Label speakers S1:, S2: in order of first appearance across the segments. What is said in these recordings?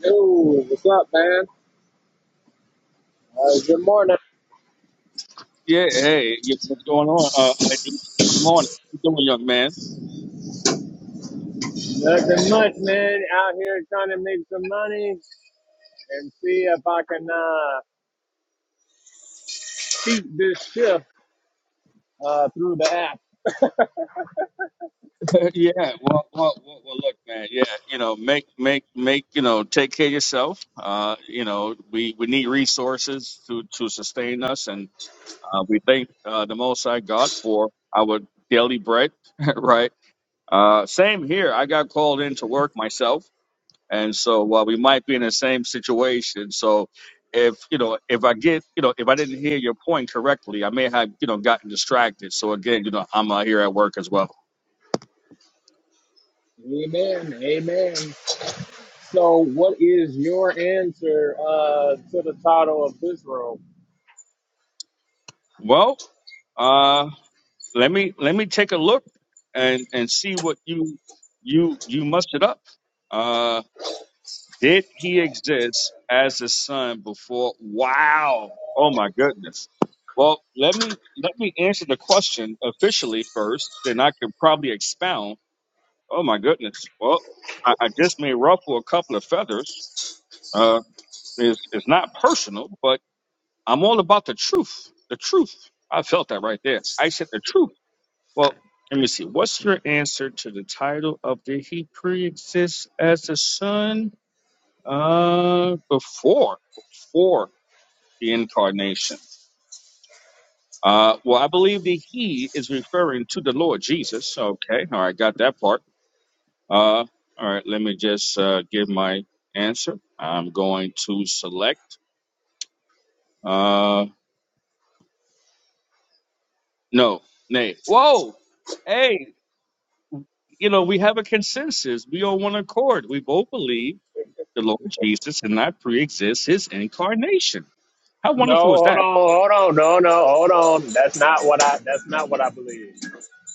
S1: Yo, what's up, man? Uh, good morning.
S2: Yeah, hey, you know what's going on? Uh, I need you in the morning. How you doing, young man?
S1: Nothing much, man. Out here trying to make some money and see if I can uh, keep this shift uh, through the app.
S2: yeah, well, well, well, well, look, man. Yeah, you know, make, make, make, you know, take care of yourself. Uh, you know, we we need resources to to sustain us, and uh, we thank uh, the Most High God for our daily bread, right? Uh, same here. I got called in to work myself. and so uh, we might be in the same situation. So if you know, if I get you know, if I didn't hear your point correctly, I may have you know gotten distracted. So again, you know, I'm uh, here at work as well.
S1: Amen. Amen. So, what is your answer uh, to the title of this room?
S2: Well, uh, let me let me take a look and and see what you you you mustered up. Uh, did he exist as a son before? Wow! Oh my goodness. Well, let me let me answer the question officially first, then I can probably expound Oh my goodness. Well, I, I just may ruffle a couple of feathers. Uh, it's, it's not personal, but I'm all about the truth. The truth. I felt that right there. I said the truth. Well, let me see. What's your answer to the title of Did He pre exist as the Son uh, before before the incarnation? Uh, well, I believe the He is referring to the Lord Jesus. Okay, all right, got that part. Uh, all right, let me just uh, give my answer. I'm going to select. Uh, no, nay. Whoa, hey, you know we have a consensus. We on one accord. We both believe the Lord Jesus did not pre-exist His incarnation. How wonderful
S1: No,
S2: is
S1: hold
S2: that?
S1: on, hold on, no, no, hold on. That's not what I. That's not what I believe.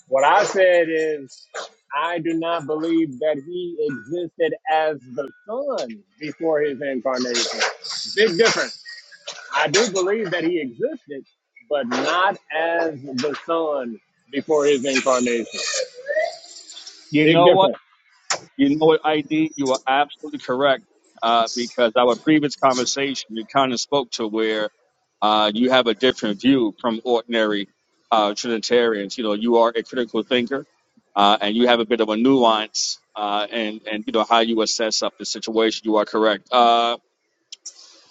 S1: What I said is, I do not believe that he existed as the Son before his incarnation. Big difference. I do believe that he existed, but not as the Son before his incarnation.
S2: You
S1: Big
S2: know what?
S1: difference.
S2: You know what, ID? You are absolutely correct uh, because our previous conversation, you kind of spoke to where uh, you have a different view from ordinary uh, Trinitarians. You know, you are a critical thinker uh, and you have a bit of a nuance uh, and, and, you know, how you assess up the situation. You are correct. Uh,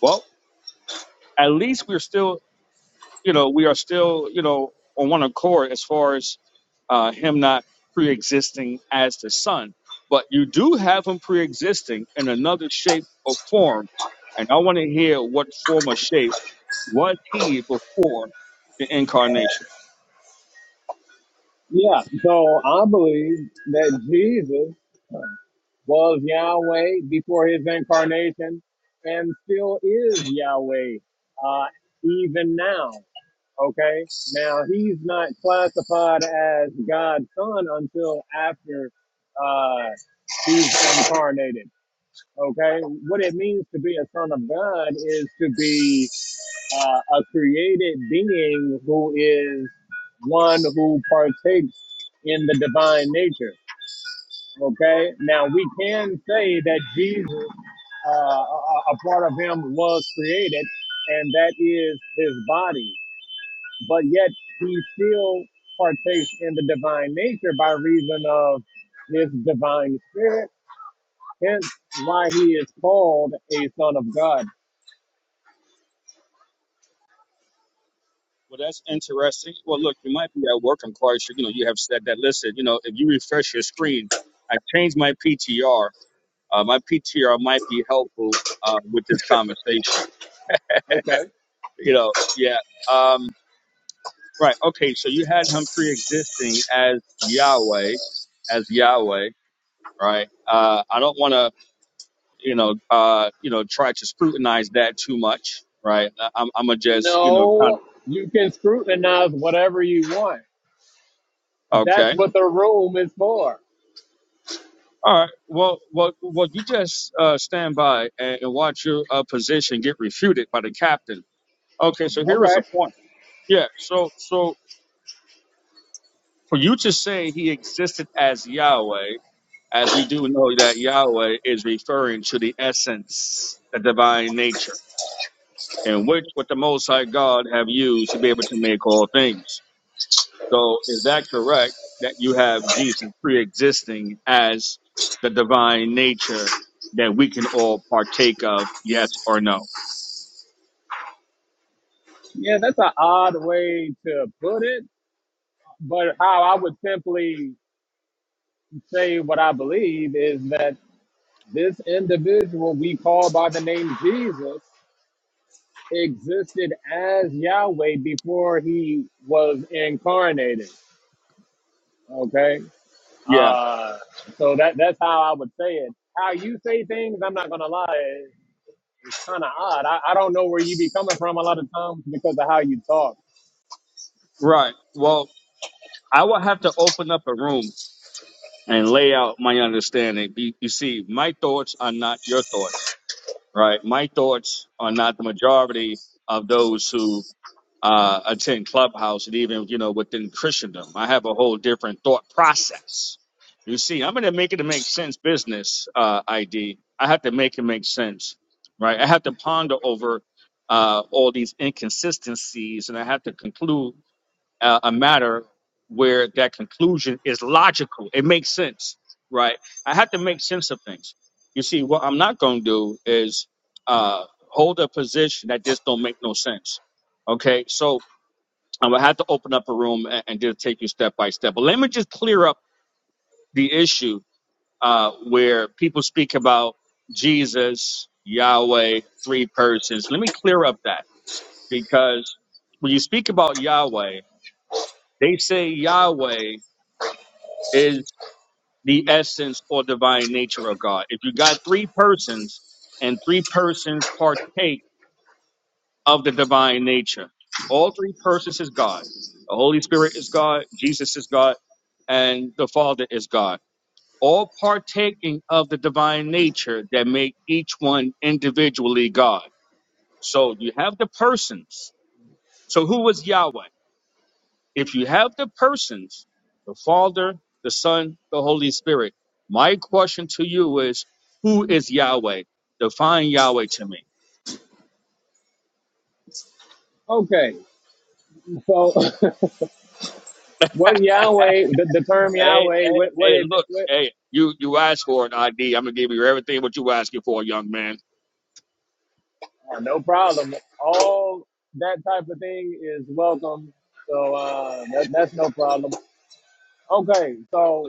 S2: well, at least we're still you know, we are still, you know, on one accord as far as uh, him not pre-existing as the son. But you do have him pre-existing in another shape or form, and I want to hear what form or shape was he before the incarnation.
S1: Yeah, so I believe that Jesus was Yahweh before his incarnation and still is Yahweh uh, even now. Okay. Now he's not classified as God's son until after uh, he's incarnated. Okay. What it means to be a son of God is to be uh, a created being who is one who partakes in the divine nature. Okay. Now we can say that Jesus, uh, a a- a part of him was created, and that is his body but yet he still partakes in the divine nature by reason of his divine spirit. Hence, why he is called a son of God.
S2: Well, that's interesting. Well, look, you might be at work. I'm quite sure. You know, you have said that. Listen, you know, if you refresh your screen, I changed my PTR. Uh, my PTR might be helpful uh, with this conversation.
S1: Okay.
S2: You know, yeah. Um, Right. Okay. So you had him pre-existing as Yahweh, as Yahweh, right? Uh, I don't want to, you know, uh, you know, try to scrutinize that too much, right? I- I'm, I'm gonna just, you know, kind
S1: No, you can scrutinize whatever you want.
S2: of,
S1: That's
S2: okay.
S1: what the room is for.
S2: All right. Well, well, well. You just uh, stand by and, and watch your uh, position get refuted by the captain. Okay. So
S1: All
S2: here is the
S1: right.
S2: point. Yeah. So, so for you to say he existed as Yahweh as we do know that Yahweh is referring to the essence, the divine nature, in which what the Most High God have used to be able to make all things. So is that correct that you have Jesus pre-existing as the divine nature that we can all partake of, yes or no?
S1: Yeah, that's an odd way to put it. But how I would simply say what I believe is that this individual we call by the name Jesus existed as Yahweh before he was incarnated. Okay.
S2: Yeah,
S1: Uh, so that that's how I would say it. How you say things, I'm not gonna lie, it's kind of odd. I, I don't know where you be coming from a lot of times because of how you talk.
S2: right. Well, I will have to open up a room and lay out my understanding. You you see, my thoughts are not your thoughts right? My thoughts are not the majority of those who uh, attend Clubhouse and even, you know, within Christendom. I have a whole different thought process. You see, I'm going to make it to make sense business uh, ID. have to make it make sense, right? I have to ponder over uh, all these inconsistencies and I have to conclude a, a matter where that conclusion is logical. It makes sense, right? I have to make sense of things. You see, what I'm not going to do is uh, hold a position that just don't make no sense. Okay, so I'm gonna have to open up a room and, and just take you step by step. But let me just clear up the issue uh, where people speak about Jesus, Yahweh, three persons. Let me clear up that because when you speak about Yahweh, they say Yahweh is the essence or divine nature of God. If you got three persons and three persons partake of the divine nature, all three persons is God. The Holy Spirit is God, Jesus is God, and the Father is God. All partaking of the divine nature that make each one individually God. So you have the persons. So who was Yahweh? If you have the persons, the Father, the Son, the Holy Spirit, my question to you is, who is Yahweh? Define Yahweh to me.
S1: Okay, so what Yahweh, the, the term
S2: Hey,
S1: Yahweh,
S2: hey,
S1: what what
S2: hey,
S1: it,
S2: look,
S1: what,
S2: hey, you you asked for an ID. I'm gonna give you everything what you asking for, young man.
S1: oh, no problem. All that type of thing is welcome. So uh, that, that's no problem. Okay, so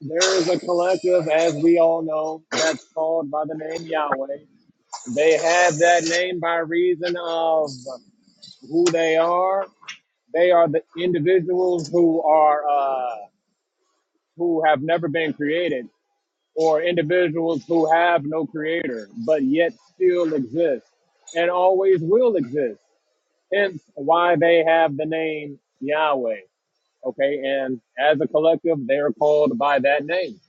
S1: There is a collective, as we all know, that's called by the name Yahweh. They have that name by reason of who they are. They are the individuals who are uh, who have never been created, or individuals who have no creator, but yet still exist and always will exist. Hence, why they have the name Yahweh. Okay, and as a collective, they are called by that name.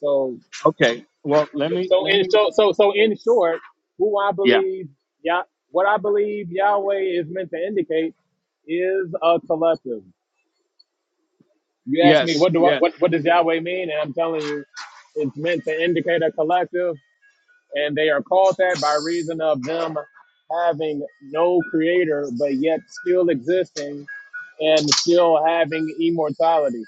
S1: So
S2: Okay. Well, let me
S1: So
S2: let
S1: in
S2: me
S1: so so so in short, who I
S2: yeah.
S1: believe Yah what I believe Yahweh is meant to indicate is a collective. You ask me
S2: Yes.
S1: what do I,
S2: Yeah.
S1: what what does Yahweh mean, and I'm telling you, it's meant to indicate a collective, and they are called that by reason of them having no creator, but yet still existing and still having immortality.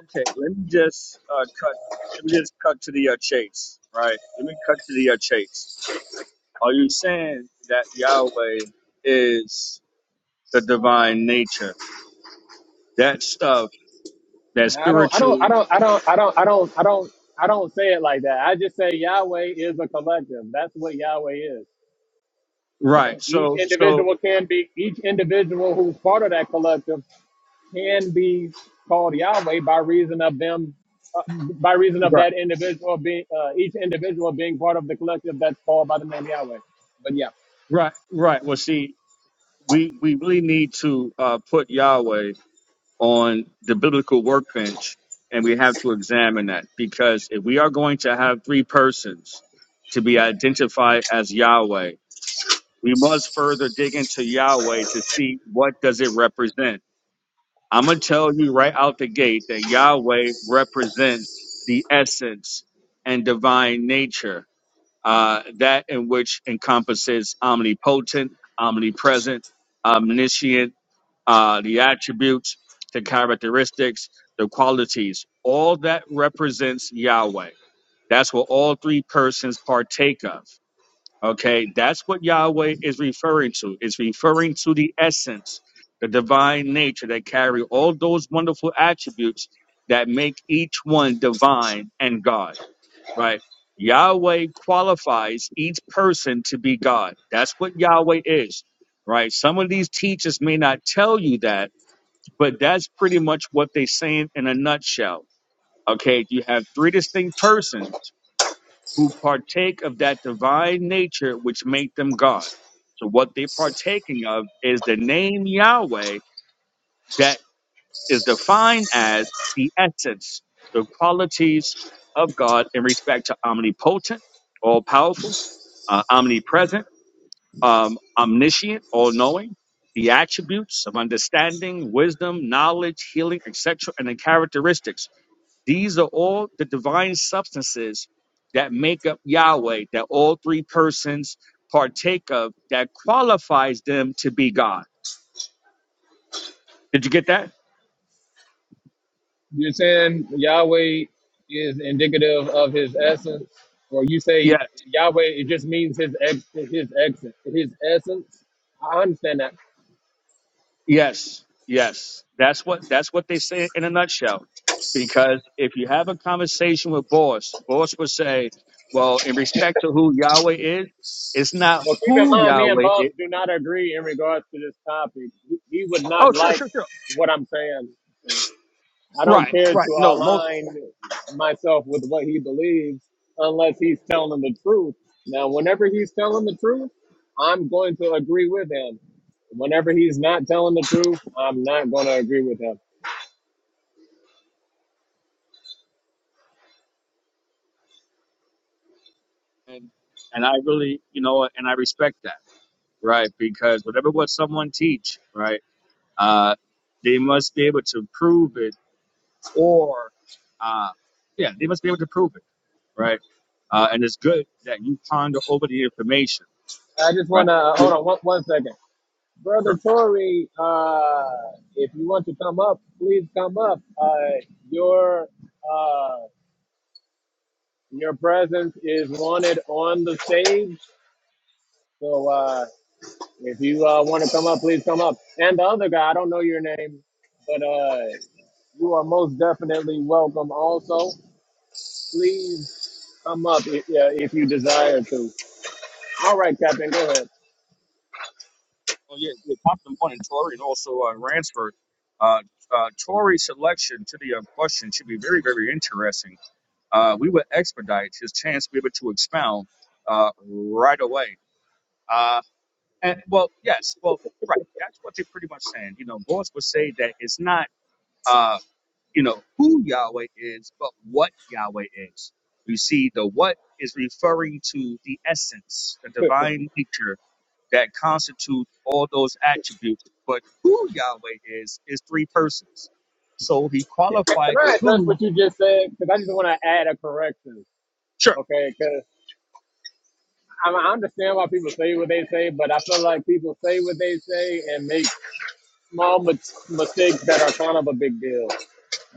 S2: Okay. Let me just uh, cut. Let me just cut to the uh, chase, right? Let me cut to the uh, chase. Are you saying that Yahweh is? the divine nature. That stuff, that
S1: I don't, I
S2: spiritual,
S1: don't, I don't, I don't, I don't, I don't, I don't, I don't say it like that. I just say Yahweh is a collective. That's what Yahweh is.
S2: right?
S1: Each
S2: So, so,
S1: individual can be, each individual who's part of that collective can be called Yahweh by reason of them, uh, by reason of
S2: right,
S1: that individual being, uh, each individual being part of the collective that's called by the name Yahweh. But yeah.
S2: right, right. Well, see, we we really need to uh, put Yahweh on the biblical workbench, and we have to examine that because if we are going to have three persons to be identified as Yahweh, we must further dig into Yahweh to see what does it represent I'm gonna tell you right out the gate that Yahweh represents the essence and divine nature, uh, that in which encompasses omnipotent, omnipresent, omniscient, uh, the attributes, the characteristics, the qualities. All that represents Yahweh. That's what all three persons partake of. Okay, that's what Yahweh is referring to. It's referring to the essence, the divine nature that carry all those wonderful attributes that make each one divine and God, right? Yahweh qualifies each person to be God. That's what Yahweh is, right? Some of these teachers may not tell you that, but that's pretty much what they're saying in a nutshell. Okay, you have three distinct persons who partake of that divine nature which make them God. So what they're partaking of is the name Yahweh that is defined as the essence, the qualities of God in respect to omnipotent, all powerful, uh, omnipresent, um, omniscient, all knowing, the attributes of understanding, wisdom, knowledge, healing, etc., and the characteristics these are all the divine substances that make up Yahweh, that all three persons partake of, that qualifies them to be God. Did you get that?
S1: You're saying Yahweh is indicative of his essence, or you say
S2: Yeah.
S1: Yahweh it just means his ex his exit his essence. I understand that.
S2: Yes. Yes. That's what that's what they say in a nutshell. Because if you have a conversation with Boss, Boss would say, Well, in respect to who Yahweh is, it's not
S1: Well, keep in
S2: who
S1: mind, me and
S2: Yahweh
S1: Boss
S2: is.
S1: do not agree in regards to this topic. He he would not
S2: Oh, sure,
S1: like
S2: sure, sure.
S1: what I'm saying. I don't
S2: Right,
S1: care
S2: right.
S1: to
S2: No, most
S1: align myself with what he believes unless he's telling the truth. Now, whenever he's telling the truth, I'm going to agree with him. Whenever he's not telling the truth, I'm not going to agree with him.
S2: and, and I really, you know, and I respect that Right, because whatever what someone teach, right, uh, they must be able to prove it, or uh, yeah, they must be able to prove it, right? Uh, and it's good that you ponder over the information,
S1: I just
S2: right?
S1: want to uh, hold
S2: You-
S1: on one, one second. Brother
S2: Sure.
S1: Tory, uh, if you want to come up, please come up. Uh, your uh, your presence is wanted on the stage. So uh, If you uh, want to come up, please come up. And the other guy, I don't know your name, but uh, you are most definitely welcome. Also, please come up if, yeah, if you desire to. All right, Captain, go ahead.
S2: Oh yeah, yeah. Compton one and Tory, and also uh, Ransford. Uh, uh, Tory's selection to the uh, question should be very, very interesting. Uh, we would expedite his chance to be able to expound uh, right away. Uh, And well, yes, well, right. That's what they're pretty much saying. You know, Boss would say that it's not, uh, you know, who Yahweh is, but what Yahweh is. You see, the what is referring to the essence, the divine nature that constitute all those attributes. But who Yahweh is is three persons. So he
S1: Can
S2: qualified the
S1: I address
S2: who.
S1: what you just said? Because I just want to add a correction.
S2: sure.
S1: Okay, because I I understand why people say what they say, but I feel like people say what they say and make small mis- mistakes that are kind of a big deal.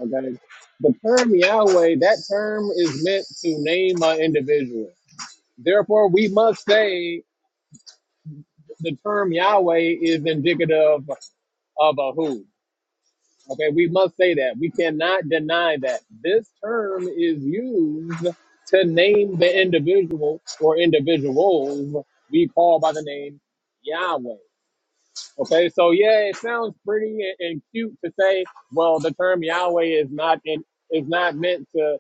S1: Okay, the term Yahweh, that term is meant to name an individual. Therefore, we must say the term Yahweh is indicative of a who. Okay, we must say that. We cannot deny that. This term is used to name the individual or individuals we call by the name Yahweh. Okay, so yeah, it sounds pretty and and cute to say, well, the term Yahweh is not in, is not meant to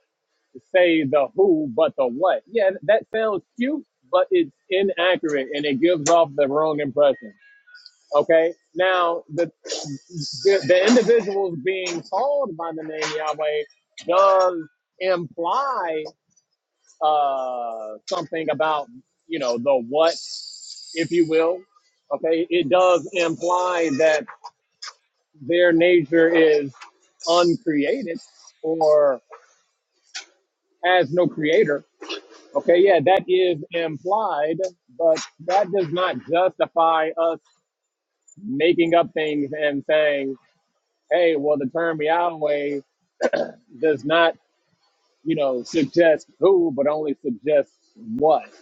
S1: say the who but the what. Yeah, that sounds cute, but it's inaccurate and it gives off the wrong impression. Okay, now the the, the individuals being called by the name Yahweh does imply uh, something about you know the what, if you will. Okay, it does imply that their nature is uncreated or has no creator Okay, yeah, that is implied, but that does not justify us making up things and saying, hey, well, the term Yahweh does not, you know, suggest who, but only suggests what.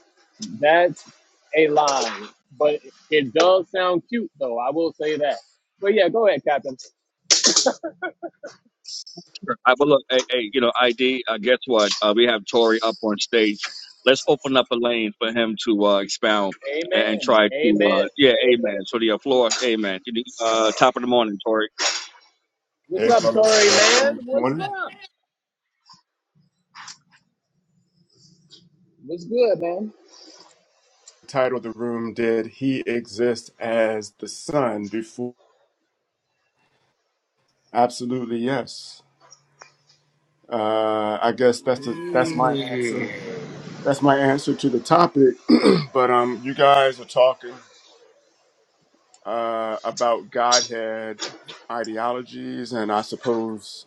S1: That's a lie, but it does sound cute, though. I will say that. But yeah, go ahead, Captain.
S2: Sure. I will look. Hey, hey, you know, ID. Uh, guess what? Uh, we have Tory up on stage. Let's open up a lane for him to uh, expound and, and
S1: Amen.
S2: try to.
S1: Amen.
S2: Uh, yeah, amen. So the uh, floor, amen. You need, Uh, top of the morning, Tory.
S1: What's
S3: Hey,
S1: up, Tory
S3: fellas, how y'all doing
S1: man?
S3: this
S1: What's
S3: morning?
S1: up? What's good, man?
S3: Title of the room: Did he exist as the son before? Absolutely, yes. Uh, I guess that's the, that's my answer.
S1: Mm.
S3: That's my answer to the topic. but um, you guys are talking uh, about Godhead ideologies, and I suppose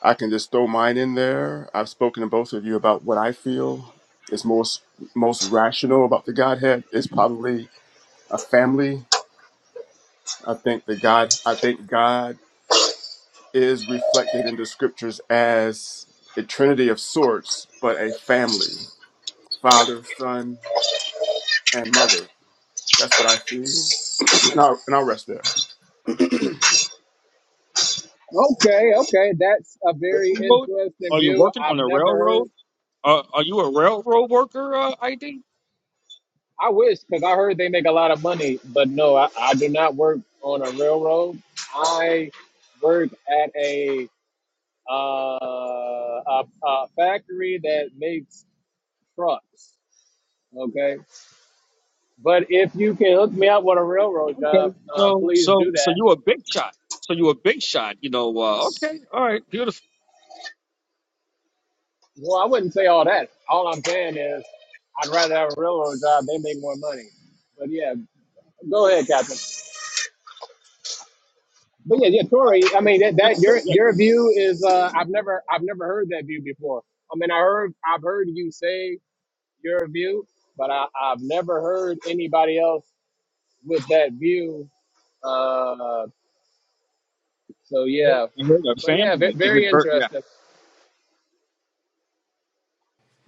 S3: I can just throw mine in there. I've spoken to both of you about what I feel is most most rational about the Godhead. It's probably a family I think that God, I think God is reflected in the scriptures as a trinity of sorts, but a family, father, son, and mother. That's what I see. and I'll and I'll rest there.
S1: Okay, okay, that's a very
S2: Railroad?
S1: interesting
S2: Are you
S1: view.
S2: working on
S1: I've
S2: a
S1: never heard.
S2: railroad? Uh, are you a railroad worker? Uh, ID.
S1: I wish because I heard they make a lot of money, but no, I, I do not work on a railroad. I work at a uh, a, a factory that makes trucks. Okay, but if you can hook me up with a railroad
S2: Okay.
S1: job, uh,
S2: So,
S1: please
S2: so,
S1: do
S2: so
S1: that.
S2: you a big shot. So you a big shot. You know. Uh, okay. All right. Beautiful.
S1: Well, I wouldn't say all that. All I'm saying is, I'd rather have a railroad job. They make more money. But yeah, go ahead, Captain. But yeah, yeah, Tori. I mean, that that your
S2: Yeah,
S1: your
S2: yeah.
S1: view is uh, I've never I've never heard that view before. I mean, I heard I've heard you say your view, but I, I've never heard anybody else with that view. Uh, so yeah,
S2: And her
S1: but yeah, ve-
S2: family and his
S1: very
S2: birth.
S1: interesting.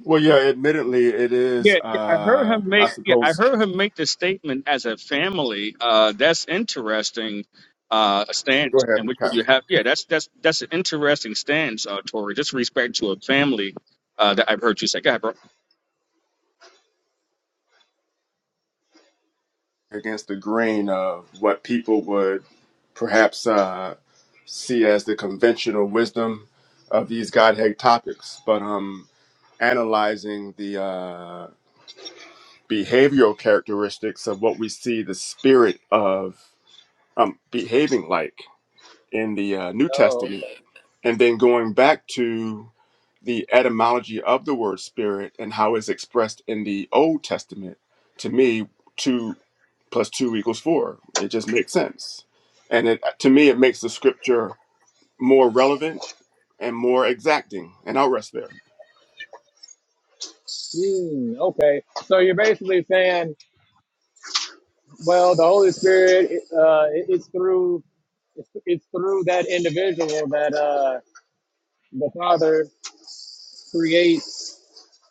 S3: Well, yeah, admittedly, it
S2: Yeah,
S3: is.
S2: yeah, I heard
S3: Uh,
S2: him
S3: I
S2: make. Yeah, I
S3: suppose.
S2: heard him make the statement as a family. Uh, that's interesting. Uh, a
S3: Go
S2: stance
S3: ahead,
S2: in which you
S3: Cotton.
S2: have. Yeah, that's that's that's an interesting stance, uh, Tory. Just respect to a family. Uh, that I've heard you say. Go ahead, bro.
S3: Against the grain of what people would perhaps uh, see as the conventional wisdom of these Godhead topics, but um, analyzing the uh, behavioral characteristics of what we see the spirit of um, behaving like in the uh, New
S1: Oh,
S3: Testament,
S1: okay.
S3: and then going back to the etymology of the word spirit and how it's expressed in the Old Testament, to me, two plus two equals four. It just makes sense. And it, to me, it makes the scripture more relevant and more exacting. And I'll rest there.
S1: Hmm, okay. So you're basically saying, well, the Holy Spirit, uh, it, it's through it's, it's through that individual that uh, the Father creates.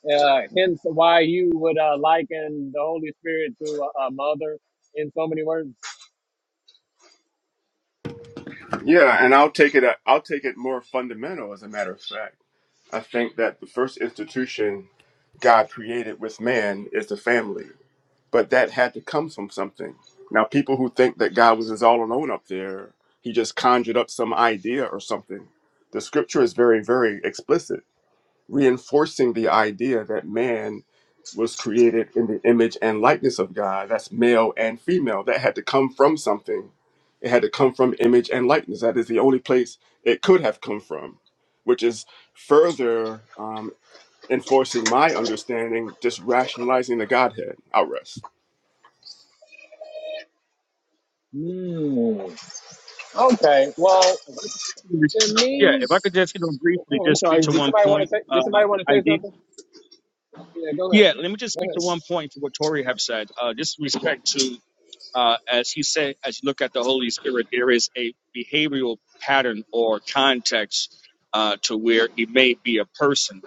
S1: Uh, hence why you would uh, liken the Holy Spirit to a, a mother in so many words.
S3: Yeah, and I'll take it. I'll take it more fundamental, as a matter of fact. I think that the first institution God created with man is the family, but that had to come from something. Now, people who think that God was just all alone up there, he just conjured up some idea or something. The scripture is very, very explicit reinforcing the idea that man was created in the image and likeness of God. That's male and female. That had to come from something. It had to come from image and likeness. That is the only place it could have come from, which is further um, enforcing my understanding, just rationalizing the Godhead. I'll rest.
S1: Mm. Okay. Well, to
S2: Yeah,
S1: me,
S2: if I could just you know briefly
S1: oh, I'm
S2: just speak
S1: sorry.
S2: to
S1: Did
S2: one
S1: somebody want to
S2: point.
S1: say?
S2: Uh,
S1: Did somebody want to
S2: I
S1: say
S2: did.
S1: something? Yeah, go ahead.
S2: Yeah, let me just
S1: Go
S2: speak to
S1: ahead.
S2: one point for what Tory have said. Uh, just respect to. uh, as he said, as you look at the Holy Spirit, there is a behavioral pattern or context uh, to where he may be a person,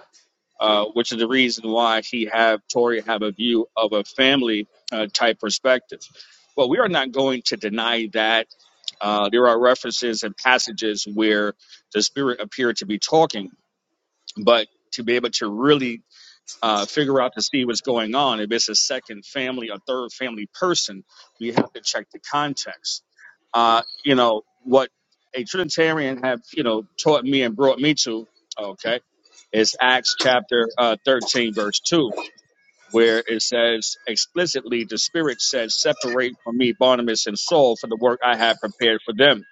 S2: uh, which is the reason why he have Tori have a view of a family uh, type perspective. Well, we are not going to deny that uh, there are references and passages where the Spirit appeared to be talking, but to be able to really uh, figure out to see what's going on. If it's a second family, a third family person, we have to check the context. Uh, you know, what a Trinitarian have, you know, taught me and brought me to, okay, is Acts chapter uh, 13, verse 2, where it says explicitly, the Spirit said, Separate from me Barnabas and Saul for the work I have prepared for them.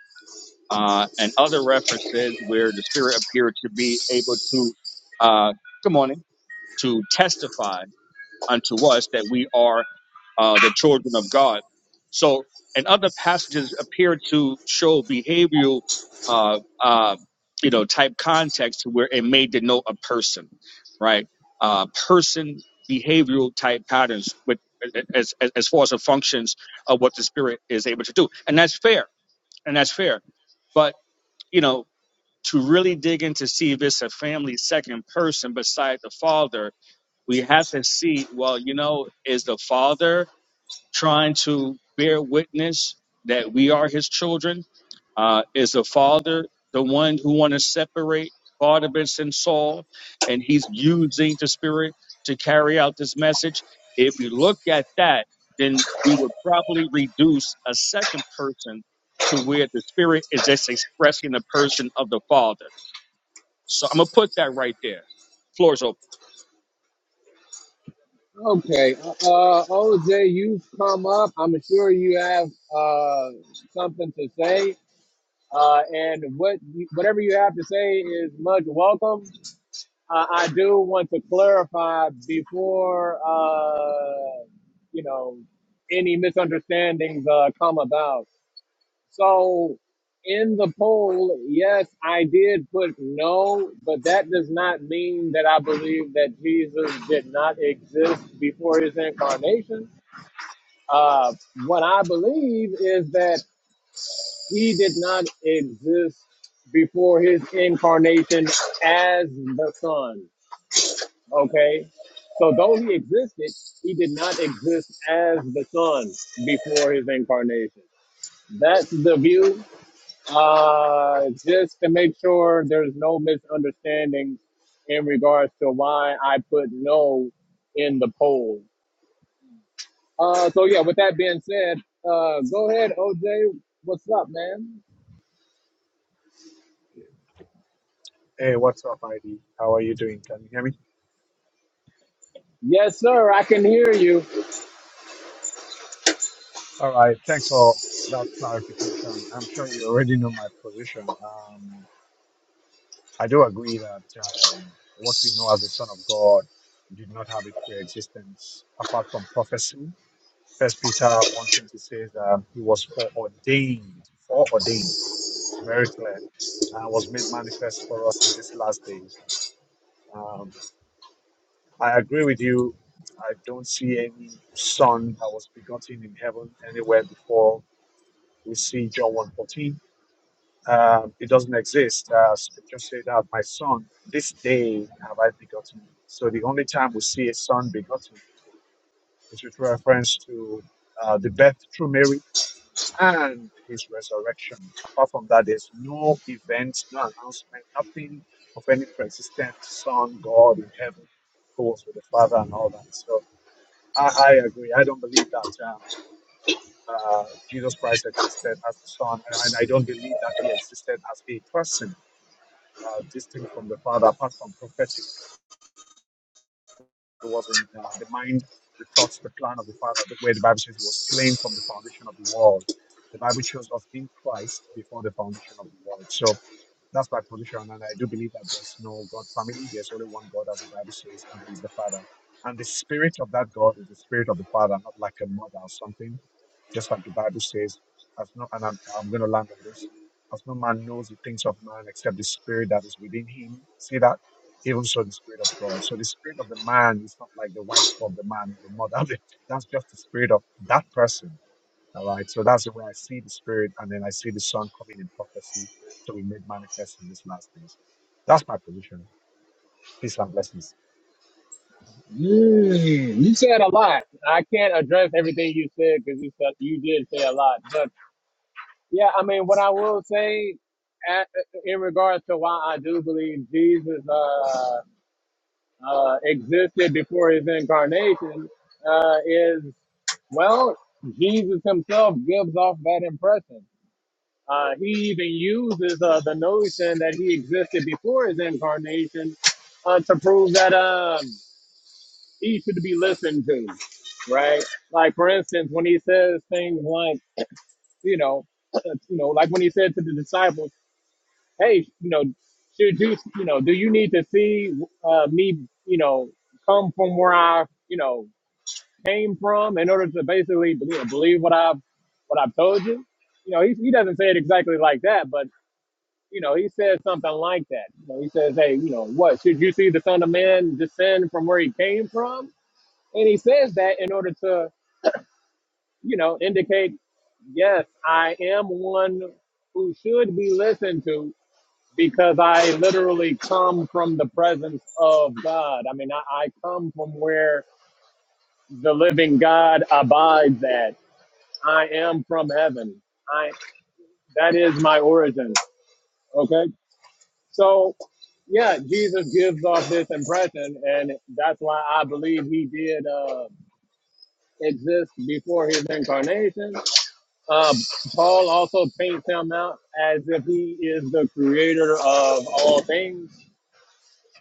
S2: Uh, and other references where the Spirit appeared to be able to, uh, good morning, to testify unto us that we are uh, the children of God. So, and other passages appear to show behavioral, uh, uh, you know, type context where it may denote a person, right? Uh, person behavioral type patterns with as, as as far as the functions of what the spirit is able to do, and that's fair, and that's fair. But you know, to really dig in to see if it's a family second person beside the father we have to see well you know is the father trying to bear witness that we are his children uh, is the father the one who want to separate barnabas and saul and he's using the spirit to carry out this message if we look at that then we would probably reduce a second person to where the spirit is just expressing the person of the father so i'm gonna put that right there floor's open
S1: Okay. Uh, OJ, you've come up. I'm sure you have uh, something to say. Uh, and what whatever you have to say is much welcome. Uh, I do want to clarify before uh, you know any misunderstandings uh, come about. So in the poll, yes, I did put no, but that does not mean that I believe that Jesus did not exist before his incarnation. Uh, what I believe is that he did not exist before his incarnation as the Son. Okay. So though he existed, he did not exist as the Son before his incarnation. That's the view. Uh, just to make sure there's no misunderstanding in regards to why I put no in the poll. Uh, so yeah, with that being said, uh, go ahead, OJ. What's up, man?
S4: Hey, what's up, ID? How are you doing? Can you hear me?
S1: Yes, sir. I can hear you.
S4: All right. Thanks for that clarification. I'm sure you already know my position. Um, I do agree that um, what we know as the Son of God did not have a pre-existence apart from prophecy. First Peter 1.20 says um, he was foreordained, foreordained. It's very clear. And was made manifest for us in these last days. Um, I agree with you. I don't see any son that was begotten in heaven anywhere before we see John one fourteen. Um, it doesn't exist. Uh, scripture said that my son, this day have I begotten thee. So the only time we see a son begotten is with reference to uh, the birth through Mary and his resurrection. Apart from that, there's no event, no announcement, nothing of any pre-existent son, God in heaven who was with the Father and all that. So I, I agree. I don't believe that um, uh, Jesus Christ existed as the Son, and, I don't believe that he existed as a person uh, distinct from the Father, apart from prophetic. It was in uh, the mind, the thoughts, the plan of the Father, the- where the Bible says he was slain from the foundation of the world. The Bible shows us in Christ before the foundation of the world. So That's my position, and I do believe that there's no God family. There's only one God, as the Bible says, and He is the Father. And the spirit of that God is the spirit of the Father, not like a mother or something. Just like the Bible says, as no, and I'm, I'm going to land on this. As no man knows the things of man except the spirit that is within him. See that? Even so, the spirit of God. So the spirit of the man is not like the wife of the man, the mother. That's just the spirit of that person all right. So that's the way I see the Spirit, and then I see the Son coming in prophecy to be made manifest in these last days. That's my position. Peace and blessings.
S1: Mm, you said a lot. I can't address everything you said because you said you did say a lot, but. Yeah, I mean, what I will say at, in regards to why I do believe Jesus uh, uh, existed before his incarnation uh, is, well, Jesus himself gives off that impression. Uh, he even uses uh, the notion that he existed before his incarnation uh, to prove that um, he should be listened to, right? Like, for instance, when he says things like, you know, you know, like when he said to the disciples, hey, you know, should you, you know, do you need to see uh, me, you know, come from where I, you know, came from in order to basically you know, believe what I've, what I've told you? You know, he, he doesn't say it exactly like that, but you know, he says something like that. You know, he says, hey, you know, what should you see the Son of Man descend from where he came from? And he says that in order to, you know, indicate, yes, I am one who should be listened to because I literally come from the presence of God. I mean, I, I come from where the living God abides at. I am from heaven. I that is my origin. Okay, so yeah, Jesus gives off this impression, and that's why I believe he did uh, exist before his incarnation. Uh, Paul also paints him out as if he is the creator of all things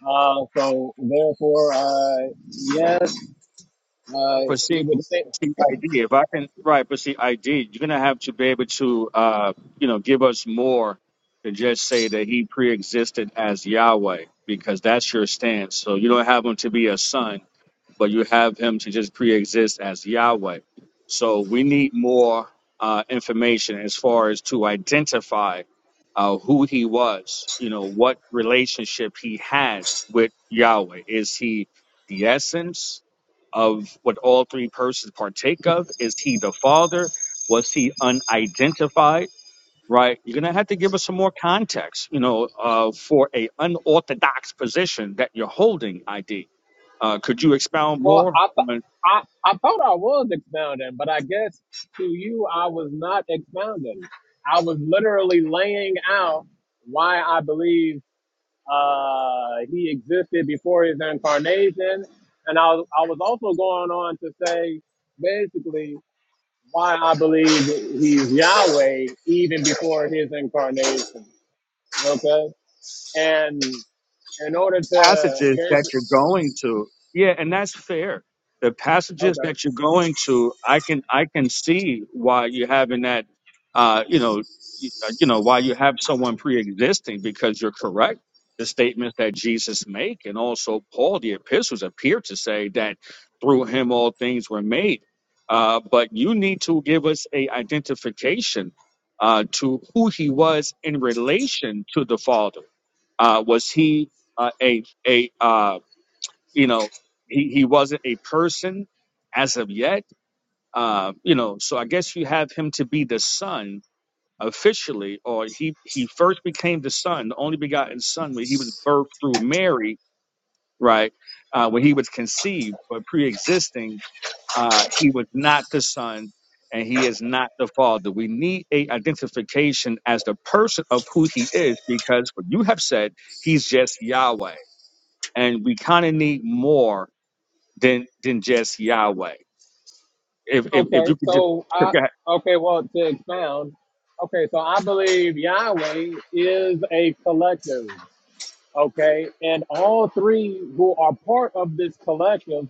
S1: Uh, so therefore, uh, yes, uh,
S2: But see,
S1: it would say.
S2: see, ID. If I can, right? But see, ID. You're gonna have to be able to, uh, you know, give us more than just say that he pre-existed as Yahweh, because that's your stance. So you don't have him to be a son, but you have him to just pre-exist as Yahweh. So we need more uh, information as far as to identify uh, who he was. You know, what relationship he had with Yahweh. Is he the essence? of what all three persons partake of? Is he the father? Was he unidentified? Right? You're gonna have to give us some more context, you know, uh, for a unorthodox position that you're holding. ID. Uh, could you expound
S1: Well,
S2: more?
S1: I,
S2: on?
S1: th- I I thought I was expounding, but I guess to you I was not expounding. I was literally laying out why I believe uh, he existed before his incarnation, and I was, I was also going on to say basically why I believe he's Yahweh even before his incarnation. Okay, and in order to
S2: passages that you're
S1: there's
S2: going to. Yeah, and that's fair. The passages
S1: okay
S2: that you're going to, I can I can see why you're having that. Uh, you know, you, uh, you know why you have someone pre-existing because you're correct. The statements that Jesus make and also Paul, the epistles appear to say that through him all things were made. Uh, but you need to give us a identification uh, to who he was in relation to the Father. Uh, was he uh, a a uh, you know he, he wasn't a person as of yet uh, you know so i guess you have him to be the son officially or he he first became the son the only begotten son when he was birthed through mary right uh, when he was conceived but pre-existing uh, he was not the son and he is not the father we need a identification as the person of who he is because what you have said he's just yahweh and we kind of need more than than just Yahweh. If if, if
S1: okay
S2: you could just
S1: so
S2: sure,
S1: i
S2: go ahead.
S1: okay well to expound okay so i believe yahweh is a collective okay and all three who are part of this collective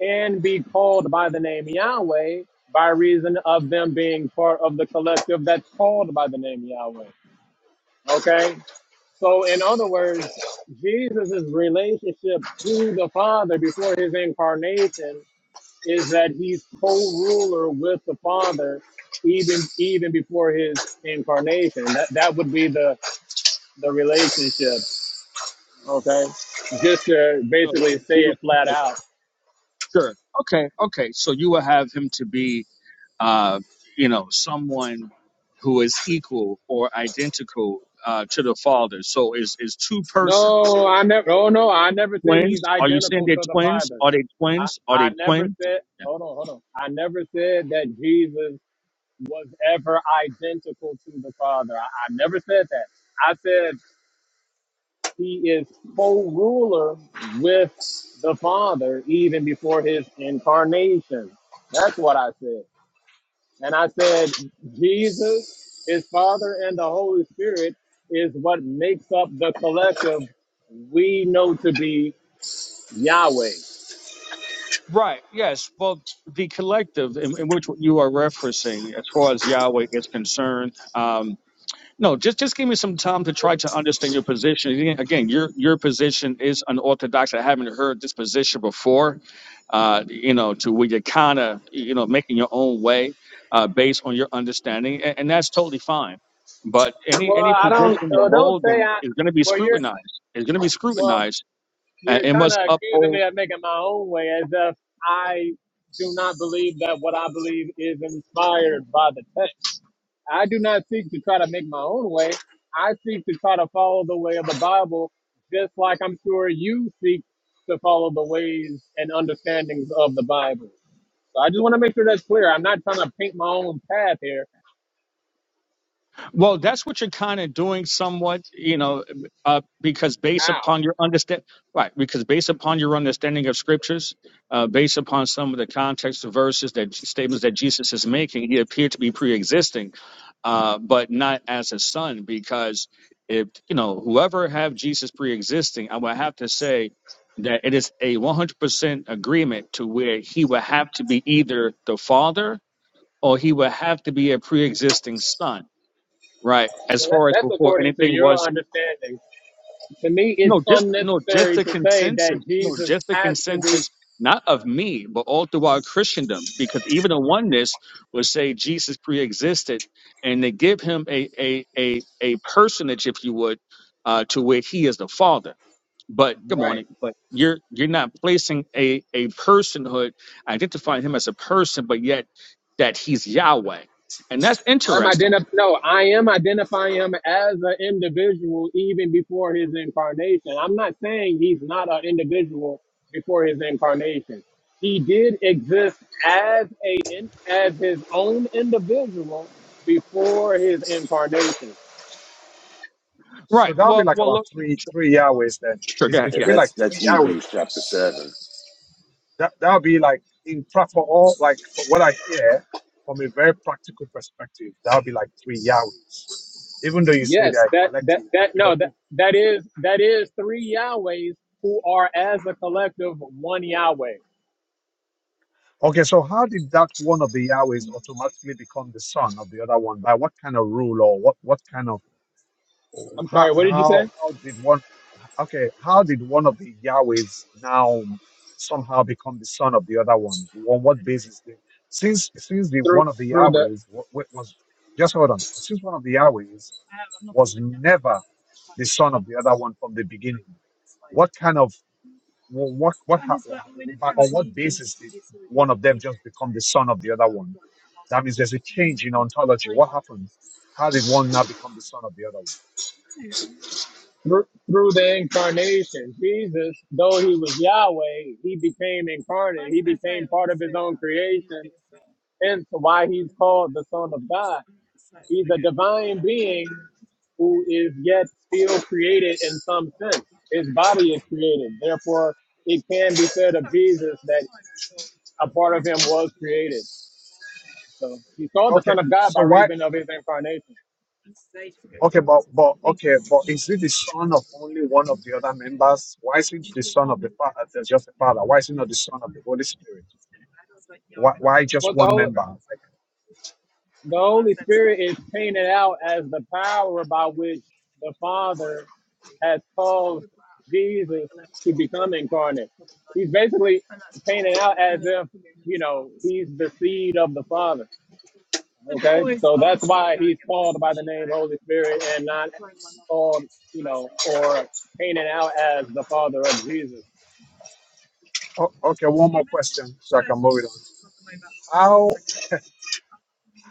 S1: can be called by the name yahweh by reason of them being part of the collective that's called by the name yahweh okay so in other words jesus' relationship to the father before his incarnation is that he's co-ruler with the Father even even before his incarnation. That that would be the the relationship. Okay, just to
S2: So
S1: basically say
S2: you would-
S1: it flat
S2: okay,
S1: out.
S2: sure, okay, okay. So you will have him to be, uh, you know, someone who is equal or identical uh, to the Father. So is is two persons
S1: No, I never. Oh no, I never said
S2: twins?
S1: he's
S2: Are you saying
S1: identical
S2: they're
S1: to the
S2: twins?
S1: Father.
S2: Are they
S1: I
S2: twins? Are
S1: I
S2: they
S1: never
S2: twins?
S1: said.
S2: Yeah.
S1: Hold on, hold on. I never said that Jesus was ever identical to the Father. I, I never said that. I said He is co-ruler with the Father even before his incarnation. That's what I said. And I said Jesus, his Father, and the Holy Spirit is what makes up the collective we know to be Yahweh.
S2: Right. Yes. Well. The collective in, in which you are referencing, as far as Yahweh is concerned, um, No, just just give me some time to try to understand your position. Again, again, your your position is unorthodox. I haven't heard this position before. Uh, you know, to where you're kind of you know making your own way uh, based on your understanding, and, and that's totally fine. But any any
S1: Well, I don't
S2: position you
S1: well, don't
S2: hold
S1: say
S2: then
S1: I
S2: is going to be
S1: well you're
S2: scrutinized. It's going to be
S1: well,
S2: scrutinized, and
S1: you're
S2: it
S1: kinda
S2: must
S1: accusing
S2: uphold
S1: me of making my own way as if I do not believe that what I believe is inspired by the text. I do not seek to try to make my own way. I seek to try to follow the way of the Bible, just like I'm sure you seek to follow the ways and understandings of the Bible. So I just want to make sure that's clear. I'm not trying to paint my own path here.
S2: Well, that's what you're kind of doing somewhat, you know, uh, because based
S1: How?
S2: upon your understand, right, because based upon your understanding of scriptures, uh, based upon some of the context of verses that statements that Jesus is making, he appeared to be pre-existing, uh, but not as a son, because if, you know, whoever have Jesus pre-existing, I would have to say that it is a 100% agreement to where he would have to be either the father or he would have to be a pre-existing son Right. As
S1: Well, that,
S2: far as
S1: that's
S2: before
S1: according to
S2: anything
S1: your
S2: was
S1: understanding. To me,
S2: no,
S1: it's
S2: just no, just
S1: unnecessary
S2: the
S1: to say
S2: consensus.
S1: that
S2: No, just
S1: Jesus
S2: the
S1: has to be
S2: consensus, not of me, but all throughout Christendom, because even the oneness would say Jesus pre-existed, and they give him a a a a personage, if you would, uh, to where he is the Father. But good
S1: right.
S2: morning. But you're you're not placing a a personhood, identifying him as a person, but yet that he's Yahweh, and that's
S1: I'm
S2: interesting.
S1: identif- no, I am identifying him as an individual even before his incarnation. I'm not saying he's not an individual before his incarnation. He did exist as a in- as his own individual before his incarnation.
S4: So
S2: Right.
S4: that'll be
S2: Well,
S4: like
S2: well,
S4: about
S2: look.
S4: three
S2: Sure.
S4: three Yahwehs then.
S2: Sure. Go
S4: It's,
S2: ahead.
S4: it
S5: Yeah,
S4: should
S2: Yeah.
S4: be
S5: that's
S4: like
S5: that's
S4: three
S5: Hebrews
S4: Yahwehs.
S5: chapter seven.
S4: That that'll be like in fact for all like for what I hear from a very practical perspective, that'll be like three Yahwehs. Even though you say they
S1: Yes,
S4: are
S1: that that
S4: collective, but,
S1: that
S4: but
S1: no
S4: it-
S1: that that is that is three Yahwehs who are as a collective one Yahweh.
S4: okay. So how did that one of the Yahwehs automatically become the son of the other one? By what kind of rule or what what kind of
S1: I'm
S4: how
S1: sorry, what did you
S4: how
S1: say?
S4: how did one okay how did one of the Yahwehs now somehow become the son of the other one on what basis did, since since the
S1: Through
S4: one of the
S1: through the
S4: Yahwehs wa- wa- was just hold on since one of the Yahwehs was never the son of the other one from the beginning what kind of wha- what what ha- by- on what basis did one of them just become the son of the other one that means there's a change in ontology what happened how did one now become the son of the other one
S1: Through through the incarnation, Jesus, though he was Yahweh, he became incarnate. He became part of his own creation. Hence why he's called the Son of God. He's a divine being who is yet still created in some sense. His body is created. Therefore, it can be said of Jesus that a part of him was created. So he's called the
S4: Okay.
S1: Son of God by
S4: So why?
S1: reason of his incarnation.
S4: Okay, but but okay, but is he the son of only one of the other members? Why is he the son of the father? There's just the father. Why is he not the son of the Holy Spirit? Why why just
S1: What the
S4: one
S1: whole?
S4: member?
S1: The Holy Spirit is painted out as the power by which the Father has caused Jesus to become incarnate. He's basically painted out as if, you know, he's the seed of the Father. Okay? So that's why he's called by the name Holy Spirit and not called, you know, or painted out as the Father of Jesus.
S4: Oh, okay, one more question so I can move it on. How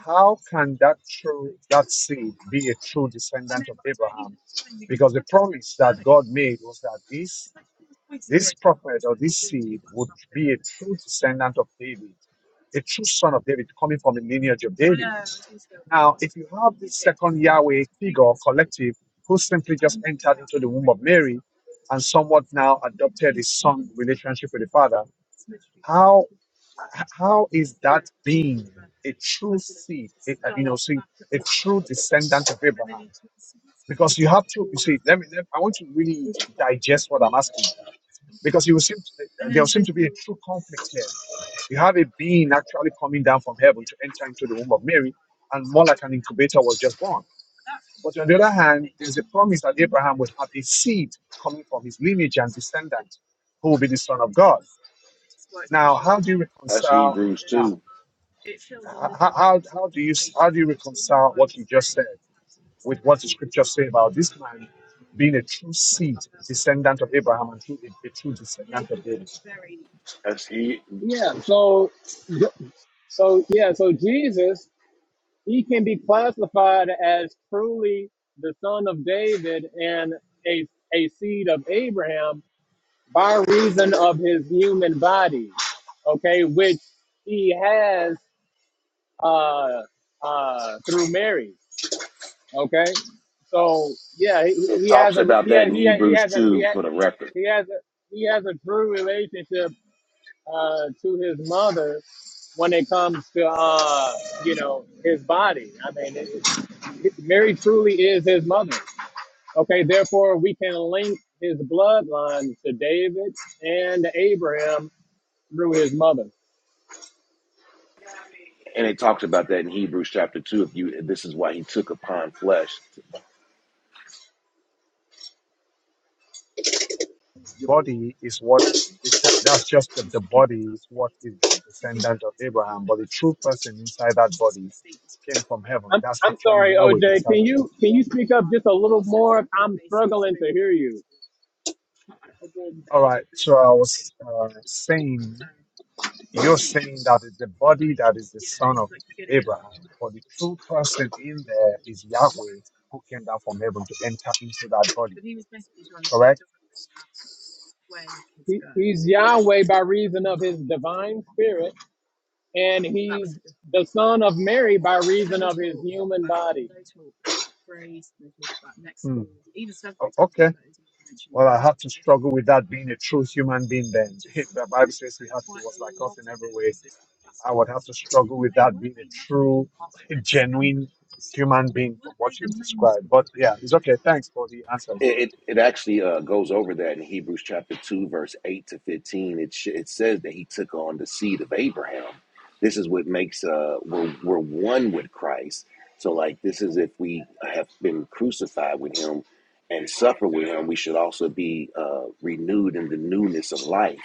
S4: how can that true that seed be a true descendant of Abraham? Because the promise that God made was that this this prophet or this seed would be a true descendant of David, a true son of David, coming from a lineage of David. Now, if you have this second Yahweh figure collective who simply just entered into the womb of Mary, and somewhat now adopted his son relationship with the father, how how is that being a true seed, a, you know, see, a true descendant of Abraham? Because you have to, you see, let me, let, I want you to really digest what I'm asking. Because you will seem to, there will seem to be a true conflict here. You have a being actually coming down from heaven to enter into the womb of Mary, and more like an incubator was just born but on the other hand, there's a promise that Abraham would have a seed coming from his lineage and descendant who will be the Son of God. Now, how do you
S5: That's
S4: reconcile
S5: Hebrews
S4: that?
S5: two.
S4: How, how, how do you how do you reconcile what you just said with what the scriptures say about this man being a true seed, descendant of Abraham, and true, a, a true descendant of David?
S5: That's he.
S1: Yeah, so so yeah, so Jesus he can be classified as truly the son of David and a, a seed of Abraham by reason of his human body, okay, which he has uh, uh, through Mary, okay. So yeah, he,
S5: It
S1: he
S5: talks
S1: has a
S5: about
S1: he
S5: that
S1: has
S5: in
S1: he has he
S5: Hebrews
S1: has he
S5: two
S1: has,
S5: for the record,
S1: he has a he has a true relationship uh, to his mother when it comes to uh, you know his body. I mean, it, it- Mary truly is his mother. Okay, therefore we can link his bloodline to David and Abraham through his mother.
S5: and it talks about that in Hebrews chapter two. If you, this is why he took upon flesh.
S4: The body is what det- that's just the, the body is what is the descendant of Abraham, but the true person inside that body came from heaven.
S1: I'm,
S4: That's
S1: I'm
S4: actually
S1: sorry,
S4: Yahweh
S1: OJ.
S4: inside
S1: Can
S4: that
S1: you
S4: body.
S1: can you speak up just a
S4: yeah?
S1: little more? I'm struggling to hear you.
S4: All right. So I was uh, saying, you're saying that it's the body that is the son of Abraham, but the true person in there is Yahweh who came down from heaven to enter into that body. Correct?
S1: He, he's Yahweh by reason of his divine spirit, and he's the son of Mary by reason of his human body.
S4: Hmm. struggle with that being a true human being then. says we have, being
S5: It, it, it actually uh, goes over that in Hebrews chapter 2, verse 8 to 15. It, sh- it says that he took on the seed of Abraham. This is what makes, uh, we're, we're one with Christ. So, like, this is if we have been crucified with him and suffer with him, we should also be uh, renewed in the newness of life.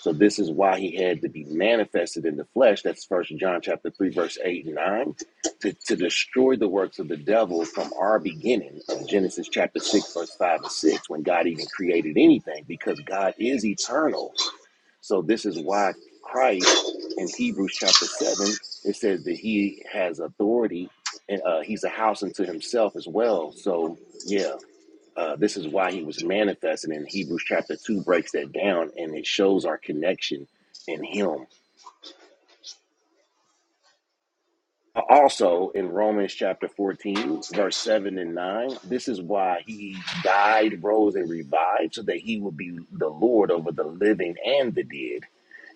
S5: So, this is why he had to be manifested in the flesh. That's First John chapter 3, verse 8 and 9 to, to destroy the works of the devil from our beginning of Genesis chapter 6, verse 5 and 6, when God even created anything, because God is eternal. So, this is why Christ in Hebrews chapter 7, it says that he has authority and uh, he's a house unto himself as well. So, yeah, uh, this is why he was manifested. And Hebrews chapter 2 breaks that down and it shows our connection in him Also, in Romans chapter 14, verse 7 and 9, this is why he died, rose, and revived, so that he would be the Lord over the living and the dead.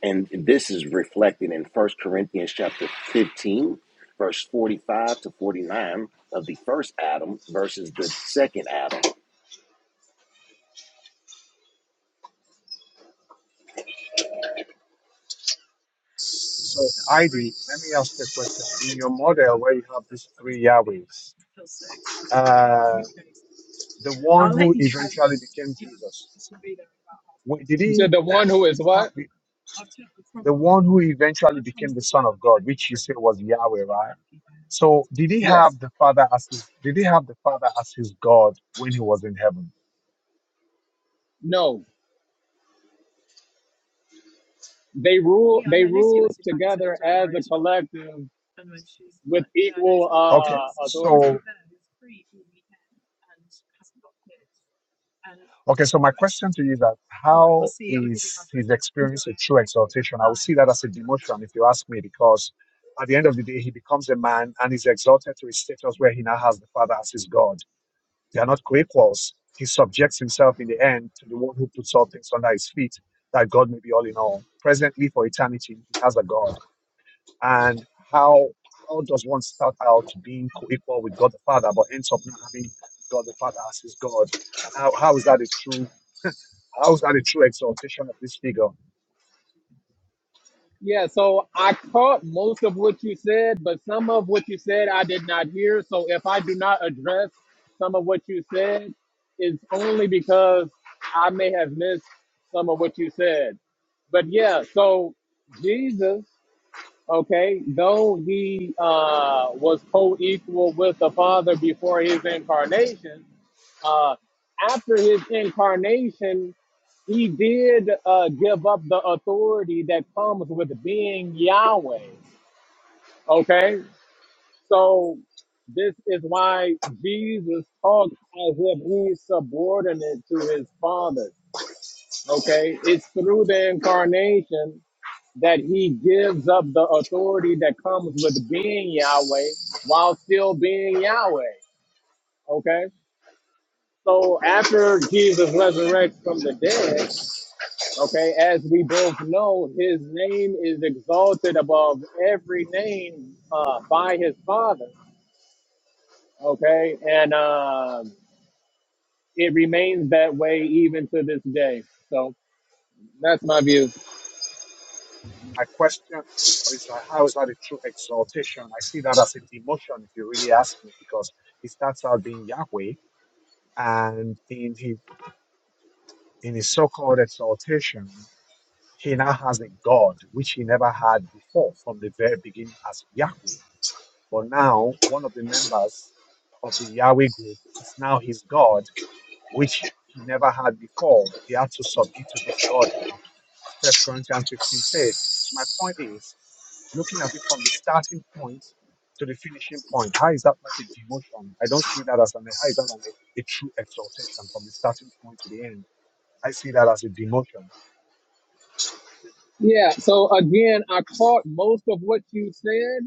S5: And this is reflected in First Corinthians chapter 15, verse 45 to 49 of the first Adam versus the second Adam.
S4: So ID, let me ask you a question. In your model where you have these three Yahwehs, uh, the one who eventually became Jesus, wh- did
S1: to
S4: he
S1: the one who is
S4: have
S1: what?
S4: the, the one who eventually became the Son of God, which you say was Yahweh, right? So did he
S1: Yes.
S4: have the Father as his did he have the Father as his God when he was in heaven?
S1: No. They rule they rule together as a collective with equal
S4: Okay,
S1: uh authority.
S4: so Okay, so my question to you is that how is his experience a true exaltation? I would see that as a demotion, if you ask me, because at the end of the day, he becomes a man and is exalted to a status where he now has the Father as his God. They are not co-equals. He subjects himself in the end to the one who puts all things under his feet, that God may be all in all. Presently, for eternity, he has a God. And how how does one start out being co-equal with God the Father, but ends up not having God the Father as his God? And how, how is that a true how is that a true exaltation of this figure?
S1: Yeah, so I caught most of what you said, but some of what you said I did not hear. So if I do not address some of what you said, it's only because I may have missed some of what you said. But yeah, so Jesus Okay, though he uh, was co-equal with the Father before his incarnation, uh, after his incarnation, he did uh, give up the authority that comes with being Yahweh. Okay, so this is why Jesus talks as if he's subordinate to his Father. Okay, it's through the incarnation that he gives up the authority that comes with being Yahweh while still being Yahweh. Okay. So after Jesus resurrects from the dead, okay, as we both know, his name is exalted above every name uh, by his Father. Okay. And um, it remains that way even to this day. So that's my view.
S4: My question is like, how is that a true exaltation? I see that as a demotion, if you really ask me, because he starts out being Yahweh, and in his in his so-called exaltation, he now has a God which he never had before from the very beginning as Yahweh. But now one of the members of the Yahweh group is now his God. which he never had before. He had to submit to this God now, as First Corinthians 15 says. So my point is, looking at it from the starting point to the finishing point, how is that not a demotion? I don't see that as an how is that an, a, a true exaltation from the starting point to the end. I see that as a demotion.
S1: Yeah. So again, I caught most of what you said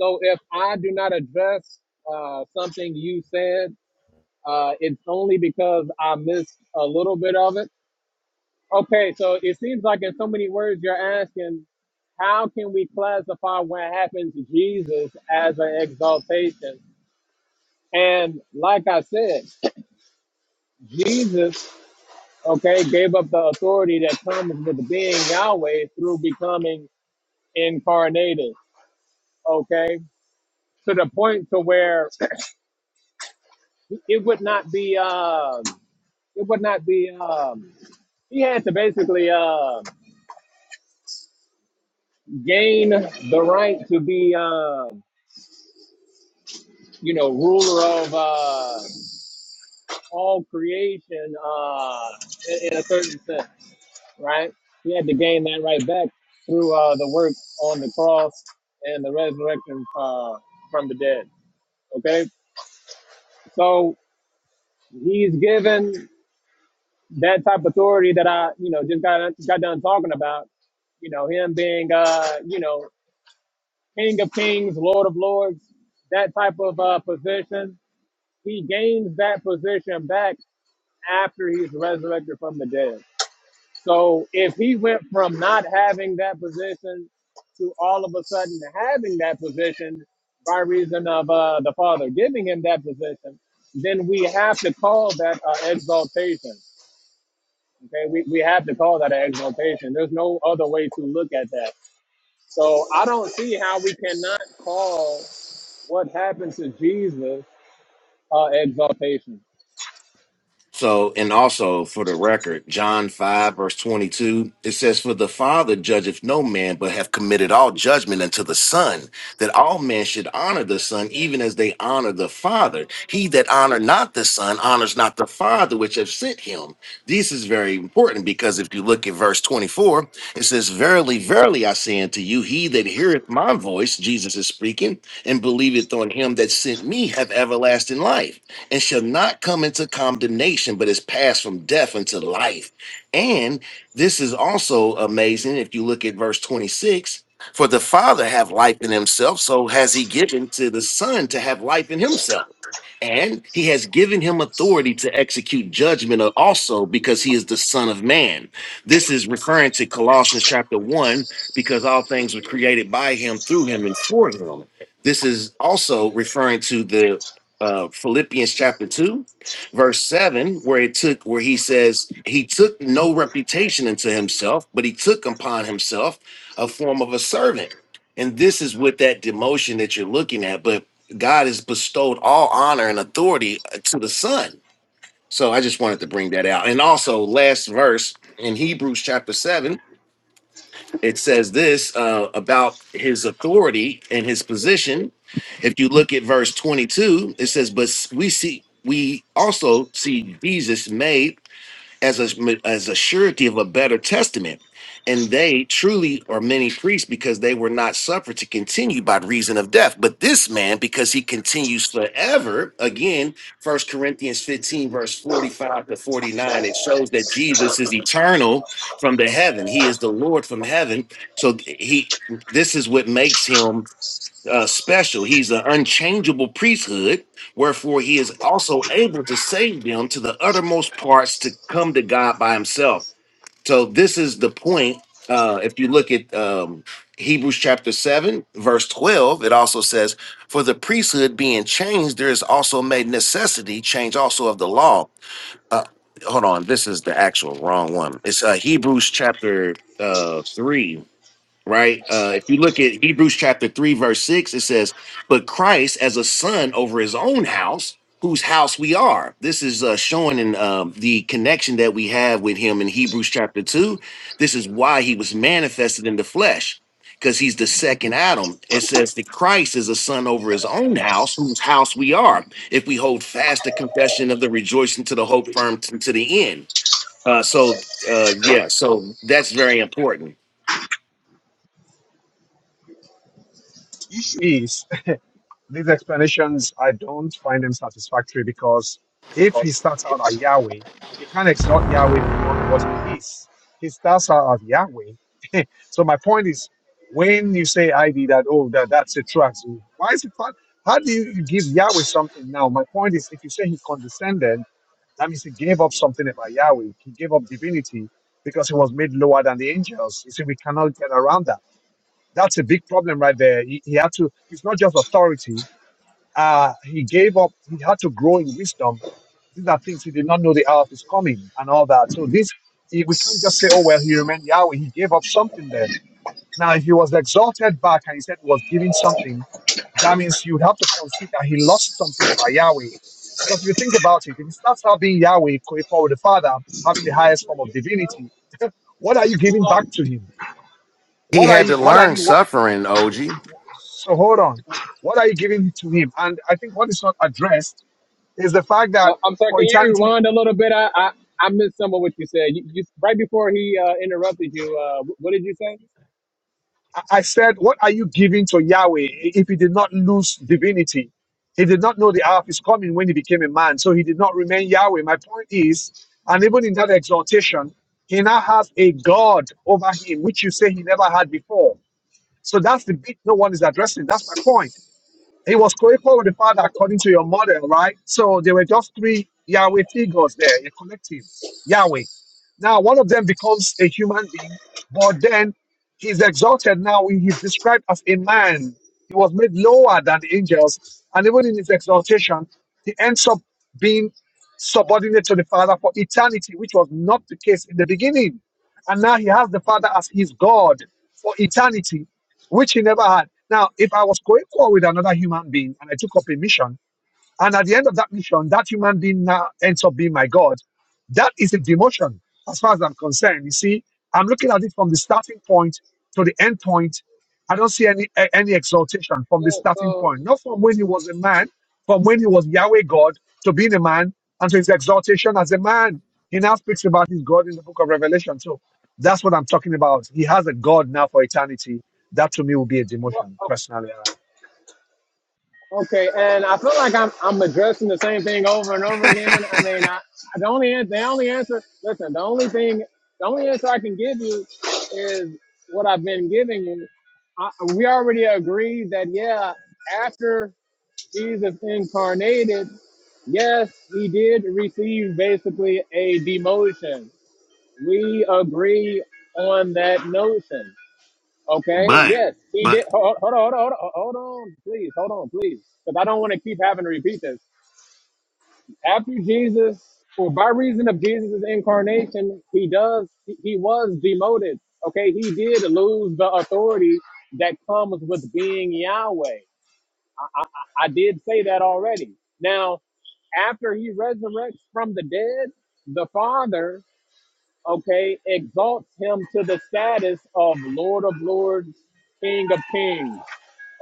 S1: So if I do not address uh, something you said, uh, it's only because I missed a little bit of it. Okay, so it seems like in so many words you're asking, how can we classify what happened to Jesus as an exaltation? And like I said, Jesus, okay, gave up the authority that comes with being Yahweh through becoming incarnated, okay, to the point to where it would not be. Uh, it would not be um he had to basically uh gain the right to be um you know ruler of uh all creation uh in, in a certain sense right he had to gain that right back through uh the work on the cross and the resurrection uh from the dead okay so he's given that type of authority that i you know just got got done talking about you know him being uh you know King of Kings, Lord of Lords, that type of uh, position. He gains that position back after he's resurrected from the dead. So if he went from not having that position to all of a sudden having that position by reason of uh, the Father giving him that position, then we have to call that uh, exaltation. Okay, we, we have to call that an exaltation. There's no other way to look at that. So I don't see how we cannot call What happened to Jesus' uh, exaltation?
S5: So, and also for the record, John 5, verse 22, it says, For the Father judgeth no man, but have committed all judgment unto the Son, that all men should honor the Son, even as they honor the Father. He that honor not the Son honors not the Father which have sent him. This is very important because if you look at verse 24, it says, Verily, verily, I say unto you, he that heareth my voice, Jesus is speaking, and believeth on him that sent me, have everlasting life and shall not come into condemnation, but is passed from death into life. And this is also amazing if you look at verse 26 for the Father have life in himself, so has he given to the Son to have life in himself. And he has given him authority to execute judgment also because he is the Son of Man. This is referring to Colossians chapter 1 because all things were created by him, through him, and for him. This is also referring to the uh, Philippians chapter 2, verse 7, where it took where he says, He took no reputation into himself, but he took upon himself a form of a servant. And this is with that demotion that you're looking at, but God has bestowed all honor and authority uh, to the Son. So I just wanted to bring that out. And also, last verse in Hebrews chapter 7, it says this uh, about his authority and his position if you look at verse 22, it says, "But we see we also see Jesus made as a as a surety of a better testament, and they truly are many priests because they were not suffered to continue by reason of death. But this man, because he continues forever, again, First Corinthians 15 verse 45 to 49, it shows that Jesus is eternal from the heaven. He is the Lord from heaven. So he this is what makes him uh, special. He's an unchangeable priesthood, wherefore he is also able to save them to the uttermost parts to come to God by himself. So this is the point. Uh, if you look at um, Hebrews chapter 7, verse 12, it also says, For the priesthood being changed, there is also made necessity, change also of the law. Uh, hold on, this is the actual wrong one. It's uh, Hebrews chapter uh, 3 right? Uh, if you look at Hebrews chapter 3, verse 6, it says, But Christ as a son over his own house, whose house we are. This is uh, showing in um, the connection that we have with him in Hebrews chapter 2. This is why he was manifested in the flesh, because he's the second Adam. It says that Christ is a son over his own house, whose house we are, if we hold fast the confession of the rejoicing to the hope firm to the end. Uh, so, uh, so that's very important.
S4: Issue is These explanations, I don't find them satisfactory because if he starts out as Yahweh, you can't exalt Yahweh beyond what he is. He starts out as Yahweh. so my point is, when you say I did that, oh, that, that's a trust, why is it fun? How do you give Yahweh something now? My point is, if you say he condescended, that means he gave up something about Yahweh. He gave up divinity because he was made lower than the angels. You see, we cannot get around that. That's a big problem right there. He, he had to, it's not just authority uh, he gave up. He had to grow in wisdom. These are things he did not know the hour of his coming and all that. So this, he, we can't just say, oh, well, he remained Yahweh. He gave up something then. Now, if he was exalted back and he said he was giving something, that means you would have to concede that he lost something about Yahweh. Because if you think about it, if he starts out being Yahweh, co equal with the Father, having the highest form of divinity, what are you giving back to him?
S5: He
S4: What are
S5: had
S4: you?
S5: to
S4: What are
S5: learn
S4: you?
S5: suffering, OG.
S4: So hold on. What are you giving to him? And I think what is not addressed is the fact
S1: Uh,
S4: that
S1: I'm sorry.
S4: for
S1: Can you
S4: eternity,
S1: rewind a little bit? I I, I missed some of what you said. You, you right before he uh, interrupted you. Uh, wh- what did you say?
S4: I I said, what are you giving to Yahweh if he did not lose divinity? He did not know the hour of his coming when he became a man, so he did not remain Yahweh. My point is, and even in that exhortation, he now has a God over him, which you say he never had before. So that's the bit no one is addressing. That's my point. It was co-equal with the Father
S1: Okay.
S4: according to your model, right? So there were just three Yahweh figures there, a collective Yahweh. Now one of them becomes a human being, but then he's exalted. Now he- he's described as a man. He was made lower than the angels, and even in his exaltation, he ends up being subordinate to the Father for eternity, which was not the case in the beginning. And now he has the Father as his God for eternity which he never had. Now, if I was co equal with another human being and I took up a mission, and at the end of that mission, that human being now ends up being my God. That is a demotion as far as I'm concerned. You see, I'm looking at it from the starting point to the end point. I don't see any a- any exaltation from the
S1: Yeah.
S4: starting
S1: So.
S4: point, not from when he was a man, from when he was Yahweh God to being a man and to his exaltation as a man. He now speaks about his God in the book of Revelation. So that's what I'm talking about. He has a God now for eternity. That to me will be a
S1: Well,
S4: demotion,
S1: o-
S4: personally. Uh,
S1: okay. And I feel like I'm I'm addressing the same thing over and over again. I mean, I the only an- the only answer. Listen, the only thing the only answer I can give you is what I've been giving you. I, we already agreed that yeah. After Jesus incarnated, yes, he did receive basically a demotion. We agree on that notion. Okay,
S5: But
S1: yes, he
S5: but
S1: did. Hold, hold on, hold on, hold on, hold on, please, hold on, please, because I don't want to keep having to repeat this. After Jesus, or by reason of Jesus' incarnation, he does, he he was demoted. Okay, he did lose the authority that comes with being Yahweh. I, I I did say that already. Now, after he resurrects from the dead, the Father, okay, exalts him to the status of Lord of Lords, King of Kings,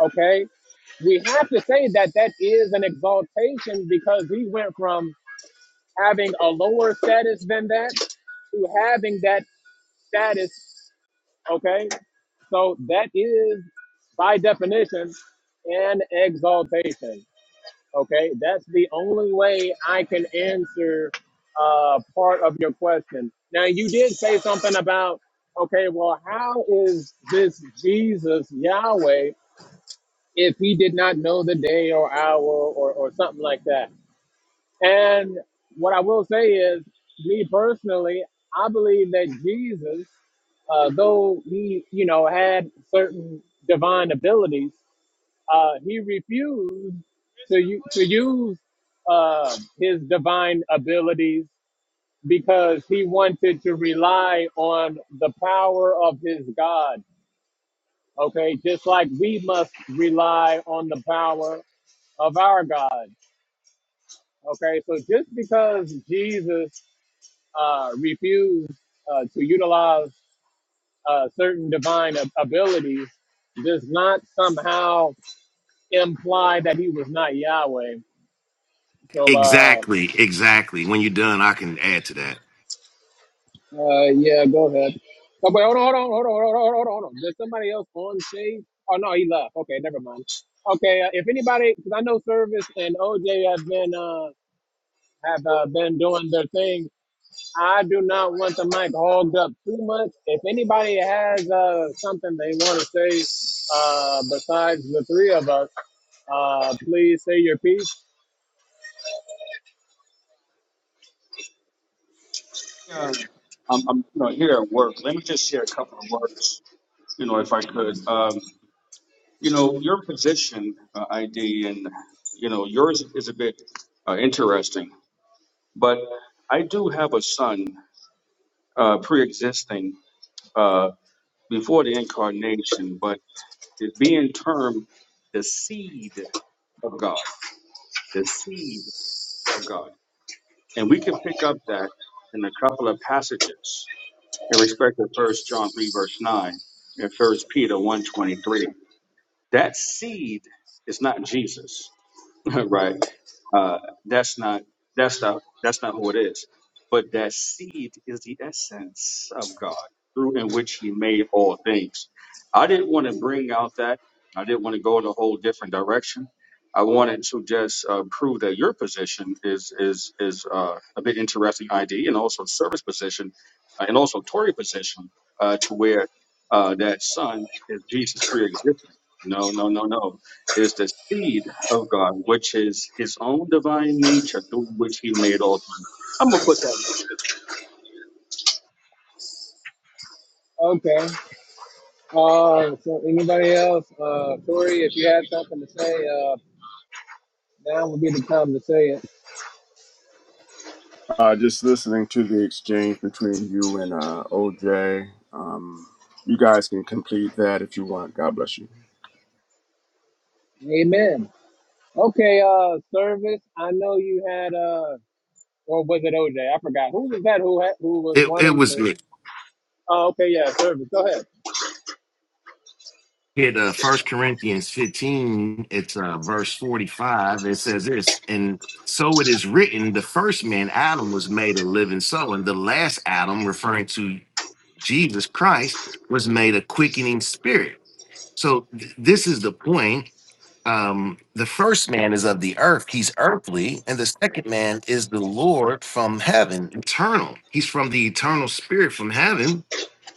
S1: okay? We have to say that that is an exaltation because he went from having a lower status than that to having that status, okay? So that is, by definition, an exaltation. Okay, that's the only way I can answer uh, part of your question. Now, you did say something about, okay, well, how is this Jesus Yahweh if he did not know the day or hour or, or something like that? And what I will say is, me personally, I believe that Jesus, uh, though he, you know, had certain divine abilities, uh, he refused to, u- to use uh, his divine abilities because he wanted to rely on the power of his God. Okay, just like we must rely on the power of our God. Okay, so just because Jesus uh, refused uh, to utilize uh, certain divine ab- abilities does not somehow imply that he was not Yahweh. So, uh.
S5: exactly, exactly. When you're done, I can add to that.
S1: Uh, yeah, go ahead. Oh, but hold on, hold on, hold on, hold on, hold on, hold on. There's somebody else on stage. Oh no, he left. Okay, never mind. Okay, uh, if anybody, because I know Service and OJ have been uh, have uh, been doing their thing. I do not want the mic hogged up too much. If anybody has uh, something they want to say, uh, besides the three of us, uh, please say your piece.
S2: Yeah, I'm, I'm, you know, here at work. Let me just share a couple of words, you know, if I could. Um, you know, your position, uh, ID, and you know, yours is a bit uh, interesting. But I do have a son, uh, pre-existing, uh, before the incarnation, but is being termed the seed of God, the seed of God, and we can pick up that in a couple of passages. in respect to First John three verse nine and First Peter one twenty three. That seed is not Jesus, right? Uh, that's not that's not that's not who it is. But that seed is the essence of God through in which He made all things. I didn't want to bring out that. I didn't want to go in a whole different direction. I wanted to just uh, prove that your position is is is uh, a bit interesting, ID, and also service position, uh, and also Tory position, uh, to where uh, that son is Jesus pre-existing. No, no, no, no. It's the seed of God, which is his own divine nature through which he made all things. I'm gonna put that.
S1: Okay. Uh, so anybody else, uh, Corey, if you had something to say, uh, now would be the time to say it.
S3: Uh, just listening to the exchange between you and uh, OJ. Um, you guys can complete that if you want. God bless you.
S1: Amen. Okay, uh, service. I know you had uh, or was it OJ? I forgot. Who was that? Who had, who was wanting to? Oh, okay, yeah, service. Go ahead.
S5: Hit uh first Corinthians 15, it's uh verse 45. It says this, and so it is written, the first man Adam was made a living soul, and the last Adam, referring to Jesus Christ, was made a quickening spirit. So th- this is the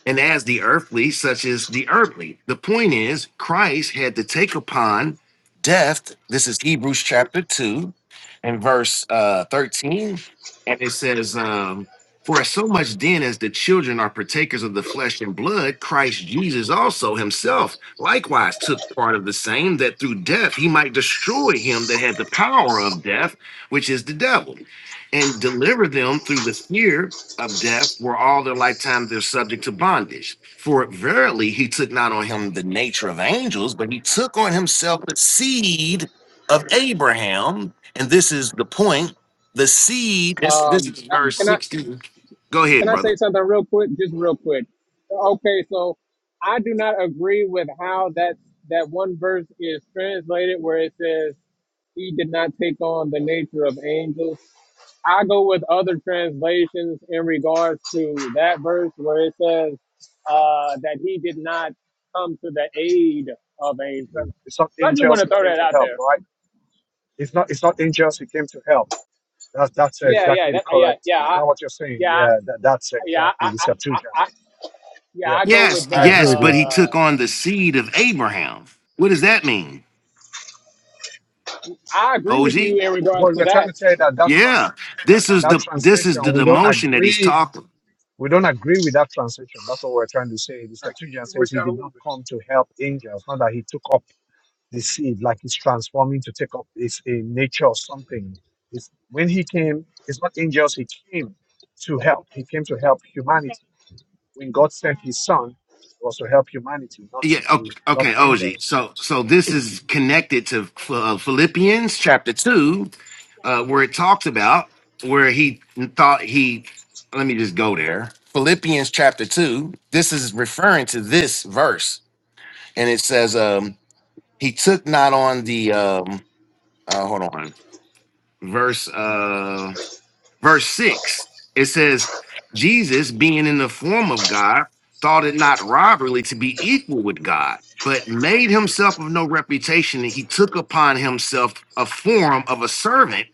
S5: and the earth, the, the this is Hebrews chapter 2 and verse uh 13. and it says, um, For as so much then as the children are partakers of the flesh and blood, Christ Jesus also himself likewise took part of the same, that through death he might destroy him that had the power of death, which is the devil, and deliver them through the fear of death, where all their lifetime they're subject to bondage. For verily he took not on him the nature of angels, but he took on himself the seed of Abraham. And this is the point the seed. This this
S1: Um,
S5: is
S1: I-
S5: verse
S1: can I
S5: sixty. Go
S1: can
S5: ahead,
S1: I
S5: brother.
S1: say something real quick? Just real quick. Okay, so I do not agree with how that that one verse is translated, where it says he did not take on the nature of angels. I go with other translations in regards to that verse where it says uh, that he did not come to the aid of angels.
S4: It's not
S1: So I just want
S4: angels
S1: to
S4: he
S1: throw
S4: came
S1: that
S4: to
S1: out
S4: help,
S1: there.
S4: right? It's not. It's not angels who came to help. That's that's
S1: Yeah, yeah,
S4: exactly the
S1: that, yeah,
S4: correct.
S1: yeah,
S4: Is
S1: I,
S4: that what you're saying?
S1: yeah,
S4: Yeah, that, that's
S1: yeah, I,
S4: exactly
S1: I,
S4: the
S1: I,
S4: Septuagint.
S1: I, yeah.
S4: Yep,
S1: I go
S5: Yes,
S1: with
S4: I
S1: that.
S5: yes.
S4: agree with you.
S1: Uh, I agree
S5: OG.
S1: with you in regards
S4: But
S1: to
S4: we're trying to
S1: that.
S4: say that that
S5: Yeah.
S4: trans
S5: This is
S4: that
S5: the
S4: translation we don't
S5: motion that he's
S4: agree.
S5: talking.
S4: We don't agree with that translation. That's what we're trying to say. The Right. Septuagint says he did not come to help angels, not that he took up the seed like he's transforming to take up his a nature or something. It's, when he came, it's not angels. He came to help. He came to help humanity. when God sent His Son, it was to help humanity, not
S5: Yeah. o-
S4: to not
S5: Okay,
S4: the
S5: OG.
S4: angels.
S5: So so this is connected to uh, Philippians chapter two, uh, where it talks about where he thought he. Let me just go there. Philippians chapter two. This is referring to this verse, and it says, um, "He took not on the um, uh, hold on, verse. uh, verse 6 it says jesus being in the form of god thought it not robbery to be equal with god but made himself of no reputation and he took upon himself a form of a servant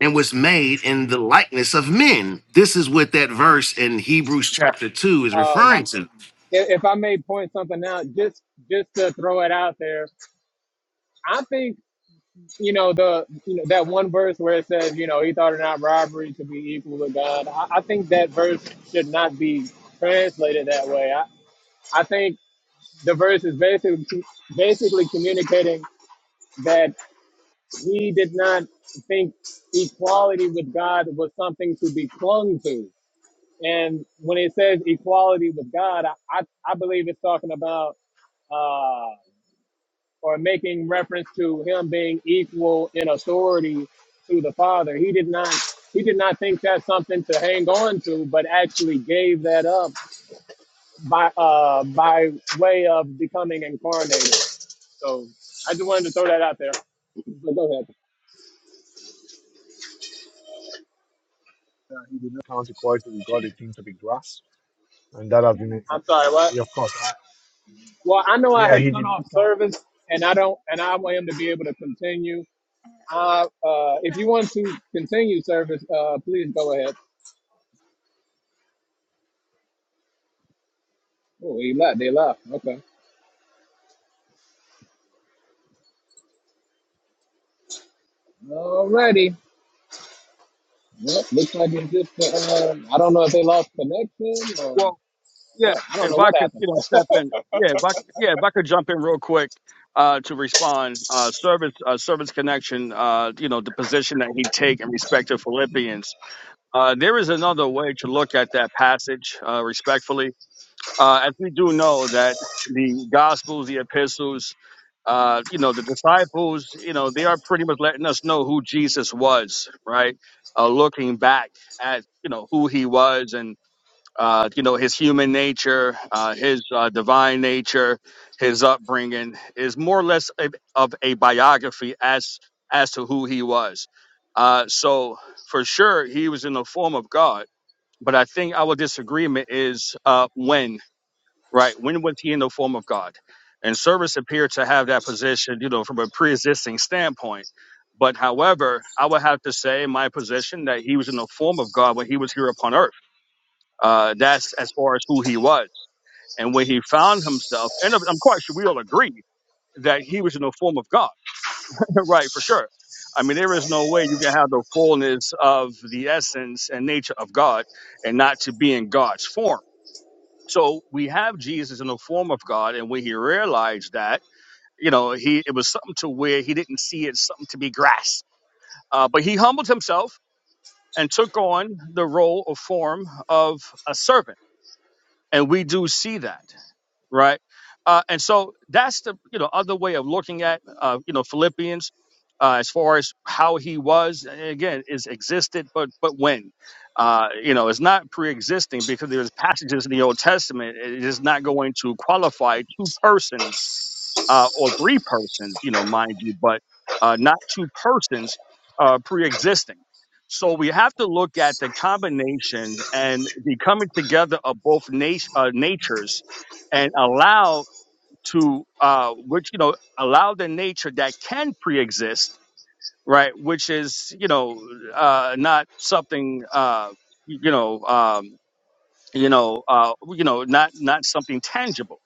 S5: and was made in the likeness of men this is what that verse in hebrews chapter 2 is referring
S1: Um,
S5: to
S1: if, if I may point something out, just just to throw it out there, I think you know the you know that one verse where it says you know he thought it not robbery to be equal with God. I, I think that verse should not be translated that way. I, I think the verse is basically basically communicating that he did not think equality with God was something to be clung to. And when it says equality with God, I, I, I believe it's talking about uh, or making reference to him being equal in authority to the Father. He did not he did not think that's something to hang on to, but actually gave that up by uh by way of becoming incarnated. So I just wanted to throw that out there. But go ahead.
S4: Uh, he did not count equality with God a thing to be grasped, and that has been, uh,
S1: I'm sorry,
S4: uh,
S1: what?
S4: yeah, of course, I,
S1: Well, I know I
S4: yeah,
S1: had
S4: he
S1: cut
S4: did not
S1: off
S4: count.
S1: service and I don't and I want him to be able to continue. Uh, uh, if you want to continue service, uh, please go ahead. Oh, he left. They left. Okay. Alrighty. Yep, looks like it's just the, um, I don't know if they lost connection or
S2: Well, yeah,
S1: what. I don't know
S2: if I
S1: what
S2: could,
S1: happened.
S2: you know, step in. Yeah, if I, yeah, if I could jump in real quick uh, to respond. Uh, service, uh, service connection. Uh, you know, the position that he take in respect to Philippians. Uh, there is another way to look at that passage, uh, respectfully. Uh, as we do know that the Gospels, the epistles, uh, you know, the disciples, you know, they are pretty much letting us know who Jesus was, right? Uh, looking back at, you know, who he was and, uh, you know, his human nature, uh, his uh, divine nature, his upbringing is more or less a, of a biography as as to who he was. Uh, so for sure, he was in the form of God. But I think our disagreement is uh, when right? When was he in the form of God? And service appeared to have that position, you know, from a pre-existing standpoint. But however, I would have to say in my position that he was in the form of God when he was here upon earth. Uh, that's as far as who he was. And when he found himself, and I'm I'm quite sure we all agree that he was in the form of God, right? For sure. I mean, there is no way you can have the fullness of the essence and nature of God and not to be in God's form so we have Jesus in the form of God, and when he realized that, you know, he it was something to where he didn't see it something to be grasped, uh, but he humbled himself and took on the role or form of a servant, and we do see that right? Uh, and so that's the you know other way of looking at uh, you know Philippians uh, as far as how he was and again is existed, but but when. Uh, you know, it's not pre-existing because there's passages in the Old Testament. It is not going to qualify two persons uh, or three persons, you know, mind you, but uh, not two persons uh, pre-existing. So we have to look at the combination and the coming together of both nat- uh, natures, and allow to uh, which you know allow the nature that can pre-exist, right, which is you know uh, not something uh, you know. Um, you know, uh, you know, not not something tangible.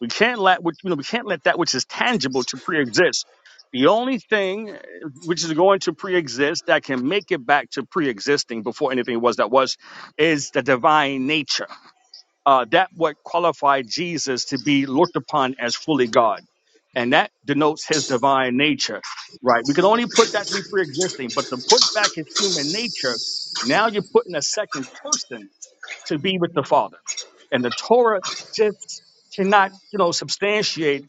S2: We can't let what you know, we can't let that which is tangible to pre-exist. The only thing uh, which is going to pre-exist that can make it back to pre-existing before anything was that was is the divine nature. Uh, that what qualified Jesus to be looked upon as fully God, and that denotes his divine nature. Right? We can only put that to be pre-existing, but to put back his human nature, now you're putting a second person to be with the Father and the Torah just cannot, you know, substantiate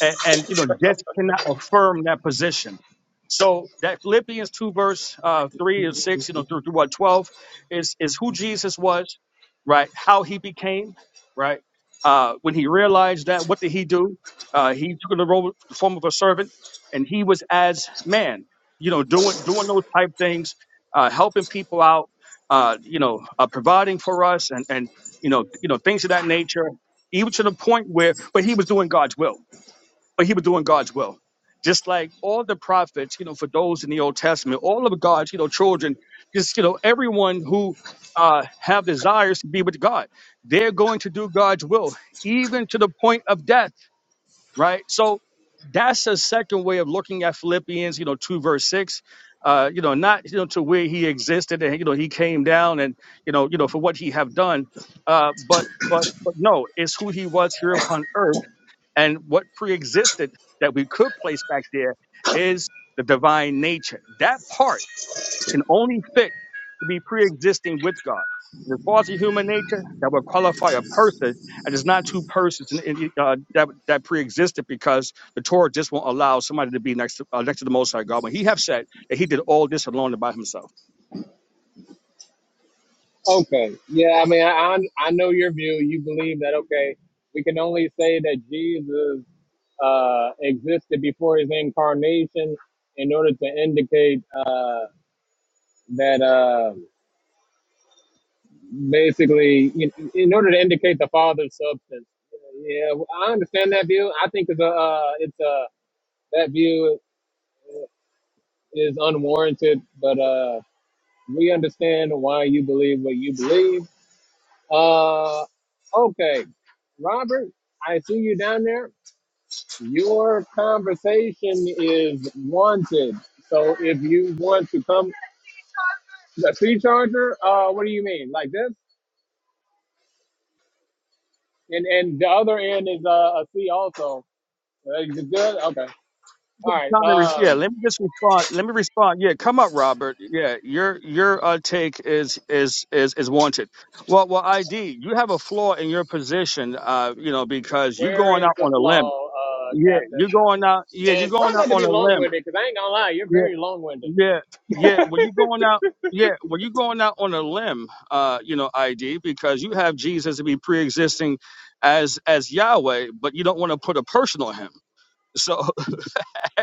S2: and, and you know just cannot affirm that position. So that Philippians two verse uh, three and six, you know, through through what twelve is is who Jesus was, right? How he became, right? Uh, when he realized that, what did he do? Uh, he took on the role, the form of a servant, and he was as man, you know, doing doing those type things, uh, helping people out, uh, you know, uh, providing for us, and and you know, you know, things of that nature, even to the point where, but he was doing God's will. But he was doing God's will. Just like all the prophets, you know, for those in the Old Testament, all of God's, you know, children, just, you know, everyone who uh, have desires to be with God, they're going to do God's will, even to the point of death right? So that's a second way of looking at Philippians, you know, two verse six. Uh, you know, not you know to where he existed and you know he came down and you know you know for what he have done, uh, but but but no, it's who he was here upon earth and what pre-existed that we could place back there is the divine nature. That part can only fit to be pre-existing with God. The faulty human nature that would qualify a person, and it's not two persons in, in, uh, that that pre-existed because the Torah just won't allow somebody to be next to, uh, next to the Most High God. When He have said that He did all this alone and by Himself.
S1: Okay. Yeah, I mean, I, I I know your view. You believe that, okay, we can only say that Jesus uh, existed before his incarnation in order to indicate uh, that uh, basically, in, in order to indicate the Father's substance. Yeah, well, I understand that view. I think it's a, uh, it's a, that view is unwarranted, but. Uh, We understand why you believe what you believe. Uh, okay, Robert, I see you down there. Your conversation is wanted. So if you want to come, the C charger. Uh, what do you mean? Like this? And and the other end is uh, a C also. Uh, you good? Okay. All right.
S2: Trying to res- Yeah,
S1: Um,
S2: let me just respond. Let me respond. Yeah, come up, Robert. Yeah, your your uh, take is is is is wanted. Well, well, ID, you have a flaw in your position. Uh, you know because you're
S1: where
S2: going
S1: is
S2: out
S1: the
S2: on a limb.
S1: flaw, uh,
S2: Yeah,
S1: Captain?
S2: you're going out. Yeah, you're
S1: And try
S2: going out
S1: not to
S2: on
S1: be
S2: a limb.
S1: long-winded, because I ain't gonna lie, you're
S2: Yeah,
S1: very long-winded.
S2: yeah, yeah. Well, you going out. Yeah, well, you going out on a limb. Uh, you know, ID because you have Jesus to be pre-existing as as Yahweh, but you don't want to put a person on him. So,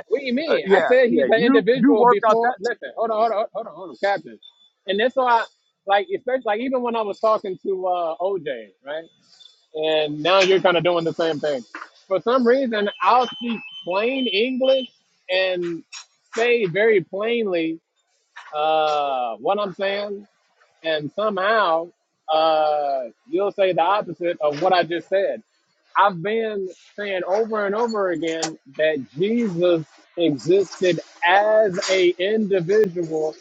S1: What do you
S2: uh,
S1: mean? I
S2: yeah,
S1: said
S2: yeah.
S1: he's an
S2: You you
S1: individual
S2: work out
S1: before.
S2: that
S1: Listen, hold on, hold on, hold on, hold on, Captain. And that's why, like, especially like even when I was talking to uh, OJ, right? And now you're kind of doing the same thing. For some reason, I'll speak plain English and say very plainly uh, what I'm saying, and somehow uh, you'll say the opposite of what I just said. I've been saying over and over again that Jesus existed as a individual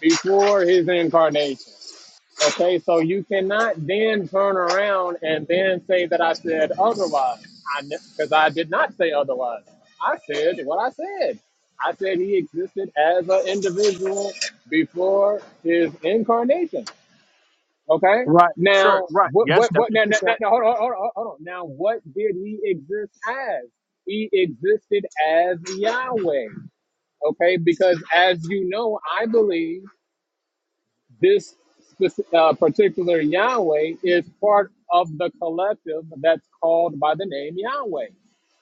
S1: before his incarnation. Okay, so you cannot then turn around and then say that I said otherwise. I because I did not say otherwise. I said what I said. I said he existed as an individual before his incarnation. Okay.
S2: right. Sure.
S1: Now,
S2: Right.
S1: what, what,
S2: Yes, that's
S1: what,
S2: what
S1: now,
S2: you
S1: now, now,
S2: said.
S1: now, hold on, hold on, hold on. Now, what did he exist as? He existed as Yahweh. Okay. Because as you know, I believe this spec- uh, particular Yahweh is part of the collective that's called by the name Yahweh.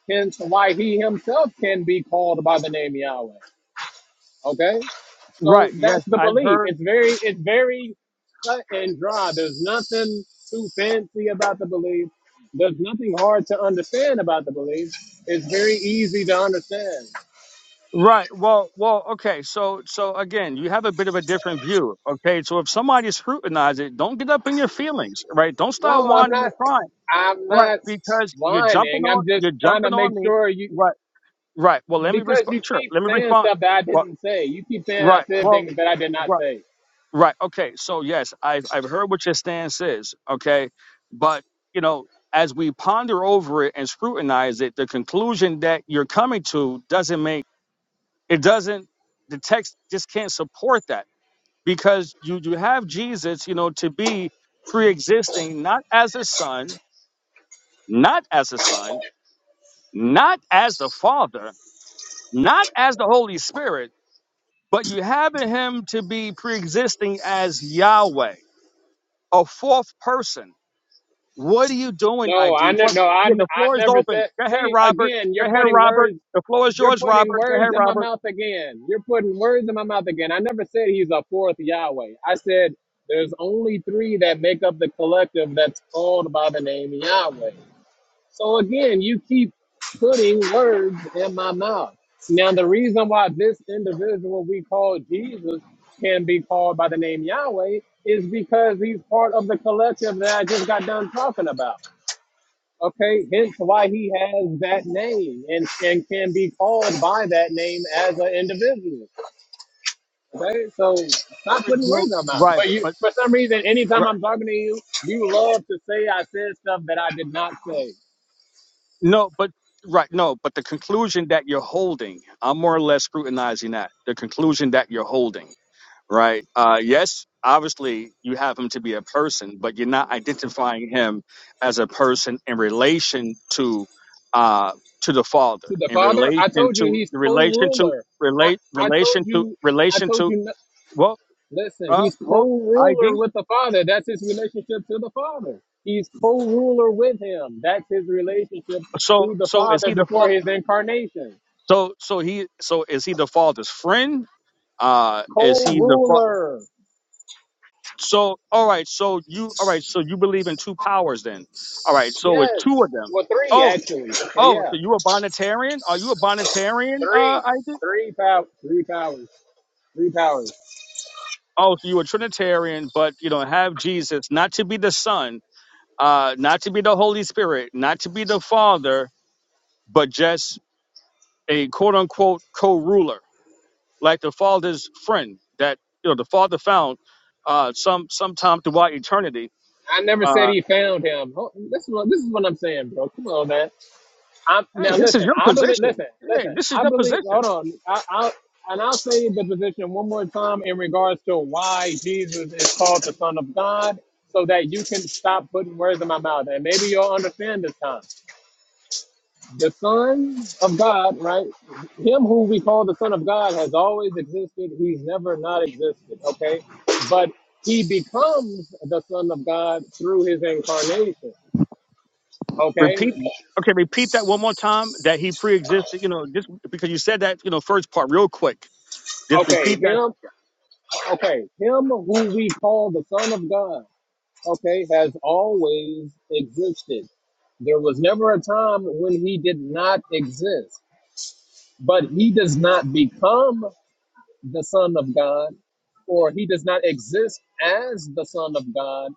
S1: Hence why he himself can be called by the name Yahweh. Okay, so
S2: Right. Yes,
S1: that's the
S2: I've
S1: belief.
S2: heard.
S1: It's very, it's very cut and dry. There's nothing too fancy about the belief. There's nothing hard to understand about the belief. It's very easy to understand.
S2: Right. Well, well, okay. So, so again, you have a bit of a different view. Okay. So if somebody scrutinizes it, don't get up in your feelings, right? Don't start
S1: No, I'm
S2: whining
S1: not.
S2: and crying,
S1: I'm
S2: right?
S1: not
S2: Because you're jumping
S1: whining.
S2: on,
S1: I'm just
S2: you're
S1: trying to
S2: jumping
S1: make
S2: on me,
S1: sure you,
S2: right? Right. Well, let me
S1: because
S2: respond.
S1: you
S2: Sure.
S1: keep
S2: Let me
S1: saying
S2: respond.
S1: stuff that I
S2: Well,
S1: didn't say. You keep saying I
S2: right.
S1: said
S2: Well,
S1: things that I did not
S2: right.
S1: say.
S2: Right. Okay. So yes, I've I've heard what your stance is. Okay, but you know, as we ponder over it and scrutinize it, the conclusion that you're coming to doesn't make it doesn't the text just can't support that because you you have Jesus, you know, to be pre-existing not as a son, not as a son, not as the Father, not as the Holy Spirit, but you have in him to be pre-existing as Yahweh, a fourth person. What are you doing,
S1: No, I
S2: ID?
S1: ne-
S2: But
S1: no, I,
S2: yeah,
S1: n-
S2: the
S1: I
S2: floor is
S1: never
S2: open.
S1: said.
S2: Go ahead,
S1: See,
S2: Robert.
S1: again,
S2: Go
S1: you're
S2: ahead,
S1: putting
S2: Robert.
S1: words
S2: The floor is
S1: You're
S2: yours,
S1: putting
S2: Robert. Go
S1: words
S2: ahead,
S1: in my
S2: Robert.
S1: mouth again. You're putting words in my mouth again. I never said he's a fourth Yahweh. I said there's only three that make up the collective that's called by the name Yahweh. So again, you keep putting words in my mouth. Now, the reason why this individual we call Jesus can be called by the name Yahweh is because he's part of the collective that I just got done talking about. Okay, hence why he has that name and, and can be called by that name as an individual. Okay, so stop putting words in my mouth.
S2: Right,
S1: But you,
S2: but
S1: for some reason, anytime I'm talking to you, you love to say I said stuff that I did not say
S2: No, but right, no, but the conclusion that you're holding, I'm more or less scrutinizing that. The conclusion that you're holding, right? Uh yes, obviously you have him to be a person, but you're not identifying him as a person in relation to uh to the father,
S1: to the
S2: in
S1: Father. I
S2: relation
S1: told you
S2: to
S1: he's
S2: relation to
S1: co-ruler. I,
S2: relate
S1: I told
S2: relation to
S1: you, I
S2: relation
S1: told
S2: to
S1: you. No,
S2: well
S1: listen,
S2: uh
S1: he's
S2: well ID.
S1: co-ruler with the Father. That's his relationship to the Father. He's co-ruler with him. That's his relationship
S2: So
S1: to the
S2: so is
S1: Father
S2: he the
S1: before
S2: fa-
S1: his incarnation.
S2: so so he so is he the father's friend? Uh is
S1: Cold
S2: he the father?
S1: ruler.
S2: So, all right. So you, all right. So you believe in two powers then? All right. So it's
S1: Yes.
S2: two of them.
S1: Well, three
S2: Oh,
S1: actually. So
S2: oh.
S1: yeah,
S2: So you a Bonitarian? Are you a Bonitarian, uh,
S1: three,
S2: Isaac?
S1: three pow. three powers, three powers.
S2: Oh, so you a Trinitarian, but you don't have Jesus, not to be the Son, uh, not to be the Holy Spirit, not to be the Father, but just a quote unquote co-ruler, like the Father's friend that you know the Father found uh, some sometime throughout eternity.
S1: I never said
S2: Uh,
S1: he found him. Oh, This is what this is what I'm saying, bro. Come on, man. I'm,
S2: hey,
S1: now
S2: this is
S1: listen.
S2: your
S1: I believe.
S2: position.
S1: Listen,
S2: Hey,
S1: listen.
S2: this is
S1: I
S2: your
S1: believe.
S2: position.
S1: Hold on. I, I and I'll say the position one more time in regards to why Jesus is called the Son of God, so that you can stop putting words in my mouth, and maybe you'll understand this time. the Son of God, right? Him who we call the Son of God has always existed. He's never not existed, okay? But he becomes the Son of God through his incarnation,
S2: Repeat.
S1: okay?
S2: Okay, repeat that one more time. That he pre-existed. You know, just because you said that. You know, first part real quick. Just
S1: Okay,
S2: repeat that.
S1: him, okay, him who we call the Son of God, okay, has always existed. There was never a time when he did not exist, but he does not become. the Son of God, or he does not exist as the Son of God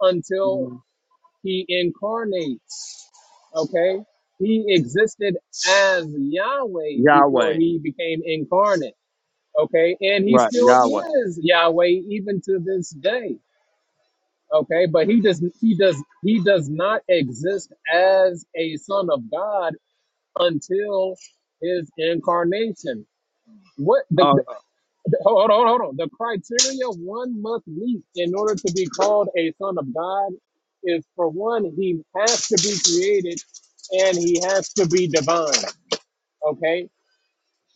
S1: until he incarnates. Okay? He existed as Yahweh before
S2: Yahweh.
S1: he became incarnate. Okay? And he
S2: Right,
S1: still
S2: Yahweh.
S1: is Yahweh even to this day. Okay, but he does he does he does not exist as a son of God until his incarnation. What the,
S2: Uh,
S1: Hold on, hold on, hold on. The criteria one must meet in order to be called a son of God is for one, he has to be created and he has to be divine. Okay?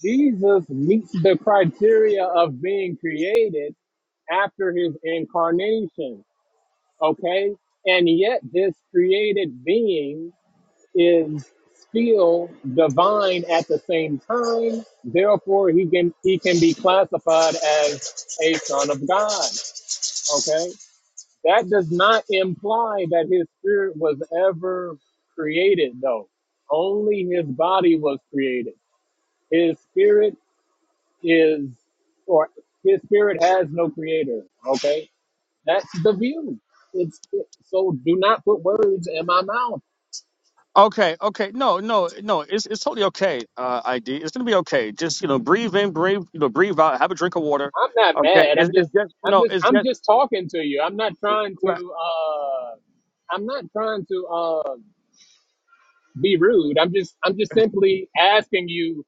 S1: Jesus meets the criteria of being created after his incarnation. Okay? And yet, this created being is still divine at the same time. Therefore, he can he can be classified as a son of God. Okay, that does not imply that his spirit was ever created, though. Only his body was created. His spirit is, or his spirit has no creator. Okay, that's the view. It's so. Do not put words in my mouth.
S2: okay, okay. No, no, no. It's it's totally okay. Uh, ID. It's gonna be okay. Just you know, breathe in, breathe. You know, breathe out. Have a drink of water.
S1: I'm not
S2: Okay.
S1: mad.
S2: It's
S1: I'm just
S2: it's just
S1: I'm
S2: no.
S1: just
S2: It's
S1: I'm
S2: just.
S1: just talking to you. I'm not trying to uh I'm not trying to uh be rude. I'm just I'm just simply asking you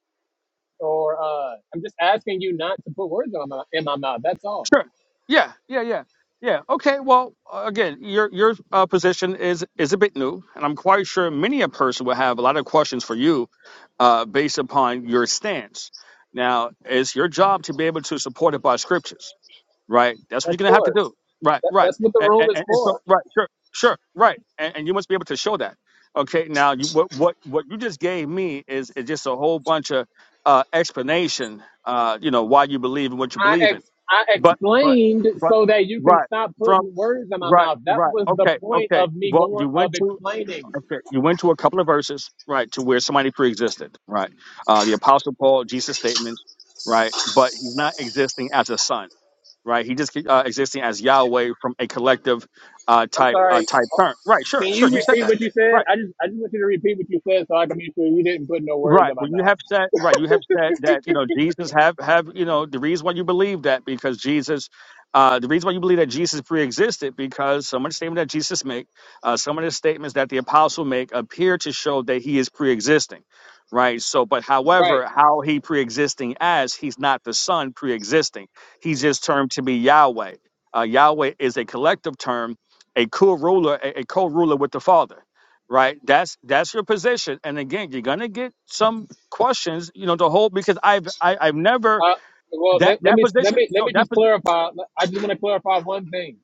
S1: or uh I'm just asking you not to put words on my, in my mouth. That's all.
S2: Sure. Yeah, yeah, yeah, yeah. Okay. Well, uh, again, your your uh, position is is a bit new, and I'm quite sure many a person will have a lot of questions for you, uh, based upon your stance. Now, it's your job to be able to support it by scriptures right? That's what
S1: Of
S2: you're gonna have to
S1: course.
S2: do, right?
S1: That,
S2: Right,
S1: that's what the
S2: and,
S1: room
S2: and,
S1: is
S2: and so
S1: for.
S2: right, sure, sure, right, and, and you must be able to show that. Okay, now you, what what what you just gave me is, is just a whole bunch of uh, explanation, uh, you know, why you believe in what you
S1: I
S2: believe in.
S1: ex- I
S2: But but
S1: explained
S2: but
S1: so that you can
S2: right
S1: stop
S2: from
S1: putting words in my
S2: right
S1: mouth. That
S2: right
S1: was the
S2: okay
S1: point
S2: okay.
S1: of me
S2: Well, you
S1: going of
S2: went to
S1: explaining.
S2: okay, you went to a couple of verses right to where somebody pre-existed right. Uh, the Apostle Paul, Jesus statements right, but he's not existing as a son right? He just keep, uh, existing as Yahweh from a collective uh,
S1: I'm
S2: type uh,
S1: sorry.
S2: type term, right? Sure,
S1: Can
S2: sure.
S1: you
S2: You said
S1: repeat
S2: that,
S1: what you
S2: Right.
S1: said? I just I just want you to repeat what you said so I can make sure you didn't put no words
S2: Right.
S1: in my
S2: Well, you
S1: mouth.
S2: have said right. You have said that you know Jesus have have you know the reason why you believe that because Jesus, uh, the reason why you believe that Jesus pre-existed because some of the statements that Jesus make, uh, some of the statements that the apostle make appear to show that he is pre-existing, right? So, but
S1: Right.
S2: however, how he pre-existing as he's not the son pre-existing. He's just termed to be Yahweh. Uh, Yahweh is a collective term, a co-ruler, a, a co-ruler with the Father right? That's that's your position. And again, you're gonna get some questions, you know, the whole because I've I, I've never
S1: Uh, well,
S2: that
S1: let, let
S2: that
S1: me let
S2: position.
S1: me let
S2: No,
S1: me
S2: that
S1: just
S2: position.
S1: clarify. I just want to clarify one thing.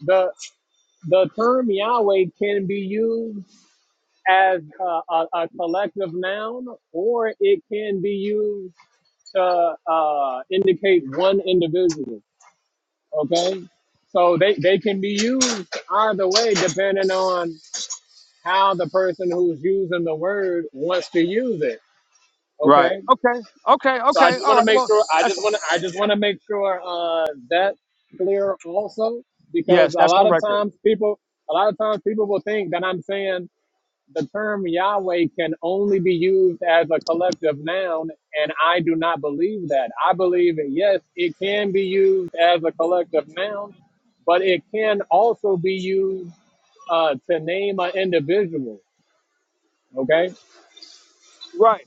S1: The the term Yahweh can be used as a, a, a collective noun, or it can be used to uh, indicate one individual. Okay, so they they can be used either way, depending on how the person who's using the word wants to use it.
S2: Right.
S1: Okay,
S2: Okay. Okay.
S1: so I
S2: Okay.
S1: just
S2: All
S1: want to
S2: right.
S1: make
S2: Well,
S1: sure. I
S2: that's
S1: just want to. I just want to make sure uh, that's clear also, because
S2: yes,
S1: a
S2: that's
S1: lot
S2: on
S1: of
S2: record.
S1: times people, a lot of times people will think that I'm saying the term Yahweh can only be used as a collective noun, and I do not believe that. I believe that yes, it can be used as a collective noun, but it can also be used uh, to name an individual. Okay,
S2: Right.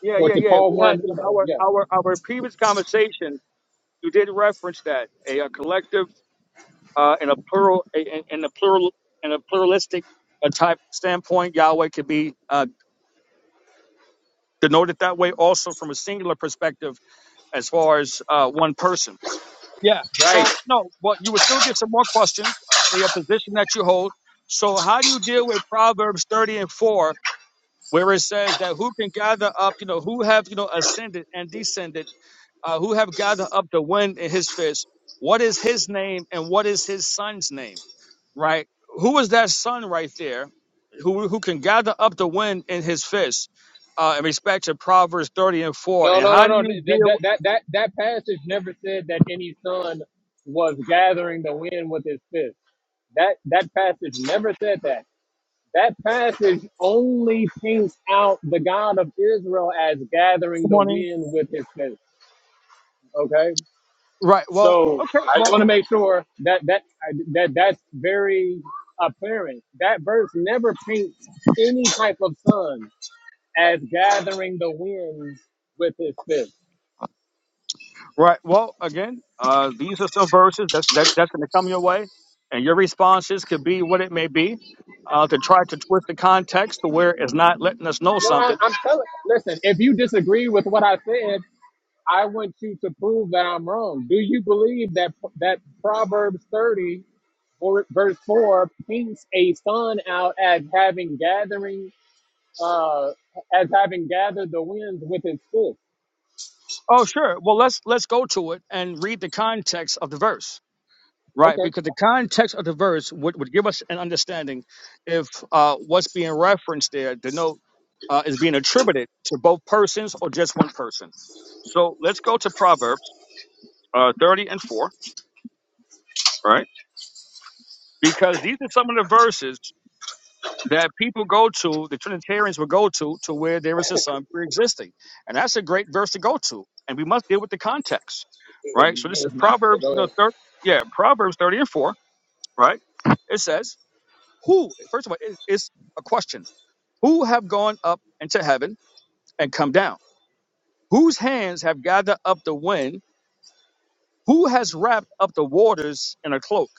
S2: Yeah.
S1: or
S2: Yeah.
S1: to
S2: Yeah.
S1: call
S2: We had
S1: one. You know,
S2: our
S1: yeah,
S2: our our previous conversation. You did reference that a, a collective uh, and a plural a- a- and a plural and a pluralistic uh, type standpoint. Yahweh could be uh, denoted that way also from a singular perspective as far as uh, one person Yeah.
S1: right.
S2: So no, but you will still get some more questions, uh, a position that you hold. So how do you deal with Proverbs 30 and 4, where it says that who can gather up, you know, who have, you know, ascended and descended, uh, who have gathered up the wind in his fist? What is his name and what is his son's name? Right? Who is that son right there who who can gather up the wind in his fist? Uh, in respect to Proverbs 30 and 4.
S1: No,
S2: And
S1: no,
S2: how
S1: no,
S2: do
S1: no.
S2: you
S1: That
S2: deal with
S1: that that that, that passage never said that any son was gathering the wind with his fist. That that passage never said that. That passage only paints out the God of Israel as gathering the
S2: morning?
S1: wind with his fist. Okay,
S2: Right. Well,
S1: so
S2: okay.
S1: I
S2: Well,
S1: want to make sure that that that that's very apparent. That verse never paints any type of son as gathering the wind with his fist.
S2: Right. Well, again, uh, these are some verses that's that, that's going to come your way, and your responses could be what it may be uh, to try to twist the context to where it's not letting us know
S1: No, I,
S2: something.
S1: I'm telling. Listen, if you disagree with what I said, I want you to prove that I'm wrong. Do you believe that that Proverbs 30 or verse four paints a son out as having gathering, uh, as having gathered the winds with his fist?
S2: Oh, sure. Well, let's let's go to it and read the context of the verse, right?
S1: Okay,
S2: Because the context of the verse would, would give us an understanding if uh, what's being referenced there, the note, uh, is being attributed to both persons or just one person. So let's go to Proverbs uh, 30 and 4, right? because these are some of the verses that people go to, the Trinitarians will go to, to where there is a son pre-existing, and that's a great verse to go to, and we must deal with the context, right? So this
S1: no,
S2: is
S1: it's not. But
S2: Proverbs
S1: go
S2: the
S1: ahead.
S2: third, yeah, Proverbs thirty and four, right? It says, "Who?" First of all, it, it's a question. Who have gone up into heaven and come down? Whose hands have gathered up the wind? Who has wrapped up the waters in a cloak?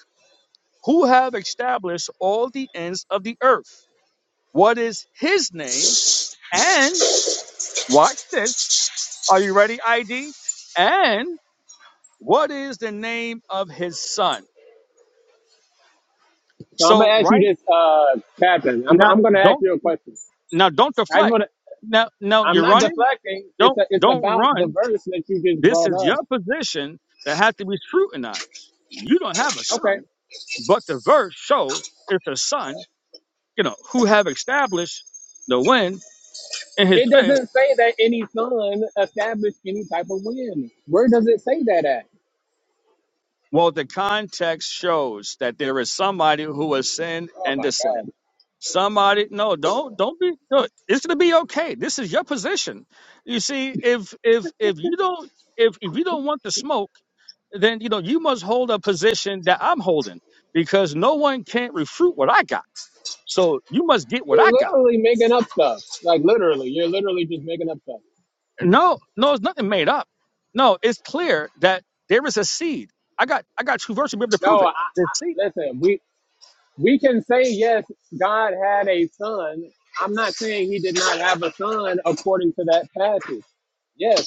S2: Who have established all the ends of the earth? What is his name? And watch this. Are you ready, ID? And what is the name of his son?
S1: So I'm gonna
S2: So
S1: ask you
S2: right
S1: this, uh, Captain. I'm
S2: now,
S1: I'm gonna ask
S2: don't
S1: you a question.
S2: now don't
S1: I just
S2: deflect.
S1: want to.
S2: Now now
S1: I'm
S2: you're
S1: not
S2: running.
S1: deflecting. It's
S2: Don't
S1: a, it's
S2: don't
S1: about the
S2: run.
S1: verse that you just
S2: This
S1: brought
S2: is
S1: up.
S2: your position that had to be scrutinized. You don't have a
S1: Okay.
S2: son, but the verse shows it's a son, you know, who have established the wind in his
S1: It
S2: fist
S1: doesn't say that any son established any type of win. Where does it say that at?
S2: Well, the context shows that there is somebody who will sin
S1: Oh
S2: and
S1: my
S2: descend.
S1: God.
S2: Somebody, no, don't, don't be. No, it's gonna be okay. This is your position. You see, if if if you don't if if you don't want the smoke, then you know you must hold a position that I'm holding because no one can't refute what I got. So you must get what
S1: You're
S2: I got.
S1: literally making up stuff. Like literally, you're literally just making up stuff.
S2: No, no, it's nothing made up. No, it's clear that there is a seed. I got I got two verses to be able to prove
S1: No, I,
S2: it.
S1: I,
S2: The seed.
S1: listen, we we can say yes, God had a son. I'm not saying he did not have a son according to that passage. Yes,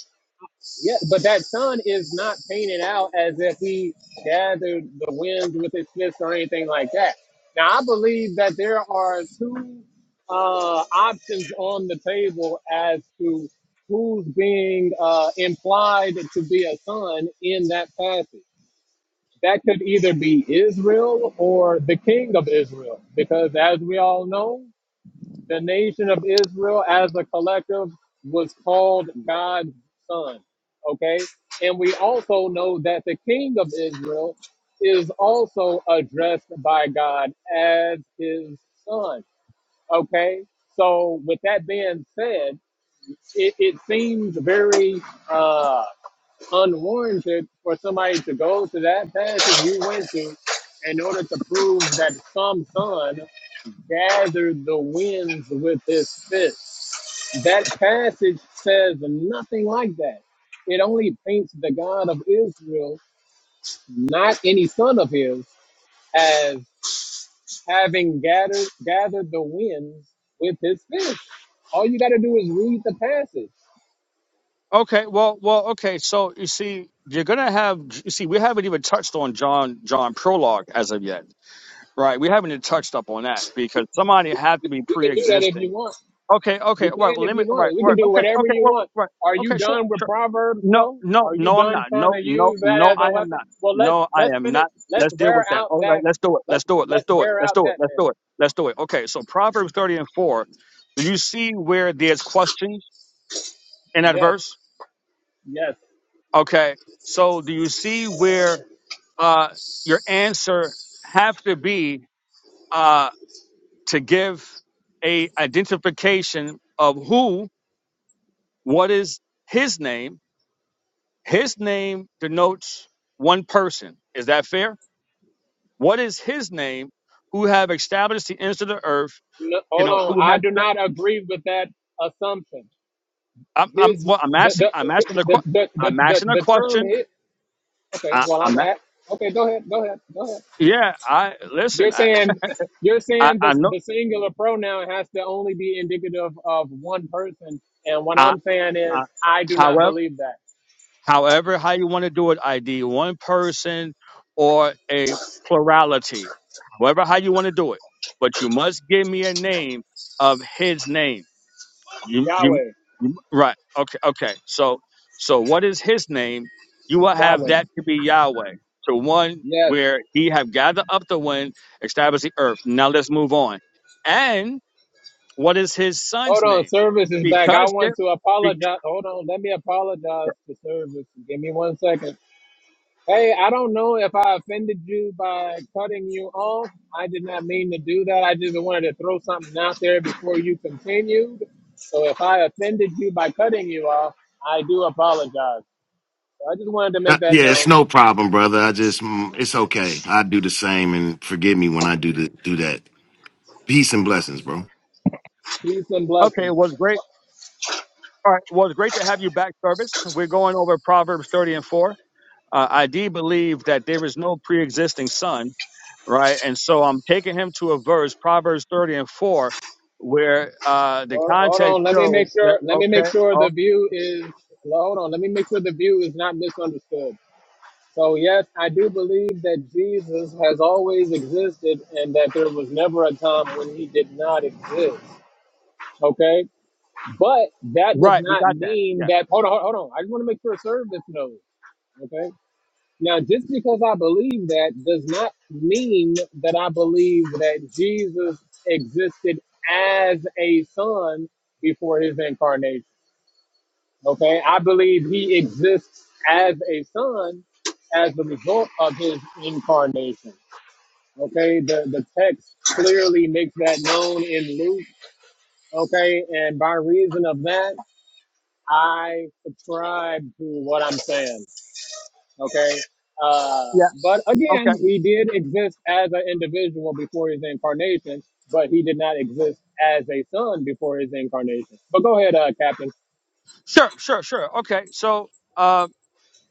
S1: Yeah, but that sun is not painted out as if he gathered the winds with his fist or anything like that. Now, I believe that there are two uh, options on the table as to who's being uh, implied to be a son in that passage. That could either be Israel or the king of Israel, because as we all know, the nation of Israel as a collective was called God's son. Okay? And we also know that the king of Israel is also addressed by God as his son. Okay? So, with that being said, it, it seems very uh, unwarranted for somebody to go to that passage you went to in order to prove that some son gathered the winds with his fist. That passage says nothing like that. It only paints the God of Israel, not any son of his, as having gathered gathered the winds with his fist. All you got to do is read the passage.
S2: Okay, well, well, okay. So you see, you're gonna have. You see, we haven't even touched on John John prologue as of yet, right? We haven't even touched up on that because somebody had to be
S1: You can do that if you
S2: pre-existing.
S1: want.
S2: Okay, okay,
S1: You
S2: all right.
S1: can
S2: Well,
S1: if
S2: let me.
S1: you
S2: All right,
S1: want. We
S2: all
S1: can
S2: right.
S1: do
S2: Okay,
S1: whatever
S2: okay,
S1: you
S2: well,
S1: want.
S2: right.
S1: Are you
S2: Okay, sure,
S1: done with
S2: sure.
S1: Proverbs
S2: No,
S1: though?
S2: no,
S1: Are you
S2: no. I'm
S1: done
S2: not.
S1: trying
S2: No,
S1: to
S2: no,
S1: use that
S2: no.
S1: as
S2: I
S1: a
S2: am
S1: weapon?
S2: not.
S1: Well, let's
S2: No, I
S1: let's
S2: am not.
S1: finish. Let's
S2: Let's deal
S1: wear
S2: with that.
S1: out
S2: All right,
S1: that.
S2: let's do it. Let's
S1: Let's
S2: do it. Let's
S1: let's
S2: do it.
S1: wear
S2: Let's
S1: out
S2: do it.
S1: that
S2: Let's do
S1: then.
S2: it. Let's do it. Okay, so Proverbs 30 and 4. Do you see where there's questions in that
S1: Yes,
S2: verse?
S1: yes.
S2: Okay. So do you see where uh, your answer have to be uh, to give a identification of who, what is his name? His name denotes one person. Is that fair? What is his name who have established the ends of the earth?
S1: No,
S2: You
S1: hold
S2: know,
S1: on.
S2: who
S1: I
S2: have,
S1: do not agree with that assumption.
S2: I'm, I'm,
S1: His
S2: well, I'm
S1: the
S2: asking,
S1: the
S2: I'm asking the,
S1: the
S2: que-
S1: the the,
S2: I'm
S1: the,
S2: asking a
S1: the term
S2: question.
S1: hit. Okay.
S2: I,
S1: Well,
S2: I'm,
S1: I'm at. Okay. Go ahead. Go ahead. Go ahead.
S2: a- yeah, I,
S1: You're
S2: listen, I,
S1: saying you're
S2: I,
S1: saying
S2: I
S1: the
S2: know,
S1: the singular pronoun has to only be indicative of one person, and what
S2: I,
S1: I'm saying is
S2: I,
S1: I do not
S2: however.
S1: believe that.
S2: However, how you want to do it, ID one person or a plurality. However, how you want to do it, but you must give me a name of his name. You, you,
S1: Yahweh,
S2: you right? Okay, okay. So, so what is his name? You will have
S1: Yahweh.
S2: that to be Yahweh, to one
S1: Yes.
S2: where he have gathered up the wind, established the earth. Now let's move on. And what is his son's
S1: Hold on,
S2: name?
S1: service is back. I
S2: Because there,
S1: want to
S2: bec-
S1: apologize. Hold on, let me apologize to service. Give me one second. Hey, I don't know if I offended you by cutting you off. I did not mean to do that. I just wanted to throw something out there before you continued. So if I offended you by cutting you off, I do apologize. I just wanted to
S5: Uh,
S1: make that
S5: yeah it's
S1: known.
S5: no problem brother i just mm, it's okay i do the same and forgive me when i do the, do that peace and blessings bro
S1: Peace and
S2: okay, it
S1: blessings.
S2: was great. All right. Well, it's great to have you back, Service. We're going over Proverbs 30 and 4. Uh, I do believe that there is no pre existing son, right? And so I'm taking him to a verse, Proverbs 30 and 4, where uh, the
S1: Hold hold
S2: context
S1: on, let me
S2: shows
S1: make
S2: that,
S1: sure. Let me
S2: okay,
S1: make sure
S2: oh,
S1: the view is. well, Hold on, let me make sure the view is not misunderstood. So yes, I do believe that Jesus has always existed, and that there was never a time when he did not exist. Okay, but that does
S2: right, we
S1: not
S2: got that.
S1: mean
S2: Yeah.
S1: that. Hold on, hold on. I just want to make sure service knows. Okay, Now, just because I believe that does not mean that I believe that Jesus existed as a son before his incarnation. Okay, I believe he exists as a son as the result of his incarnation. Okay, the, the text clearly makes that known in Luke. Okay, and by reason of that, I subscribe to what I'm saying. Okay. Uh,
S2: Yeah.
S1: but again,
S2: Okay.
S1: he did exist as an individual before his incarnation, but he did not exist as a son before his incarnation. But go ahead, uh, Captain.
S2: Sure, sure, sure. Okay. So, uh,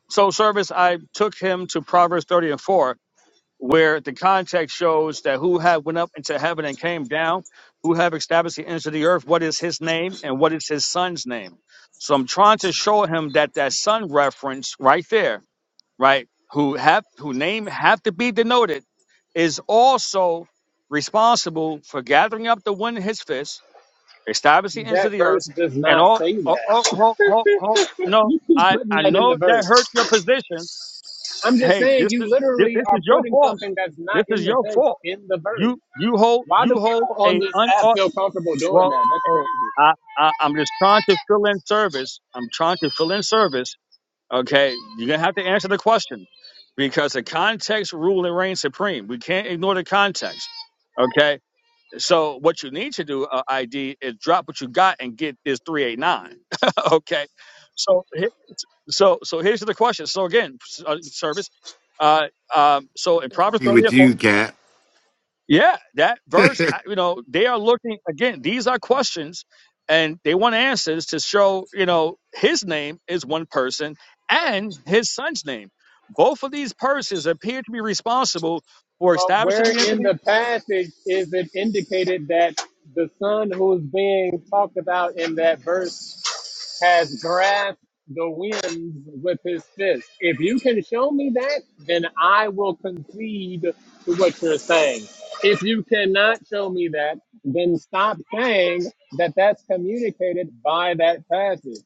S2: so Service, I took him to Proverbs 30 and 4 where the context shows that who have went up into heaven and came down, who have established the ends of the earth, what is his name and what is his son's name. So I'm trying to show him that that son reference right there, right, who have who name have to be denoted, is also responsible for gathering up the wind in his fist, establishing the ends of
S1: That
S2: the earth,
S1: verse does
S2: and
S1: not
S2: all.
S1: say
S2: Oh, oh,
S1: that.
S2: oh, oh, oh, no,
S1: You keep
S2: I
S1: putting
S2: I
S1: that in the
S2: know that
S1: verse.
S2: hurts your position.
S1: I'm just
S2: Hey,
S1: saying
S2: this is
S1: you
S2: this
S1: literally
S2: this
S1: are
S2: is your
S1: putting
S2: fault.
S1: something that's
S2: This
S1: not in
S2: is
S1: the
S2: your
S1: text
S2: fault
S1: in the verse.
S2: you you hold
S1: Why do
S2: you hold
S1: people on
S2: a
S1: this
S2: un
S1: app
S2: uh,
S1: feel comfortable doing
S2: well
S1: that? That's
S2: eh,
S1: crazy.
S2: I, I i'm just trying to fill in service i'm trying to fill in service okay you're gonna have to answer the question because the context rule and reign supreme we can't ignore the context okay so what you need to do uh, id is drop what you got and get this 389 okay so he- so so here's the question so again s- uh, service uh um so in proverbs
S5: be with
S2: 30
S5: you cat
S2: yeah, that verse, I- you know, they are looking again, these are questions and they want answers to show, you know, his name is one person and his son's name. Both of these persons appear to be responsible for
S1: Well, where
S2: establishing the
S1: in
S2: incident.
S1: the passage is it indicated that the son who's being talked about in that verse has grasped the winds with his fist? If you can show me that, then I will concede to what you're saying. If you cannot show me that, then stop saying that that's communicated by that passage.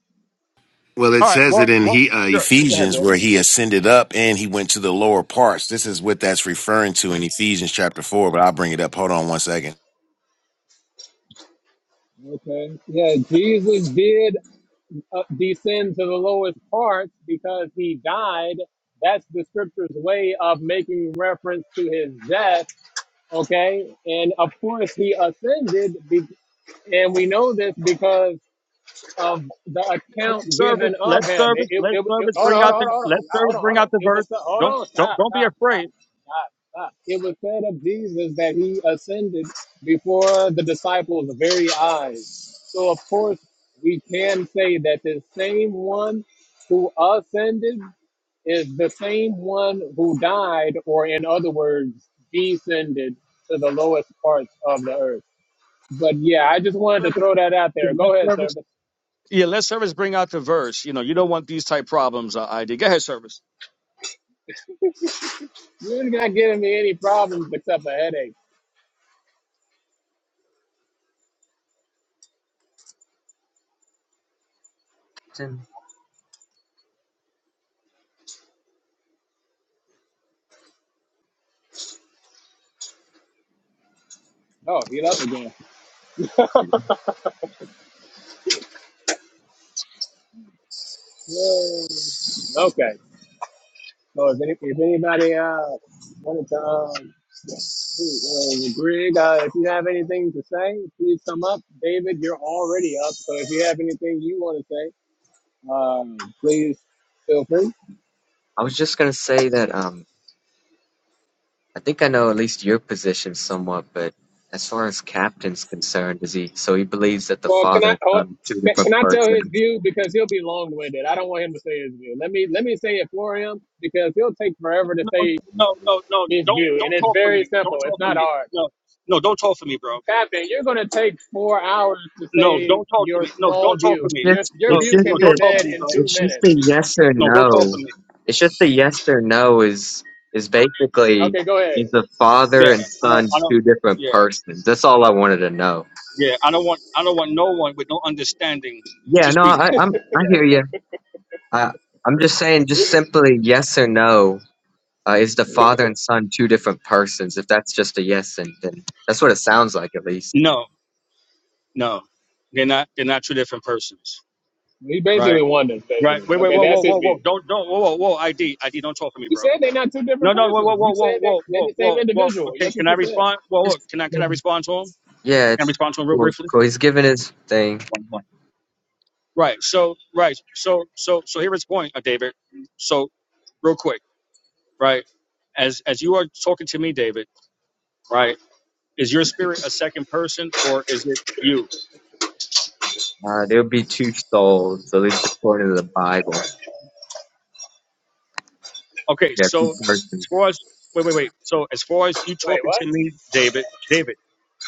S5: Well, it
S2: All right,
S5: says it
S2: well,
S5: in
S2: well,
S5: he, uh,
S2: sure, go ahead,
S5: Ephesians
S2: bro.
S5: where he ascended up and he went to the lower parts. This is what that's referring to in Ephesians chapter 4, but I'll bring it up. Hold on one second.
S1: Okay. Yeah, Jesus did uh, descend to the lowest parts because he died. That's the scripture's way of making reference to his death. Okay. And of course, he ascended. Be- and we know this because of the
S2: Let
S1: account
S2: service,
S1: given
S2: let
S1: of him. It,
S2: service,
S1: it,
S2: let
S1: it, it-
S2: service
S1: hold
S2: bring
S1: on,
S2: out
S1: hold on, hold
S2: the
S1: on,
S2: let
S1: hold
S2: service
S1: on,
S2: bring
S1: hold
S2: out
S1: on.
S2: the
S1: It
S2: verse.
S1: was, hold
S2: Don't
S1: on,
S2: don't
S1: stop,
S2: don't be
S1: stop, stop.
S2: afraid.
S1: It was said of Jesus that he ascended before the disciples' very eyes. So, of course, we can say that the same one who ascended is the same one who died, or in other words, descended to the lowest parts of the earth. But yeah, I just wanted to
S2: Service,
S1: throw that out
S2: yeah,
S1: there.
S2: let
S1: Go ahead, sir.
S2: service,
S1: But
S2: yeah, let service bring out the verse. You know, you don't want these type problems. Uh, ID. Go ahead, service.
S1: You're not giving me any problems except a headache.
S6: Justin,
S1: Oh, he left again. Yay. Okay. So if, any, if anybody uh wanted to um, uh, Greg, uh, if you have anything to say, please come up. David, you're already up, so if you have anything you want to say, um, please feel free.
S6: I was just gonna say that um, I think I know at least your position somewhat, but as far as Captain's concerned, is he so he believes that the
S1: Well, can
S6: father
S1: I
S6: and
S1: oh,
S6: son are two
S1: can, can
S6: different
S1: I tell his
S6: persons?
S1: view because he'll be long-winded. I don't want him to say his view. Let me let me say it for him because he'll take forever to
S2: No, no,
S1: say
S2: no, no. no.
S1: his
S2: Don't
S1: view, and
S2: don't
S1: it's
S2: talk for
S1: very
S2: me. Don't
S1: simple. It's
S2: talk for
S1: not
S2: me.
S1: hard.
S2: No, no, don't talk for me, bro.
S1: Captain, you're going to take four hours to
S2: No,
S1: say
S2: don't talk to
S1: your
S2: me. No,
S1: small
S2: don't talk for
S6: It's
S1: view.
S2: me.
S1: Your
S6: just,
S1: your
S2: No,
S6: it's
S1: view
S6: just
S1: can
S2: no,
S1: be
S6: a,
S2: don't talk for
S1: said
S2: me,
S1: in
S2: bro.
S1: two
S6: it's just
S1: minutes.
S6: a yes or
S2: No, don't talk for
S6: no.
S2: me.
S6: It's just a yes or no is is basically
S1: Okay, go ahead.
S6: is the father
S2: Yeah,
S6: and
S2: I don't,
S6: son
S2: I don't.
S6: two different
S2: Yeah,
S6: persons? That's all I wanted to know.
S2: yeah. I don't want, I don't want no one with no understanding
S6: Yeah,
S2: to
S6: no,
S2: speak
S6: I,
S2: for me.
S6: I'm I
S2: Yeah,
S6: hear you. I I'm just saying, just simply yes or no uh, is the father and son two different persons? If that's just a yes, and then that's what it sounds like, at least.
S2: yeah. No, no. They're not, they're not two different persons,
S1: He
S2: right?
S1: basically won this,
S2: Right.
S1: basically.
S2: Wait, wait,
S1: Okay,
S2: whoa,
S1: that's
S2: whoa,
S1: his
S2: whoa, whoa.
S1: view.
S2: Don't, don't, whoa, whoa, whoa. ID, ID. Don't talk for me,
S1: You
S2: bro.
S1: said they're not two
S2: No,
S1: different
S2: no. Whoa, whoa,
S1: persons.
S2: whoa,
S1: You
S2: whoa,
S1: said they,
S2: whoa,
S1: they're
S2: whoa,
S1: the same
S2: whoa, whoa.
S1: individual.
S2: Okay,
S1: That's what
S2: can I
S1: you said.
S2: respond? Whoa, whoa.
S6: Just-
S2: Can I, can I respond to him?
S6: yeah,
S2: Can I respond to him real
S6: cool,
S2: briefly?
S6: cool. He's given his thing.
S2: One point. Right. So right. So so so here is the point, uh, David. So real quick, right? As as you are talking to me, David, right? Is your spirit a second person or is it you?
S6: Uh, there would be two souls, at least according to the Bible.
S2: Okay.
S6: Yeah, two
S2: So as
S6: persons.
S2: far as wait wait wait. So as far as you
S1: Wait,
S2: talking
S1: what?
S2: to me, David, David.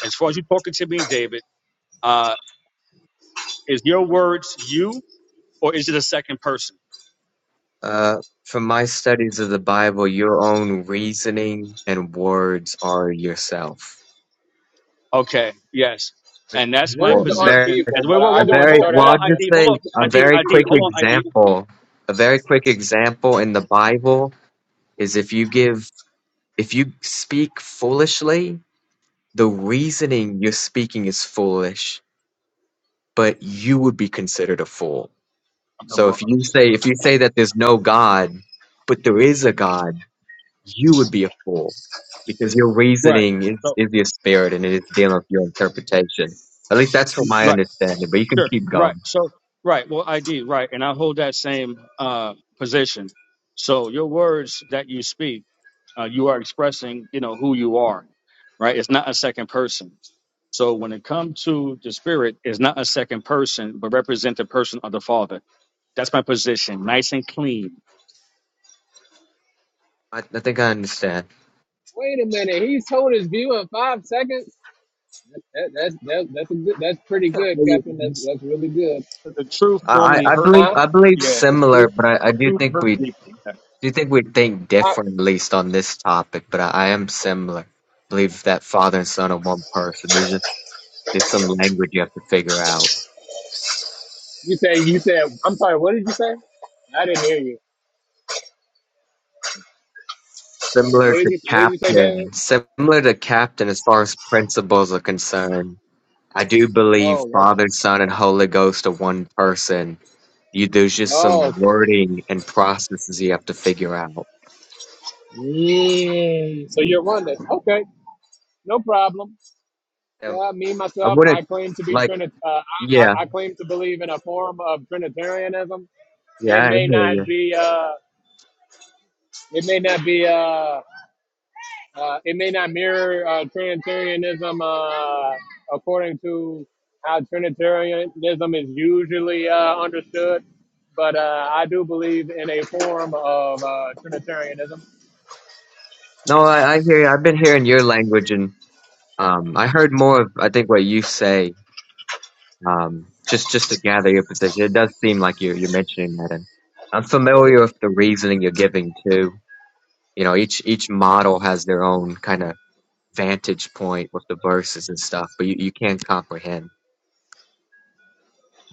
S2: As far as you talking to me, David, uh, is your words you or is it a second person?
S6: Uh, from my studies of the Bible, your own reasoning and words are yourself.
S2: Okay, yes. And that's my
S6: Well,
S1: Words
S6: a
S1: aren't
S6: very,
S2: position. And
S1: people,
S2: wait,
S1: but
S2: whoa,
S1: I
S6: a
S2: whoa,
S1: just
S2: whoa,
S1: wanted to
S2: hold
S6: very,
S2: on,
S1: throw that
S2: hold
S6: well, I'll
S2: on,
S1: out there.
S6: just
S2: ID,
S6: say
S2: hold on,
S6: a
S2: ID,
S6: very
S2: ID,
S6: quick
S2: hold on, ID.
S6: example. A very quick example in the Bible is if you give If you speak foolishly, the reasoning you're speaking is foolish, but you would be considered a fool.
S2: am the
S6: So if
S2: boss.
S6: you say if you say that there's no God, but there is a God, you would be a fool because your
S2: Right.
S6: reasoning is,
S2: So,
S6: is your spirit and it is dealing with your interpretation. At least that's from my
S2: right,
S6: understanding, but you can
S2: sure,
S6: keep
S2: right.
S6: going.
S2: So, right, well, ID, right. And I hold that same uh, position. So, your words that you speak, uh, you are expressing, you know, who you are, right? It's not a second person. So, when it comes to the spirit, it's not a second person, but represent the person of the Father. That's my position, nice and clean.
S6: I, I think I understand.
S1: Wait a minute. He's told his view in five seconds. That, that's that, that's a good, that's pretty
S6: I,
S1: good, Captain. That's, that's really good.
S2: The truth
S6: I
S2: normally
S6: I
S2: hurt
S6: believe
S1: Huh?
S6: I believe
S2: Yeah, the
S6: similar,
S2: truth,
S6: but I, I
S2: the
S6: do
S2: truth
S6: think
S2: hurt
S6: we
S2: people. Yeah.
S6: Do you think we think
S1: I,
S6: different, at least on this topic? But I, I am similar. believe that father and son are one person. There's just it's some language you have to figure out.
S1: you said you said. I'm sorry. What did you say? I didn't hear you.
S6: Similar
S1: What did
S6: to
S1: you What did you say, David?
S6: captain, similar to captain as far as principles are concerned. I do believe
S1: Oh, okay.
S6: Father, Son, and Holy Ghost are one person. You, there's just
S1: Oh,
S6: some
S1: okay.
S6: wording and processes you have to figure out.
S1: Mm, so you're one that. Okay. No problem.
S6: Um,
S1: Yeah, me
S6: I
S1: myself,
S6: wouldn't
S1: I claim to be
S6: like,
S1: Trinit. Uh, I, I
S6: yeah,
S1: claim to believe in a form of Trinitarianism.
S6: yeah,
S1: It
S6: I
S1: may
S6: hear
S1: not
S6: you.
S1: be. Uh, it may not be. Uh, uh, it may not mirror uh, Trinitarianism uh, according to how Trinitarianism is usually uh, understood. But uh, I do believe in a form of uh, Trinitarianism.
S6: No, I, I hear you. I've been hearing your language and Um, I heard more of I think what you say. Um, just just to gather your position, it does seem like you're you're mentioning that, and I'm familiar with the reasoning you're giving too. You know, each each model has their own kind of vantage point with the verses and stuff, but you, you can't comprehend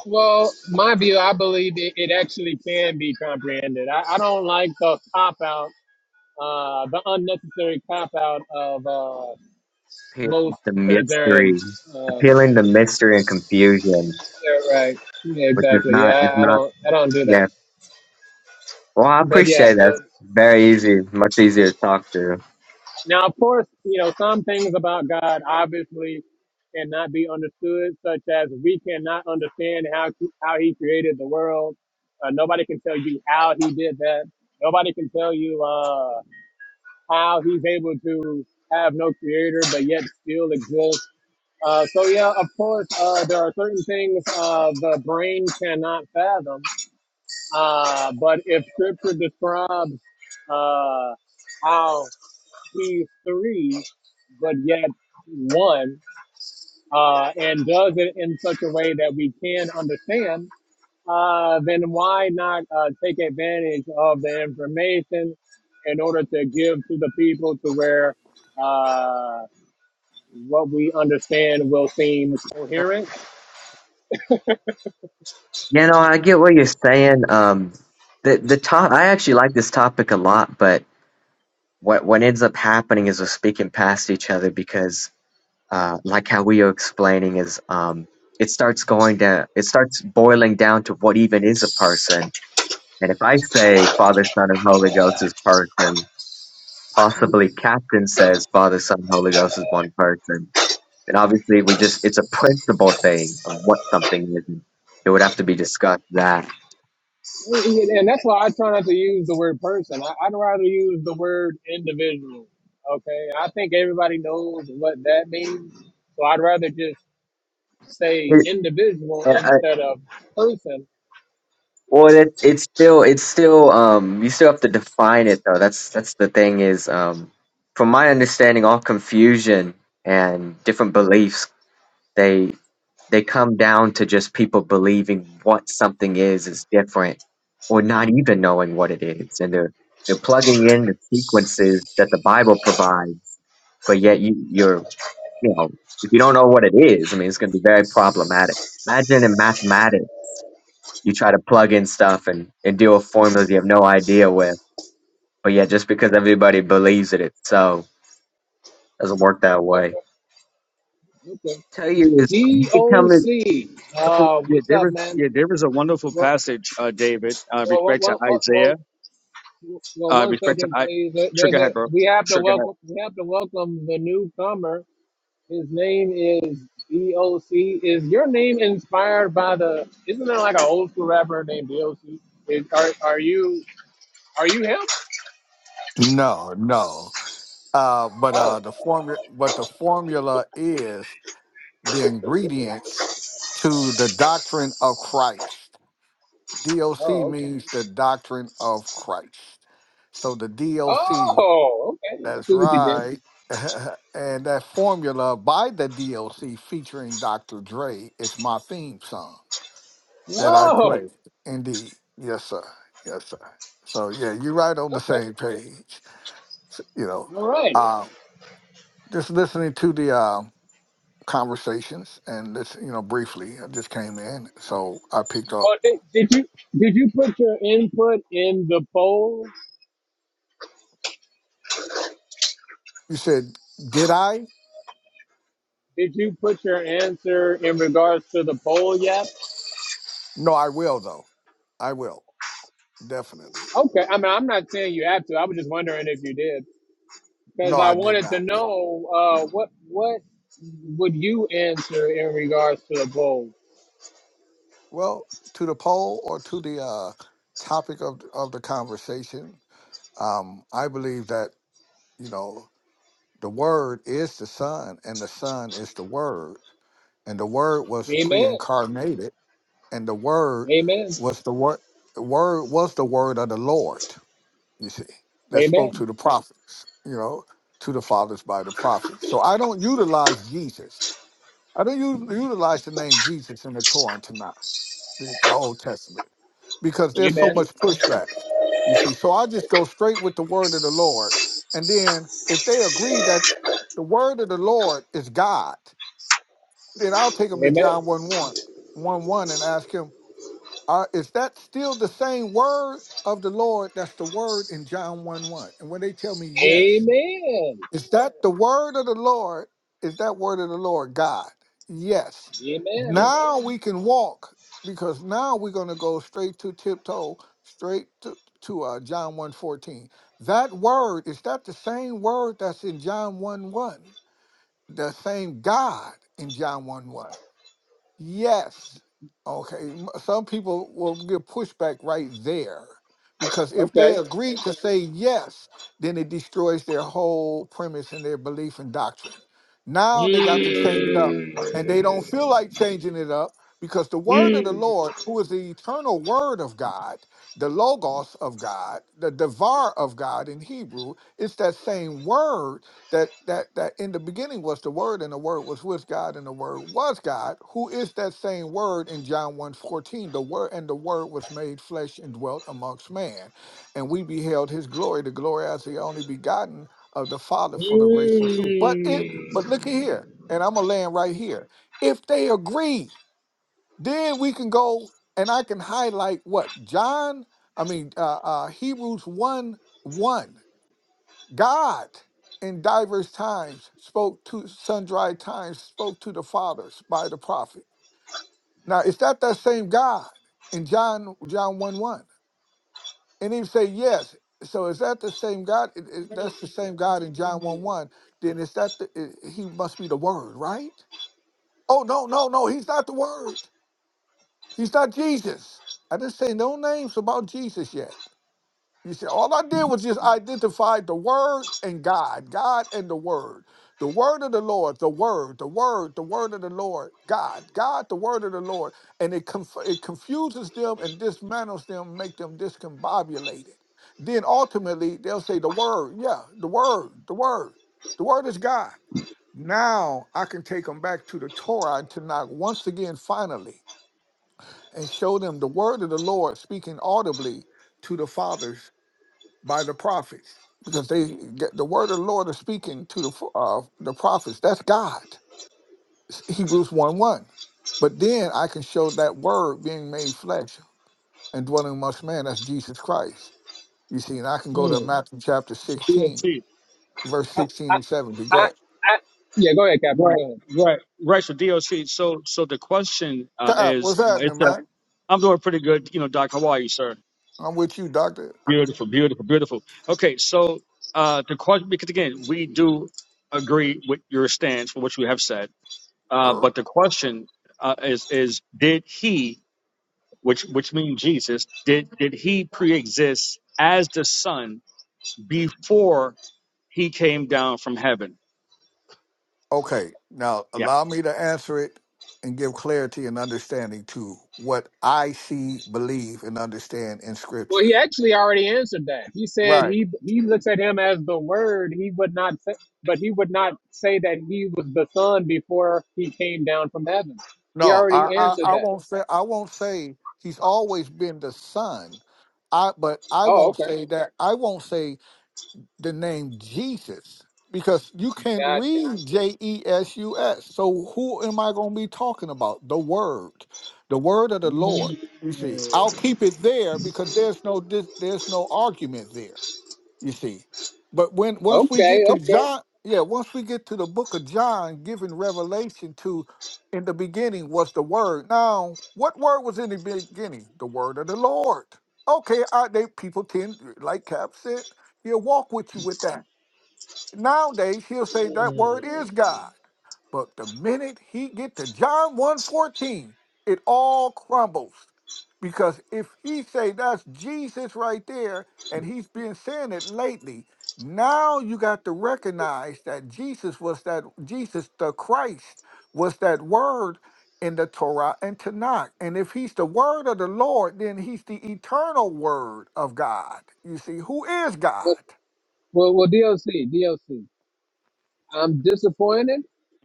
S1: Well, my view, I believe it, it actually can be comprehended. I, I don't like the cop out uh, the unnecessary cop out of uh,
S6: Appealing
S1: most
S6: the mystery,
S1: Trinitarians. Um,
S6: appealing the mystery and confusion,
S1: yeah, right. Yeah,
S6: which is
S1: exactly.
S6: not
S1: Yeah,
S6: is
S1: I, I
S6: not
S1: don't. I don't do that.
S6: yes. Well, I
S1: But yeah.
S6: appreciate that. It's
S1: Um,
S6: very easy, much easier to talk to.
S1: now, of course, you know some things about God obviously cannot be understood, such as we cannot understand how how He created the world. Uh, nobody can tell you how He did that. Nobody can tell you uh, how He's able to have no creator but yet still exist Uh, so yeah, of course, uh, there are certain things uh, the brain cannot fathom. Uh, but if Scripture describes uh, how he's three, but yet one, uh, and does it in such a way that we can understand, uh, then why not uh, take advantage of the information in order to give to the people to where uh, what we understand will seem coherent?
S6: You know, I get what you're saying. Um, the the top I actually like this topic a lot, but what what ends up happening is we're speaking past each other because, uh, like how we are explaining is, um, it starts going down, it starts boiling down to what even is a person. And if I say Father, Son, and Holy Ghost is person, possibly Captain says Father, Son, and Holy Ghost is one person, then obviously we just it's a principle thing of what something is. and It would have to be discussed that.
S1: and that's why I try not to use the word person. I, I'd rather use the word individual. Okay, I think everybody knows what that means, so I'd rather just say
S6: It,
S1: individual instead of person.
S6: Well, it's it's still it's still um you still have to define it though. That's that's the thing is um from my understanding, all confusion and different beliefs they they come down to just people believing what something is is different or not even knowing what it is, and they're they're plugging in the sequences that the Bible provides, but yet you you're you know if you don't know what it is, I mean it's going to be very problematic. Imagine in mathematics you try to plug in stuff and, and deal with formulas you have no idea with. But yeah, just because everybody believes it, it's so doesn't work that way.
S1: Okay, okay.
S6: Tell you is
S1: D
S6: you can tell
S1: O
S6: me
S1: C.
S2: Wonderful.
S1: Uh,
S2: Yeah,
S1: what's
S2: there
S1: up,
S2: is.
S1: man?
S2: Yeah, there is a wonderful
S1: Well,
S2: passage, uh, David, uh,
S1: well, well,
S2: respect to
S1: well, well,
S2: Isaiah,
S1: well, well,
S2: uh,
S1: one
S2: respect to
S1: second,
S2: I.
S1: please. There-
S2: Sure, head,
S1: There's a
S2: bro.
S1: we have to
S2: Sure, head.
S1: welcome we have to welcome the newcomer. His name is D.O.C. Is your name inspired by the? Isn't there like an old school rapper named D.O.C.? Is, are are you are you him?
S7: No, no. Uh, but
S1: Oh,
S7: uh, the formula, but the formula is the ingredients to the doctrine of Christ. DOC
S1: oh, okay.
S7: means the doctrine of Christ. So the DOC,
S1: Oh, okay. I
S7: that's
S1: see what you did.
S7: right, and that formula by the DOC featuring Dr. Dre is my theme song that I
S1: Oh,
S7: play. Indeed, yes, sir, yes, sir. So yeah, you're right on the
S1: okay.
S7: same page. S- You know.
S1: All right.
S7: Uh, just listening to the uh, conversations and this, you know, briefly, I just came in, so I picked up.
S1: Well, did, did you did you put your input in the poll?
S7: You said, "Did I?"
S1: Did you put your answer in regards to the poll yet?
S7: No, I will though. I will definitely.
S1: Okay. I mean, I'm not saying you have to. I was just wondering if you did.
S7: No,
S1: because I
S7: I did
S1: wanted to
S7: not.
S1: know uh, what what would you answer in regards to a bowl?
S7: Well, to the poll or to the uh, topic of of the conversation, um, I believe that you know the word is the Son, and the Son is the Word, and the Word was
S1: Amen.
S7: pre-incarnated and the word
S1: Amen.
S7: was the word the word was the word of the lord you see that spoke to
S1: Amen.
S7: the prophets you know to the fathers by the prophets so i don't utilize jesus i don't u- utilize the name jesus in the torah and Tanakh, the, the old testament because there's so much
S1: Amen.
S7: pushback you see so i just go straight with the word of the lord and then if they agree that the word of the lord is god then i'll take them to
S1: Amen.
S7: john one one one one and ask him are, is that still the same word of the Lord? That's the word in John 1 1. And when they tell me yes,
S1: Amen.
S7: is that the word of the Lord? Is that word of the Lord God? Yes.
S1: Amen.
S7: Now we can walk because now we're going to go straight to tiptoe, straight to, to uh, John one fourteen. That word, is that the same word that's in John 1 1? The same God in John 1 1. Yes. Okay. m- Some people will get pushback right there because if they
S1: Okay.
S7: agree to say yes, then it destroys their whole premise and their belief and doctrine. Now they got to change it up
S1: Mm.
S7: and they don't feel like changing it up because the word of the
S1: Mm.
S7: Lord, who is the eternal word of God, the logos of God, the devar of God in Hebrew, it's that same word that that that in the beginning was the word and the word was with God and the word was God, who is that same word in John one fourteen? the word and the word was made flesh and dwelt amongst man. And we beheld his glory, the glory as the only begotten of the Father full of grace and truth. But it
S1: Mm.
S7: but look at here, and I'm gonna land right here. If they agree, then we can go and I can highlight what John, I mean uh, uh Hebrews 1 1. God in diverse times spoke to sundry times, spoke to the fathers by the prophet. Now, is that that same God in John John 1 1? And he say, yes. So is that the same God? It- it- that's the same God in John 1 1. Then is that the, i- he must be the word, right? Oh, no, no, no. He's not the word. He's not Jesus. I didn't say no names about Jesus yet. You see, all I did was just identify the word and God, God and the word. The word of the Lord, the word, the word, the word of the Lord, God, God, the word of the Lord. And it, conf- it confuses them and dismantles them, make them discombobulated. Then ultimately they'll say, the word, yeah, the word, the word, the word is God. Now I can take them back to the Torah to knock once again, finally, and show them the word of the Lord speaking audibly to the fathers by the prophets because they get the word of the Lord is speaking to the uh, the prophets. That's God. It's Hebrews one one. But then I can show that word being made flesh and dwelling amongst man. That's Jesus Christ. You see, and I can go to
S1: Mm.
S7: Matthew chapter
S2: So
S7: sixteen,
S2: DOC.
S7: verse
S1: I,
S7: sixteen
S1: I,
S7: and seventeen.
S1: I,
S7: Go
S1: I,
S7: ahead.
S1: yeah, go ahead, Captain.
S2: Right,
S1: Go ahead.
S2: right, right. So DOC. So, so the question uh,
S7: God,
S2: is,
S7: what's
S2: uh,
S7: happening,
S2: it's a,
S7: man?
S2: I'm doing pretty good, you know, Doc. How are you, sir?
S7: I'm with you, Doctor.
S2: Beautiful, beautiful, beautiful. Okay, so uh, the question, because again, we do agree with your stance for what you have said, uh,
S7: Er.
S2: but the question uh, is, is did he? which which means Jesus, did did he pre-exist as the Son before he came down from heaven?
S7: Okay, now
S2: Yeah,
S7: allow me to answer it and give clarity and understanding to what I see, believe, and understand in
S1: Well, he
S7: Scripture.
S1: actually already answered that. He said
S7: Right.
S1: he he looks at him as the Word. He would not, say, but he would not say that he was the Son before he came down from heaven. He
S7: No, I,
S1: already
S7: I,
S1: answered
S7: I
S1: that.
S7: won't say I won't say he's always been the son. I but I
S1: Oh,
S7: won't
S1: okay,
S7: say that I won't say the name Jesus because you can't
S1: gotcha.
S7: read J E S U S. So who am I gonna be talking about? The word. The word of the Lord. You see, I'll
S1: Mm.
S7: keep it there because there's no dis, there's no argument there you see. But when once we get
S1: Okay,
S7: to
S1: okay.
S7: John, yeah, once we get to the book of John, giving revelation to in the beginning was the word. Now, what word was in the beginning? The word of the Lord. Okay, I they people tend, like Cap said, he'll walk with you with that. Nowadays, he'll say that word is God. But the minute he get to John one fourteen, it all crumbles. Because if he say that's Jesus right there, and he's been saying it lately, now you got to recognize that Jesus was that Jesus the Christ was that word in the Torah and Tanakh. And if he's the word of the Lord, then he's the eternal word of God. You see, who is
S1: Uh,
S7: God?
S1: Well, well, DLC, DLC. I'm disappointed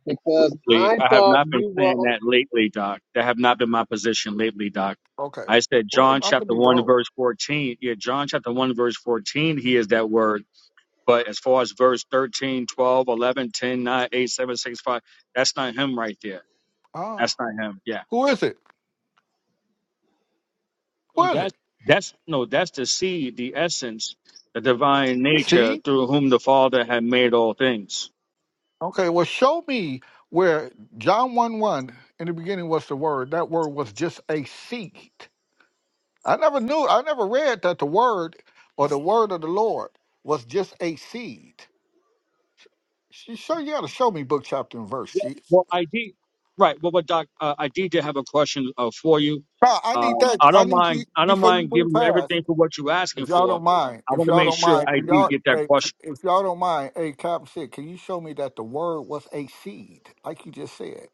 S1: because
S2: absolutely.
S1: I
S2: I have
S1: thought
S2: not been
S1: you
S2: saying
S1: were.
S2: that lately, Doc. That have not been my position lately, Doc.
S7: Okay.
S2: I said
S7: Well,
S2: John
S7: I could
S2: chapter
S7: be
S2: one
S7: wrong.
S2: verse fourteen. Yeah, John chapter one verse fourteen. He is that word. But as far as verse 13, 12, 11, 10, 9, 8, 7, 6, 5, that's not him right there.
S7: Ah,
S2: That's not him. Yeah.
S7: who is it? Who
S2: So
S7: is it?
S2: That's that's no, that's the seed, the essence, the divine nature
S7: See?
S2: through whom the Father had made all things.
S7: Okay. Well, show me where John 1 1 in the beginning was the word. That word was just a seed. I never knew, I never read that the word or the word of the Lord was just a seed. She sure you gotta show me book, chapter, and verse. She,
S2: Well, I did. Right. Well, but Doc, uh, I did have a question uh, for you.
S7: Nah, I need
S2: Um,
S7: that.
S2: I
S7: I
S2: don't
S7: need you
S2: mind. I don't
S7: before you
S2: mind
S7: move
S2: giving you
S7: past.
S2: everything for what you're asking
S7: If y'all
S2: for.
S7: don't mind,
S2: I
S7: if
S2: want to
S7: y'all
S2: make
S7: don't
S2: sure
S7: mind,
S2: I
S7: can
S2: did
S7: y'all,
S2: get that
S7: hey,
S2: question.
S7: if y'all don't mind, hey, Cap said, can you show me that the word was a seed, like you just said?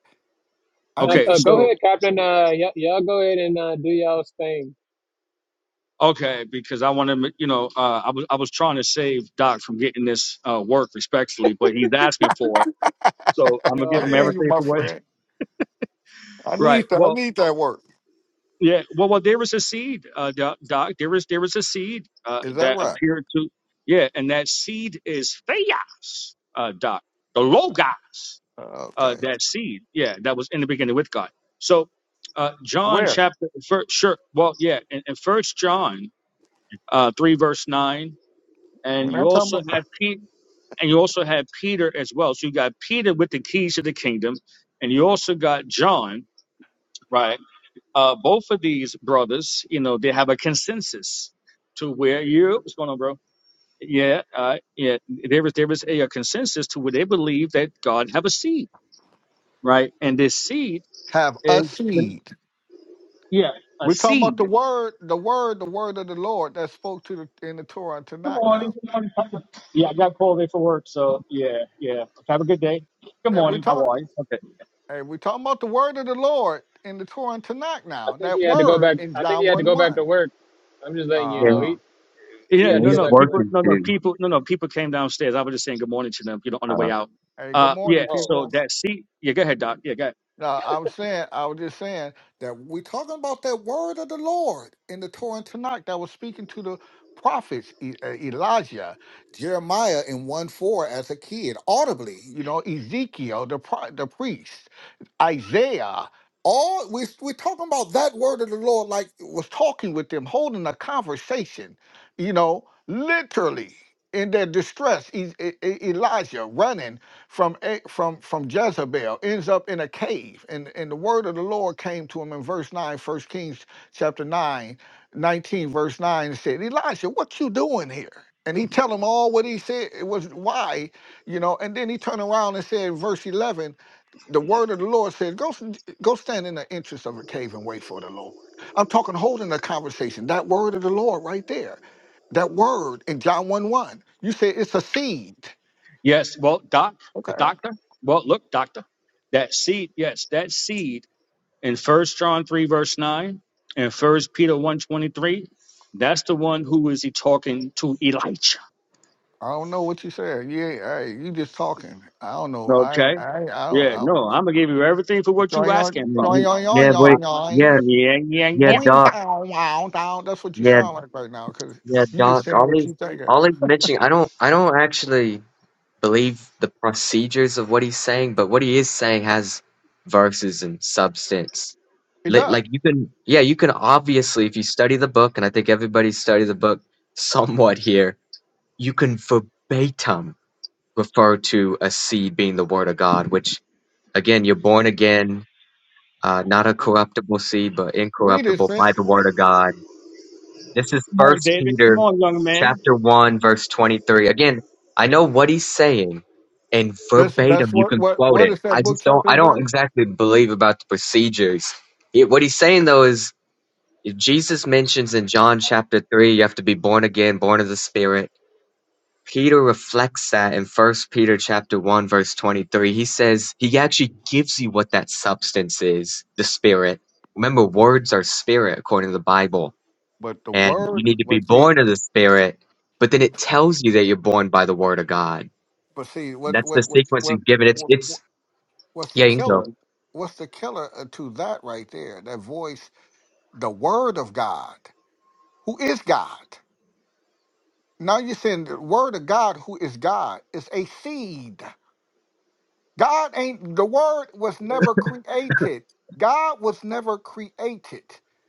S7: I
S1: Now,
S7: need
S2: Okay.
S7: to
S1: uh,
S7: see
S1: go
S2: So
S7: that.
S1: ahead, Captain. Uh, y- y'all go ahead and uh, do y'all's thing.
S2: okay, because I want to, you know, uh, I was I was trying to save Doc from getting this uh, work respectfully, but he's asking for it. So I'm gonna give
S1: Oh
S7: I
S2: him
S7: hear
S1: boy.
S7: you,
S2: everything
S7: my
S2: for what.
S7: friend. I
S2: Right.
S7: need that. I
S2: Well,
S7: need that word.
S2: Yeah, well, well, there was a seed, uh, doc. Doc. There was there was a seed uh,
S7: Is that
S2: that
S7: right?
S2: appeared to, yeah, and that seed is theos, uh, doc, the logos,
S7: Uh,
S2: uh,
S7: Okay.
S2: that seed, yeah, that was in the beginning with God. So, uh, John
S7: Where?
S2: chapter first, sure, well, yeah, in, in First John, uh, three verse nine,
S7: We're
S2: and you
S7: not talking
S2: also
S7: about
S2: have Pete, and you also have Peter as well. So you got Peter with the keys to the kingdom, and you also got John, right? Uh, both of these brothers, you know, they have a consensus to where you what's going on, bro? Yeah, uh, yeah. There is there is a, a consensus to where they believe that God have a seed, right? And this seed
S7: have
S2: is
S7: a seed.
S2: yeah, a
S7: We're talking about
S2: seed.
S7: the word, the word, the word of the Lord that spoke to the in the Torah and
S2: Good
S7: Tanakh.
S2: morning.
S7: Now,
S2: Good morning. Yeah, I got called in for work, so yeah, yeah. Have a good day. Good
S7: yeah, we
S2: morning. How
S7: talk.
S2: are you? Okay.
S7: Hey, we're talking about the word of the Lord in the Torah and Tanakh.
S1: I
S7: Now,
S1: think
S7: that
S1: he had to go
S7: word
S1: back.
S7: in
S1: I think
S7: John
S1: he had to
S7: one
S1: go back to
S7: one.
S1: work. I'm just letting you
S6: yeah,
S1: know
S7: Uh,
S1: he he
S2: Yeah,
S6: yeah
S1: had to
S2: no,
S6: he's
S1: go
S2: no,
S1: back to
S2: people,
S1: work.
S6: working
S2: no, no,
S6: too.
S2: people, no, no, people came downstairs. I was just saying good morning to them, you know, on the way
S6: Uh
S2: out.
S7: Hey, good
S2: Uh, yeah,
S7: morning,
S1: Oh,
S2: so
S7: people.
S2: that seed, yeah, go ahead, Doc. Yeah, go ahead.
S7: Now, I'm saying, I was just saying that we're talking about that word of the Lord in the Torah and Tanakh that was speaking to the prophets, E- uh, Elijah, Jeremiah in 1 4 as a kid, audibly, you know, Ezekiel, the, pro- the priest, Isaiah. All we, we're talking about that word of the Lord, like it was talking with them, holding a conversation, you know, literally in their distress. E- E- E- Elijah running from A- from from Jezebel ends up in a cave and and the word of the Lord came to him in verse 9, First Kings chapter 9, 19 verse 9 and said Elisha what you doing here and he tell him all what he said it was why you know and then he turned around and said verse 11 the word of the Lord said go s- go stand in the entrance of a cave and wait for the Lord I'm talking holding a conversation that word of the Lord right there that word in John 1 1 you say it's a seed
S2: Yes, well, doc, the doctor. Well, look, doctor, that seed. Yes, that seed in First John three verse nine and First Peter one twenty three. That's the one who is he talking to Elijah.
S7: I don't know what you said. Yeah, hey, you just talking. I don't know. I
S2: Okay.
S7: I I don't.
S2: Yeah.
S7: I don't.
S2: No, I'm gonna give you everything for what you asking
S6: yeah,
S2: for.
S7: Yoing,
S6: you-
S7: yoing,
S6: yeah
S2: I-
S6: wait
S7: yoing, yoing,
S6: yeah
S7: yoing.
S2: yeah, yeah,
S6: yeah
S2: yeah.
S7: Yoing,
S6: doc
S7: down, down, down. That's what you
S6: yeah
S7: sound like right now, because
S6: yeah
S7: you just
S6: doc
S7: saying
S6: all
S7: what
S6: these
S7: you thinking.
S6: all these mentioning I don't I don't actually believe the procedures of what he's saying, but what he is saying has verses and substance.
S7: It
S6: Li-
S7: does.
S6: Like you can, yeah, you can obviously, if you study the book, and I think everybody studies the book somewhat here, you can verbatim refer to a seed being the word of God, which again, you're born again, uh, not a corruptible seed, but
S7: Read it,
S6: incorruptible
S7: Sin.
S6: by the word of God this is
S2: Come on,
S6: First
S2: David. Come
S6: Peter
S2: on, young man.
S6: chapter one verse twenty three. Again, I know what he's saying, and
S7: That's
S6: verbatim
S7: that's
S6: you
S7: what
S6: can
S7: what
S6: quote
S7: what
S6: it.
S7: is
S6: I
S7: that book
S6: just don't.
S7: chapter
S6: I
S7: and
S6: don't
S7: verse?
S6: exactly believe about the procedures. It, what he's saying though is, if Jesus mentions in John chapter three, you have to be born again, born of the Spirit. Peter reflects that in First Peter chapter one verse twenty three. He says he actually gives you what that substance is, the Spirit. Remember, words are spirit according to the Bible
S7: But the
S6: and you
S7: word,
S6: need to be
S7: but see,
S6: born of the Spirit. But then it tells you that you're born by the Word of God.
S7: but see, what
S6: that's the
S7: what what
S6: sequence
S7: what,
S6: he's given. It's
S7: what
S6: it's
S7: what's the
S6: yeah, you can go.
S7: killer? What's the killer uh, to that right there? That voice, the word of God, who is God. Now you're saying the word of God, who is God, is a seed. God ain't the word was never created. God was never created.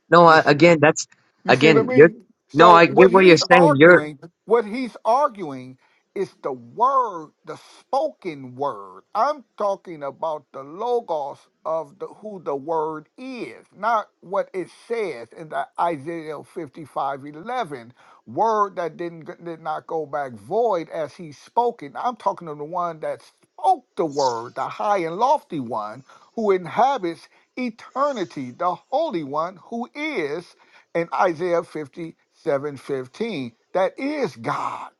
S6: No,
S7: You
S6: I,
S7: see.
S6: again, that's
S7: You see what I
S6: again. You're
S7: mean?
S6: no,
S7: So
S6: I get
S7: what
S6: what you're
S7: he's
S6: saying. You're
S7: arguing, what he's arguing is the word, the spoken word. I'm talking about the logos of the who the word is, not what it says in the Isaiah 55 11 word that didn't did not go back void as he spoken. I'm talking to the one that spoke the word, the high and lofty one, who inhabits eternity, the holy one who is in Isaiah 57 That is God.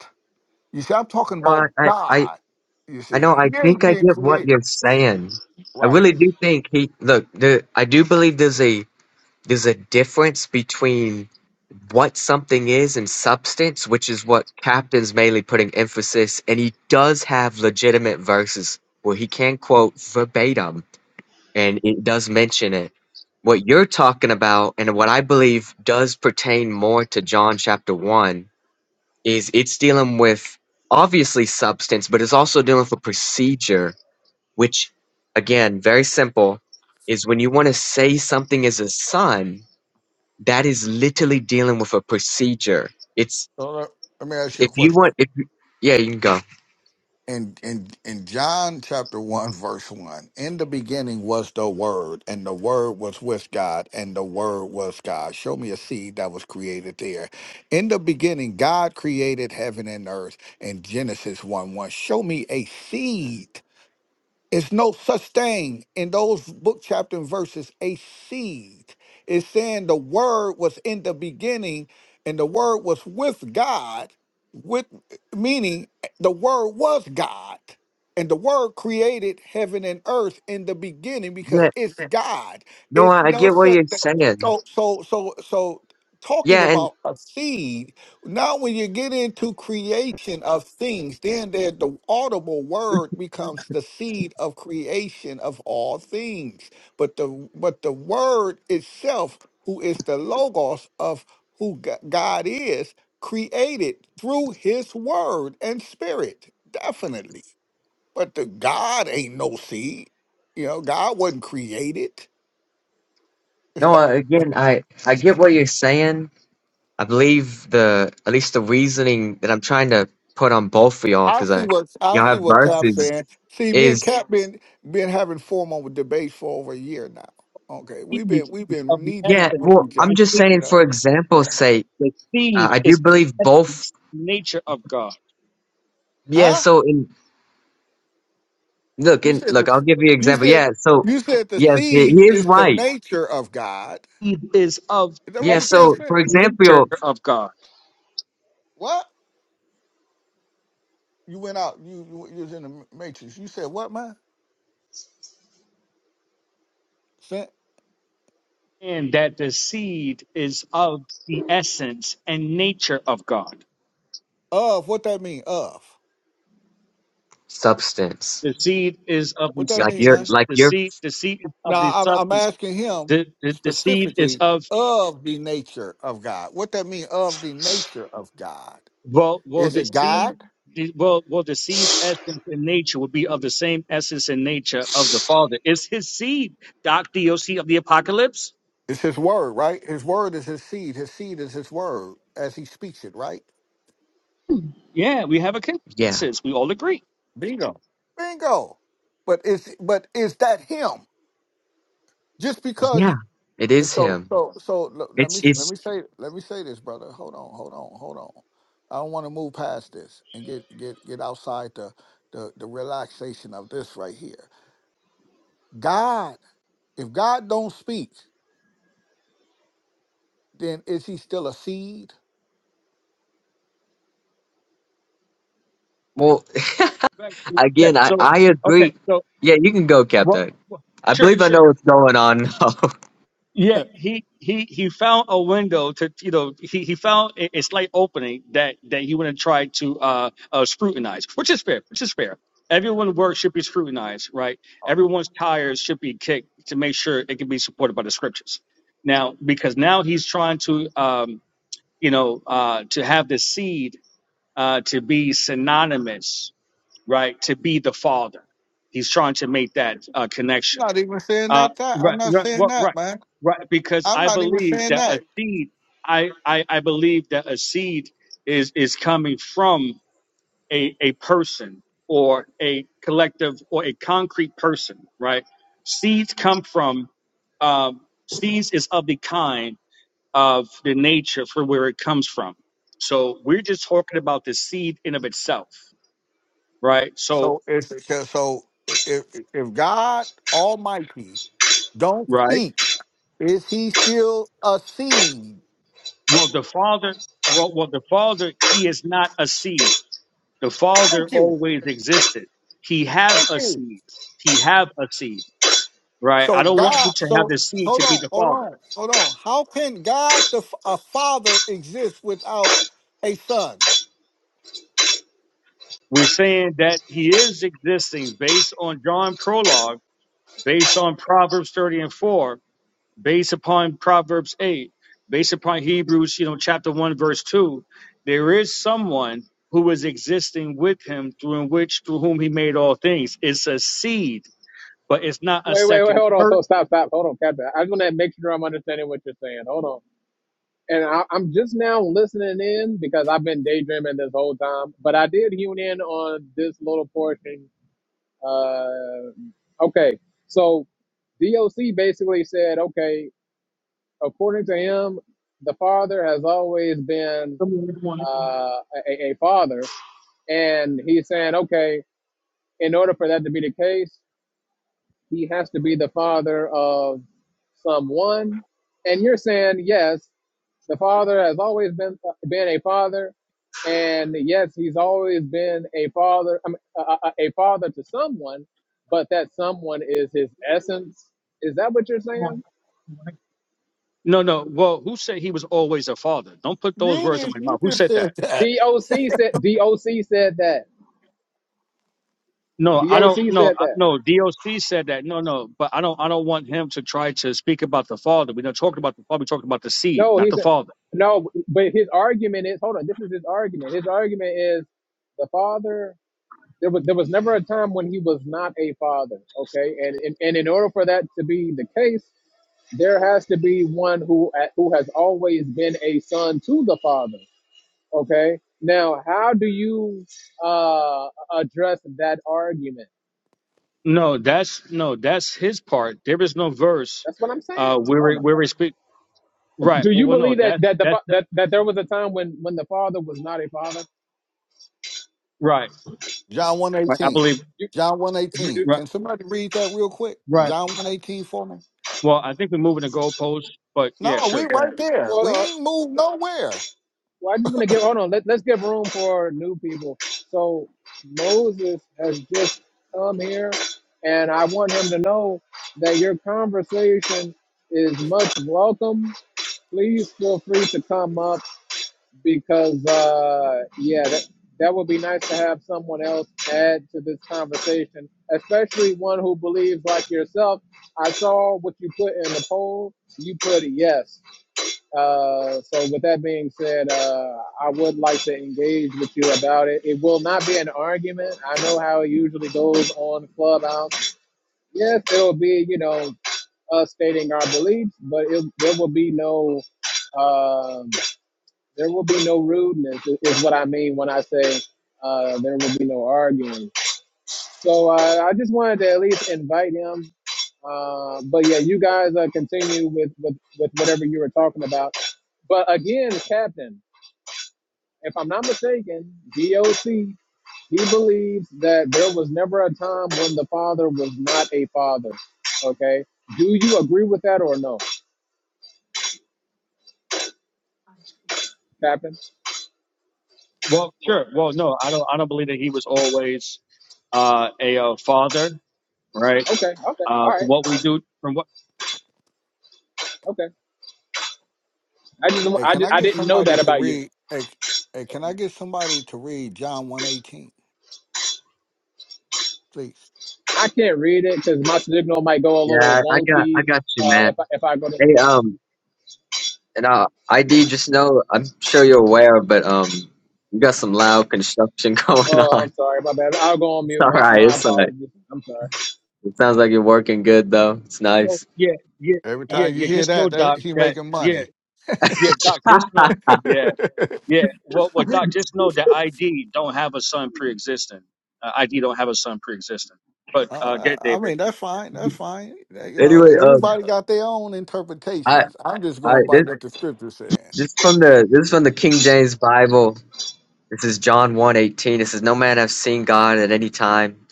S7: You see, I'm talking
S6: no, I
S7: about
S6: I I
S7: God. You
S6: I know.
S7: see, he
S6: I
S7: ain't
S6: think I
S7: being
S6: get what
S7: created.
S6: you're saying. I
S7: Right.
S6: really do think he look. There, I do believe there's a There's a difference between what something is and substance, which is what Captain's mainly putting emphasis, and he does have legitimate verses where he can quote verbatim, and it does mention it. What you're talking about, and what I believe does pertain more to John chapter 1, is it's dealing with obviously substance, but it's also dealing with a procedure, which, again, very simple, is when you want to say something is a son that is literally dealing with a procedure. It's
S7: So let, let me ask you
S6: if
S7: a
S6: you
S7: question.
S6: want if you- yeah, you can go.
S7: In in in John chapter one verse one, in the beginning was the Word, and the Word was with God, and the Word was God. Show me a seed that was created there. In the beginning, God created heaven and earth. In Genesis one one, show me a seed It's no such thing in those book, chapter, and verses, a seed. It's saying the word was in the beginning and the word was with God, with meaning the word was God. And the word created heaven and earth in the beginning because
S6: Yeah,
S7: it's Yeah. God.
S6: no,
S7: It's
S6: I, I
S7: no
S6: get what
S7: such
S6: you're
S7: thing.
S6: saying.
S7: So so so so talking
S6: Yeah, and
S7: about a seed now, when you get into creation of things, then there, the audible word becomes the seed of creation of all things. But the but the word itself, who is the logos of who G- God is, created through His word and spirit, definitely. But the God ain't no seed. You know, God wasn't created.
S6: no, I- again, I I get what you're saying. I believe the at least the reasoning that I'm trying to put on both of y'all
S7: I
S6: because
S7: see
S6: I
S7: what I
S6: y'all
S7: see
S6: have
S7: what Cap's
S6: verses
S7: saying. See, me and
S6: is
S7: Cap been been having formal debates for over a year now. Okay, we've been
S2: Seed
S7: we've
S2: is of
S7: been
S2: the
S7: knee deep
S6: yeah.
S2: essence,
S7: with
S6: Well,
S7: each other.
S6: I'm
S2: and
S6: just
S2: it,
S7: You
S6: saying for
S7: know,
S6: example's sake,
S2: the
S6: uh,
S2: seed
S6: I do
S2: is
S6: believe
S2: the
S6: both.
S2: essence, nature of God.
S6: Yeah,
S7: huh?
S6: so in look
S7: You
S6: in
S7: said
S6: look,
S7: the
S6: I'll give you an
S7: you
S6: example.
S7: said
S6: Yeah, so
S7: you said the
S6: yes, he he
S7: seed
S6: is
S7: is the
S6: right.
S7: nature of God.
S2: Seed is of
S7: Is that what
S6: Yeah,
S7: you
S2: essence,
S7: said?
S6: so
S7: Sin?
S6: for example.
S2: nature of God.
S7: What you went out? You, you you was in the matrix. You said what, man? Sin?
S2: And that the seed is of the essence and nature of God.
S7: Of what that mean? Of
S6: substance.
S2: The seed is of
S7: what
S2: the
S7: that
S6: Like
S7: mean,
S6: you're,
S7: man?
S2: substance.
S6: like
S2: The
S6: you're,
S2: seed, the seed is of
S7: Now
S2: the
S7: I'm I'm
S2: substance.
S7: asking him
S2: The, the, the seed is
S7: specifically
S2: of
S7: of the nature of God. What that mean of the nature of God?
S2: well, well,
S7: Is
S2: the
S7: it
S2: seed,
S7: God?
S2: the, well, well, the seed's essence and nature would be of the same essence and nature of the Father. It's His seed, Doc DOC of the Apocalypse.
S7: It's his word, right? His word is his seed. His seed is his word as he speaks it, right?
S2: Yeah, we have a
S6: yeah,
S2: consensus. We all agree.
S7: Bingo. Bingo. But is but is that him? Just
S6: yeah,
S7: because
S6: it is
S7: so
S6: him.
S7: so so l- let me
S6: It's,
S7: let
S6: it's,
S7: me say let me say this, brother. Hold on, hold on, hold on. I don't want to move past this and get get get outside the the, the relaxation of this right here God, if God don't speak, then is he still a seed?
S6: well,
S2: Right. Okay.
S6: again, I,
S2: So,
S6: I
S2: okay.
S6: agree.
S2: So,
S6: Yeah, you can go, Captain.
S2: well, well,
S6: I
S2: sure,
S6: believe I know
S2: sure.
S6: what's going on now.
S2: Yeah,
S7: I'm
S2: he he he found a window to you know he he found a, a slight opening that that he wanted to try to uh, uh scrutinize, which is fair, which is fair. Everyone's work should be scrutinized, right? Everyone's tires should be kicked to make sure it can be supported by the scriptures. Now, because now he's trying to um you know uh to have the seed uh to be synonymous, right? To be the father, he's trying to make that uh, connection
S7: not even saying
S2: uh,
S7: that, that. I'm
S2: right,
S7: not
S2: right,
S7: saying
S2: what-
S7: that,
S2: right,
S7: man.
S2: right. Because
S7: I'm
S2: I
S7: not even
S2: believe
S7: saying
S2: that a
S7: that.
S2: seed, I, I, I believe that a seed is is coming from a a person or a collective or a concrete person, right? Seeds come from, um, seeds is of the kind of the nature for where it comes from. So we're just talking about the seed in of itself, right? So,
S7: So it's because so if if God Almighty don't
S2: right.
S7: speak, is he still a seed?
S2: Well, the father, well, well, the father, he is not a seed The Father
S7: Thank you.
S2: always existed. He have
S7: Thank
S2: a
S7: you.
S2: seed. He have a seed, right?
S7: So
S2: I don't want
S7: God,
S2: you to have
S7: so
S2: the seed
S7: hold
S2: to be
S7: on,
S2: the
S7: hold
S2: Father.
S7: on, hold on. How can God the f- a father exist without a son?
S2: We're saying that He is existing based on John prologue, based on Proverbs 30 and 4, based upon Proverbs 8, based upon Hebrews, you know, chapter 1, verse 2. There is someone who is existing with Him through in which, through whom He made all things. It's a seed, but it's not a
S1: wait, wait, wait.
S2: second
S1: Hold on. So
S2: person.
S1: stop, stop. Hold on, Captain. I just want to make sure I'm understanding what you're saying. Hold on. And I, I'm just now listening in because I've been daydreaming this whole time. But I did hone in on this little portion. Uh, okay. So DOC basically said, okay, according to him, the father has always been uh, a, a a father, and he's saying, okay. In order for that to be the case, he has to be the father of someone. And you're saying, yes, the father has always been been a father, and yes, he's always been a father, I mean, a, a a father to someone, but that someone is his essence. Is that what you're saying?
S2: No, no. Well, who said he was always a father? Don't put those
S7: You
S2: words in
S7: just
S2: my mouth.
S7: you
S2: Who
S7: just
S2: said
S7: said
S2: that?
S7: that.
S1: DOC said DOC said that.
S2: No, I
S1: DOC
S2: don't. No,
S1: said
S2: I-
S1: that.
S2: no. DOC said that. No, no. But I don't. I don't want him to try to speak about the father. We're not talking about the father. We're talking about the seed,
S1: No,
S2: not
S1: he
S2: the
S1: said
S2: father.
S1: no, but his argument is hold on, this is his argument. His argument is the father There was there was never a time when he was not a father. Okay, and and, and in order for that to be the case, there has to be one who uh, who has always been a son to the father. Okay, now how do you uh, address that argument?
S2: No, that's no. That's his part. There is no verse
S1: That's what I'm saying.
S2: uh, where
S1: Oh
S2: we,
S1: my
S2: where we
S1: God.
S2: speak. Right.
S1: Do
S2: Well,
S1: you
S2: well, no.
S1: believe that
S2: That's
S1: that the
S2: that's
S1: fa-
S2: the,
S1: that, that there was a time when when the father was not a father?
S2: right.
S7: John
S2: Right. I
S7: 118.
S2: believe.
S1: You
S7: John
S1: you do.
S7: 118.
S2: Right.
S7: Can somebody read that real quick?
S2: Right.
S7: John 118 for me?
S2: Well, I think we're moving the goalposts. But yeah,
S7: No,
S2: sure.
S7: we
S2: Go ahead.
S7: right there. We
S1: Hold on.
S7: ain't moved nowhere.
S1: Well, I just want to give. Hold on. Let, let's give room for new people. So Moses has just come here, and I want him to know that your conversation is much welcome. Please feel free to come up because, uh, yeah, that, that would be nice to have someone else add to this conversation, especially one who believes like yourself. I saw what you put in the poll. You put a yes. Uh, so with that being said, uh, I would like to engage with you about it. It will not be an argument. I know how it usually goes on Clubhouse. Yes, it'll be, you know, us stating our beliefs, but it, there will be no, um, there will be no rudeness. Is what I mean when I say uh, there will be no arguing. So uh, I just wanted to at least invite him. Uh, but yeah, you guys uh, continue with, with, with whatever you were talking about. But again, Captain, if I'm not mistaken, DOC, he believes that there was never a time when the father was not a father. Okay. Do you agree with that or no, Captain?
S2: Well, sure. Well, no, I don't. I don't believe that he was always uh, a uh, father, right?
S1: Okay. Okay.
S2: Uh,
S1: All
S2: from
S1: right.
S2: what
S1: All
S2: we
S1: right.
S2: do, from what,
S1: Okay. I just,
S7: Hey,
S1: I
S7: can I
S1: just, I
S7: get
S1: didn't know
S7: somebody
S1: that
S7: to
S1: about you.
S7: read hey, hey can I get somebody to read John 118, please?
S1: I can't read it because my signal might go a little
S6: yeah, I got, I
S1: wonky
S6: got you,
S1: uh,
S6: man.
S1: if I, if I go to.
S6: Hey, um, and uh, ID, just know, I'm sure you're aware, but, um, you got some loud construction going
S1: Oh,
S6: on.
S1: I'm sorry, my bad. I'll go on
S6: It's
S1: mute.
S6: all
S1: My
S6: right.
S1: my
S6: It's all right.
S1: apologies. I'm sorry.
S6: It sounds like you're working good, though. It's
S2: no,
S6: nice.
S2: yeah, yeah,
S7: Every
S2: yeah,
S7: time you
S2: yeah.
S7: hear
S2: Just know,
S7: that, that
S2: Doc,
S7: he
S2: that
S7: making
S2: yeah,
S7: money.
S2: yeah, Doc. Just know, yeah, yeah. Well, well, Doc. Just know that ID don't have a son pre-existing. Uh, ID don't have a son pre-existing. But
S7: Oh,
S2: uh,
S7: I
S2: get
S7: I
S2: David
S7: mean that's fine. That's fine. You know,
S6: anyway, um,
S7: everybody got their own
S6: I,
S7: interpretations. I'm just
S6: I,
S7: going
S6: this.
S7: by what the scripture's saying.
S6: This is from the this is from the King James Bible. This is John one eighteen. It says, "No man hath seen God at any time.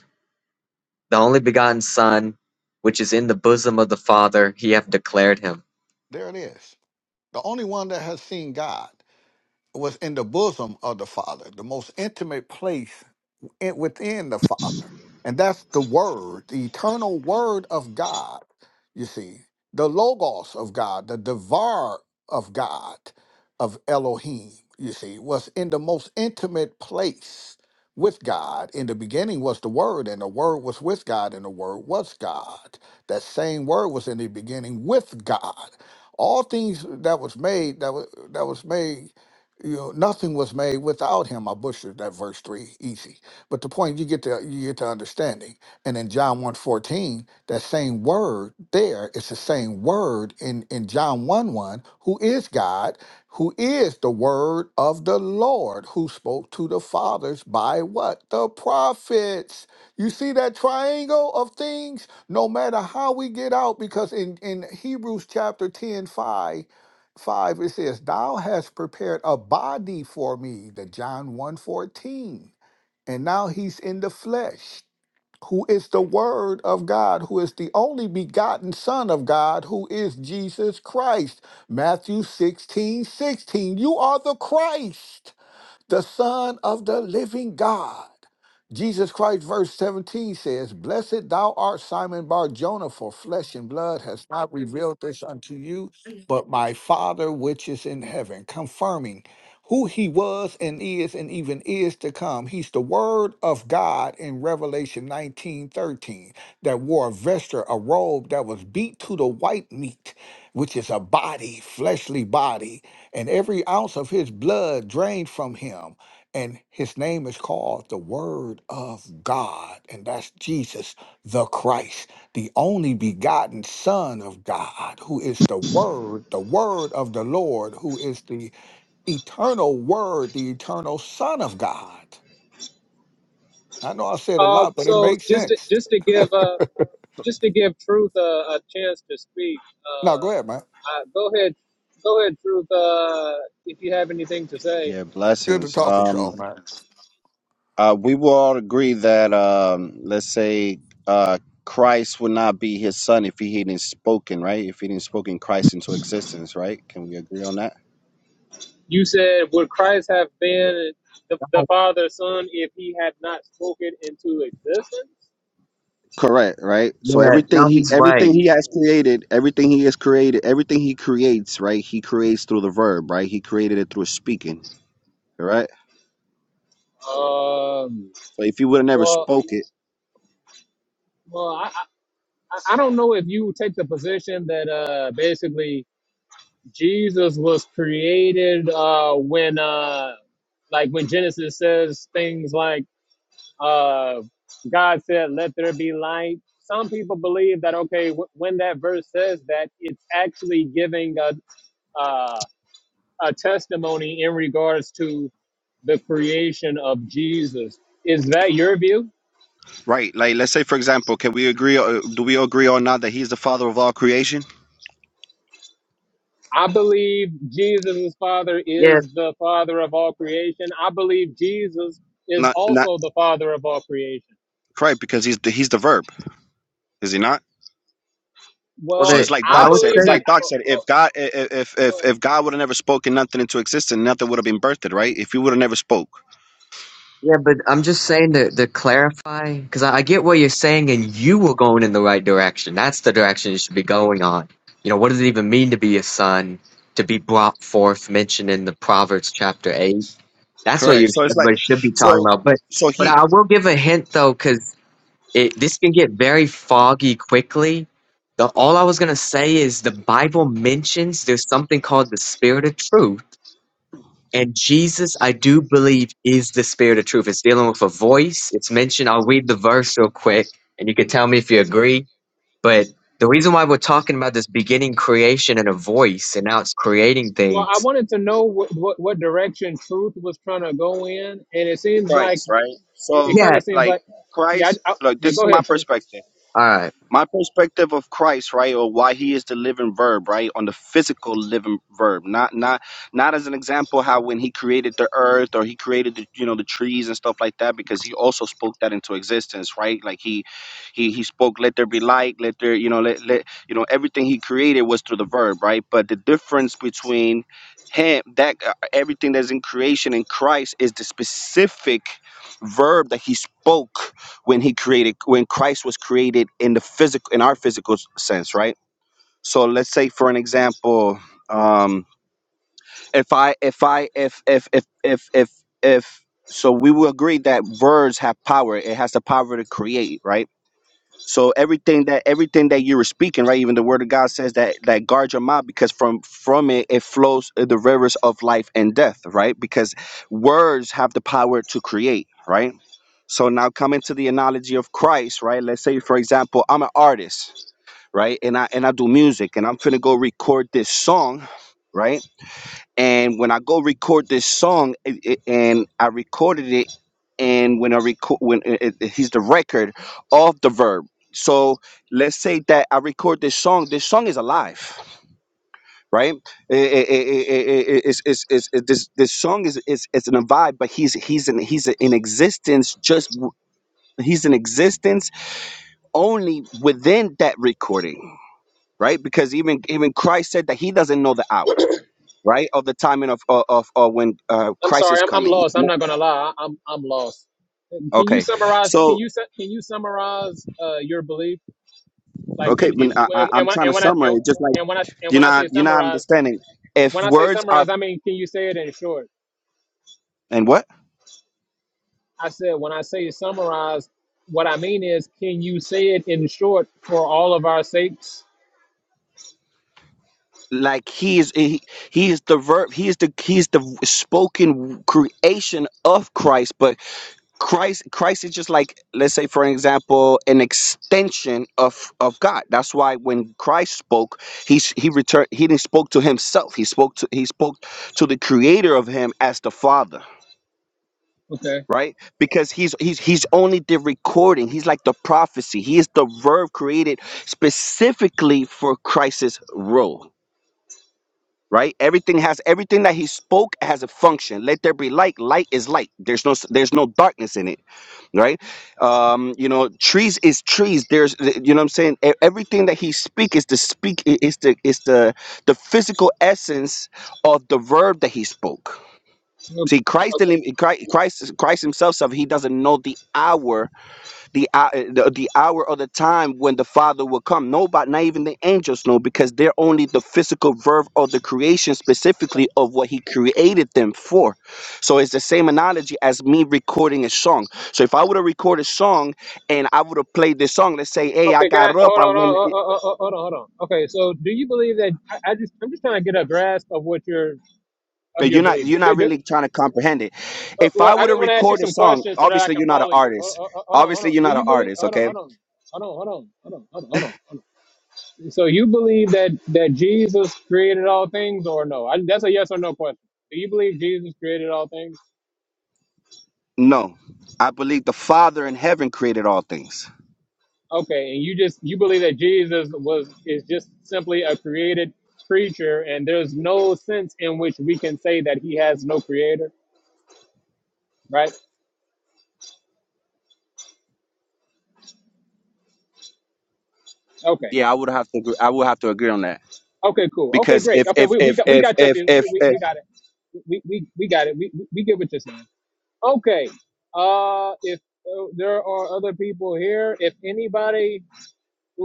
S6: The only begotten Son, which is in the bosom of the Father, he hath declared him."
S7: There it is. The only one that has seen God. was in the bosom of the Father, the most intimate place in, within the Father. And that's the Word, the eternal Word of God, you see, the Logos of God, the Devar of God, of Elohim, you see, was in the most intimate place with God. In the beginning was the Word, and the Word was with God, and the Word was God. That same Word was in the beginning with God. All things that was made, that was, that was made you know, nothing was made without him. I butchered that verse three easy. But the point you get to you get to understanding. And in John one fourteen, that same word there, it's the same word in, in John 1 1, who is God, who is the word of the Lord, who spoke to the fathers by what? The prophets. You see that triangle of things? No matter how we get out, because in, in Hebrews chapter 10 5, five, it says thou hast prepared a body for me the john one 14. And now he's in the flesh, who is the Word of God, who is the only begotten Son of God, who is Jesus Christ. Matthew 16 16. You are the Christ, the Son of the living God. Jesus Christ, verse 17 says, Blessed thou art Simon Bar Jonah, for flesh and blood has not revealed this unto you, but my Father which is in heaven, confirming who he was and is and even is to come. He's the word of God in Revelation 19 13 that wore a vesture, a robe that was beat to the white meat, which is a body, fleshly body, and every ounce of his blood drained from him. And his name is called the Word of God, and that's Jesus the Christ the only begotten Son of God, who is the Word, the Word of the Lord, who is the eternal Word, the eternal Son of God. I know I said a
S1: Uh,
S7: lot, but it
S1: so
S7: makes
S1: just to,
S7: sense.
S1: just to give uh just to give Truth a, a chance to speak.
S7: Now, go
S1: Uh,
S7: ahead, man.
S1: I, go ahead, go ahead, Truth. Uh, if you have anything to say,
S8: Yeah,
S7: It's good to
S8: blessings.
S7: talk with y'all,
S8: Um,
S7: man.
S8: uh, we will all agree that, um, let's say, uh, Christ would not be his son if he hadn't spoken, right? If he didn't spoken Christ into existence, right? Can we agree on that?
S1: you said, would Christ have been the, the
S6: Oh,
S1: Father's Son if he had not spoken into existence?
S8: Correct, right? So
S6: yeah,
S8: everything
S6: no,
S8: he
S6: he's
S8: everything
S6: right.
S8: he has created, everything he has created, everything he creates, right? He creates through the verb, right? He created it through speaking, correct?
S1: Um.
S8: So if he would have never
S1: Well,
S8: spoke it,
S1: well, I I, I I don't know if you take the position that uh basically Jesus was created uh, when, uh, like, when Genesis says things like, uh, God said, "Let there be light." Some people believe that okay, w- when that verse says that, it's actually giving a uh, a testimony in regards to the creation of Jesus. Is that your view?
S8: right? Like let's say for example, can we agree uh, do we agree or not that he's the father of all creation?
S1: I believe Jesus' Father
S6: Yeah,
S1: is the Father of all creation. I believe Jesus is
S8: Not,
S1: also the Father of all creation.
S8: Right, because he's the, he's the verb, is he not?
S6: well,
S8: So
S1: Well,
S6: the,
S8: it's like
S1: I
S6: I
S8: Doc
S6: would
S8: said.
S6: say,
S1: believe
S8: It's
S1: that.
S8: like
S1: uh,
S8: Doc said. If
S1: Well,
S8: God, if if
S1: well,
S8: if God would have never spoken nothing into existence, nothing would have been birthed, right? If he would have never spoke,
S6: yeah, but I'm just saying to, to clarify because I, I get what you're saying, and you were going in the right direction. That's the direction you should be going on. You know, what does it even mean to be a son? To be brought forth, mentioned in the Proverbs chapter eight That's what
S8: correct.
S6: you
S8: So it's like,
S6: everybody should be talking
S8: so
S6: about. But
S8: so
S6: but
S8: he
S6: I will give a hint though, because it this can get very foggy quickly. The all I was gonna say is the Bible mentions there's something called the Spirit of Truth, and Jesus, I do believe, is the Spirit of Truth. It's dealing with a voice. It's mentioned. I'll read the verse real quick, and you can tell me if you agree. But the reason why we're talking about this beginning creation and a voice, and now it's creating
S1: well, I
S6: things.
S1: wanted to know what, what, what direction truth was trying to go in, and it seems like
S8: Christ, right?
S1: it,
S8: So
S1: kind
S6: Yeah.
S1: of seems
S8: like
S1: like, yeah,
S8: Christ.
S1: I, I,
S8: Look,
S1: yeah.
S8: this is
S1: Go
S8: my
S1: ahead, truth.
S8: perspective.
S6: All right.
S8: my perspective of Christ, right, or why he is the living verb, right, on the physical living verb, not not not as an example how when he created the earth or he created the you know the trees and stuff like that, because he also spoke that into existence, right? Like he he he spoke, let there be light, let there you know let let you know everything he created was through the verb, right? But the difference between him that uh, everything that's in creation in Christ is the specific verb that he spoke when he created when Christ was created in the physical in our physical sense, right? So let's say for an example, um if I if I if if if if if if so we will agree that words have power. It has the power to create, right? So everything that everything that you were speaking, right? Even the word of God says that that guard your mouth because from from it it flows the rivers of life and death, right? Because words have the power to create, right? So now coming to the analogy of Christ, right? Let's say for example, I'm an artist, right? And I and I do music and I'm finna go record this song, right? And when I go record this song, it, it- and I recorded it, and when I record, when it, it- he's the record of the verb. So let's say that I record this song. This song is alive, right? I- I- I- I- I- I- it's, it's, it's, it- this this song is is it's an vibe, but he's he's in he's in existence. Just w- he's in existence only within that recording, right? Because even even Christ said that he doesn't know the hour right? Of the timing of of, of, of when uh,
S1: I'm
S8: Christ
S1: sorry,
S8: is
S1: I'm, I'm
S8: coming.
S1: lost. I'm not gonna lie, I- I'm I'm lost. Can you
S8: Okay,
S1: summarize? Can
S8: so
S1: you su- can you summarize uh, your belief? Like,
S8: okay,
S1: and
S8: when
S1: and,
S8: I, I,
S1: and
S8: I'm
S1: when
S8: trying
S1: and
S8: to
S1: when I and,
S8: summarize. Just like
S1: and when I and
S8: you're
S1: when I
S8: not
S1: say
S8: you're not
S1: summarize,
S8: understanding. If
S1: when I say
S8: words are
S1: summarize, I mean, can you say it in short?
S8: and what
S1: I said when I say summarize, what I mean is, can you say it in short for all of our sakes?
S8: like he is he, he is the verb he is the he is the spoken creation of Christ, but Christ Christ is just like let's say for an example an extension of of God. That's why when Christ spoke, he s- he returned he didn't spoke to himself. He spoke to he spoke to the creator of him as the Father,
S1: Okay.
S8: right? Because he's he's he's only the recording. He's like the prophecy. He is the verb created specifically for Christ's role. Right, everything has everything that he spoke has a function. Let there be light. Light is light. There's no s- there's no darkness in it right um you know trees is trees there's you know what i'm saying E- everything that he speak is the speak i- is the is the the physical essence of the verb that he spoke
S1: Okay.
S8: see christ didn't christ christ christ himself said he doesn't know the hour the hour, the, the hour or the time when the Father will come. Nobody, not even the angels know, because they're only the physical verb of the creation, specifically of what He created them for. So it's the same analogy as me recording a song. So if I would have recorded a song and I would have played this song, let's say, "Hey, I
S1: Okay. Can I
S8: got up,
S1: hold
S8: I
S1: on? Hold
S8: went,"
S1: on. Hold on. Hold on. hold on. Okay. So, do you believe that? I, I just I'm just trying to get a grasp of what your of
S8: but
S1: your
S8: you're not
S1: belief.
S8: you're not
S1: Do, do,
S8: really trying to comprehend it.
S1: uh,
S8: If
S1: well,
S8: I
S1: I
S8: would
S1: just
S8: have
S1: want to ask you
S8: recorded a
S1: some
S8: song,
S1: questions so that I
S8: obviously
S1: can
S8: you're not an
S1: follow you. Hold,
S8: artist.
S1: hold, hold on. Hold
S8: Obviously
S1: on.
S8: you're
S1: Do
S8: not an
S1: you believe?
S8: artist,
S1: Hold on.
S8: okay?
S1: Hold on. Hold on, hold on, hold on, hold on, hold on. hold on. So you believe that that Jesus created all things, or no? I, that's a yes or no question. Do you believe Jesus created all things?
S8: No. I believe the Father in heaven created all things.
S1: Okay, and you just you believe that Jesus was is just simply a created creature, and there's no sense in which we can say that he has no creator, right? Okay,
S8: Yeah, I would have to. Agree, I would have to agree on that
S1: okay, cool. Okay,
S8: because
S1: great.
S8: if
S1: Okay,
S8: if
S1: we, we
S8: if
S1: got we
S8: if
S1: got your
S8: if
S1: view.
S8: if,
S1: We,
S8: if
S1: we got it. We, we, we got it. We, we we get what you're saying. Okay. Uh, if uh, there are other people here, if anybody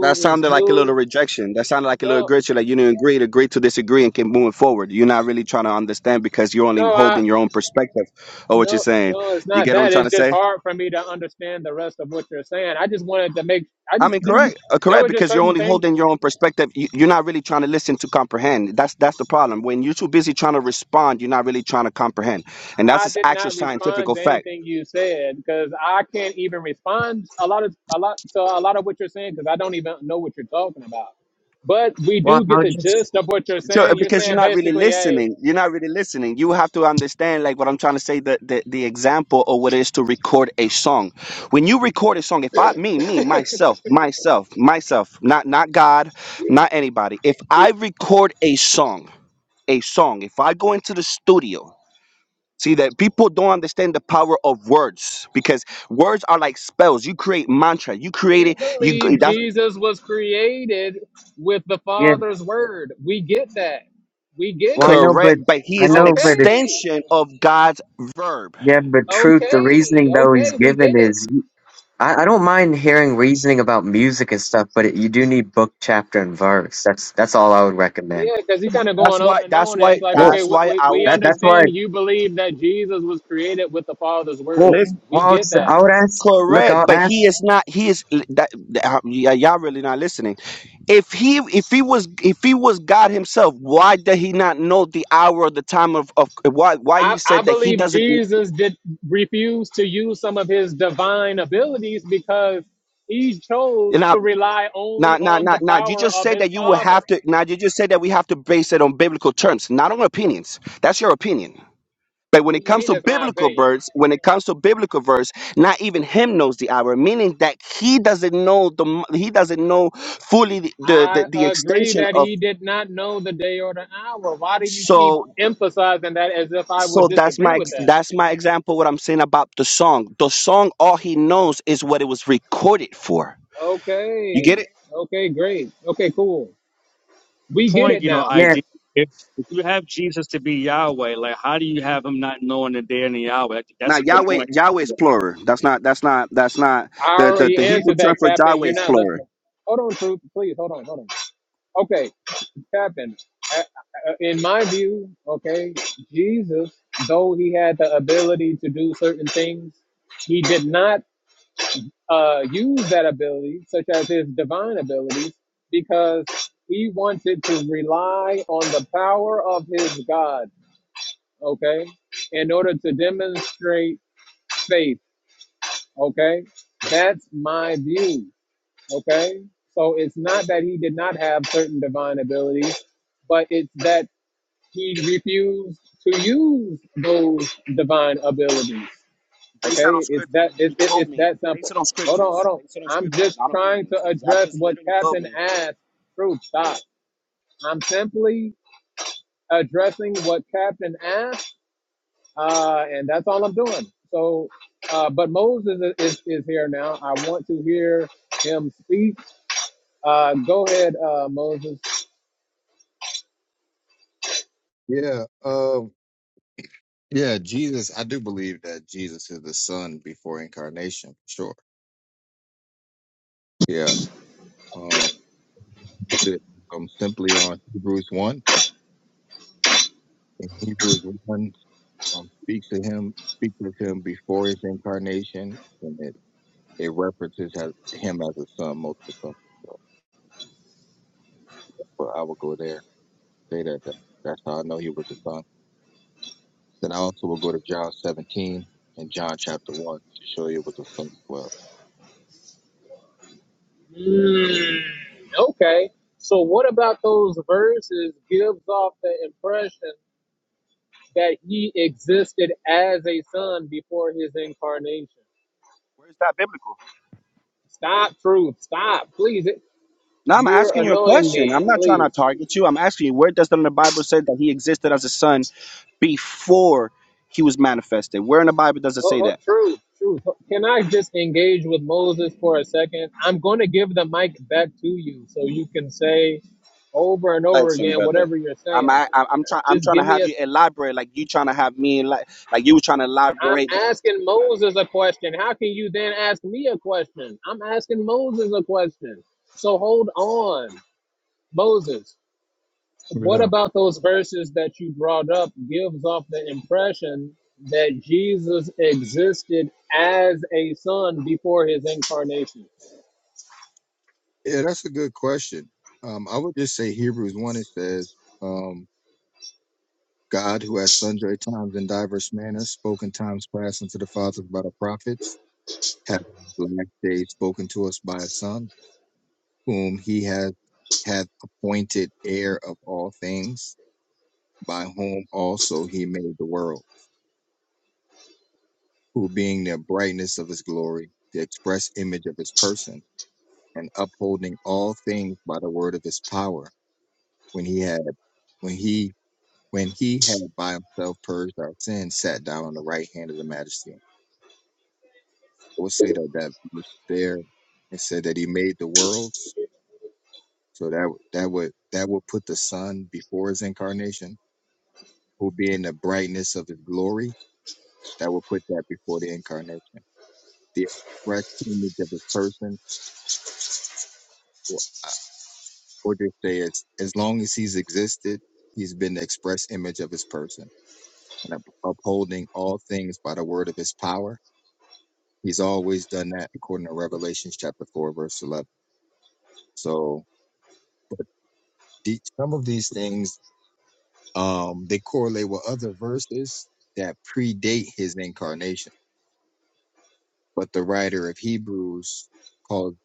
S8: that sounded
S1: is
S8: like a little
S1: new,
S8: rejection. That sounded like a little
S1: no,
S8: gritty. Like you didn't agree, to agree to disagree, and keep moving forward. You're not really trying to understand because you're
S1: no,
S8: only
S1: I.
S8: holding your own perspective of what you're
S1: No,
S8: saying.
S1: no, it's
S8: You
S1: not
S8: get what I'm
S1: that.
S8: trying
S1: It's
S8: to
S1: just
S8: say?
S1: hard for me to understand the rest of what you're saying. I just wanted to make. I
S8: I
S1: just
S8: mean,
S1: there,
S8: correct, uh,
S1: there
S8: correct,
S1: were just
S8: because you're
S1: certain
S8: only
S1: things
S8: holding your own perspective. You, you're not really trying to listen to comprehend. That's that's the problem. When you're too busy trying to respond, you're not really trying to comprehend, and that's
S1: I
S8: just
S1: did
S8: actual
S1: not
S8: scientific
S1: respond to
S8: fact.
S1: anything you said because I can't even respond a lot of a lot to a lot of what you're saying because I don't even know what you're talking about. But we
S6: Well,
S1: do get
S6: I'll
S1: the
S6: just
S1: gist of what you're
S8: So, uh,
S1: saying. You're
S8: because you're
S1: saying
S8: not really
S1: basically, hey,
S8: listening, you're not really listening. You have to understand, like what I'm trying to say, the the, the example of what it is to record a song. When you record a song, if I me me myself myself myself, not not God, not anybody. If I record a song, a song, if I go into the studio See that people don't understand the power of words because words are like spells. You create mantra. You create
S1: you
S8: it. You g-
S1: believe
S8: that's
S1: Jesus was created with the
S6: yeah.
S1: Father's word. We get that. We get
S6: Well, I
S1: it.
S6: know, but
S8: correct. But he
S6: I
S8: is an
S6: know, but it's
S1: Okay.
S8: extension of God's verb.
S6: yeah, but truth. The
S1: Okay,
S6: reasoning though he's
S1: okay, we
S6: given
S1: get it.
S6: is I, I don't mind hearing reasoning about music and stuff, but it, you do need book, chapter, and verse. That's that's all I would recommend.
S1: Yeah, because he's kind of
S8: That's
S1: going
S8: why.
S1: on and
S8: That's
S1: on, and
S8: why.
S1: it's like,
S6: Well,
S1: okay,
S8: That's
S1: we,
S8: why
S1: we,
S8: I
S1: we
S8: was
S6: that that's why.
S1: understand you believe that Jesus was created with the Father's word.
S6: Well,
S8: listen.
S1: We
S6: well,
S1: get
S6: it's, I
S1: that.
S6: would ask. Look,
S8: Correct.
S6: I'll
S8: But
S6: ask.
S8: he is not. He is that. that- uh, yeah, y'all really not listening. If he if he was if he was God himself, why did he not know the hour, or the time of of why why he
S1: I, I
S8: said that he
S1: believe
S8: doesn't?
S1: Jesus did refuse to use some of his divine abilities because he chose to rely
S8: Now,
S1: only
S8: now,
S1: on
S8: now,
S1: the
S8: now, you
S1: power
S8: just
S1: of
S8: said
S1: his
S8: that you will
S1: Father.
S8: have to. Now, you just said that we have to base it on biblical terms, not on opinions. That's your opinion. But when
S1: What
S8: it
S1: do you
S8: comes
S1: mean?
S8: to
S1: That's my
S8: biblical
S1: opinion.
S8: verse, when it comes to biblical verse, not even him knows the hour, meaning that he doesn't know the m- he doesn't know fully the the, the,
S1: I
S8: the
S1: agree
S8: extension
S1: that
S8: of.
S1: he did not know the day or the hour. Why do you keep
S8: So,
S1: emphasizing that as if I would
S8: so that's
S1: disagree
S8: my
S1: with
S8: ex-
S1: that?
S8: that's my example. What I'm saying about the song, the song, all he knows is what it was recorded for. You get it?
S1: Okay. Okay, great. Okay, cool. We get
S2: point.
S1: it
S2: You know,
S1: now.
S6: Yeah.
S2: ID. If, if you have Jesus to be Yahweh, like how do you have him not knowing the day and the hour? That's
S8: Now
S2: a good
S8: Yahweh
S2: point.
S8: Yahweh is
S2: Yeah.
S8: plural. That's not that's not that's not
S1: I
S8: the, the,
S1: already
S8: the Hebrew
S1: answered
S8: term
S1: that,
S8: for
S1: Captain.
S8: Yahweh
S1: You're
S8: is
S1: not
S8: plural.
S1: listening. Hold on, Truth. Please, hold on, hold on. Okay, Captain, uh, uh, in my view, okay, Jesus, though he had the ability to do certain things, he did not uh, use that ability, such as his divine abilities, because he wanted to rely on the power of his God, okay, in order to demonstrate faith. Okay, that's my view. Okay, so it's not that he did not have certain divine abilities, but it's that he refused to use those divine abilities.
S8: Based out on
S1: Okay, it's
S8: scripture,
S1: that it,
S8: you
S1: it,
S8: told
S1: it's
S8: me.
S1: that simple.
S8: Based it on
S1: Hold on,
S8: scriptures.
S1: hold on.
S8: Based it on
S1: I'm
S8: scriptures,
S1: just
S8: not
S1: trying to
S8: opinions. Because I
S1: address
S8: just
S1: what
S8: literally told
S1: Captain
S8: me.
S1: asked. Truth, stop. I'm simply addressing what Captain asked uh, and that's all I'm doing. So, uh, but Moses is, is, is here now. I want to hear him speak. Uh, go ahead, uh, Moses.
S9: Yeah, um, yeah, Jesus. I do believe that Jesus is the Son before incarnation, for sure. Yeah, um, it- um, simply on Hebrews one. In Hebrews one, um, speaks to him, speaks of him before his incarnation, and it it references as, him as a son multiple times. But I will go there, say that, that that's how I know he was a son. Then I also will go to John seventeen and John chapter one to show you it was a son as
S1: Mm, okay. So, what about those verses gives off the impression that he existed as a son before his incarnation?
S8: Where's that biblical?
S1: Stop, truth. Stop, please. It-
S8: Now I'm
S1: You're
S8: asking you a
S1: annoying me,
S8: question. I'm not trying to
S1: please.
S8: target you. I'm asking you where does it the Bible say that he existed as a son before he was manifested? Where in the Bible does it
S1: Oh,
S8: say
S1: oh,
S8: that?
S1: true, true. Can I just engage with Moses for a second? I'm going to give the mic back to you so you can say over and over
S8: Listen,
S1: again
S8: brother.
S1: whatever you're
S8: I'm
S1: saying.
S8: I, I'm trying I'm
S1: Just
S8: trying to
S1: give me
S8: have
S1: a.
S8: you elaborate like you trying to have me like like you trying to
S1: I'm
S8: elaborate.
S1: asking Moses a question. How can you then ask me a question? I'm asking Moses a question. So hold on, Moses. What
S9: well.
S1: about those verses that you brought up gives off the impression that Jesus existed as a son before his incarnation?
S9: Yeah, that's a good question. Um, I would just say Hebrews 1, it says, um, God, who at sundry times in diverse manners spoke in times past unto the fathers by the prophets, hath in the last days spoken to us by a Son, whom he hath, hath appointed heir of all things, by whom also he made the world, who being the brightness of his glory, the express image of his person, and upholding all things by the word of his power, when he had when he when he had by himself purged our sins, sat down on the right hand of the majesty. I would say that that verse there, it said that he made the worlds. So that would- that would that would put the sun before his incarnation, who being the brightness of his glory, that would put that before the incarnation. The express image of his person, or uh, I would just say as as long as he's existed, he's been the express image of his person, and up- upholding all things by the word of his power He's always done that according to Revelations chapter 4, verse 11. So the, some of these things, um, they correlate with other verses that predate his incarnation. But the writer of Hebrews called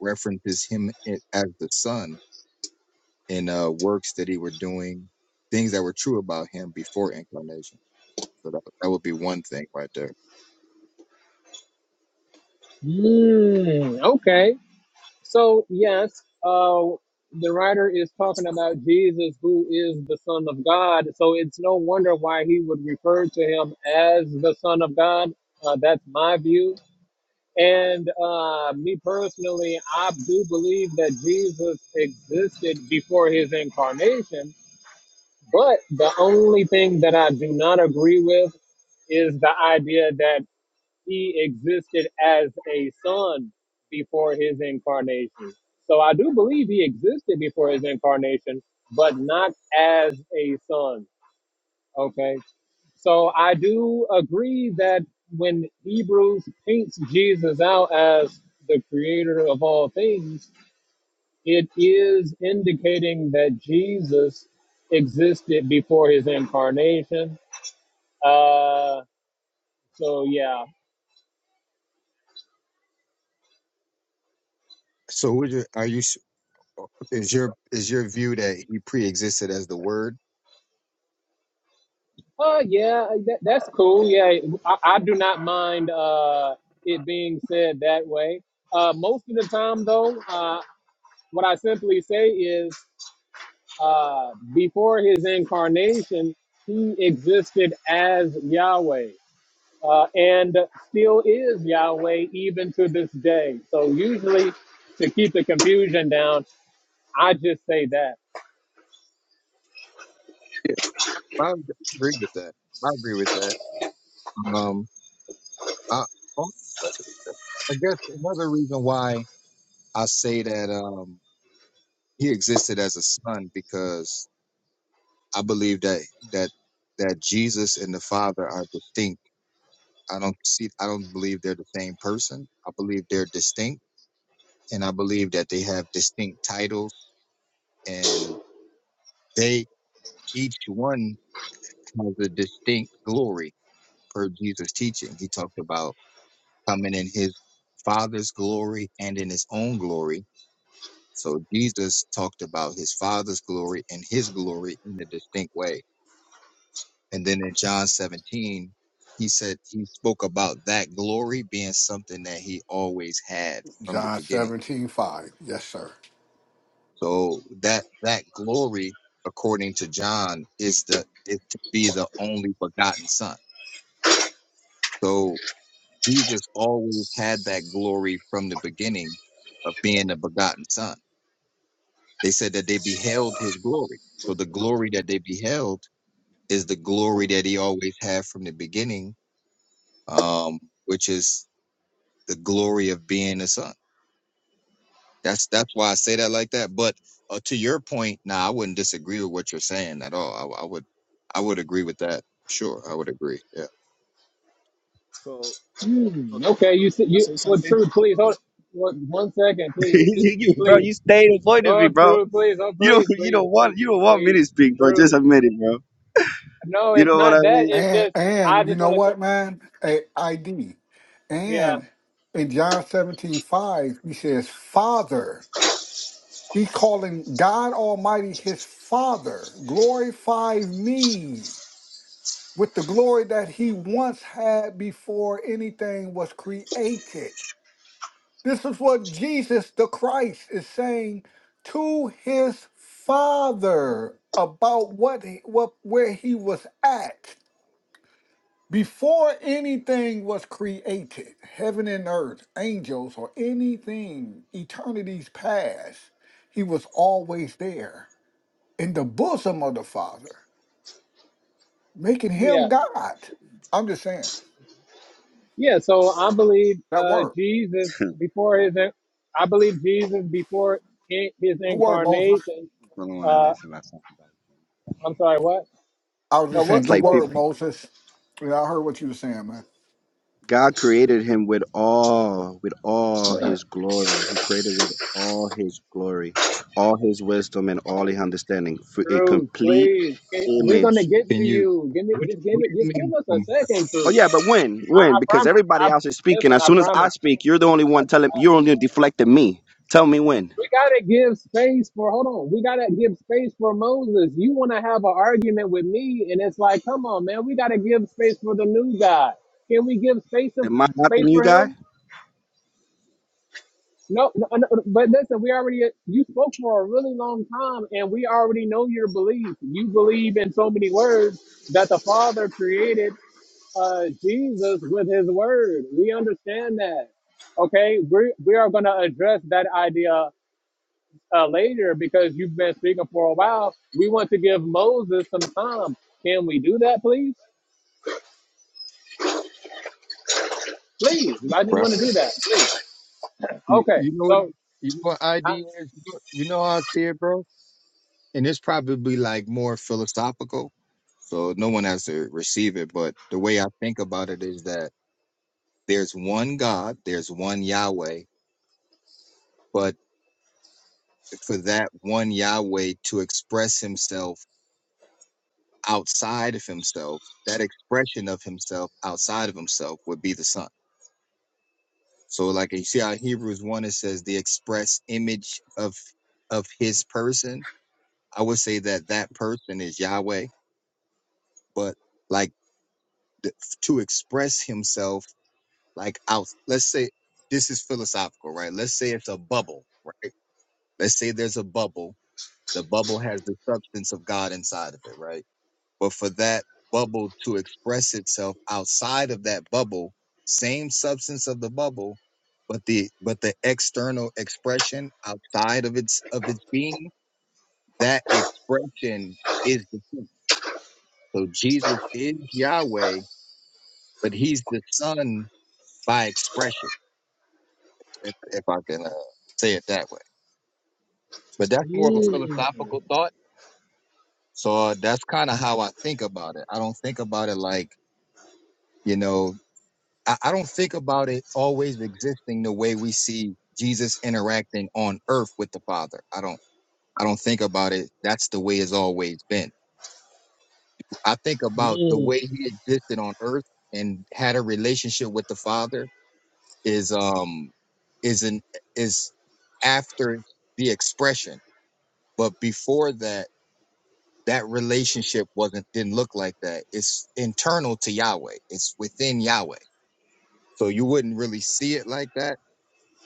S9: references him i- as the son in uh, works that he were doing, things that were true about him before incarnation. So that, that would be one thing right there.
S1: Mm, okay. So, yes, uh, the writer is talking about Jesus, who is the Son of God. So, it's no wonder why he would refer to him as the Son of God. Uh, that's my view. And uh, me personally, I do believe that Jesus existed before his incarnation. But the only thing that I do not agree with is the idea that he existed as a son before his incarnation. So I do believe he existed before his incarnation, but not as a son. Okay. So I do agree that when Hebrews paints Jesus out as the creator of all things, it is indicating that Jesus existed before his incarnation. Uh, so yeah,
S9: So would you, are you, s- is your, is your view that he pre-existed as the word?
S1: Uh, yeah, uh, that, that's cool. Yeah, I, I do not mind uh, it being said that way. Uh, most of the time, though, uh, what I simply say is uh, before his incarnation, he existed as Yahweh uh, and still is Yahweh even to this day. So, usually, to keep the confusion down, I just say that.
S9: I would agree with that. I agree with that. Um, I, oh, uh, uh, I guess another reason why I say that um he existed as a son because I believe that that that Jesus and the Father are distinct. I don't see. I don't believe they're the same person. I believe they're distinct, and I believe that they have distinct titles, and they each one has a distinct glory per Jesus' teaching. He talked about coming in his father's glory and in his own glory. So Jesus talked about his father's glory and his glory in a distinct way. And then in John 17, he said he spoke about that glory being something that he always had from the
S7: John
S9: beginning.
S7: seventeen five. Yes, sir.
S9: So that that glory, according to John, is the is to be the only begotten son. So Jesus always had that glory from the beginning of being a begotten son. They said that they beheld his glory. So the glory that they beheld is the glory that he always had from the beginning, um, which is the glory of being the son. That's that's why I say that like that. But uh, to your point, nah, I wouldn't disagree with what you're saying at all. I, I would I would agree with that. Sure, I would agree. Yeah.
S8: So So.
S1: Hmm, okay, you said
S8: I
S1: you.
S8: say
S1: Well,
S8: something?
S1: true. Please hold. What, one second, please. Just
S8: you, bro,
S1: please.
S8: you stayed avoided me,
S1: Oh,
S8: bro.
S1: true, please. Oh,
S8: You don't,
S1: please,
S8: you
S1: please,
S8: don't want,
S1: please,
S8: you don't want me
S1: please.
S8: to speak, but just
S1: True.
S8: admit it, bro.
S1: No,
S8: You
S1: it's
S8: know what I
S1: not that.
S8: mean?
S1: It's
S7: And
S1: just, I
S7: and you
S1: just
S7: know
S1: want to, th-
S7: what, man? A ID.
S1: yeah,
S7: And in John 17 5, he says, Father. He's calling God Almighty his Father. Glorify me with the glory that he once had before anything was created. This is what Jesus the Christ is saying to his Father about what, he- what where he was at before anything was created, heaven and earth, angels or anything, eternities past. He was always there in the bosom of the Father, making him
S1: yeah,
S7: God. I'm just saying
S1: yeah. So I believe
S7: that
S1: uh,
S7: word.
S1: Jesus, before his, in- I believe Jesus, before in- his
S7: Good word, Moses.
S1: incarnation,
S8: People don't want to
S1: uh,
S8: listen. That's all.
S1: I'm sorry, what?
S7: I was
S1: Uh,
S7: just
S1: what?
S7: saying,
S8: It's
S7: good
S8: like
S1: Oh,
S7: word,
S8: people,
S7: Moses. Yeah, I heard what you were saying, man.
S8: God created him with all, with all his glory. He created with all his glory, all his wisdom, and all his understanding, for a
S1: true,
S8: complete
S1: please. Can- We're going to
S8: image
S1: get to
S9: Can you?
S1: you. Give me,
S9: What
S1: just give
S9: What
S1: it,
S9: do you
S1: just give
S9: mean,
S1: us a
S9: um,
S1: second,
S8: Oh
S1: too.
S8: yeah, but when?
S1: I,
S8: When?
S1: I
S8: Because
S1: promise.
S8: everybody
S1: I,
S8: else is speaking.
S1: listen,
S8: As
S1: I
S8: soon as I
S1: promise.
S8: speak, you're the only one telling. You're only deflecting me. Tell me when.
S1: We gotta give space for hold on. We gotta give space for Moses. You wanna have an argument with me, and it's like, come on, man. We gotta give space for the new guy. Can we give space of
S8: Am I not the
S1: space
S8: new
S1: for
S8: guy?
S1: him? No, no, no, but listen, we already you spoke for a really long time, and we already know your belief. You believe in so many words that the Father created uh, Jesus with His Word. We understand that. Okay, we we are gonna address that idea uh, later because you've been speaking for a while. We want to give Moses some time. Can we do that, please? Please, I just
S9: bro?
S1: want to do that.
S9: You,
S1: Okay,
S9: you know what?
S1: so
S9: You know what
S1: I,
S9: ID is? You know, you know how I see it, bro. and it's probably like more philosophical. So no one has to receive it. But the way I think about it is that there's one God, there's one Yahweh, but for that one Yahweh to express himself outside of himself, that expression of himself outside of himself would be the Son. So like you see how Hebrews 1 it says the express image of of his person. I would say that that person is Yahweh, but like the, to express himself like out let's say this is philosophical right let's say it's a bubble right let's say there's a bubble the bubble has the substance of god inside of it right but for that bubble to express itself outside of that bubble same substance of the bubble but the but the external expression outside of its of its being that expression is the son. so jesus is yahweh but he's the son by expression if, if i can uh, say it that way But that's more of a
S1: mm,
S9: philosophical thought. So uh, that's kind of how I think about it. I don't think about it like, you know, I, I don't think about it always existing the way we see Jesus interacting on earth with the Father. I don't I don't think about it. That's the way it's always been. I think about the
S1: mm,
S9: way he existed on earth and had a relationship with the Father is um is an is after the expression. But before that that relationship wasn't didn't look like that. It's internal to Yahweh. It's within Yahweh. So you wouldn't really see it like that,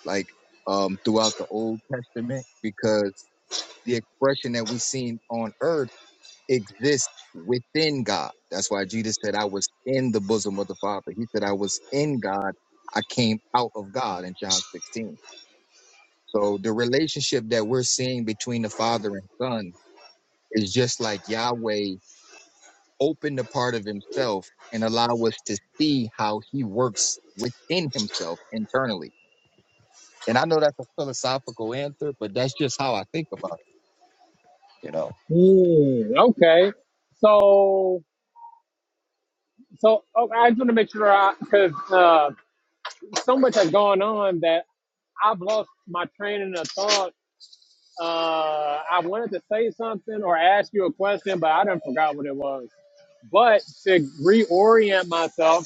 S9: like um throughout the Old Testament, because the expression that we seen on earth exists within God. That's why Jesus said, I was in the bosom of the Father. He said, I was in God. I came out of God in John 16. So the relationship that we're seeing between the Father and Son is just like Yahweh open the part of himself and allow us to see how he works within himself internally. And I know that's a philosophical answer, but that's just how I think about it, you know.
S1: mm, okay, so so okay, I just want to make sure I because uh, so much has gone on that I've lost my training of thought. Uh, I wanted to say something or ask you a question, but I done forgot what it was but to reorient myself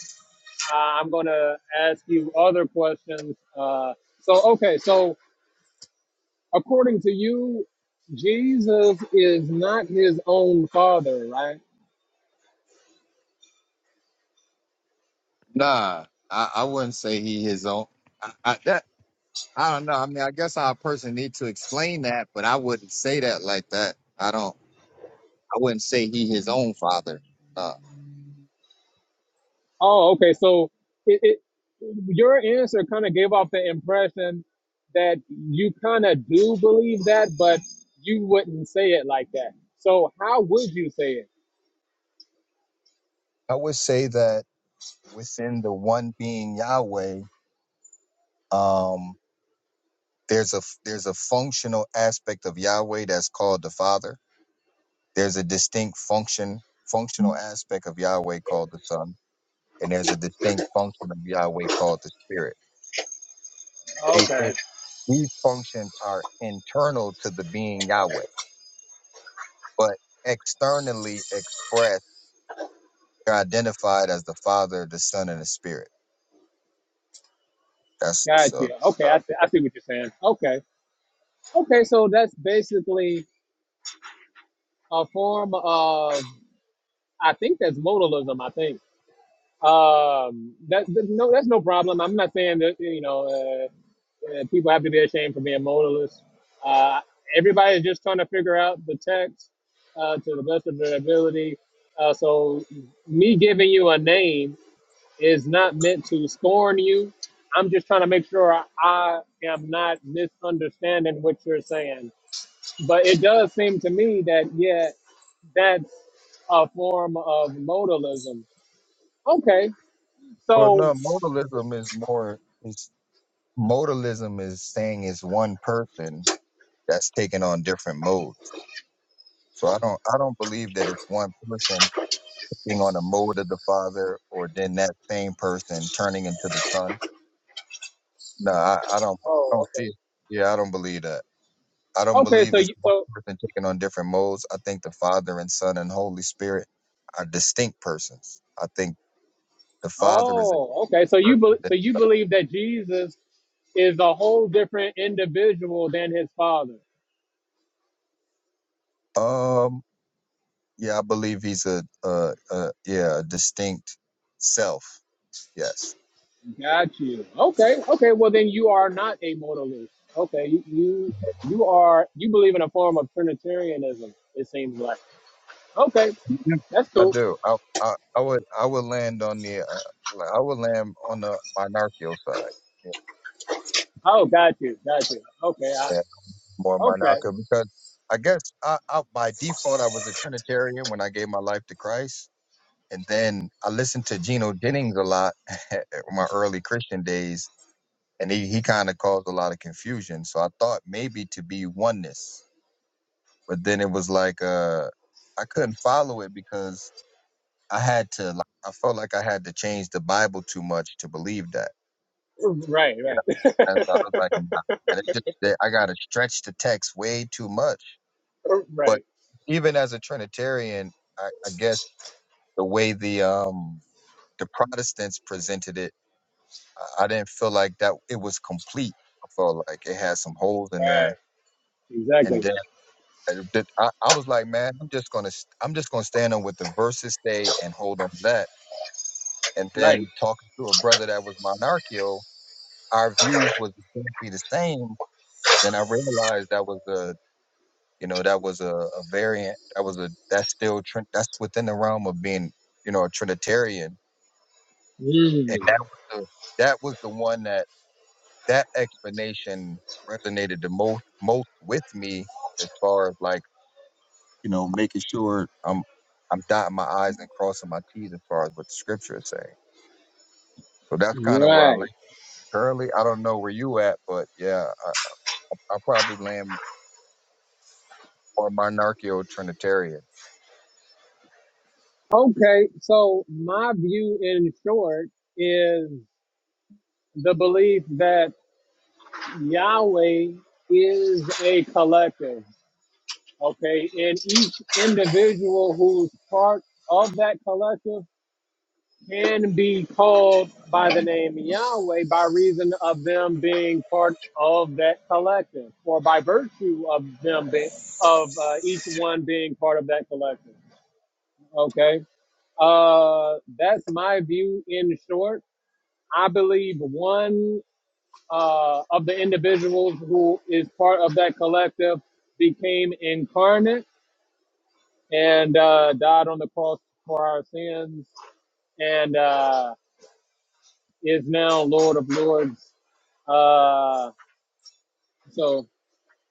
S1: uh, I'm going to ask you other questions. Uh, so, okay, so according to you, Jesus is not his own father, right?
S9: Nah, I, I wouldn't say he his own. I, I, that, I don't know. I mean, I guess our person need to explain that, but I wouldn't say that like that. I don't. I wouldn't say he his own father. Uh,
S1: Oh, okay. So, it, it, your answer kind of gave off the impression that you kind of do believe that, but you wouldn't say it like that. So, how would you say it?
S9: I would say that within the one being Yahweh, um, there's a there's a functional aspect of Yahweh that's called the Father. There's a distinct function functional aspect of Yahweh called the Son, and there's a distinct function of Yahweh called the Spirit. They, they,
S1: Okay,
S9: these functions are internal to the being Yahweh, but externally expressed, they're identified as the Father, the Son, and the Spirit. That's
S1: got
S9: so.
S1: you. Okay, I,
S9: uh,
S1: see- I see what you're saying. Okay, okay. So that's basically a form of I think that's modalism. I think um, that, that no, that's no problem. I'm not saying that you know uh, uh, people have to be ashamed for being modalist. Uh, everybody's just trying to figure out the text uh, to the best of their ability. Uh, so me giving you a name is not meant to scorn you. I'm just trying to make sure I, I am not misunderstanding what you're saying. But it does seem to me that yeah, that's a form of modalism Okay.
S9: Well,
S1: So.
S9: no, modalism is more. Is modalism is saying it's one person that's taking on different modes. So I don't, I don't believe that it's one person taking on a mode of the Father, or then that same person turning into the Son. No, I, I don't, I don't
S1: Oh.
S9: see
S1: Okay.
S9: it. Yeah, I don't believe that. I don't
S1: Okay.
S9: believe
S1: So
S9: it's
S1: you.
S9: one
S1: So.
S9: person taking on different modes. I think the Father and Son and Holy Spirit are distinct persons. I think the Father is a
S1: Oh. Okay. So you. bel
S9: person.
S1: so you believe that Jesus is a whole different individual than his father.
S9: Um, Yeah, I believe he's a, a, a yeah, a distinct self. Yes,
S1: Got you. Okay. Okay. Well, then you are not a modalist. Okay. You. You. You are. You believe in a form of Trinitarianism. It seems like. Okay.
S9: Yeah.
S1: That's
S9: I
S1: cool.
S9: do. I, I, I would, I would land on the, uh, like, I would land on the monarchical side. Yeah,
S1: Oh, got you. Got you. Okay. I,
S9: yeah, more
S1: okay.
S9: monarchical because I guess I, I, by default, I was a Trinitarian when I gave my life to Christ. And then I listened to Geno Jennings a lot in my early Christian days, and he, he kind of caused a lot of confusion. So I thought maybe to be oneness. but then it was like uh I couldn't follow it because I had to like I felt like I had to change the Bible too much to believe that.
S1: Right.
S9: You know, so
S1: Right.
S9: that's why I was like, nah, man, it's just that I gotta stretch the text way too much. But
S1: right.
S9: even as a Trinitarian, I, I guess the way the um the Protestants presented it, I, I didn't feel like that it was complete. I felt like it had some holes in
S1: Right.
S9: there. and
S1: Exactly.
S9: then. And th- I, I was like, man, I'm just gonna st- I'm just gonna stand on what the verses say and hold on to that. And
S1: Right.
S9: then talking to a brother that was monarchical, our views was exactly the same. Then I realized that was a you know that was a, a variant. That was a that's still trin- that's within the realm of being you know a Trinitarian. And
S1: Mm.
S9: that was the that was the one that that explanation resonated the most most with me as far as like you know, making sure I'm I'm dotting my I's and crossing my T's as far as what the scripture is saying. So that's kind of where I land
S1: Right.
S9: currently. I don't know where you at, but yeah, I, i probably land more monarchical Trinitarian.
S1: Okay. So my view in short is the belief that Yahweh is a collective. Okay. And each individual who's part of that collective can be called by the name Yahweh by reason of them being part of that collective or by virtue of them being of uh, each one being part of that collective. Okay Uh, that's my view in short. I believe one uh, of the individuals who is part of that collective became incarnate and uh, died on the cross for our sins and uh, is now Lord of Lords. Uh, so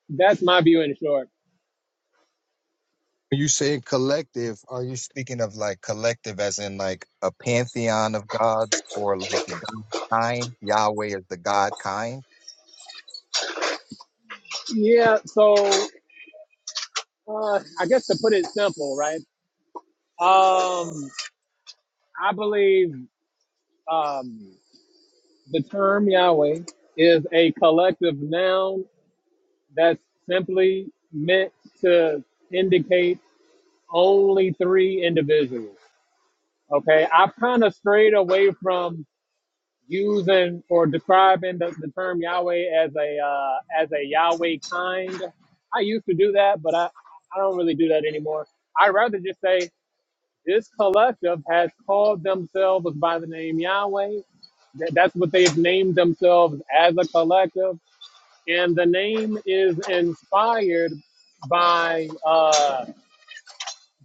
S1: that's my view in short.
S9: When you say collective, are you speaking of like collective as in like a pantheon of gods or like the God kind? Yahweh is the God kind?
S1: Yeah, so uh, I guess to put it simple, right? Um, I believe. Um, The term Yahweh is a collective noun that's simply meant to indicate only three individuals. Okay, I've kind of strayed away from using or describing the, the term Yahweh as a uh, as a Yahweh kind. I used to do that, but I, I don't really do that anymore. I'd rather just say this collective has called themselves by the name Yahweh. That- That's what they've named themselves as a collective and the name is inspired by uh,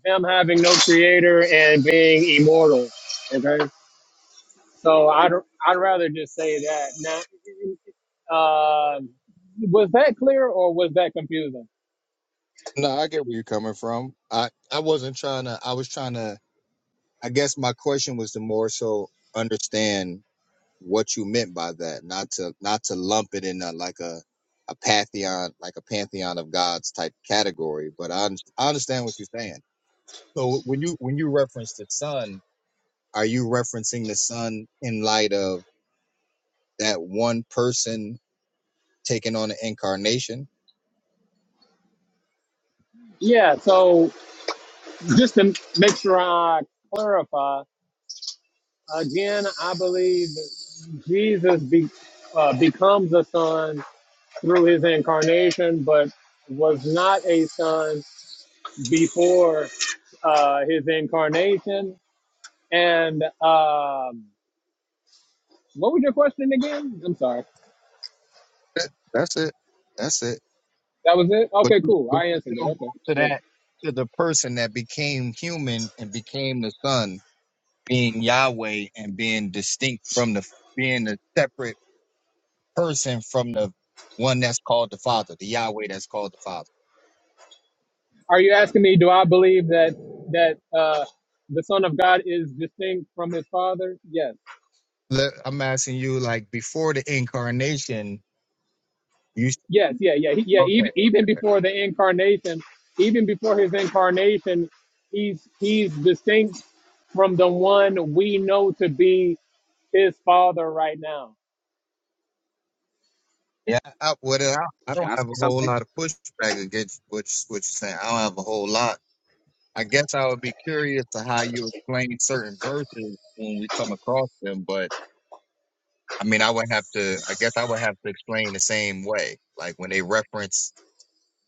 S1: them having no creator and being immortal. Okay, so I'd I'd rather just say that. Now, uh, was that clear or was that confusing?
S9: No, I get where you're coming from. I, I wasn't trying to, I was trying to, I guess my question was to more so understand what you meant by that, not to not to lump it in a, like a a pantheon, like a pantheon of gods type category. But I, un- I understand what you're saying. So when you when you reference the sun, are you referencing the sun in light of that one person taking on the incarnation?
S1: Yeah. So just to make sure I clarify again, I believe Jesus be, uh, becomes a son through his incarnation, but was not a son before uh, his incarnation. And um, what was your question again? I'm sorry.
S9: That, that's it. That's it.
S1: That was it.
S9: But
S1: Okay,
S9: you-
S1: cool.
S9: but
S1: I
S9: you
S1: answered it.
S9: still go
S1: Okay,
S9: to
S1: great.
S9: that to the person that became human and became the son, being Yahweh and being distinct from the being a separate person from the one that's called the Father, the Yahweh that's called the Father.
S1: Are you asking me? Do I believe that that uh, the Son of God is distinct from His Father? Yes.
S9: Look, I'm asking you, like before the incarnation, you
S1: Yes. Yeah. Yeah. He, yeah.
S9: okay?
S1: Even even before the incarnation, even before His incarnation, He's He's distinct from the one we know to be His Father right now
S9: Yeah, I, what I, I
S8: Can
S9: don't
S8: I say
S9: have a whole
S8: something?
S9: lot of pushback against what you- what you're saying. I don't have a whole lot. I guess I would be curious to how you explain certain verses when we come across them, but I mean, I would have to. I guess I would have to explain the same way, like when they reference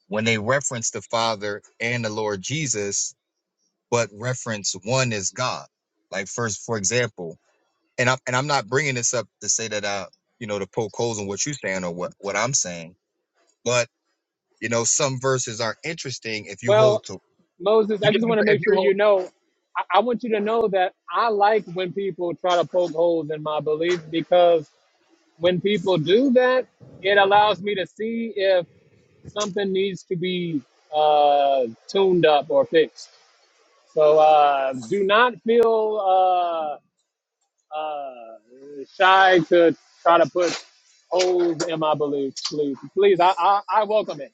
S9: when they reference the Father and the Lord Jesus but reference one as God. Like first, for example, and I'm and I'm not bringing this up to say that I, you know, to poke holes in what you're saying or what what I'm saying, but you know, some verses are interesting if you hold
S1: Well,
S9: to
S1: Moses,
S9: you
S1: I
S9: get
S1: just
S9: what I'm
S1: want to
S9: saying? if
S1: make sure
S9: you
S1: you
S9: hold.
S1: know. I, I want you to know that I like when people try to poke holes in my belief because when people do that, it allows me to see if something needs to be uh, tuned up or fixed. So uh, do not feel uh, uh, shy to try to put holes in my belief, please. Please, I, I, I welcome it.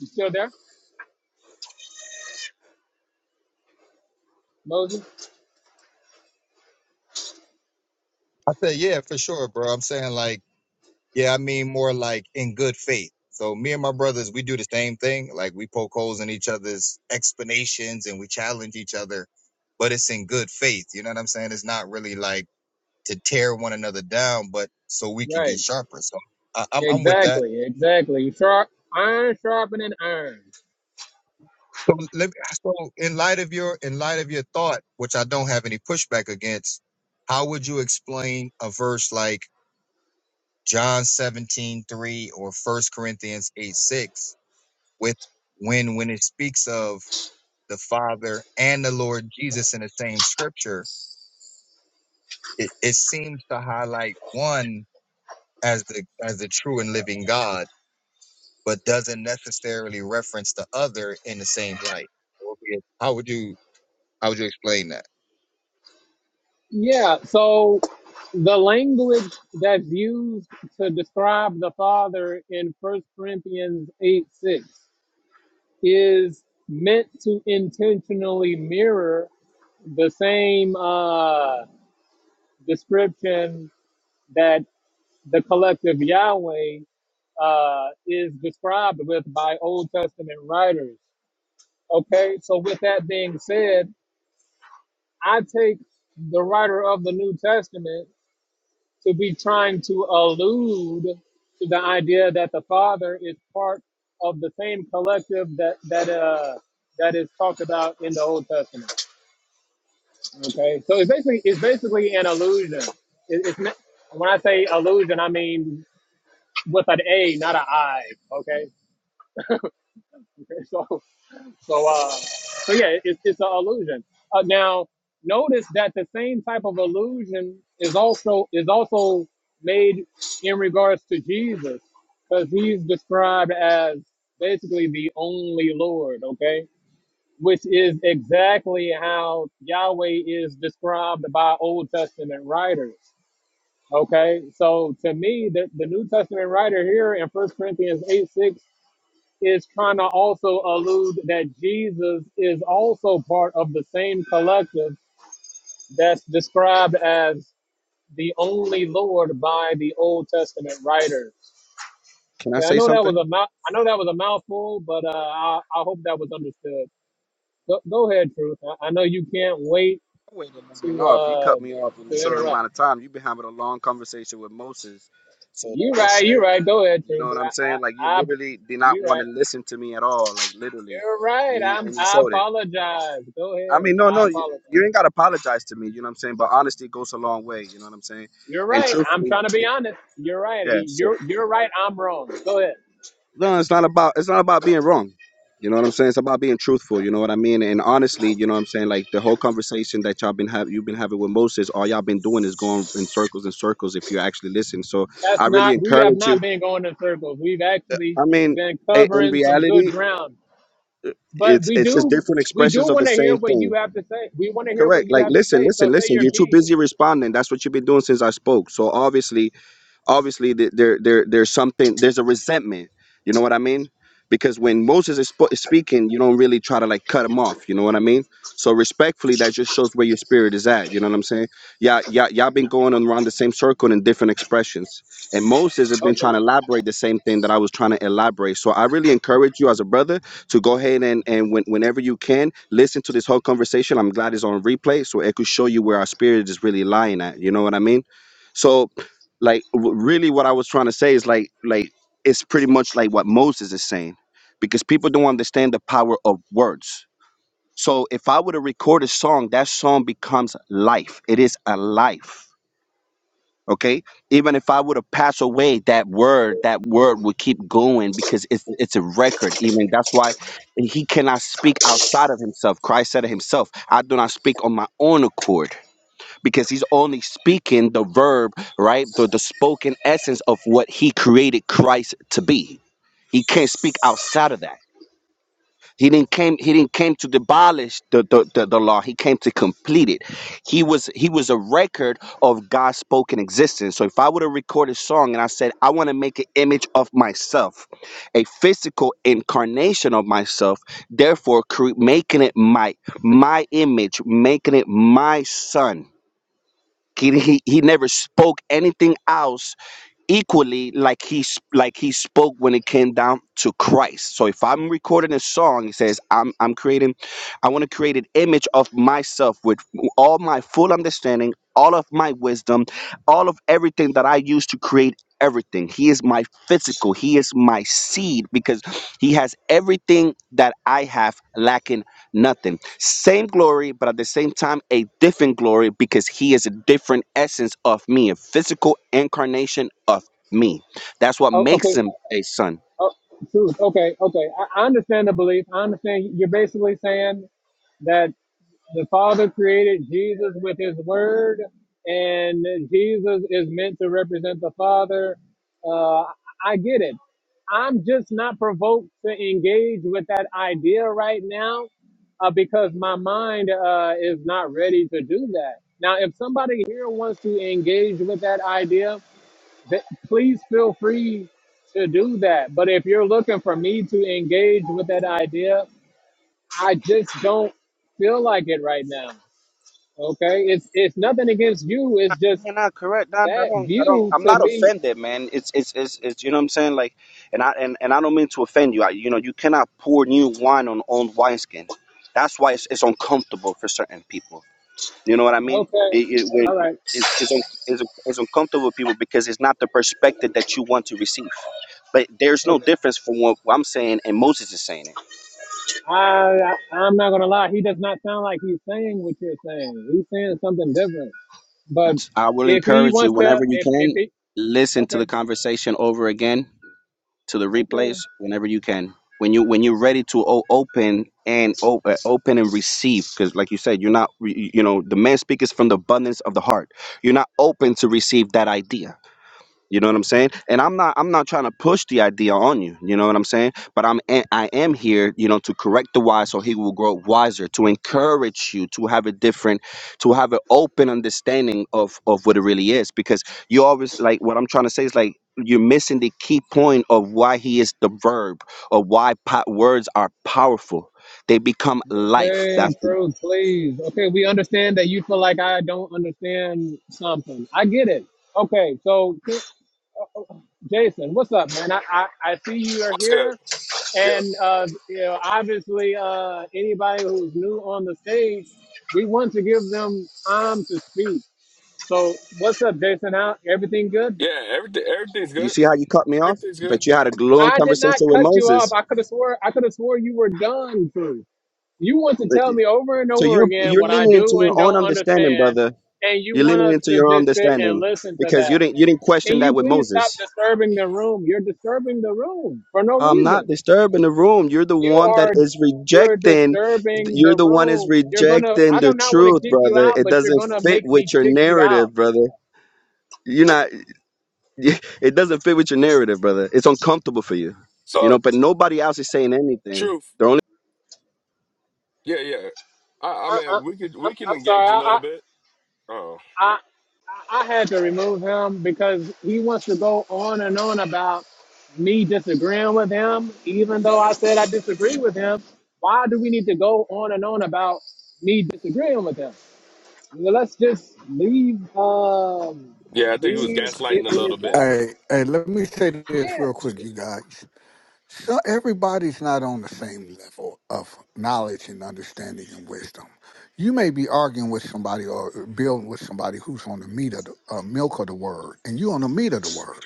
S1: You still there, Moses?
S9: I say yeah, for sure, bro. I'm saying like yeah, I mean more like in good faith. So me and my brothers, we do the same thing. Like we poke holes in each other's explanations and we challenge each other, but it's in good faith. You know what I'm saying? It's not really like to tear one another down, but so we could
S1: Right.
S9: get sharper. So I, I'm I'm with that.
S1: Exactly, exactly. Sharp, iron sharpening iron.
S9: So let me, so in light of your in light of your thought, which I don't have any pushback against, how would you explain a verse like John 17 3 or First Corinthians 8, 6 with when when it speaks of the Father and the Lord Jesus in the same scripture, it, it seems to highlight one as the as the true and living God but doesn't necessarily reference the other in the same light. How would you how would you explain that?
S1: Yeah, so the language that's used to describe the Father in First Corinthians 8 6 is meant to intentionally mirror the same uh, description that the collective Yahweh uh, is described with by Old Testament writers. Okay, so with that being said, I take the writer of the New Testament to be trying to allude to the idea that the Father is part of the same collective that that uh that is talked about in the Old Testament. Okay, so it's basically it's basically an allusion. It, it's not, when I say allusion, I mean with an A, not an I. Okay, so So, uh, so yeah, it, it's an illusion. Uh, now, notice that the same type of illusion is also is also made in regards to Jesus, because he's described as basically the only Lord. Okay, which is exactly how Yahweh is described by Old Testament writers. Okay, so to me, the, the New Testament writer here in First Corinthians eight six is kind of also allude that Jesus is also part of the same collective that's described as the only Lord by the Old Testament writers.
S8: Can I
S1: Okay, I
S8: say
S1: know that
S8: something?
S1: was a mou- I know that was a mouthful, but uh, I, I hope that was understood. Go, go ahead, Truth. I, I know you can't wait
S8: Wait to let me
S1: to
S8: know if you
S1: uh,
S8: cut me off in a
S1: to
S8: shorter
S1: interrupt.
S8: amount of time. You've been having a long conversation with Moses, so that
S1: You're
S8: just
S1: right. You're
S8: showed.
S1: right. Go ahead,
S8: You know
S1: Truth.
S8: what I'm
S1: I,
S8: saying? Like you
S1: I, I
S8: literally did not
S1: you're
S8: want
S1: right.
S8: to listen to me at all, like literally,
S1: You're
S8: and
S1: right.
S8: you
S1: I'm.
S8: and you
S1: I
S8: showed it.
S1: apologize. Go
S8: I
S1: ahead.
S8: mean, no, no,
S1: I
S8: you,
S1: apologize.
S8: you ain't got to apologize to me. You know what I'm saying? But honesty goes a long way. You know what I'm saying?
S1: You're
S8: And
S1: right. I'm
S8: truthfully,
S1: trying to be
S8: you,
S1: honest. You're right.
S8: yeah. So
S1: You're you're right. I'm wrong. Go ahead.
S8: no, it's not about it's not about being wrong. You know what I'm saying? It's about being truthful. You know what I mean? And honestly, you know what I'm saying? Like the whole conversation that y'all been have you've been having with Moses, all y'all been doing is going in circles and circles. If you actually listen, so
S1: That's
S8: I really
S1: not. We have
S8: encourage you.
S1: not been going in circles. We've actually
S8: I mean,
S1: been
S8: i- in
S1: covering some good
S8: reality,
S1: ground. But
S8: it's
S1: we
S8: it's just
S1: do
S8: different
S1: we do
S8: expressions of the
S1: want to hear
S8: same
S1: what
S8: thing.
S1: you have to say. We want to hear
S8: Correct.
S1: what you
S8: Like
S1: have to
S8: listen,
S1: say. So
S8: listen,
S1: say
S8: listen.
S1: your
S8: You're too
S1: piece.
S8: busy responding. That's what you've been doing since I spoke. So obviously, obviously th- there there there's something there's a resentment you know what i mean because when moses is, spo- is speaking you don't really try to like cut him off you know what i mean so respectfully that just shows where your spirit is at you know what i'm saying yeah yeah y'all been going around the same circle in different expressions and moses has been
S1: Okay.
S8: trying to elaborate the same thing that i was trying to elaborate so i really encourage you as a brother to go ahead and and when, whenever you can listen to this whole conversation i'm glad it's on replay so it could show you where our spirit is really lying at you know what i mean so like w- really what i was trying to say is like like it's pretty much like what moses is saying because people don't understand the power of words so if i were to record a song that song becomes life it is a life okay even if i were to pass away that word that word would keep going because it's it's a record even that's why he cannot speak outside of himself christ said it himself i do not speak on my own accord because he's only speaking the verb, right? The, the spoken essence of what he created Christ to be. He can't speak outside of that. He didn't came. He didn't came to abolish the, the, the, the law. He came to complete it. He was he was a record of God's spoken existence. So if I were to record a song and I said I want to make an image of myself, a physical incarnation of myself, therefore cre- making it my my image, making it my son he, he he never spoke anything else equally like he s- like he spoke when it came down to Christ. So if I'm recording a song, he says I'm I'm creating, I want to create an image of myself with all my full understanding, all of my wisdom, all of everything that I use to create everything. He is my physical. He is my seed because he has everything that I have lacking Nothing. Same glory, but at the same time, a different glory because he is a different essence of me, a physical incarnation of me. That's what
S1: Oh,
S8: makes
S1: okay.
S8: him a son.
S1: Oh, truth. Okay. Okay. I, I understand the belief. I understand. You're basically saying that. The Father created Jesus with his word, and Jesus is meant to represent the Father. Uh, I get it. I'm just not provoked to engage with that idea right now uh, because my mind uh, is not ready to do that. Now, if somebody here wants to engage with that idea, th- please feel free to do that. But if you're looking for me to engage with that idea, I just don't feel like it right now. Okay, it's it's nothing against you. It's just
S8: You're not correct, Don. I
S1: that
S8: don't, I don't,
S1: view
S8: I'm
S1: to
S8: not
S1: me.
S8: offended, man. It's, it's, it's, it's, you know what I'm saying? Like, and I, and, and I don't mean to offend you. I, you know, you cannot pour new wine on old wineskin. That's why it's, it's uncomfortable for certain people. You know what I mean?
S1: Okay,
S8: It, it,
S1: all
S8: when
S1: right.
S8: it's it's, un, it's it's uncomfortable with people because it's not the perspective that you want to receive. But there's no
S1: Okay,
S8: difference from what I'm saying and Moses is saying it.
S1: I, I I'm not gonna lie. He does not sound like he's saying what you're saying. He's saying something different. But
S8: I will
S1: if he
S8: encourage you
S1: wants to,
S8: whenever you
S1: if if
S8: can
S1: he
S8: listen to
S1: okay.
S8: the conversation over again to the
S1: Okay,
S8: replays whenever you can. When you when you're ready to o- open and o- uh, open and receive, because like you said, you're not re- you know the man speaks from the abundance of the heart. You're not open to receive that idea You know what I'm saying? And I'm not I'm not trying to push the idea on you. You know what I'm saying? But I'm a- I am here, you know, to correct the wise so he will grow wiser, to encourage you to have a different, to have an open understanding of of what it really is. Because you always like what I'm trying to say is like you're missing the key point of why he is the verb or why po- words are powerful. They become life.
S1: okay,
S8: That's
S1: true, please. Okay, we understand that you feel like I don't understand something. I get it. Okay, so uh, uh, Jason, what's up, man? I, I, I see you are
S10: What's good?
S1: here.
S10: Yeah,
S1: And uh, you know, obviously, uh, anybody who's new on the stage, we want to give them time to speak. So, what's up, Jason? How everything good?
S10: yeah. Everything, everything's
S8: you
S10: good.
S8: see how you cut me off?
S10: Everything's good.
S8: But you had a long
S1: I did
S8: conversation
S1: not
S8: with
S1: cut you off.
S8: Moses.
S1: I could have swore I could have swore you were done too. You want to tell me over and
S8: So
S1: over
S8: you're
S1: again
S8: you're
S1: what I
S8: leaning into
S1: do and
S8: your own
S1: don't
S8: understanding,
S1: understand,
S8: brother.
S1: and you
S8: You're
S1: want
S8: leaning
S1: us
S8: into
S1: to
S8: your own
S1: just sit and
S8: understanding
S1: listen to
S8: because you
S1: that.
S8: didn't you didn't
S1: Can
S8: question that
S1: you
S8: with
S1: please stop
S8: Moses.
S1: disturbing the room? You're disturbing the room for no
S8: I'm not
S1: reason.
S8: disturbing the room. You're the
S1: you
S8: one that
S1: are
S8: is
S1: you're
S8: rejecting.
S1: disturbing
S8: You're
S1: the
S8: the one is
S1: room. You're gonna
S8: rejecting
S1: I do
S8: the
S1: not want to
S8: truth,
S1: kick you
S8: brother.
S1: out,
S8: It
S1: but you're
S8: doesn't
S1: gonna
S8: fit
S1: make
S8: with
S1: me
S8: your
S1: kick you out.
S8: narrative, brother. You're not. It doesn't fit with your narrative, brother. It's uncomfortable for you, you
S10: So,
S8: know. But nobody else is saying anything.
S10: truth.
S8: The only.
S10: Yeah, yeah. I, I
S1: I, I,
S10: mean, we could
S1: I'm,
S10: we can
S1: I'm sorry.
S10: engage a
S1: I, I
S10: little bit. Oh,
S1: I I had to remove him because he wants to go on and on about me disagreeing with him, even though I said I disagree with him. Why do we need to go on and on about me disagreeing with him? Well, let's just leave um
S10: yeah. I think he was
S1: leave it
S10: gaslighting a
S1: where
S10: little
S1: it's
S10: bit.
S1: at.
S7: Hey, hey, let me say this real
S1: Yeah.
S7: quick, you guys. So everybody's not on the same level of knowledge and understanding and wisdom. You may be arguing with somebody or building with somebody who's on the meat of the uh, milk of the word, and you on the meat of the word.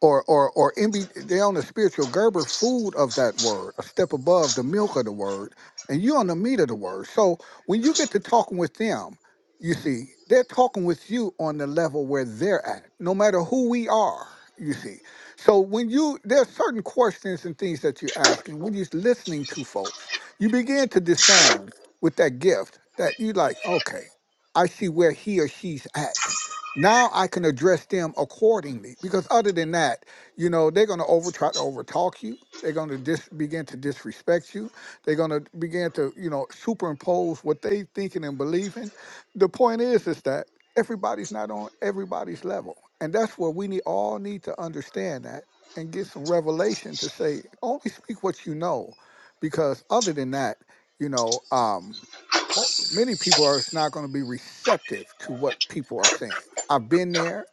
S7: or or or in be, they're on the spiritual gerber food of that word, a step above the milk of the word, and you're on the meat of the word. So when you get to talking with them, you see, they're talking with you on the level where they're at, no matter who we are, you see. So when you there are certain questions and things that you're asking, when you're listening to folks, you begin to discern with that gift that you like, okay, I see where he or she's at now I can address them accordingly. Because other than that, you know, they're going to over try to overtalk you. They're going to dis- begin to disrespect you. They're going to begin to, you know, superimpose what they thinking and believing. The point is, is that everybody's not on everybody's level, and that's where we need all need to understand that and get some revelation to say only speak what you know, because other than that, you know, um, well, many people are not going to be receptive to what people are saying. I've been there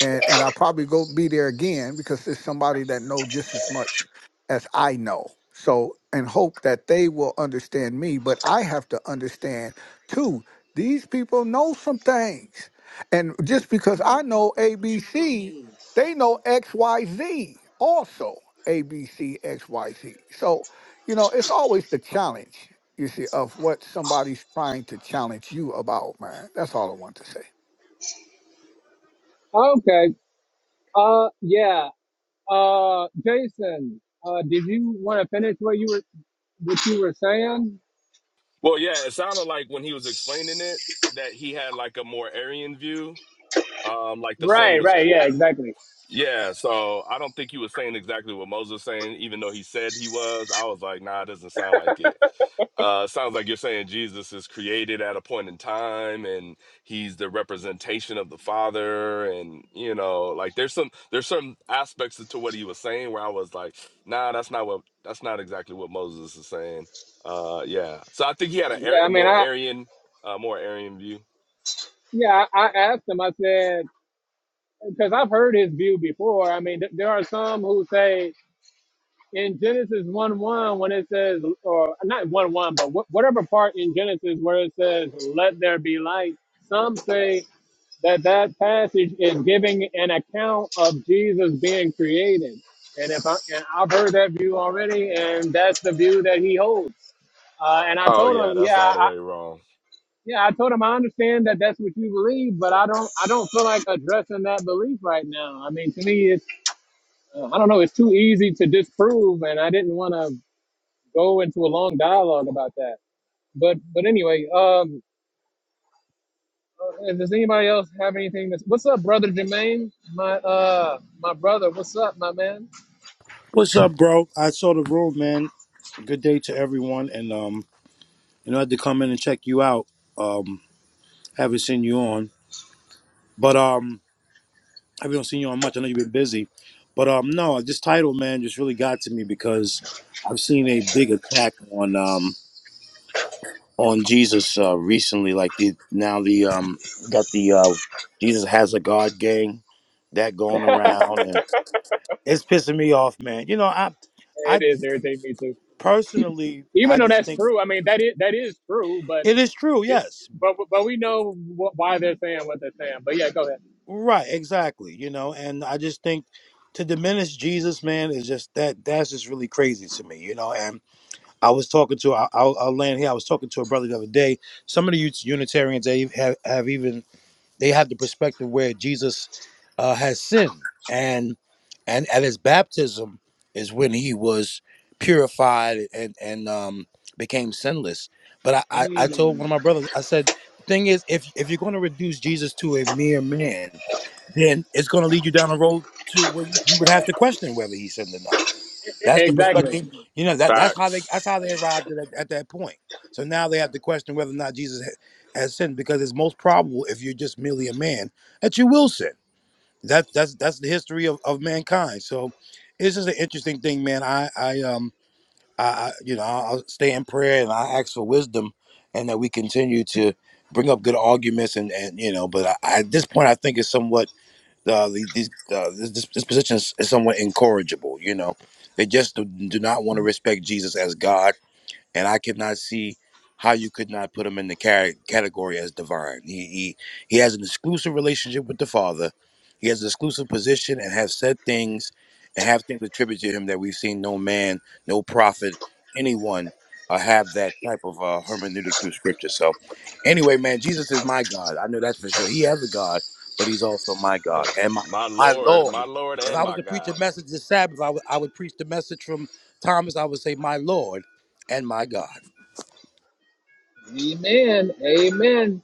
S7: and, and I'll probably go be there again because there's somebody that know just as much as I know. So and hope that they will understand me, but I have to understand too. These people know some things. And just because I know ABC, they know XYZ also. A B C X Y Z. So, you know, it's always the challenge, you see, of what somebody's trying to challenge you about, man. That's all I want to say.
S1: Okay. Uh, yeah. Uh, Jason, uh, did you want to finish what you were what you were saying?
S10: Well, yeah. It sounded like when he was explaining it that he had like a more Aryan view. Um, like the sun
S1: Right,
S10: was
S1: right,
S10: cr-
S1: yeah, exactly.
S10: Yeah, so I don't think he was saying exactly what Moses was saying, even though he said he was. I was like, nah, it doesn't sound like it. Uh, sounds like you're saying Jesus is created at a point in time and he's the representation of the Father. And, you know, like there's some there's some aspects to what he was saying where I was like, nah, that's not what that's not exactly what Moses is saying. Uh, yeah. So I think he had a
S1: Yeah,
S10: Ar-
S1: I mean,
S10: more
S1: I
S10: Aryan, uh, more Aryan view.
S1: yeah, I I asked him. I said because I've heard his view before. I mean, th- there are some who say in Genesis one one when it says or not one one, but wh- whatever part in Genesis where it says "Let there be light." Some say that that passage is giving an account of Jesus being created. And if I, and I've heard that view already, and that's the view that he holds. Uh, and I
S10: Oh
S1: told
S10: yeah,
S1: him,
S10: that's
S1: yeah,
S10: all the
S1: I,
S10: way wrong.
S1: yeah, I told him I understand that that's what you believe, but I don't, I don't feel like addressing that belief right now. I mean, to me, it's, uh, I don't know, it's too easy to disprove, and I didn't want to go into a long dialogue about that. But, but anyway, um, Uh, does anybody else have anything? That's, what's up, brother Jermaine? My uh, my brother. What's up, my man?
S11: What's up, bro? I saw the room, man. Good day to everyone, and um, you know, I had to come in and check you out. Um, haven't seen you on, but um, I haven't seen you on much. I know you've been busy, but um, no, this title, man, just really got to me because I've seen a big attack on um on Jesus uh, recently. Like the now the um got the uh, Jesus has a God gang that going around, and it's pissing me off, man. You know, I
S1: It
S11: I
S1: is irritating me too.
S11: personally,
S1: Even
S11: I
S1: though
S11: just
S1: that's
S11: think.
S1: true, I mean that is that is true, but
S11: It is true,
S1: it's
S11: yes.
S1: but but we know wh- why they're saying what they're saying. But yeah, go ahead.
S11: Right, exactly. You know, and I just think to diminish Jesus, man, is just that that's just really crazy to me, you know. And I was talking to I'll, I'll I'll land here. I was talking to a brother the other day. Some of the Unitarians they have have even they have the perspective where Jesus uh, has sinned, and and at his baptism is when he was purified and and um, became sinless. But I, I I told one
S1: Mm.
S11: of my brothers, I said, the thing is, if if you're going to reduce Jesus to a mere man, then it's going to lead you down a road to where you would have to question whether he's sinned or not. That's the
S1: Exactly.
S11: perspective. You know that that's how
S10: Facts.
S11: they that's how they arrived at, at that point. So now they have to question whether or not Jesus ha- has sinned, because it's most probable if you're just merely a man that you will sin. That's that's that's the history of, of mankind. So this is an interesting thing, man. I I um I, I you know I'll I'll stay in prayer and I ask for wisdom, and that we continue to bring up good arguments and and you know. But I, I- at this point, I think it's somewhat uh, the- these, uh, this, this this position is, is somewhat incorrigible. You know, they just do, do not want to respect Jesus as God and I could not see how you could not put him in the ca- category as divine. He, he he has an exclusive relationship with the Father. He has an exclusive position and has said things and have things attributed to him that we've seen no man, no prophet, anyone uh, have that type of uh, hermeneutic through Scripture. So, anyway, man, Jesus is my God. I know that's for sure. He has a God, but He's also my God and my
S10: My
S11: my
S10: Lord, my
S11: Lord.
S10: Lord,
S11: If
S10: and
S11: I was
S10: my
S11: to preach a
S10: God.
S11: message this Sabbath, I would I would preach the message from Thomas. I would say, "My Lord." and my God.
S1: Amen. Amen.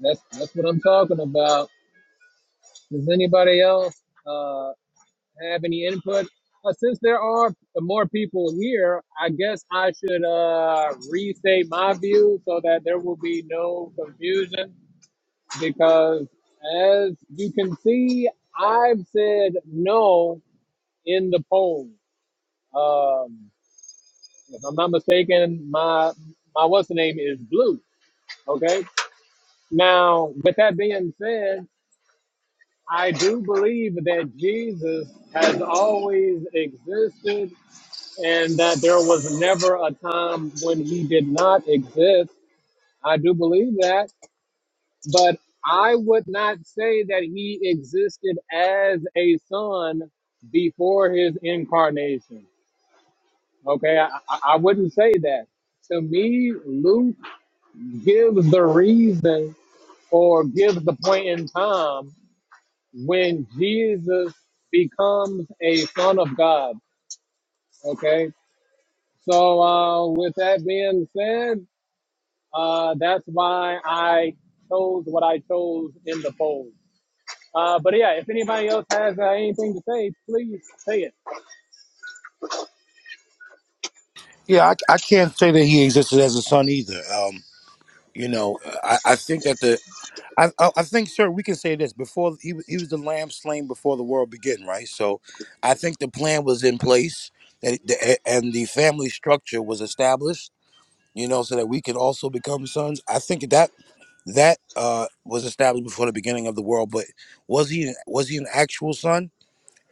S1: That's that's what I'm talking about. Does anybody else? Uh, have any input. Uh, since there are more people here, I guess I should uh, restate my view so that there will be no confusion. Because as you can see, I've said no in the poll. Um, if I'm not mistaken, my my what's the name is blue. Okay. Now, with that being said, I do believe that Jesus has always existed and that there was never a time when he did not exist. I do believe that, but I would not say that he existed as a son before his incarnation. Okay, I, I I wouldn't say that. To me, Luke gives the reason or gives the point in time when Jesus becomes a son of God. Okay, so uh, with that being said, Uh, that's why I chose what I chose in the poll. Uh, but yeah, if anybody else has uh, anything to say, please say it.
S11: Yeah, I, I can't say that he existed as a son either. Um, you know, I, I think that the I, I I think, sir, we can say this before he wa- he was the lamb slain before the world began, right? So, I think the plan was in place that the, and the family structure was established. You know, so that we could also become sons. I think that that uh, was established before the beginning of the world. But was he was he an actual son?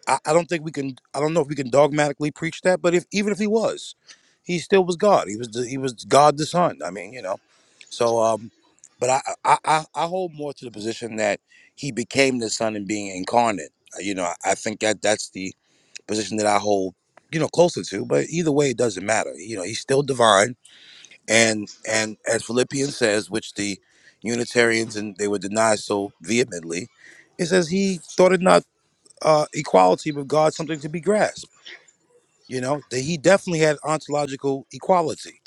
S11: I, I don't think we can. I don't know if we can dogmatically preach that, but if even if he was, he still was God. He was the, he was God the Son. I mean, you know. So, um, but I, I I I hold more to the position that he became the Son and being incarnate. Uh, You know, I, I think that that's the position that I hold. You know, closer to. But either way, it doesn't matter. You know, he's still divine, and and as Philippians says, which the Unitarians and they would deny so vehemently, it says he thought it not uh, equality with God something to be grasped. You know, that he definitely had ontological equality.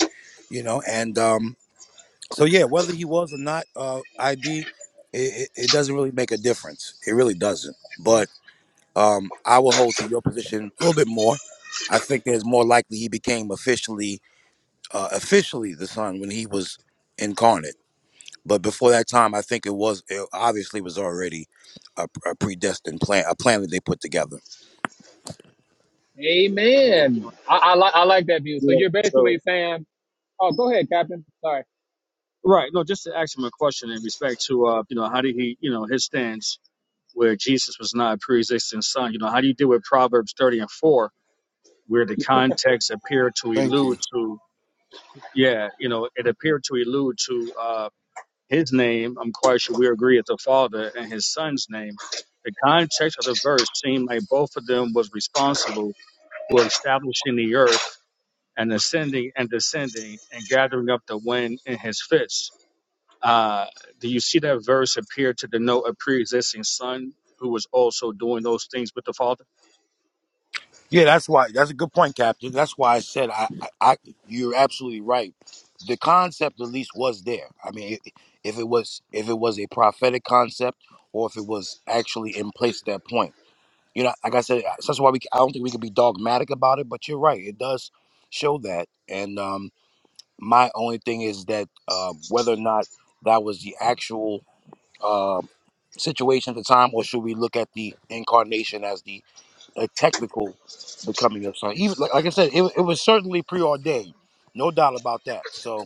S11: You know, and um, so yeah, whether he was or not uh, ID, it, it doesn't really make a difference. It really doesn't. But um, I will hold to your position a little bit more. I think there's more likely he became officially uh, officially the son when he was incarnate. But before that time, I think it was it obviously was already a, a predestined plan, a plan that they put together.
S2: I mean, you
S1: Amen.
S2: know,
S1: I, I, li- I like that view. So
S2: yeah.
S1: you're
S2: So.
S1: basically saying, oh, go ahead, Captain. Sorry.
S2: Right. No, just to ask him a question in respect to, uh, you know, how did he, you know, his stance where Jesus was not a pre-existing son. You know, how do you deal with Proverbs 30 and 4, where the context appeared to
S7: Thank
S2: allude
S7: you.
S2: to, yeah, you know, it appeared to allude to uh, his name. I'm quite sure we agree it's the father and his son's name. The context of the verse seemed like both of them was responsible for establishing the earth and ascending and descending and gathering up the wind in his fists uh, do you see that verse appear to denote a pre-existing son who was also doing those things with the father?
S11: Yeah, that's why. That's a good point, Captain. That's why I said I, I, I you're absolutely right. The concept, at least, was there. I mean, i- if it was, if it was a prophetic concept, or if it was actually in place at that point, you know, like I said, I- that's why we. I don't think we can be dogmatic about it, but you're right. It does show that, and um, my only thing is that uh, whether or not that was the actual uh, situation at the time, or should we look at the incarnation as the a technical becoming of son. Even like, like I said, it, it was certainly preordained, no doubt about that. So,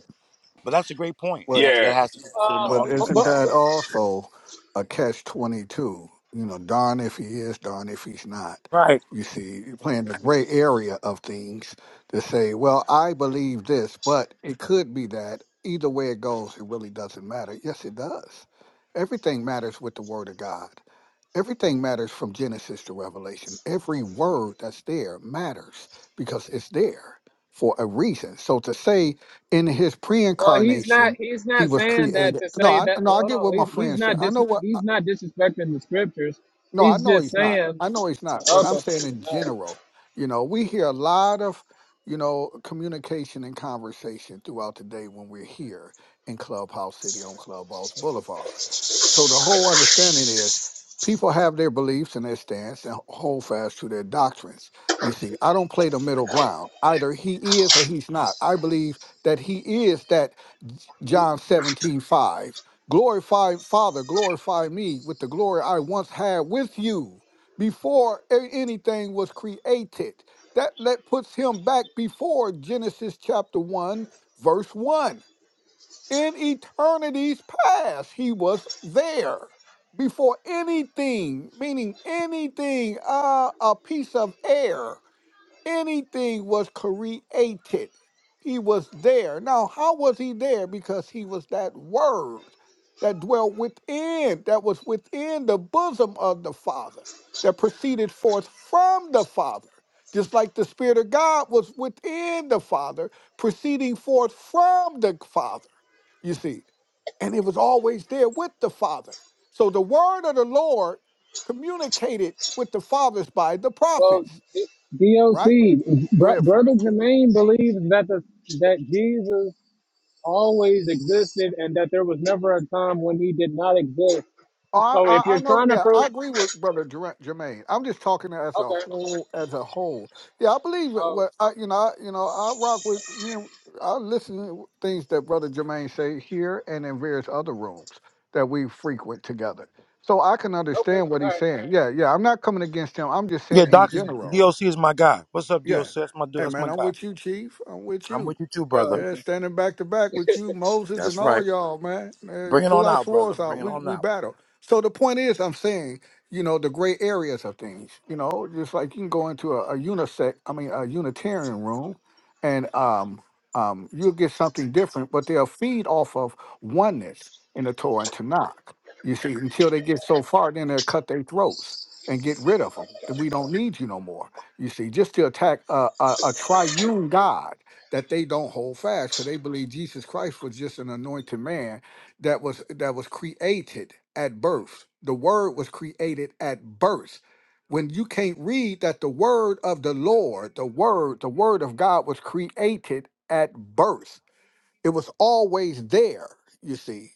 S11: but that's a great point, and that,
S10: Yeah,
S11: that has to be considered in
S1: Uh,
S11: the
S7: But
S1: but,
S11: argument,
S7: isn't
S1: but-
S7: that
S11: Captain.
S7: also a catch twenty two? You know, darn if he is, darn if he's not.
S11: Right?
S7: You see, you're playing the gray area of things to say, well, I believe this, but it could be that. Either way it goes, it really doesn't matter. Yes, it does. Everything matters with the Word of God. Everything matters from Genesis to Revelation. Every word that's there matters because it's there for a reason. So to say in his pre
S1: well, he's
S7: incarnation,
S1: not. He's
S7: he
S1: not
S7: was
S1: saying that
S7: created.
S1: to
S7: No,
S1: say
S7: I
S1: that.
S7: no, I
S1: Hold
S7: get
S1: on.
S7: what my
S1: He's he's
S7: friend said.
S1: not
S7: I
S1: dis.
S7: know what
S1: He's not disrespecting the scriptures.
S7: no, I
S1: He's
S7: know
S1: just
S7: he's not.
S1: saying.
S7: I know he's not, but I'm
S1: Okay.
S7: saying in
S1: All right.
S7: general, you know, we hear a lot of, you know, communication and conversation throughout the day when we're here in Clubhouse City on Clubhouse Boulevard. So the whole understanding is people have their beliefs and their stance and hold fast to their doctrines. You see, I don't play the middle ground. Either he is or he's not. I believe that he is that John 17 5. Glorify, Father, glorify me with the glory I once had with you before a- anything was created. That, that puts him back before Genesis chapter 1, verse 1. In eternities past, he was there before anything, meaning anything, uh, a piece of air anything was created. He was there. Now, how was he there? Because he was that word that dwelt within, that was within the bosom of the Father, that proceeded forth from the Father. Just like the Spirit of God was within the Father, proceeding forth from the Father, you see. And it was always there with the Father. So the word of the Lord communicated with the fathers by the
S1: Well,
S7: prophets,
S1: D-
S7: right?
S1: DOC,
S7: Go
S1: br-
S7: ahead, Frank.
S1: brother Jermaine believes that the that Jesus always existed and that there was never a time when he did not exist.
S7: I,
S1: So if
S7: I I
S1: you're
S7: know.
S1: trying to
S7: Yeah, I
S1: prove,
S7: agree with brother Jer- Jermaine. I'm just talking as a
S1: okay,
S7: whole. As a whole, yeah, I believe it.
S1: oh,
S7: What I, you know, I, you know, I rock with me. And, I listen to things that brother Jermaine say here and in various other rooms that we frequent together. So I can
S1: okay,
S7: understand what
S1: all
S7: he's
S1: right,
S7: saying. Yeah, yeah. I'm not coming against him. I'm just
S11: Yeah,
S7: saying in
S11: Doc is
S7: general.
S11: DOC is my guy. What's up, DOC?
S7: Yeah.
S11: That's my dude.
S7: Hey
S11: That's
S7: man,
S11: my
S7: I'm
S11: guy.
S7: with you, Chief. I'm with
S11: I'm
S7: you.
S11: with you too,
S1: oh,
S11: brother.
S7: Yeah,
S1: okay.
S7: standing back to back with you, Moses, and
S11: That's
S7: all
S11: right.
S7: y'all, man. Man,
S11: Bring it
S7: pull
S11: on
S7: our
S11: out, brother.
S7: swords
S11: Bring
S7: out.
S11: it
S7: We
S11: on
S7: we
S11: out.
S7: battle. So the point is, I'm saying, you know, the gray areas of things. You know, just like you can go into a, a unisex, I mean, a Unitarian room, and um, um, you'll get something different, but they'll feed off of oneness in the Torah and Tanakh. You see, until they get so far, then they'll cut their throats and get rid of them. We don't need you no more. You see, just to attack a, a, a triune God that they don't hold fast because they believe Jesus Christ was just an anointed man that was that was created at birth. The word was created at birth. When you can't read that the word of the Lord, the word, the word of God was created at birth it was always there, you see.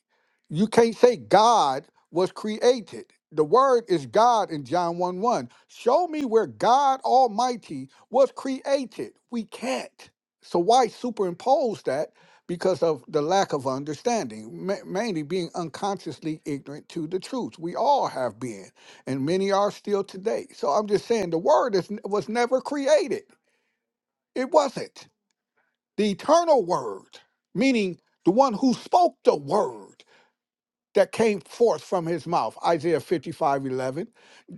S7: You can't say God was created. The word is God in John 1 1. Show me where God Almighty was created. We can't. So why superimpose that? Because of the lack of understanding, ma- mainly being unconsciously ignorant to the truth. We all have been, and many are still today. So I'm just saying the word is, was never created. It wasn't the eternal word, meaning the one who spoke the word that came forth from his mouth. Isaiah 55 11,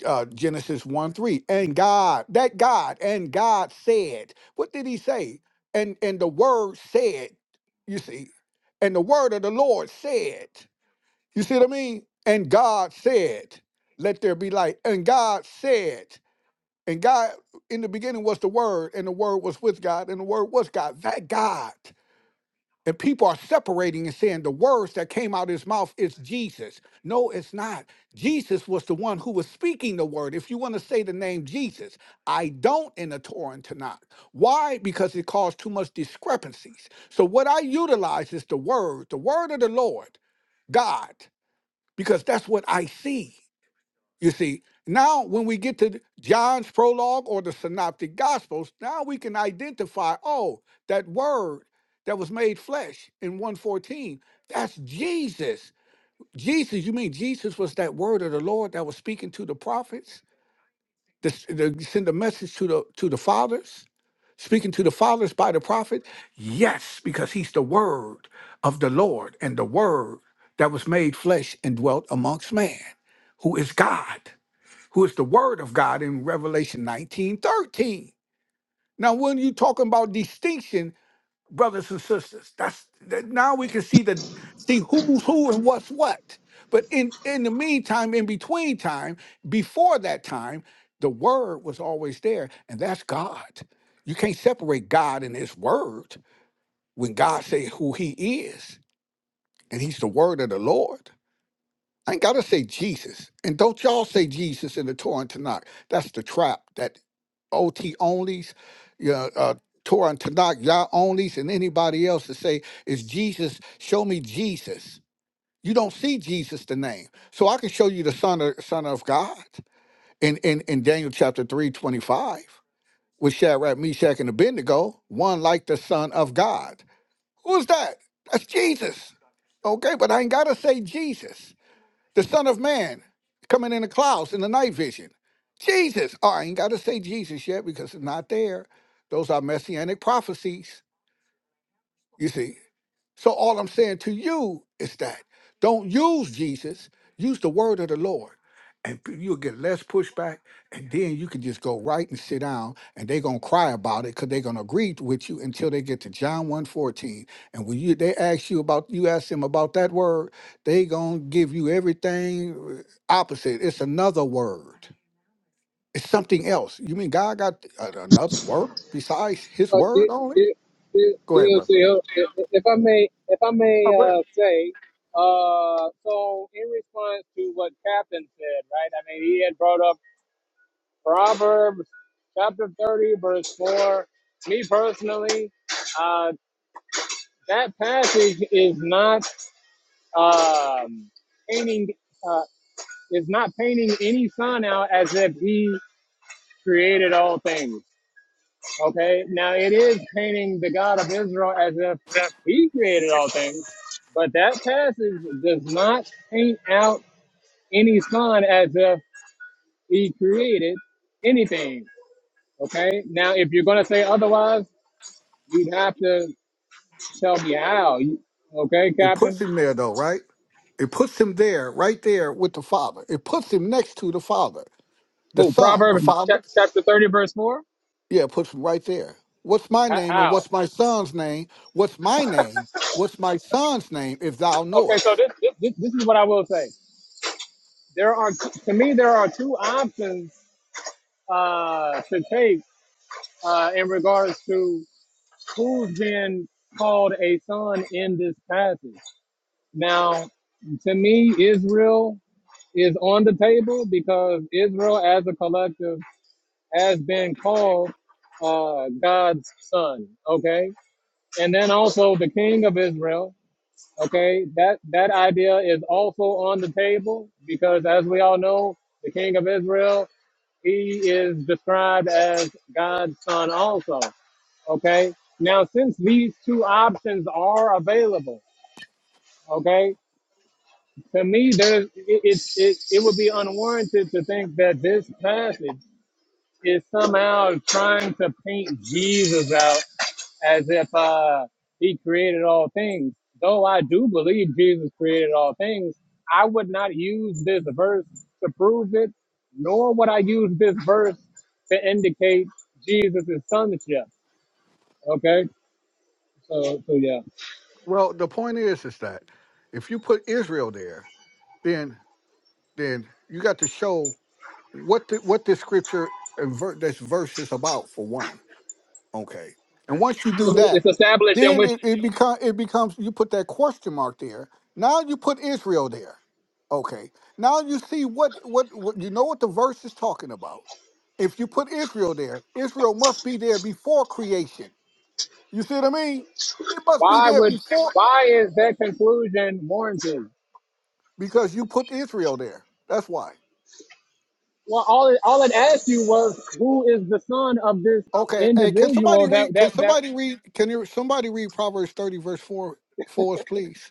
S7: uh, Genesis 1 3. And God, that God, and God said, what did he say? And, and the word said, you see, and the word of the Lord said, you see what I mean? And God said, let there be light. And God said, and God, in the beginning was the word, and the word was with God, and the word was God. That God. And people are separating and saying the words that came out of his mouth is Jesus. No, it's not. Jesus was the one who was speaking the word. If you want to say the name Jesus, I don't in the Torah and Tanakh. Why? Because it caused too much discrepancies. So what I utilize is the word, the word of the Lord, God, because that's what I see. You see, now when we get to John's prologue or the synoptic gospels, now we can identify, oh, that word that was made flesh in 114, that's Jesus. Jesus, you mean Jesus was that word of the Lord that was speaking to the prophets, to, s- to send a message to the to the fathers, speaking to the fathers by the prophet? Yes, because he's the word of the Lord and the word that was made flesh and dwelt amongst man, who is God who is the word of God in Revelation 19 13? Now, when you talking about distinction, brothers and sisters, that's that now we can see the see who's who and what's what. But in in the meantime, in between time, before that time, the word was always there, and that's God. You can't separate God and his word when God say who he is, and he's the word of the Lord. I ain't gotta say Jesus. And don't y'all say Jesus in the Torah and Tanakh. That's the trap. that. OT onlys, you know, uh, Torah and Tanakh, Yah onlys, and anybody else to say, is Jesus, show me Jesus. You don't see Jesus the name. So I can show you the Son of Son of God in, in, in Daniel chapter 3 25 with Shadrach, Meshach, and Abednego, one like the Son of God. Who's that? That's Jesus. Okay, but I ain't gotta say Jesus. The Son of Man coming in the clouds in the night vision. Jesus. Oh, I ain't got to say Jesus yet because it's not there. Those are messianic prophecies. You see? So all I'm saying to you is that don't use Jesus, use the word of the Lord. And p- you'll get less pushback, and then you can just go right and sit down, and they're gonna cry about it because they're gonna agree with you until they get to John one fourteen. And when you they ask you about you ask them about that word, they gonna give you everything uh, opposite. It's another word. It's something else. You mean God got a- another word besides His
S1: But
S7: word
S1: D-
S7: only?
S1: D- D-
S7: Go ahead, brother.
S1: DLC, if I may, if I may uh, say, uh, so in response to what Captain said, right? I mean, he had brought up Proverbs chapter 30, verse 4. Me personally, uh, that passage is not um, painting. Uh, is not painting any sun out as if he created all things. Okay. Now it is painting the God of Israel as if he created all things, but that passage does not paint out any son as if he created anything. Okay. Now, if you're going to say otherwise, you'd have to tell me how. You- Okay,
S7: It puts
S1: Captain.
S7: him there though, right? It puts him there, right there with the Father. It puts him next to the Father, the
S1: Oh,
S7: Son, the
S1: Proverbs
S7: Father.
S1: chap- chapter 30, verse 4.
S7: Yeah, it puts him right there. What's my
S1: H-
S7: name and
S1: How?
S7: what's my son's name? What's my name? What's my son's name if thou
S1: Okay, so
S7: knowest?
S1: this, this, this this is what I will say. there are to me there are two options uh, to take uh, in regards to who's been called a son in this passage. Now, to me, Israel is on the table because Israel, as a collective, has been called uh, God's son. Okay, and then also the King of Israel. Okay, that that idea is also on the table because, as we all know, the King of Israel, he is described as God's son also. Okay, now since these two options are available, okay, to me there's it it, it, it would be unwarranted to think that this passage is somehow trying to paint Jesus out as if uh, he created all things. Though I do believe Jesus created all things, I would not use this verse to prove it, nor would I use this verse to indicate Jesus' sonship. Okay, so so yeah,
S7: Well, the point is, is that if you put Israel there, then then you got to show what the, what this scripture and ver- this verse is about for one. Okay. And once you do that,
S1: it's established in
S7: then
S1: which
S7: it, it become it becomes you put that question mark there. Now you put Israel there. Okay. Now you see what what, what you know what the verse is talking about. If you put Israel there, Israel must be there before creation. You see what I mean? It must be
S1: why
S7: there
S1: would
S7: before
S1: why is that conclusion warranted?
S7: because you put Israel there. That's why.
S1: Well, all it, all it asked you was who is the son of this
S7: Okay. Hey, can somebody
S1: individual that
S7: read? Can
S1: that that
S7: somebody read? Can you, somebody read Proverbs thirty verse four for us, please?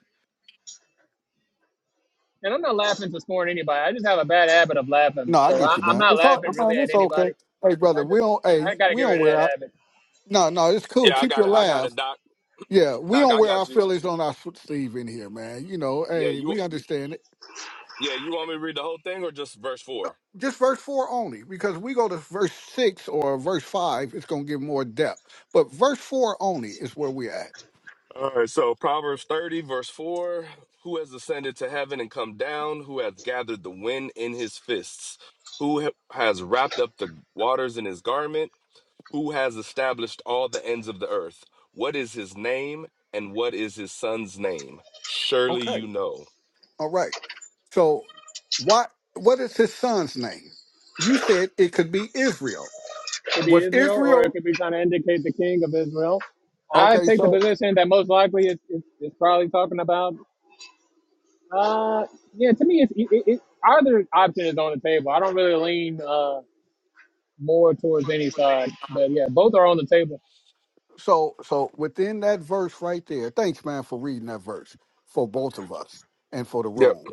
S1: And I'm not laughing to scorn anybody. I just have a bad habit of laughing.
S7: No, I
S1: So
S7: get
S1: I,
S7: you,
S1: I'm
S7: man.
S1: not
S7: It's all,
S1: laughing really
S7: man,
S1: at
S7: it's okay.
S1: anybody.
S7: Hey, brother,
S1: I
S7: we
S1: just,
S7: don't. Hey,
S1: I got to
S7: we
S1: get
S7: don't
S1: rid of
S7: wear
S1: that
S7: our.
S1: habit.
S7: No, no, it's
S10: yeah,
S7: cool.
S10: I
S7: Keep your
S10: got it. I got
S7: laugh.
S10: it, Doc.
S7: Yeah, we
S10: Doc,
S7: don't
S10: I
S7: wear our
S10: got you.
S7: feelings on our sleeve in here, man. You know,
S10: Yeah,
S7: hey,
S10: you.
S7: we understand it.
S10: Yeah, you want me to read the whole thing or just verse four?
S7: Just verse four only, because we go to verse six or verse five, it's gonna give more depth. But verse four only is where we're at.
S10: All right. So Proverbs thirty, verse four: Who has ascended to heaven and come down? Who hath gathered the wind in his fists? Who ha- has wrapped up the waters in his garment? Who has established all the ends of the earth? What is his name, and what is his son's name? Surely
S7: Okay.
S10: you know.
S7: All right. So, what what is his son's name? You said it could be Israel.
S1: It could be
S7: Was
S1: Israel or it
S7: Israel
S1: could be trying to indicate the king of Israel. I
S7: okay?
S1: take the
S7: So,
S1: position that most likely it's, it's, it's probably talking about, uh, yeah, to me, it's, it, it, it, either option is on the table. I don't really lean uh, more towards any side. But yeah, both are on the table.
S7: so, so within that verse right there. Thanks, man, for reading that verse for both of us and for the
S10: Yep.
S7: room.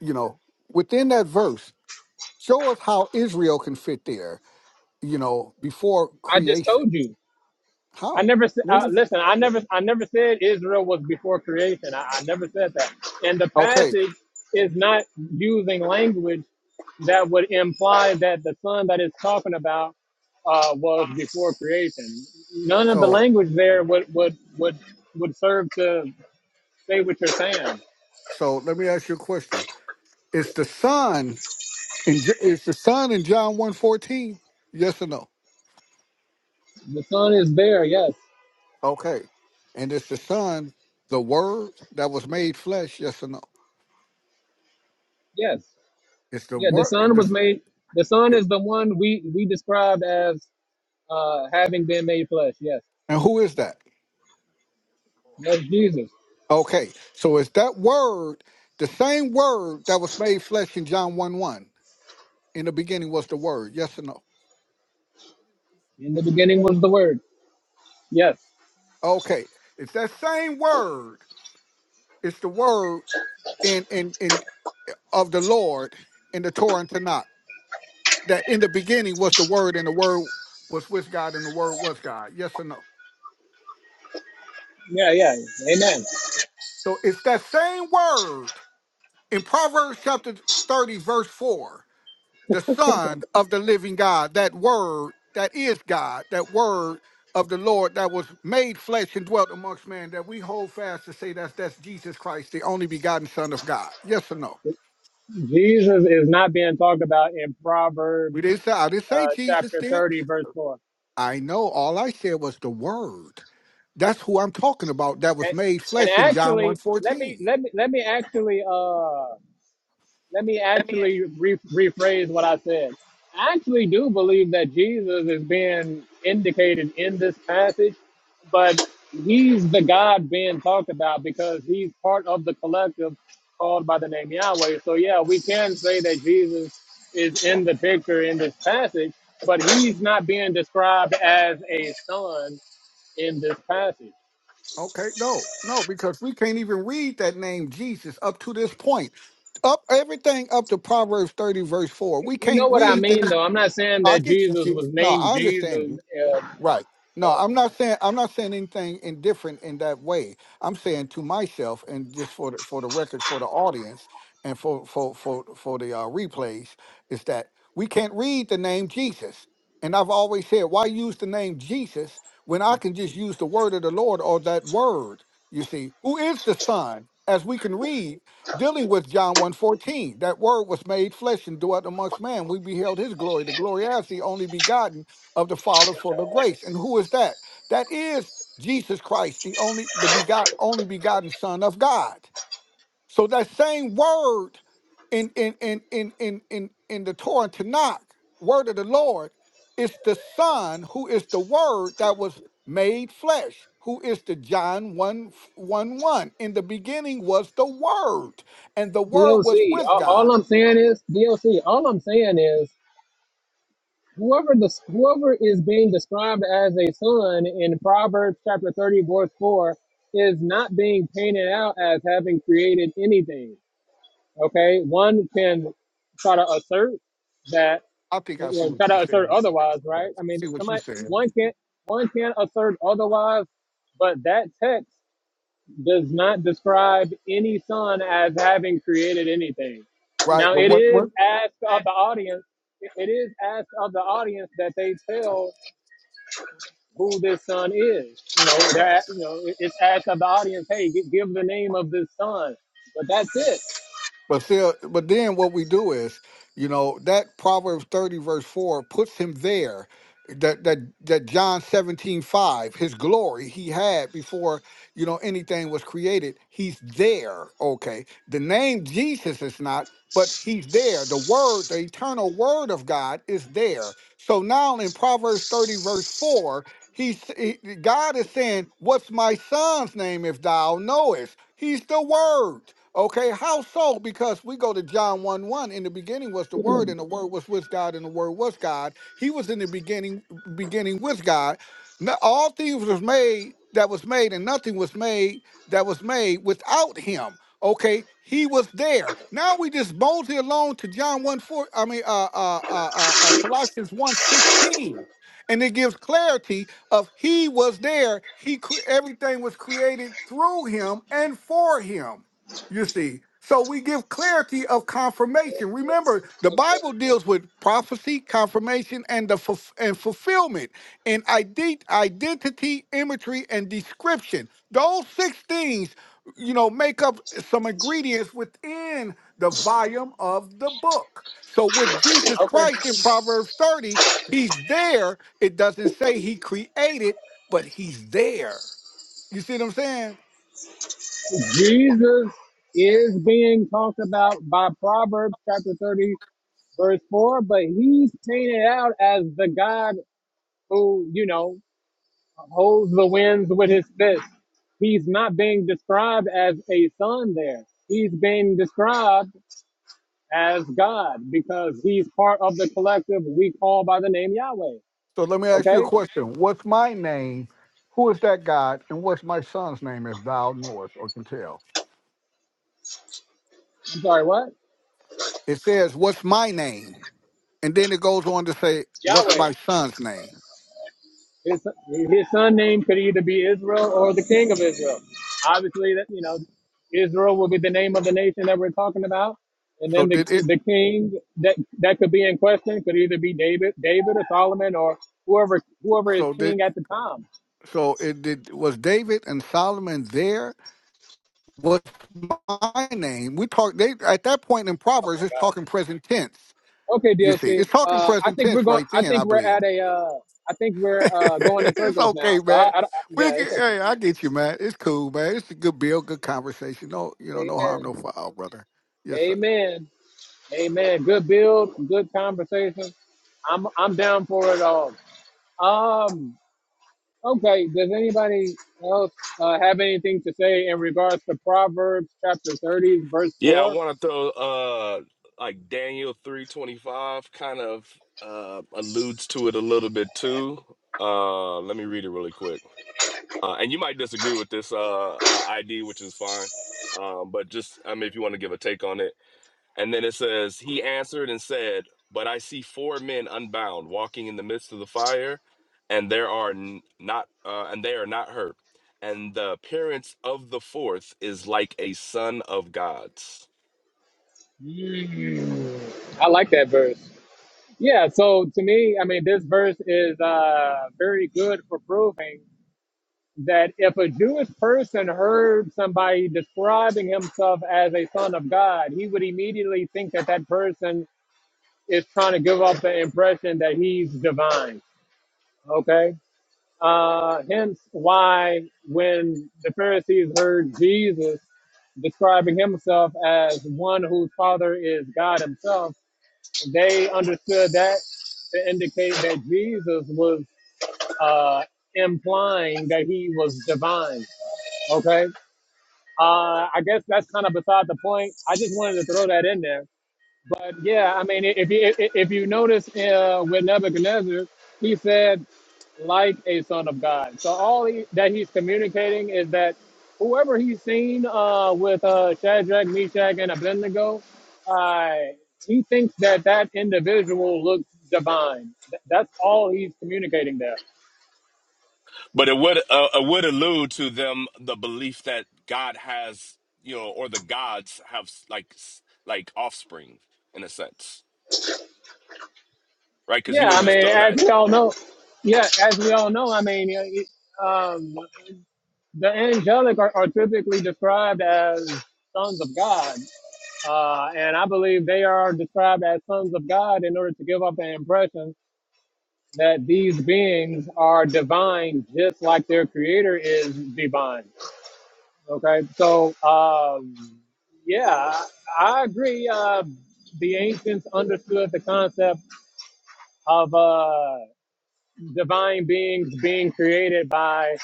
S7: You know, within that verse, show us how Israel can fit there. You know, before
S1: I just
S7: creation,
S1: told you. I
S7: how?
S1: never said. uh, listen. I never, I never said Israel was before creation. I, I never said that. And the
S7: Okay,
S1: passage is not using language that would imply that the son that it's talking about uh, was before creation. None of the
S7: so,
S1: language there would would would would serve to say what you're saying.
S7: so let me ask you a question: Is the sun in J- is the sun in John one fourteen? Yes or no?
S1: The son is there. Yes,
S7: Okay, and is the sun the Word that was made flesh? Yes or no?
S1: yes,
S7: It's the
S1: yeah. The son
S7: word.
S1: was made. The son is the one we we described as uh, having been made flesh. Yes,
S7: And who is that?
S1: that's Jesus.
S7: Okay. So is that word the same word that was made flesh in John 1 1? In the beginning was the word. Yes or no?
S1: In the beginning was the word. Yes.
S7: Okay. It's that same word. It's the word in in in of the Lord in the Torah and Tanakh. That in the beginning was the word and the word was with God and the word was God. Yes or no?
S1: Yeah, yeah. Amen.
S7: So it's that same word in Proverbs chapter 30, verse 4 the Son of the living God, that Word that is God, that Word of the Lord that was made flesh and dwelt amongst man, that we hold fast to say that's that's Jesus Christ, the only begotten Son of God. Yes or no?
S1: Jesus is not being talked about in Proverbs
S7: We didn't say I didn't say
S1: uh,
S7: Jesus
S1: chapter
S7: did.
S1: 30, verse 4.
S7: I know all I said was the Word. That's who I'm talking about. That was
S1: And,
S7: made
S1: and
S7: flesh in John one
S1: actually, let me
S7: fourteen.
S1: let me let me actually uh let me actually re- rephrase what I said. I actually do believe that Jesus is being indicated in this passage, but he's the God being talked about because he's part of the collective called by the name Yahweh. So, yeah, we can say that Jesus is in the picture in this passage, but he's not being described as a son in this passage.
S7: Okay, no, no, because we can't even read that name Jesus up to this point up everything up to Proverbs 30, verse 4.
S1: You
S7: We
S1: you know
S7: can't
S1: what I
S7: read the name.
S1: mean, though. I'm not saying
S7: I
S1: that
S7: get you,
S1: Jesus
S7: Chief.
S1: was
S7: No,
S1: named
S7: I understand you.
S1: Jesus uh,
S7: Right. No, I'm not saying I'm not saying anything indifferent in that way. I'm saying to myself and just for the, for the record, for the audience, and for for for for the uh, replays, is that we can't read the name Jesus. And I've always said, why use the name Jesus when I can just use the word of the Lord or that word? You see, who is the Son? As we can read, dealing with John one fourteen, that word was made flesh and dwelt amongst man. We beheld his glory, the glory as the only begotten of the Father for the grace. And who is that? That is Jesus Christ, the only the begot only begotten Son of God. So that same word in in in in in in, in the Torah and Tanakh, word of the Lord, is the Son who is the word that was made flesh. Who is the John one one one. In the beginning was the Word, and the Word was
S1: DLC.
S7: with
S1: All,
S7: God.
S1: all I'm saying is DLC. All I'm saying is whoever the whoever is being described as a son in Proverbs chapter 30 verse 4 is not being painted out as having created anything. Okay, one can try to assert that
S7: I think I see
S1: or
S7: what
S1: try
S7: you're
S1: to assert
S7: saying.
S1: otherwise,
S7: Right.
S1: right? I mean,
S7: See what you're
S1: somebody
S7: saying.
S1: one can't one can assert otherwise, but that text does not describe any son as having created anything.
S7: Right.
S1: Now
S7: But
S1: it
S7: what,
S1: is
S7: what
S1: asked of the audience. It is asked of the audience that they tell who this son is. You know, that you know, it- it's asked of the audience. Hey, gi- give the name of this son. But that's
S7: But still, but then what we do is, you know, that Proverbs 30 verse 4 puts him there. That that that John 17 5, his glory he had before, you know, anything was created. He's there. Okay. The name Jesus is not, but he's there. The word, the eternal word of God is there. So now in Proverbs 30, verse 4, he's he, God is saying, What's my son's name if thou knowest? He's the word. Okay, how so? Because we go to John 1 1. In the beginning was the Word, and the Word was with God, and the Word was God. He was in the beginning, beginning with God. No- all things was made that was made, and nothing was made that was made without him. Okay, he was there. Now we just boldly alone to John 1 4, I mean, uh, uh, uh, uh, uh, Colossians one sixteen, And it gives clarity of he was there. He cre- everything was created through him and for him. You see, so we give clarity of confirmation. Remember, the
S1: it.
S7: Bible deals with prophecy, confirmation, and the fulf- and fulfillment, and ide- identity, imagery, and description. Those six things, you know, make up some ingredients within the volume of the book. So with Jesus
S1: Okay.
S7: Christ in Proverbs thirty, He's there. It doesn't say He created, but He's there. You see what I'm saying?
S1: Jesus is being talked about by Proverbs chapter 30, verse 4, but he's painted out as the God who, you know, holds the winds with his fist. He's not being described as a son there. He's being described as God because he's part of the collective we call by the name Yahweh.
S7: So let me ask you a
S1: Okay?
S7: question. What's my name? Who is that God? And what's my son's name if thou knowest or can tell?
S1: I'm sorry, what?
S7: It says, What's my name? And then it goes on to say, What's
S1: Yahweh.
S7: my son's name?
S1: His, his son name could either be Israel or the King of Israel. Obviously, that you know, Israel will be the name of the nation that we're talking about, and
S7: So
S1: then the
S7: did it
S1: the king that that could be in question could either be David, David or Solomon or whoever whoever is
S7: so did
S1: king at the time.
S7: so it did was David and Solomon there? What's my name? We talk they at that point in Proverbs
S1: My
S7: it's talking
S1: God.
S7: present tense.
S1: Okay,
S7: You see,
S1: DLC.
S7: it's talking
S1: Uh, I
S7: present
S1: think we're
S7: tense
S1: going.
S7: right
S1: I
S7: then, I
S1: think we're
S7: believe.
S1: at a. Uh, I think we're uh, going in
S7: it's
S1: circles
S7: okay,
S1: now. So I,
S7: man.
S1: I, I-
S7: We
S1: yeah,
S7: get,
S1: it's okay.
S7: hey, I get you, man. It's cool, man. It's a good bill, good conversation. No, you know, no harm,
S1: Amen.
S7: no foul, brother. Yes, sir.
S1: Amen. Amen. Good build, good conversation. I'm I'm down for it all. Um. Okay. Does anybody else uh, have anything to say in regards to Proverbs chapter thirty, verse
S10: Yeah, I
S1: four?
S10: want to throw uh like Daniel 325 kind of uh alludes to it a little bit too. Uh let me read it really quick. Uh and you might disagree with this uh, uh ID which is fine. Um but just I mean if you want to give a take on it. And then it says he answered and said, "But I see four men unbound walking in the midst of the fire and there are n- not uh and they are not hurt. And the appearance of the fourth is like a son of God's."
S1: Mm, I like that verse. Yeah. So to me, I mean, this verse is uh, very good for proving that if a Jewish person heard somebody describing himself as a son of God, he would immediately think that that person is trying to give off the impression that he's divine. Okay. Uh, hence why when the Pharisees heard Jesus describing himself as one whose father is God himself, they understood that to indicate that Jesus was uh, implying that he was divine. Okay. Uh, I guess that's kind of beside the point. I just wanted to throw that in there But yeah, I mean, if you if you notice uh, with Nebuchadnezzar, he said like a son of God. So all he, that he's communicating is that whoever he's seen uh, with uh, Shadrach, Meshach, and Abednego, uh, he thinks that that individual looks divine. Th- That's all he's communicating there.
S10: But it would uh, it would allude to them the belief that God has you know or the gods have s- like s- like offspring in a sense, right? Because he
S1: Yeah, I
S10: wouldn't just
S1: mean,
S10: throw
S1: as
S10: that.
S1: we all know, yeah, as we all know, I mean, you know, it- um, the angelic are, are typically described as sons of God. Uh, and I believe they are described as sons of God in order to give off the impression that these beings are divine, just like their creator is divine. Okay, so um, yeah, I agree. Uh, the ancients understood the concept of uh, divine beings being created by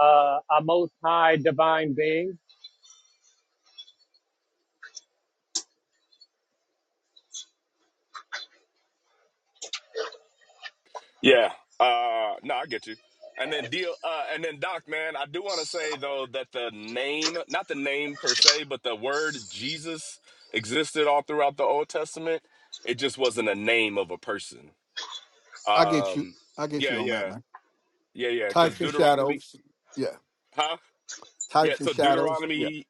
S1: uh, a most high divine being
S10: Yeah. Uh. No, I get you. And then deal. Uh. And then Doc, man, I do want to say though that the name, not the name per se, but the word Jesus existed all throughout the Old Testament. It just wasn't a name of a person.
S7: I get you.
S10: Um.
S7: I get
S10: Yeah.
S7: you on that,
S10: Yeah.
S7: man.
S10: Yeah. Yeah. Because
S7: Types and
S10: Deuteronomy,
S7: shadows. Yeah.
S10: huh? Yeah,
S7: Types and
S10: so
S7: shadows.
S10: Deuteronomy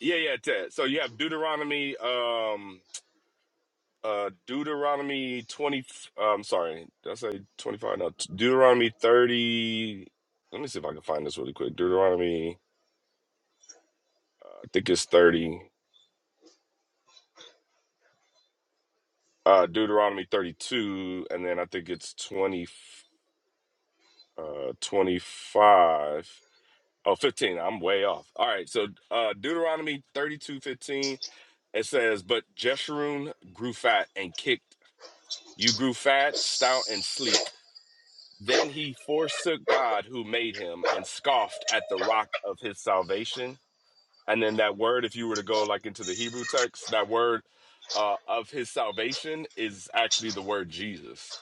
S10: Yeah, yeah, Ted. So you have Deuteronomy, um, uh, Deuteronomy twenty. Um, sorry, did I say twenty five? No, Deuteronomy thirty. Let me see if I can find this really quick. Deuteronomy, uh, I think it's thirty. Uh, Deuteronomy thirty two, and then I think it's twenty. Uh, twenty five. Oh, fifteen. I'm way off. All right. So uh Deuteronomy thirty two fifteen. it says, But Jeshurun grew fat and kicked. You grew fat, stout, and sleek. Then he forsook God who made him and scoffed at the rock of his salvation. And then that word, if you were to go like into the Hebrew text, that word uh, of his salvation is actually the word Jesus.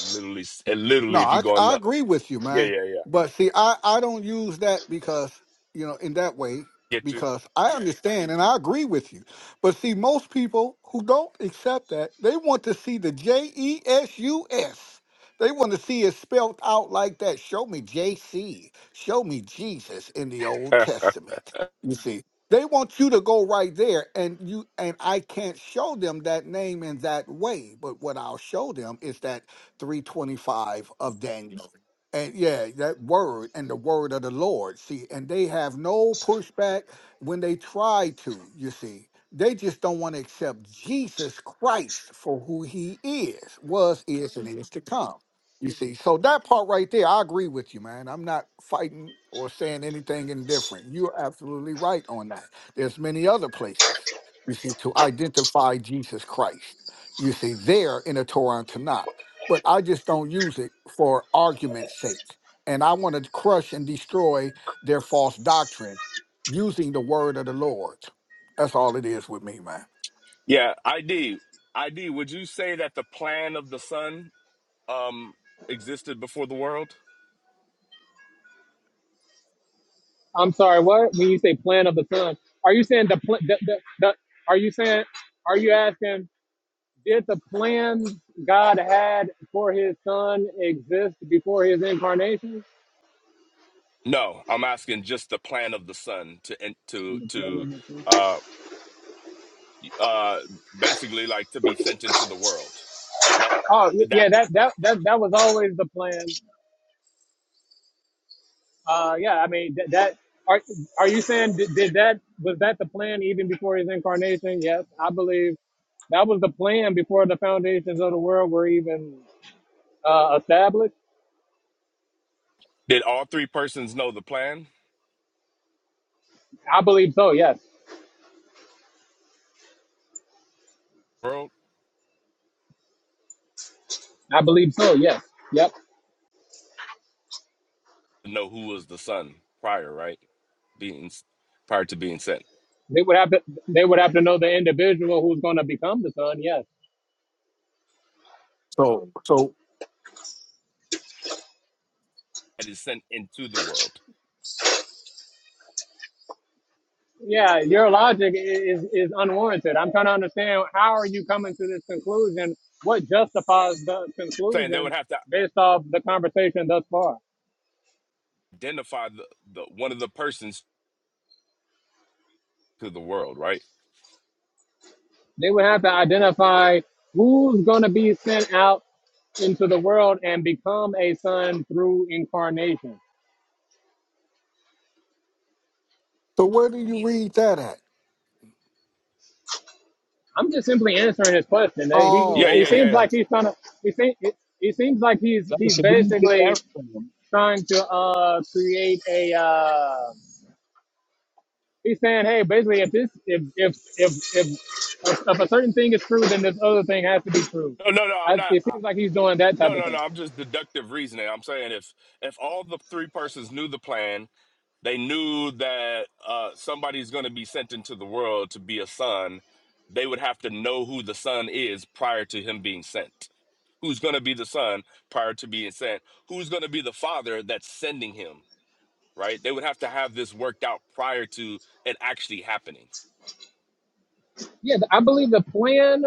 S10: Literally, and
S7: No,
S10: literally, if you
S7: I,
S10: go in
S7: I
S10: the
S7: agree with you,
S10: yeah,
S7: man.
S10: yeah, yeah,
S7: But see, I, I don't use that because, you know, in that way,
S10: get
S7: because I understand and I agree with you. But see, most people who don't accept that, they want to see the J E S U S. They want to see it spelled out like that. Show me JC. Show me Jesus in the Old
S10: you,
S7: Testament. You see, they want you to go right there and you and I can't show them that name in that way. But what I'll show them is that 325 of Daniel. And yeah, that word and the word of the Lord. See, and they have no pushback when they try to, you see. They just don't want to accept Jesus Christ for who he is, was, is, and is to come. You see, so that part right there, I agree with you, man. I'm not fighting or saying anything indifferent. You're absolutely right on that. There's many other places, you see, to identify Jesus Christ. You see, there in the Torah and Tanakh but I just don't use it for argument's sake. And I want to crush and destroy their false doctrine using the word of the Lord. That's all it is with me, man.
S10: yeah. ID, ID. Would you say that the plan of the Son um existed before the world?
S1: I'm sorry, what? When you say plan of the son, are you saying the plan? The, the, the, are you saying? Are you asking? Did the plan God had for His Son exist before His incarnation?
S10: No, I'm asking just the plan of the Son to to to. uh uh, basically like to be sent into the world. That
S1: Oh, y-
S10: that
S1: yeah, that that that that was always the plan. Uh, yeah, I mean that. that are are you saying did, did that was that the plan even before His incarnation? Yes, I believe that was the plan before the foundations of the world were even uh, established.
S10: did all three persons know the plan?
S1: I believe so. Yes,
S10: World
S1: I believe so. Yes. Yep.
S10: know who was the son prior, right? Being prior to being sent,
S1: They would have to they would have to know the individual who's going to become the son. Yes.
S10: that is sent into the world.
S1: Yeah, your logic is is unwarranted. I'm trying to understand how are you coming to this conclusion? What justifies the
S10: Saying they
S1: conclusion
S10: would have to
S1: based off the conversation thus far?
S10: identify the, the one of the persons to the world, right?
S1: They would have to identify who's going to be sent out into the world and become a son through incarnation.
S7: So where do you read that at?
S1: I'm just simply answering his question. He he
S10: Yeah,
S7: Oh,
S1: he
S10: yeah,
S7: okay,
S1: seems
S10: yeah.
S1: like
S7: gotcha.
S1: he's trying to. He seems he seems like he's
S2: Like I
S1: he's
S2: said, we didn't get
S1: basically
S2: that from him.
S1: trying to uh, create a. Uh, he's saying, hey, basically, if this, if if if if, if a certain thing is true, then this other thing has to be true.
S10: No, no, no. I'm
S1: I,
S10: not.
S1: it seems like he's doing that
S10: No,
S1: type of
S10: no, no.
S1: thing.
S10: I'm just deductive reasoning. I'm saying if if all the three persons knew the plan, they knew that uh, somebody's going to be sent into the world to be a son. They would have to know who the son is prior to him being sent. Who's going to be the son prior to being sent? Who's going to be the father that's sending him? Right? They would have to have this worked out prior to it actually happening.
S1: Yeah, I believe the plan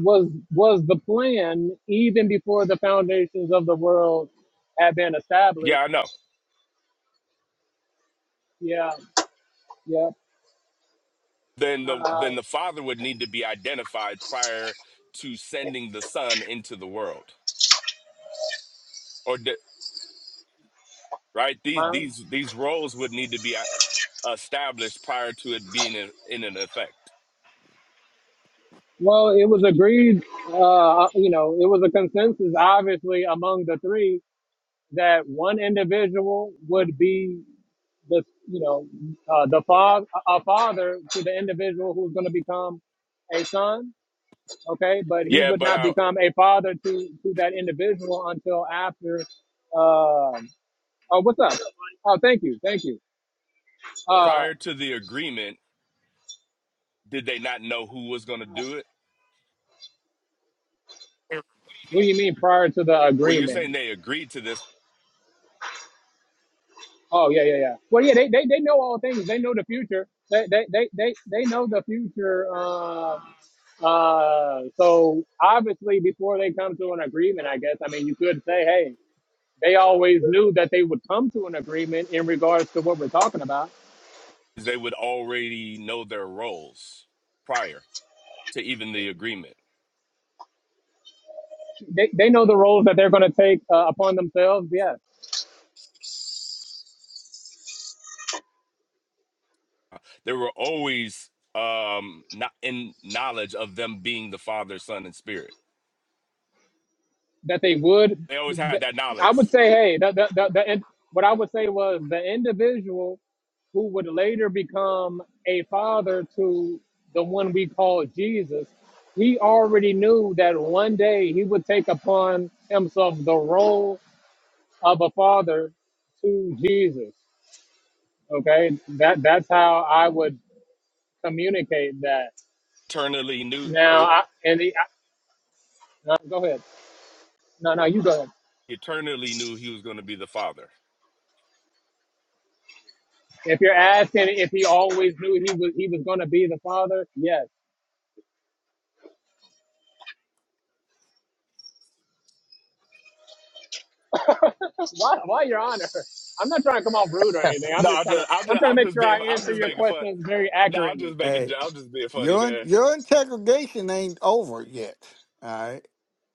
S1: was was the plan even before the foundations of the world had been
S10: Yeah,
S1: established.
S10: I know.
S1: Yeah, yeah.
S10: Then the
S1: Uh,
S10: then the father would need to be identified prior to sending the son into the world. or the, right these
S1: huh?
S10: these these roles would need to be uh, established prior to it being in, in an effect
S1: Well, it was agreed. Uh, you know, it was a consensus, obviously, among the three that one individual would be the you know uh, the father a father to the individual who's going to become a son okay but he
S10: yeah
S1: would
S10: but
S1: not
S10: uh,
S1: become a father to to that individual until after uh, oh what's up oh thank you thank you uh
S10: prior to the agreement did they not know who was going to do it
S1: what do you mean prior to the
S10: well you're
S1: agreement
S10: saying
S7: Mm.
S10: they agreed to this
S1: oh yeah yeah yeah well yeah they they, they know all things they know the future they they they they, they know the future uh, Uh, so obviously, before they come to an agreement, I guess, I mean, you could say, hey, they always knew that they would come to an agreement in regards to what we're talking about.
S10: they would already know their roles prior to even the agreement
S1: They, they know the roles that they're going to take uh, upon themselves, yes,
S10: they were always um not in knowledge of them being the father son and spirit
S1: that they would.
S10: they always had
S1: That,
S10: that
S1: I would
S10: knowledge
S1: say, hey, the, the, the, the, in- what I would say was the individual who would later become a father to the one we call Jesus, he already knew that one day he would take upon himself the role Of a Father to Jesus. Okay, that that's how I would communicate that.
S10: eternally knew
S1: Now, I, and the, I, no, go ahead. No, no, you go ahead.
S10: eternally knew he was going to be the father
S1: If you're asking if he always knew he was he was going to be the father, yes. Why, why, Your Honor? I'm not trying to come off rude or anything. I'm
S10: No,
S1: just
S10: I'm
S1: trying to
S10: just, I'm
S1: I'm
S10: just,
S1: trying to
S10: I'm
S1: make
S10: just
S1: sure
S10: being,
S1: I
S10: I'm
S1: answer
S10: just
S1: your
S10: making fun.
S1: questions very
S10: No, I'm
S1: accurately.
S10: just making,
S7: Hey,
S10: I'm just being funny,
S7: your
S10: man.
S7: your integration ain't over yet. All right,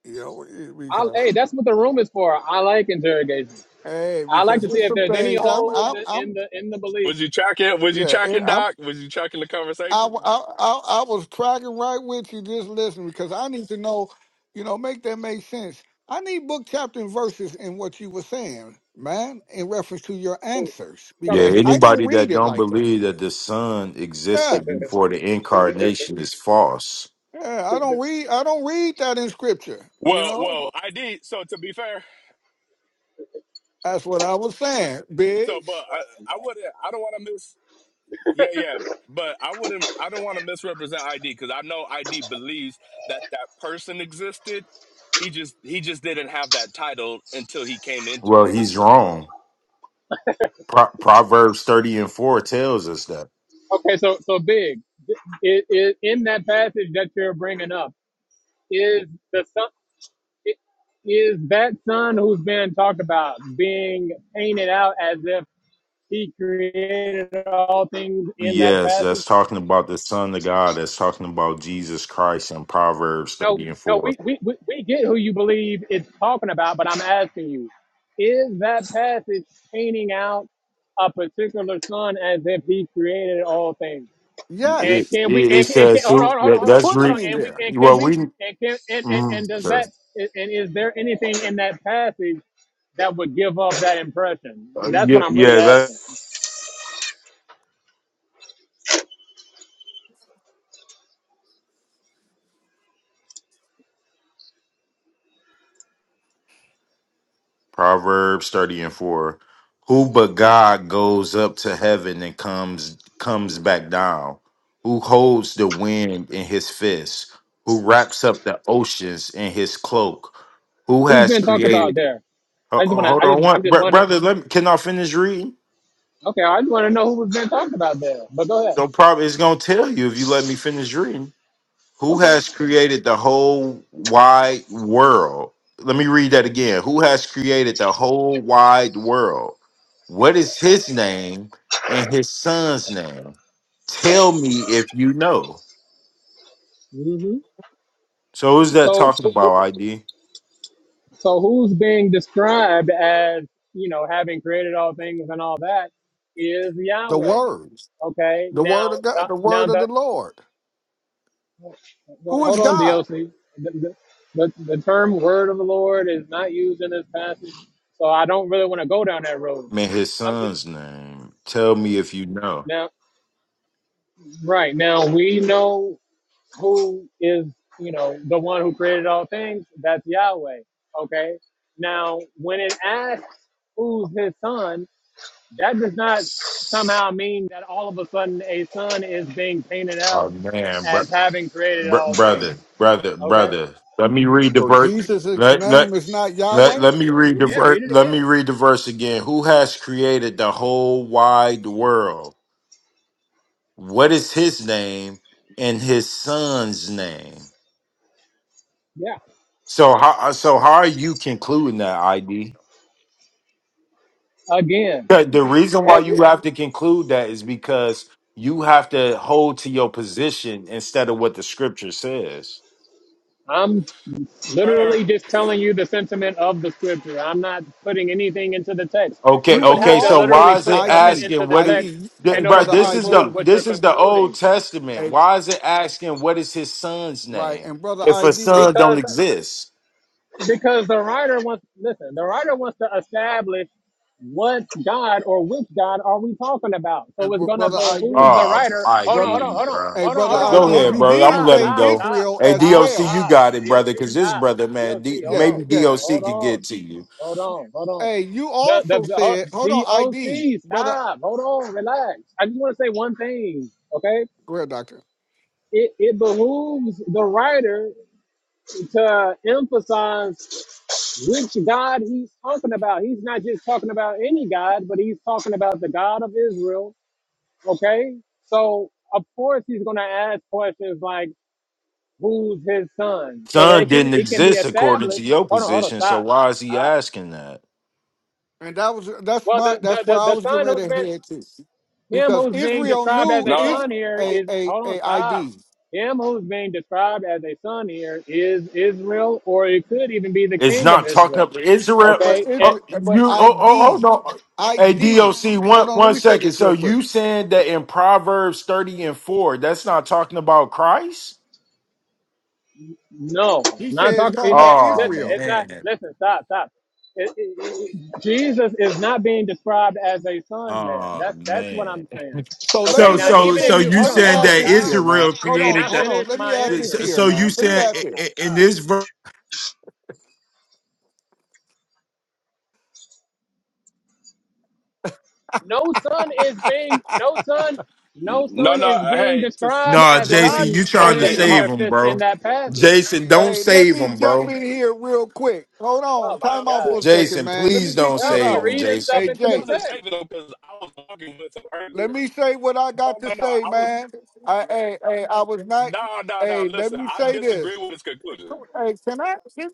S7: you know
S1: I,
S7: because
S1: hey, that's what the room is for. I like interrogation.
S7: hey,
S1: I like
S7: because
S1: to see
S7: there's
S1: if
S7: some
S1: there's any
S7: things I'm
S1: holes
S7: I'm
S1: in in
S7: I'm
S1: the in the belief.
S10: Was you tracking? Was you
S7: yeah eh,
S10: tracking,
S7: I'm
S10: Doc? Was you tracking the
S7: I,
S10: conversation?
S7: w- I, I, I was cracking right with you just listening because I need to know, you know, make that make sense. I need book, chapter, and verses in what you were saying, man, in reference to your answers
S12: Yeah,
S1: talking to
S7: because
S1: me?
S7: I don't
S12: anybody that
S7: read it
S12: don't
S7: like that.
S12: believe that the son
S7: Yeah,
S12: existed before the incarnation is false.
S7: yeah, I don't read, I don't read that in scripture. You
S10: Well,
S7: know,
S10: well, I did. So to be fair,
S7: that's what I was saying,
S10: so but
S7: Biggs.
S10: I, I wouldn't, I don't want to miss. Yeah, yeah, but I wouldn't, I don't want to misrepresent ID because I know ID believes that that person existed. He just, he just didn't have that title until he came into
S12: Well, he's
S10: existence.
S12: wrong. Pro- Proverbs 30 and 4 tells us that.
S1: Okay, so so big. It, it, in that passage that you're bringing up, is the son i- is that son who's being talked about being painted out as if he created all things in that
S12: Yes,
S1: passage?
S12: that's talking about the son of God. That's talking about Jesus Christ in Proverbs
S1: No,
S12: 30 and
S1: no,
S12: 4.
S1: we we, we, we get who you believe it's talking about, but I'm asking you, is that passage painting out a particular son as if he created all things? And
S12: It,
S7: Yes,
S1: can we?
S12: it, it
S1: And, and can,
S12: says,
S1: hold
S12: who,
S1: on, hold on,
S12: that,
S7: it's
S1: hold on,
S12: that's
S7: putting
S1: hold on.
S12: re,
S7: me
S1: And we
S7: there
S1: and can
S12: well,
S1: we?
S12: we,
S1: And can and, and,
S12: mm,
S1: and does
S12: sure.
S1: that? And is there anything in that passage that would give off that impression?
S12: Uh,
S1: That's
S12: yeah,
S1: what I'm really
S12: yeah, that,
S1: asking.
S12: Proverbs 30 and 4. Who but God goes up to heaven and comes comes back down? Who holds the wind in his fist? Who wraps up the oceans in his cloak? Who
S1: Who's
S12: has
S1: been talked about
S12: created?
S1: there?
S12: Ho-
S1: I just
S12: ho-
S1: want to.
S12: Hold
S1: I
S12: on,
S1: just.
S12: one
S1: I'm just
S12: br-
S1: wondering.
S12: brother. Let me, can I finish reading?
S1: Okay, I just want to know who's been talked about there. But go ahead.
S12: No problem. It's gonna tell you if you let me finish reading. Who
S1: Okay.
S12: has created the whole wide world? Let me read that again. Who has created the whole wide world? What is his name and his son's name? Tell me if you know.
S1: hmm
S12: So who's that
S1: So,
S12: talking
S1: who- who-
S12: about, ID?
S1: so who's being described as you know having created all things and all that is
S7: the
S1: Yahweh.
S7: words,
S1: Okay.
S7: the
S1: Now,
S7: word of God,
S1: the,
S7: the
S1: now
S7: word of
S1: the
S7: the Lord.
S1: Well,
S7: Who is
S1: hold on,
S7: God?
S1: DLC. The, the, the the term "word of the Lord" is not used in this passage, so I don't really want to go down that road.
S12: Man, his
S1: I'm just
S12: son's name. Tell me if you know.
S1: now right now we know who is you know the one who created all things. That's Yahweh. Okay. Now, when it asks who's his son, that does not somehow mean that all of a sudden a son is being painted
S12: Oh
S1: out
S12: man, br-
S1: as having created
S12: br-
S1: all things.
S12: brother, brother,
S1: Okay.
S12: brother. Let me read the
S7: So
S12: verse.
S7: Jesus'
S12: Let let.
S7: name is not
S12: Let,
S7: Yahweh.
S12: let me read the
S1: Yeah,
S12: verse.
S1: read it
S12: Let me
S1: again.
S12: read the verse again. Who has created the whole wide world? What is his name and his son's name? So how so how are you concluding that ID?
S1: Again,
S12: The the reason why
S1: as
S12: you have to conclude that is because you have to hold to your position instead of what the scripture says.
S1: I'm
S10: Fair.
S1: literally just telling you the sentiment of the scripture. I'm not putting anything into the text.
S12: Okay,
S1: You
S7: But
S1: would
S7: you
S12: okay.
S1: have to
S12: So
S7: also
S12: why
S1: literally
S7: s-
S12: is it
S1: put something
S7: ID,
S12: asking
S1: into the
S12: what is
S1: text
S7: ID,
S12: th-
S7: hey
S1: in
S12: bro?
S1: order
S7: brother
S1: to
S12: This is
S1: conclude
S12: the
S7: ID,
S1: what you're
S12: this is the Old
S1: concluding.
S12: Testament.
S7: hey
S12: Why is it asking what is his son's
S7: right,
S12: name
S7: and brother
S12: if a
S7: ID,
S12: son don't
S1: Because
S12: exist?
S1: because the writer wants listen, the writer wants to establish what God or which God are we talking about. So
S7: and
S1: it's
S7: br-
S1: gonna
S7: brother
S1: behoove
S7: ID,
S1: the
S12: Oh,
S1: writer. Hold on,
S7: brother,
S1: hold on,
S12: ID,
S1: hold on,
S12: bro.
S7: hey
S1: hold on,
S7: brother
S1: hold
S12: Go
S1: on, hold
S12: go
S1: on,
S7: ID.
S1: hold
S12: ahead,
S1: on.
S7: You
S12: bro. I'm
S7: did
S12: gonna
S1: Stop,
S12: let
S7: say
S12: him
S1: stop,
S12: go.
S1: stop,
S7: Israel
S12: Hey,
S7: as
S1: stop,
S12: DOC, you
S7: well.
S1: stop.
S12: got it, brother.
S1: D.O.C.
S12: Because this
S1: stop.
S12: brother, man, D,
S1: D.O.C. hold
S7: Yeah,
S1: on.
S12: maybe
S7: yeah.
S12: DOC
S1: Hold
S12: could
S1: on.
S12: get to you.
S1: Hold on, hold on.
S7: Hey, you
S1: The the
S7: also said, hold on,
S1: the ho-
S7: ID,
S1: DOC,
S7: brother,
S1: stop. Hold on, relax. I just want to say one thing, okay?
S7: go ahead, doctor.
S1: It it behooves the writer to emphasize which God he's talking about. He's not just talking about any God, but he's talking about the God of Israel, okay? So of course he's gonna ask questions like who's his son? So they
S12: Son
S1: can
S12: didn't
S1: it can be
S12: exist according to
S1: established.
S12: your
S1: Hold on, hold on,
S12: position. So
S1: stop.
S12: why is he
S1: stop.
S12: asking that?
S7: And that was that's
S1: Well,
S7: my
S1: the, the,
S7: that's where
S1: the,
S7: I
S1: the
S7: was getting
S1: son who's
S7: ready to
S1: been
S7: head to,
S1: Him
S7: because
S1: who's being
S7: Israel
S1: described as
S7: knew
S1: a
S10: No,
S7: is
S1: son here
S7: a
S1: is
S7: a
S1: hold on,
S7: a
S1: stop.
S7: ID,
S1: Him who's being described as a son here is Israel, or it could even be the
S12: It's
S1: king of
S12: not talking
S1: Israel.
S12: up Israel.
S7: but
S1: Okay? Eh,
S12: Oh,
S7: Israel
S12: you. Oh, oh, hold
S7: ID
S12: on. Hey,
S7: ID.
S12: DOC, one
S7: Hold on, let
S12: one
S7: me say
S12: second.
S7: this
S12: So
S7: real quick.
S12: you saying that in Proverbs thirty and four, that's not talking about Christ?
S1: no,
S7: He
S1: not
S7: says
S1: talking.
S7: talking
S1: It's, eh,
S7: about
S12: Oh
S1: listen,
S7: Israel.
S1: it's not.
S12: man.
S1: Listen, stop, stop. It- it- it- Jesus is not being described as a son there.
S12: Oh
S1: That's that's what
S12: man.
S1: I'm saying.
S7: So let
S1: Okay,
S7: me
S12: So
S1: now
S7: let me
S12: so
S1: even if
S12: so
S7: say
S1: you
S12: you
S1: hold
S7: let
S1: on,
S7: me
S1: hold
S12: saying
S7: add
S1: on,
S12: that
S7: this here,
S1: stop.
S7: man.
S12: Israel
S7: Hold
S1: Can
S7: on,
S12: created
S1: I
S7: hold
S12: that?
S7: on.
S1: finish
S7: Let me
S1: my
S7: add this
S12: So,
S1: answer?
S7: here,
S12: so you
S7: man. Let me
S12: saying
S7: add
S12: i-
S7: this.
S12: i- in this verse?
S1: no son is being no son no
S10: no,
S1: son
S10: no.
S1: is being
S10: Hey, to,
S1: described
S12: Nah,
S1: as
S7: Can
S12: Jason,
S7: I?
S1: holding
S12: you
S1: the
S7: Hey,
S10: I
S12: trying to
S7: let
S1: wind
S10: did.
S1: in
S7: me.
S12: save
S1: their
S12: him,
S1: fist
S12: bro?
S1: in that passage.
S12: Jason, don't
S7: Hey, let
S12: save
S7: me
S12: him,
S7: jump
S12: bro.
S7: in here real quick. Hold on,
S1: Oh my
S10: No,
S7: time out
S10: listen,
S7: for a
S1: God.
S7: second,
S12: Jason,
S7: man. Let me
S12: please don't
S7: get this
S1: Y'all be
S12: save
S7: out.
S12: him,
S1: reading stuff
S7: Hey,
S12: Jason.
S10: I
S1: into the
S7: Jay,
S10: wasn't
S1: text.
S10: shaving though because I was arguing with him
S7: let
S10: earlier.
S7: me say what I
S10: No,
S7: got to
S10: no, no.
S7: say,
S10: I was
S7: man. I, hey, hey, I was not.
S10: no, no, no.
S7: Hey, let
S10: Listen,
S7: me
S10: I
S7: say this.
S10: disagree with his conclusion.
S7: Hey, can I?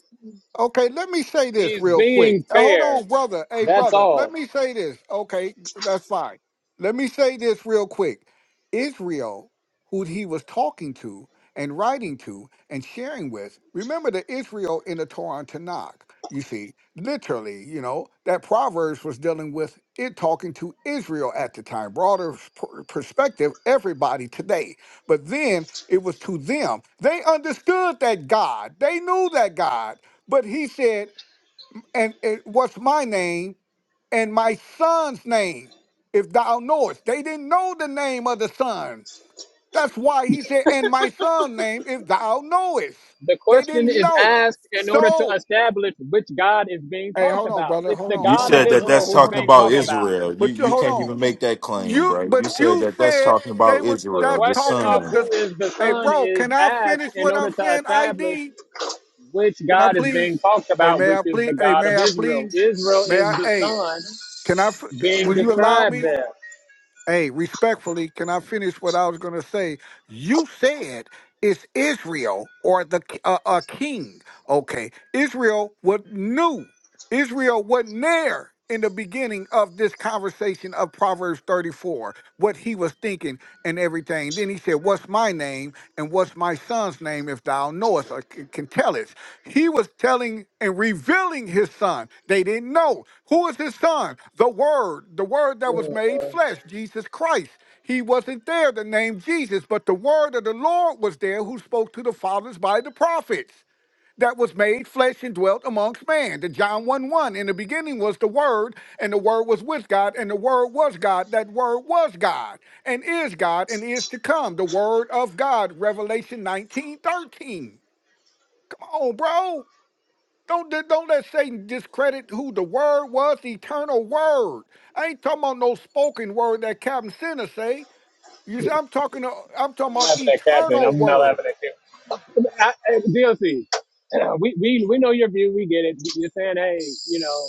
S7: Okay, let me say this
S1: He's
S7: real quick.
S1: being
S7: Uh, Hold
S1: fair.
S7: on, brother. Hey,
S1: That's
S7: brother, let
S1: all.
S7: me say this. Okay, that's fine. Let me say this real quick. Israel, who he was talking to and writing to and sharing with, remember the Israel in the Torah and Tanakh. You see, literally, you know, that Proverbs was dealing with it talking to Israel at the time, broader per- perspective, everybody today. But then it was to them. They understood that God, they knew that God. But he said, and it, what's my name and my son's name, if thou knowest. They didn't know the name of the son. That's why he said, and my son's name, if thou knowest.
S1: The
S7: They
S1: question
S7: didn't
S1: is
S7: know.
S1: asked in order to
S7: So,
S1: establish which God is being
S7: hey,
S1: talked
S7: hold on,
S1: about.
S7: brother.
S1: It's
S7: Hold
S1: the
S7: on,
S12: You
S7: hold
S1: God of
S12: said
S7: on.
S12: that
S1: Israel
S12: that's
S1: who's
S12: talking
S1: being
S12: about
S1: talked about.
S12: Israel. You
S7: But you
S12: you
S7: hold
S12: can't
S7: on.
S12: even make that claim,
S7: You
S12: bro. You
S7: but
S12: said
S7: you
S12: that that's
S7: said
S12: talking
S7: they
S12: about
S7: was
S1: The
S12: Israel,
S7: that's
S12: the
S1: question
S7: talking
S1: of
S7: about
S12: son.
S7: this.
S1: who is the
S7: Hey,
S1: son
S7: bro,
S1: is
S7: can I
S1: asked
S7: finish
S1: in
S7: what
S1: order
S7: I'm
S1: to
S7: saying?
S1: establish
S7: ID?
S1: which
S7: Can I
S1: God is being
S7: please?
S1: talked
S7: Hey,
S1: about,
S7: may
S1: which
S7: I
S1: is
S7: please?
S1: the
S7: Hey,
S1: God
S7: may
S1: of
S7: I
S1: Israel.
S7: please?
S1: Israel
S7: May
S1: is
S7: I?
S1: the
S7: Hey.
S1: son
S7: Can I? f-
S1: being
S7: Will you allow
S1: described
S7: me?
S1: there.
S7: Hey, respectfully, can I finish what I was going to say? You said it's Israel or the k- uh, a king. Okay, Israel was new. Israel wasn't there in the beginning of this conversation of Proverbs 34, what he was thinking and everything. Then he said, "What's my name and what's my son's name? If thou knowest, or c- can tell it. He was telling and revealing his son. They didn't know. Who is his son? The Word, the Word that was
S1: Oh,
S7: made
S1: Lord.
S7: flesh, Jesus Christ. He wasn't there, the name Jesus, but the Word of the Lord was there who spoke to the fathers by the prophets that was made flesh and dwelt amongst man. The John 1 1. In the beginning was the Word, and the Word was with God, and the Word was God. That Word was God, and is God, and is to come. The Word of God, Revelation nineteen thirteen. Come on, bro. Don't let- don't let Satan discredit who the word was, the eternal word. I ain't talking about no spoken word that Captain Sinner say. You see, I'm talking to, I'm talking
S1: I'm
S7: about
S1: laughing at Captain.
S7: eternal
S1: I'm not
S7: word.
S1: laughing at Captain. I, I, D L C, uh, we, we, we know your view. We get it. You're saying, hey, you know,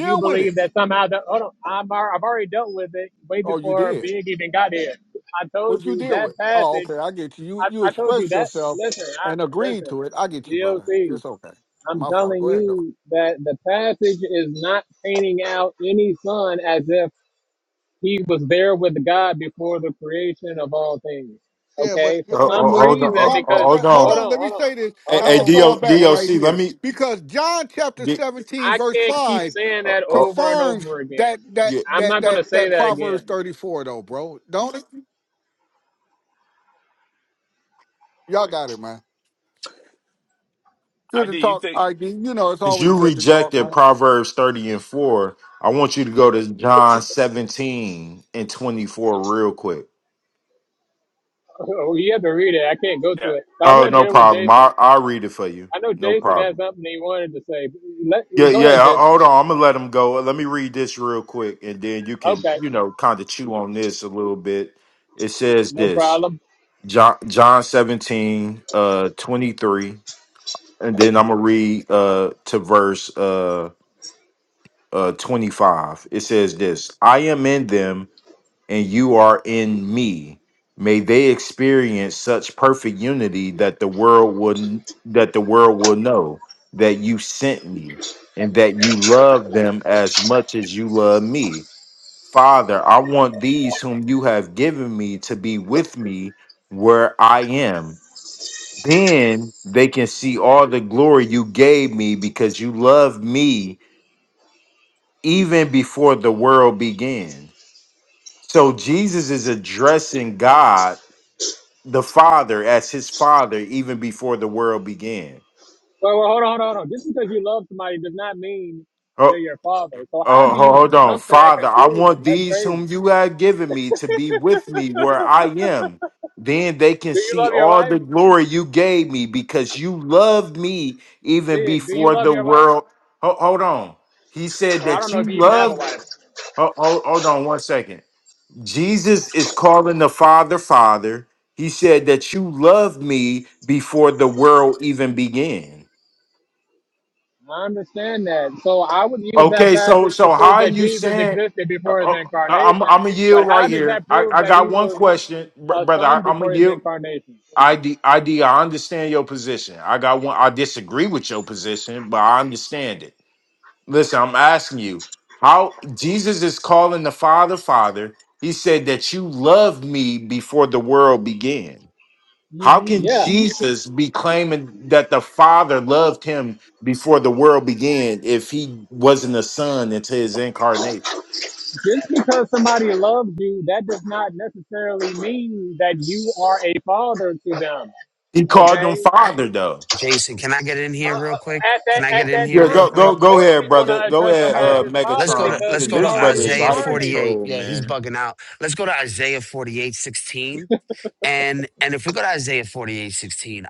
S1: you
S7: with
S1: believe
S7: it.
S1: that somehow, the, hold on, I'm, al- I've already dealt with it way
S7: Oh, you
S1: before
S7: did.
S1: Big even got here. I told
S7: What you
S1: you
S7: deal
S1: that
S7: with? Oh,
S1: passage.
S7: okay, I get you. You
S1: I,
S7: you
S1: I told you
S7: expressed
S1: that.
S7: yourself
S1: Listen, I,
S7: and agreed
S1: listen.
S7: to it. I get you, brother.
S1: DLC.
S7: It's okay.
S1: I'm
S7: My fault.
S1: telling
S7: Go ahead, though.
S1: you that the passage is not painting out any son as if he was there with God before the creation of all things.
S7: Yeah, but
S1: Okay? For
S12: Oh,
S7: but
S1: some
S12: oh,
S7: but
S12: hold on,
S7: it
S1: reason,
S12: oh,
S7: won't go
S12: oh,
S1: because
S7: that.
S12: hold
S7: Hold
S12: on.
S1: hold on,
S7: on, let me
S1: hold on,
S7: say this.
S12: Hey,
S1: hold
S7: I'm
S12: hey
S7: gonna
S1: on,
S7: fall
S12: Do-
S7: back
S1: hold on.
S7: right
S12: DOC, let
S7: here
S12: me.
S7: because John chapter
S12: D,
S7: 17
S1: I
S7: verse
S1: can't keep
S7: five
S1: saying
S12: oh,
S1: that
S12: oh,
S1: over and
S7: confirms
S1: over
S7: that
S1: again.
S7: that
S12: yeah.
S1: I'm
S7: that
S1: not gonna
S7: that
S1: say
S7: that
S1: that
S7: Proverbs
S1: again.
S7: 34 though, bro. Don't it? y'all got it, man. Good to
S10: ID, you
S7: talk,
S10: think?
S7: ID. You know it's
S12: Since
S7: always
S12: you
S7: good to talk,
S12: rejected
S7: man.
S12: Proverbs thirty and four, I want you to go to John seventeen and twenty four real quick.
S1: Oh, you have to read it. I can't go to
S10: Yeah.
S1: it. But I
S12: Oh,
S1: want
S10: Hey,
S1: to
S12: no
S1: deal with
S12: problem.
S1: Jason.
S12: I I'll read it for you.
S1: I know
S12: No
S1: Jason
S12: problem.
S1: has something he wanted to say. Let
S12: Yeah,
S1: go
S12: yeah.
S1: ahead,
S12: ho-
S1: Jason.
S12: Hold on, I'm gonna let him go. Let me read this real quick, and then you can,
S1: Okay,
S12: you know, kind of chew on this a little bit. It says
S1: no
S12: this
S1: problem.
S12: John John 17, uh, 23, and then I'm gonna read uh to verse uh uh 25. It says this: I am in them, and you are in me. May they experience such perfect unity that the world would that the world will know that you sent me and that you love them as much as you love me. Father, I want these whom you have given me to be with me where I am. Then they can see all the glory you gave me because you loved me even before the world began. So Jesus is addressing God the Father as his Father even before the world began.
S1: Well, well, hold on, hold on, hold on. Just because you love somebody does not mean they're
S12: Oh,
S1: your father. So how
S12: oh,
S1: do
S12: ho-
S1: you
S12: hold on.
S1: jump to that
S12: Father, I
S1: conclusion?
S12: want
S1: That's
S12: these
S1: crazy.
S12: whom you have given me to be with me where I am. Then they can
S1: Do you
S12: see
S1: love your
S12: all
S1: wife?
S12: the glory you gave me because you loved me even
S1: Big. Do you
S12: before
S1: love
S12: the
S1: your wife?
S12: world. Ho- Hold on. He said
S1: Well, I don't
S12: that
S1: know
S12: you
S1: if you even have a
S12: loved.
S1: wife.
S12: ho- ho- Hold on one second. Jesus is calling the Father, Father. He said that you loved me before the world even began.
S1: I understand that. So I would use that
S12: Okay, so
S1: passage to
S12: so how
S1: prove
S12: are
S1: that
S12: you
S1: Jesus
S12: saying?
S1: existed
S12: Uh,
S1: before his
S12: uh, I'm
S1: incarnation.
S12: I'm a
S1: But
S12: yield right
S1: how does
S12: here.
S1: that
S12: I,
S1: prove
S12: I
S1: that he
S12: got one
S1: was
S12: question, br-
S1: a
S12: brother. I,
S1: son
S12: I'm a
S1: before his
S12: yield.
S1: incarnation?
S12: ID ID. I understand your position. I got one. I disagree with your position, but I understand it. Listen, I'm asking you how Jesus is calling the Father, Father. He said that you loved me before the world began. How
S1: hmm
S12: can
S1: Yeah.
S12: Jesus be claiming that the Father loved him before the world began if he wasn't a son until his incarnation?
S1: Just because somebody loves you, that does not necessarily mean that you are a father to them.
S12: He called him
S1: Okay?
S12: Father, though.
S13: Jason, can I get in here real quick?
S1: at that
S13: Can I get
S1: at
S13: in
S1: that
S13: here
S12: Yeah,
S13: real
S12: go
S1: time,
S12: go
S1: of
S13: quick?
S12: go
S1: course
S12: ahead,
S1: he's going
S12: brother.
S1: to
S12: Go
S1: address him
S12: ahead,
S13: All
S1: as
S12: uh,
S13: right.
S1: his
S13: Let's
S1: father
S13: go to
S12: Megatron,
S1: because
S13: let's
S12: because
S13: go
S1: he's
S13: to
S12: this brother
S1: already
S12: is
S13: Isaiah
S12: out of
S1: incarnated.
S13: 48.
S12: control,
S13: Yeah, he's
S12: man.
S13: bugging out. Let's go to Isaiah 48:16. And and if we go to Isaiah 48:16,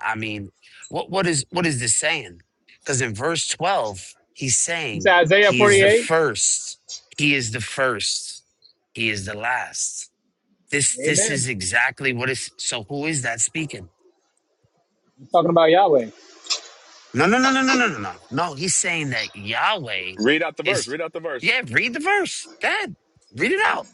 S13: I mean, what what is what is this saying? Because in verse 12, he's
S1: You say
S13: saying
S1: Isaiah
S13: he is the
S1: 48.
S13: first. He is the first. He is the last. This this
S1: Amen.
S13: is exactly what is so who is that speaking?
S1: He's talking about Yahweh.
S13: No, no, no, no, no, no, no, no. No, he's saying that Yahweh
S10: read out the verse.
S13: is.
S10: Read out the verse.
S13: Yeah, read the verse, Dad. Read it out.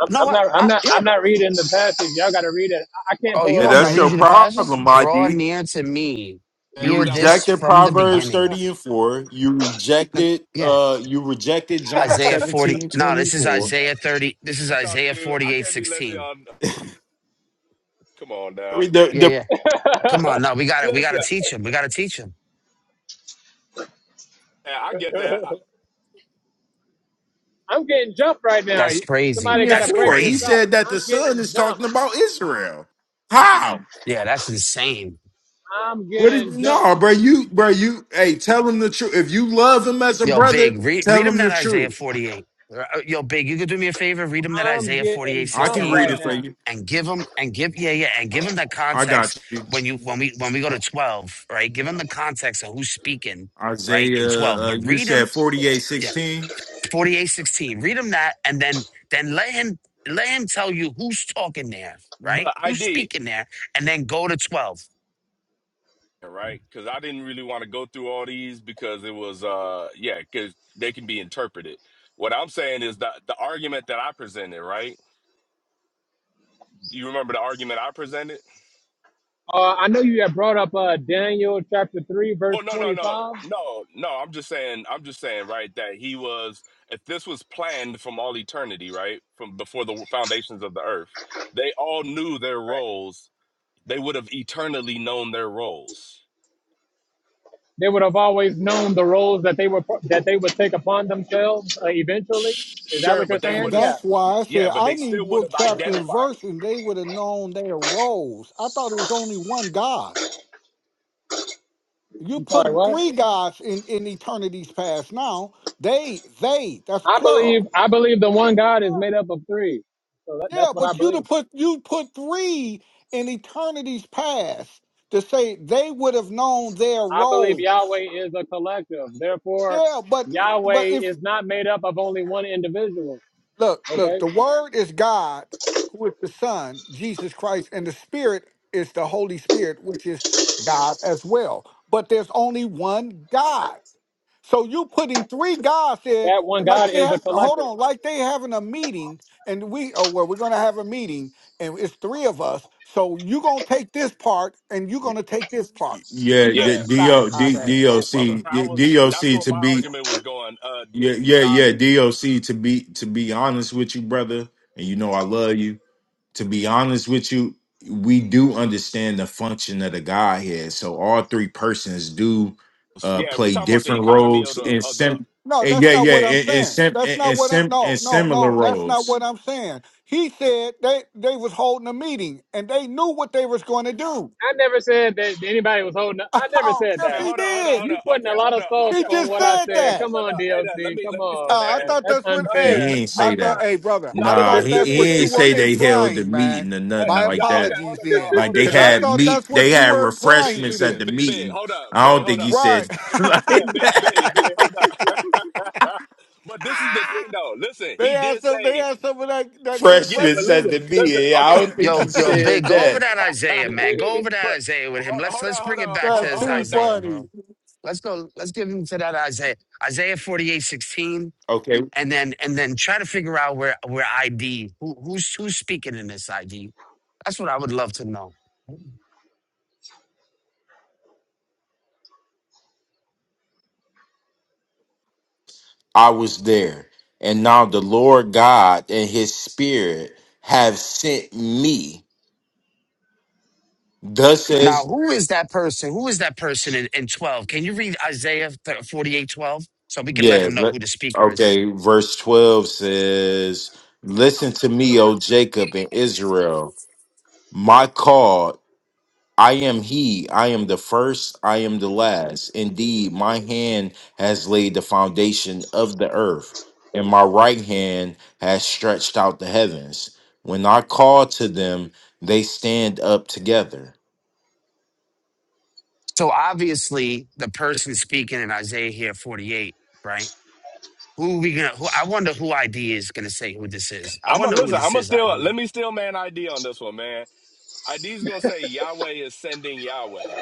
S1: I'm,
S13: No,
S1: I'm
S13: I,
S1: not. I'm
S13: I
S1: not.
S13: yeah.
S1: I'm not reading the passage. Y'all got to read it. I I can't
S13: Oh,
S1: pull
S13: you
S1: it
S12: And
S13: want
S1: up
S13: me to
S12: that's
S1: right
S13: read
S12: your
S13: you the
S1: now.
S13: passage?
S12: problem,
S13: Draw
S12: ID.
S13: near to me.
S10: Man,
S12: You
S13: Hear
S10: he's at
S13: this
S10: work.
S12: rejected
S13: from the
S12: Proverbs
S13: beginning.
S12: thirty and four. You
S13: No,
S12: rejected,
S13: Yeah,
S12: uh, you rejected John
S13: Isaiah forty.
S12: seventeen
S13: No,
S12: twenty
S13: this is
S12: four.
S13: Isaiah thirty. This is
S10: Let y'all
S13: Isaiah
S10: do. I
S13: forty-eight
S10: can't be letting
S13: sixteen.
S10: y'all. Come on now.
S12: The the.
S13: Yeah, yeah. Come on, no, we got to We got
S10: Listen,
S13: to teach him. We got to teach him.
S10: yeah, I get that. I, I-
S1: I'm getting jumped right now.
S13: That's crazy.
S1: Somebody
S12: 30
S1: got
S12: and
S1: to
S13: That's
S1: break
S12: 4.
S1: this
S12: He
S13: crazy.
S1: up.
S12: said that the
S1: I'm
S12: son
S1: getting
S12: is talking
S1: jumped.
S12: about Israel. How?
S13: Yeah, that's insane.
S1: I'm
S12: What is
S1: getting jumped.
S12: no, bro? You, bro, you, hey, tell him the truth. If you love him as a
S13: Yo,
S12: brother,
S13: Big, read,
S12: tell
S13: read him
S12: him
S13: that
S12: the
S13: Isaiah
S12: truth.
S13: 48. Uh, uh, Yo, Big, you could do me a favor, read him that
S1: I'm
S13: Isaiah 48
S1: getting
S12: I
S10: but
S1: jumped
S12: can
S13: 16,
S10: hold
S12: read
S1: right
S10: up.
S12: it for
S1: now.
S12: you.
S13: and give him, and give, yeah, yeah, and give him the
S12: I
S13: context
S12: got you.
S13: when you, when we, when we go to 12, right? Give him the context of who's speaking, right? In
S12: Isaiah,
S13: 12,
S12: uh,
S13: but
S12: you
S13: read
S12: said
S13: him,
S12: forty eight
S13: yeah,
S12: sixteen.
S13: 48 16. read him that, and then, then let him, let him tell you who's talking there, right?
S10: But
S13: Who's
S10: ID.
S13: speaking there, and then go to 12.
S10: Yeah, right? Because I didn't really want to go through all these because it was, uh, yeah, because they can be interpreted. What I'm saying is that the argument that I presented, right? Do you remember the argument I presented?
S1: Uh, I know you have brought up uh, Daniel chapter three, verse
S10: Well, no, no, no,
S1: twenty-five. Right.
S10: no, no. I'm just saying, I'm just saying, right, that he was, if this was planned from all eternity, right, from before the foundations of the earth, they all knew their roles. They would have eternally known their roles.
S1: they would have always known the roles that they were that they would take upon themselves uh, eventually.
S10: Sh-
S1: Is that
S10: Sure,
S1: what you're
S10: but they
S7: And
S1: saying?
S10: would have,
S1: Yeah.
S7: that's why I
S10: yeah,
S7: said
S10: but
S7: I
S10: they still
S7: need
S10: would
S7: book,
S10: have
S7: chapter, and
S10: identified.
S7: verse, and they would have known they arose. I thought it was only one God. You
S1: I'm sorry.
S7: put
S1: What?
S7: three guys in in eternity's past. Now they they that's
S1: I believe
S7: plural.
S1: I believe the one God is made up of three. So that, that's
S7: Yeah,
S1: what I
S7: but you to
S1: believe.
S7: put you put three in eternity's past to say they would have known their
S1: I believe
S7: roles.
S1: Yahweh is a collective. Therefore,
S7: Yeah, but but
S1: Yahweh
S7: if
S1: is not made up of only one individual.
S7: look look
S1: Okay.
S7: the word is God, who is the Son, Jesus Christ, and the Spirit is the Holy Spirit, which is God as well. But there's only one God. So you putting three guys there,
S1: That one
S7: like
S1: God
S7: they
S1: is
S7: ha-
S1: a
S7: hold
S1: collective.
S7: on, like they having a meeting, and we oh well, we're gonna have a meeting, and it's three of us. So you gonna take this part, and you gonna take this part.
S12: Yeah, D-
S7: That's
S10: Yeah,
S7: not
S12: D-O-
S7: how
S12: D-
S7: that go,
S12: DOC,
S7: brother.
S10: I was
S12: D-
S10: that's
S12: DOC
S10: where
S12: to
S10: my
S12: be,
S10: argument was going. Uh,
S12: yeah, yeah,
S10: Doc.
S12: yeah, DOC to be, to be honest with you, brother. And you know, I love you to be honest with you, we do understand the function of the Godhead. So all three persons do uh
S10: Yeah, we're
S12: play
S10: talking about the
S12: different
S10: economy of
S12: roles
S10: the
S12: in
S10: of the.
S12: sim
S7: No,
S12: and
S7: that's
S12: yeah,
S7: not
S12: yeah,
S7: what I'm
S12: in, in
S7: saying.
S12: sim
S7: That's
S12: in, in
S7: not what I'm.
S12: sim in
S7: No, no,
S12: similar
S7: no. That's not
S12: roles.
S7: what I'm saying. He said they they was holding a meeting and they knew what they was going to do.
S1: I never said that anybody was holding. I never
S7: Oh,
S1: said
S7: yes,
S10: Hey,
S1: that.
S7: he
S10: hold on, hold on,
S7: did.
S10: hold on.
S1: You putting
S10: Okay,
S1: a lot
S10: hold
S1: of
S10: on.
S1: sauce
S7: He
S10: Okay,
S1: on
S7: just
S10: no,
S1: what
S10: no,
S1: I
S10: no,
S7: said
S10: no, no,
S1: said.
S7: that.
S10: no,
S1: Come
S10: no, no.
S1: on,
S10: Hey, there, let
S1: DLC.
S10: me
S1: Come
S10: let me
S1: on,
S10: still
S7: Uh, I
S10: man.
S1: man.
S7: thought
S1: That's
S7: that's what.
S10: No, no,
S7: Hey,
S12: He
S1: unfair.
S10: no,
S12: ain't
S10: no,
S7: I
S12: say
S10: no.
S7: thought.
S12: that.
S7: Hey, brother,
S10: no,
S7: I
S10: Let
S12: Nah,
S10: me
S7: thought
S12: he,
S10: let
S7: that's
S10: me
S12: he
S7: what
S10: still
S7: you
S12: ain't
S7: were
S12: say
S10: man.
S12: they held the
S7: implying, man.
S12: meeting or
S10: Hey,
S12: nothing
S10: uh,
S7: My
S12: like
S10: y'all. Okay,
S12: that.
S10: hold
S7: apologies
S10: up,
S7: then,
S10: y'all.
S12: Like
S10: Hold
S12: they
S10: up,
S7: because
S10: y'all.
S7: I
S10: Let
S12: had
S7: thought
S12: meat,
S7: that's
S12: they
S7: what you
S12: had
S7: were implying to
S12: refreshments
S10: big,
S12: at
S10: big,
S12: the
S7: this,
S10: big, big.
S12: meeting.
S10: Hold up,
S12: I
S10: big.
S12: don't
S10: Hold
S12: think he
S10: up.
S7: right?
S12: said like
S10: Yeah, big,
S12: that.
S10: big, big. Hold up. but this is the thing, though. Listen,
S7: they
S10: he
S7: had
S10: did
S7: some. They
S10: say,
S7: had some of that that good
S10: yeah,
S12: Freshmen
S10: but
S7: grape
S12: at
S10: listen,
S12: the
S7: juice.
S10: listen.
S12: meeting. I don't
S10: Okay,
S12: think he
S13: Yo, yo,
S12: said
S13: Big, go over
S12: that.
S13: that Isaiah, man. Go over
S10: But
S13: that Isaiah with him.
S10: ho-
S13: Let's,
S10: hold
S13: let's
S10: on, hold
S13: bring it
S10: on,
S13: back to
S10: ho-
S7: That's
S13: his
S10: hold
S7: too
S10: up, Doc.
S13: Isaiah, bro.
S7: funny.
S13: Let's go. Let's give him to that Isaiah, Isaiah forty eight sixteen,
S12: Okay,
S13: and then and then try to figure out where where ID who who's who's speaking in this ID. That's what I would love to know.
S12: I was there. And now the Lord God and his spirit have sent me. Thus
S13: Now,
S12: says,
S13: who is that person? Who is that person in, in twelve? Can you read Isaiah forty eight twelve so we can let
S12: yeah,
S13: him know
S12: let-
S13: who the speaker is?
S12: okay, verse 12 says, Listen to me, O Jacob and Israel. My call I am he, I am the first, I am the last. Indeed, my hand has laid the foundation of the earth, and my right hand has stretched out the heavens. When I call to them, they stand up together.
S13: So obviously, the person speaking in Isaiah here forty eight, right? Who we gonna? Who I wonder who ID is gonna say who this is. I
S10: I'm gonna
S13: wonder who
S10: listen. I'm
S13: this
S10: gonna
S13: is.
S10: still
S13: ID.
S10: let me steal man ID on this one, man. ID's gonna say Yahweh is sending Yahweh.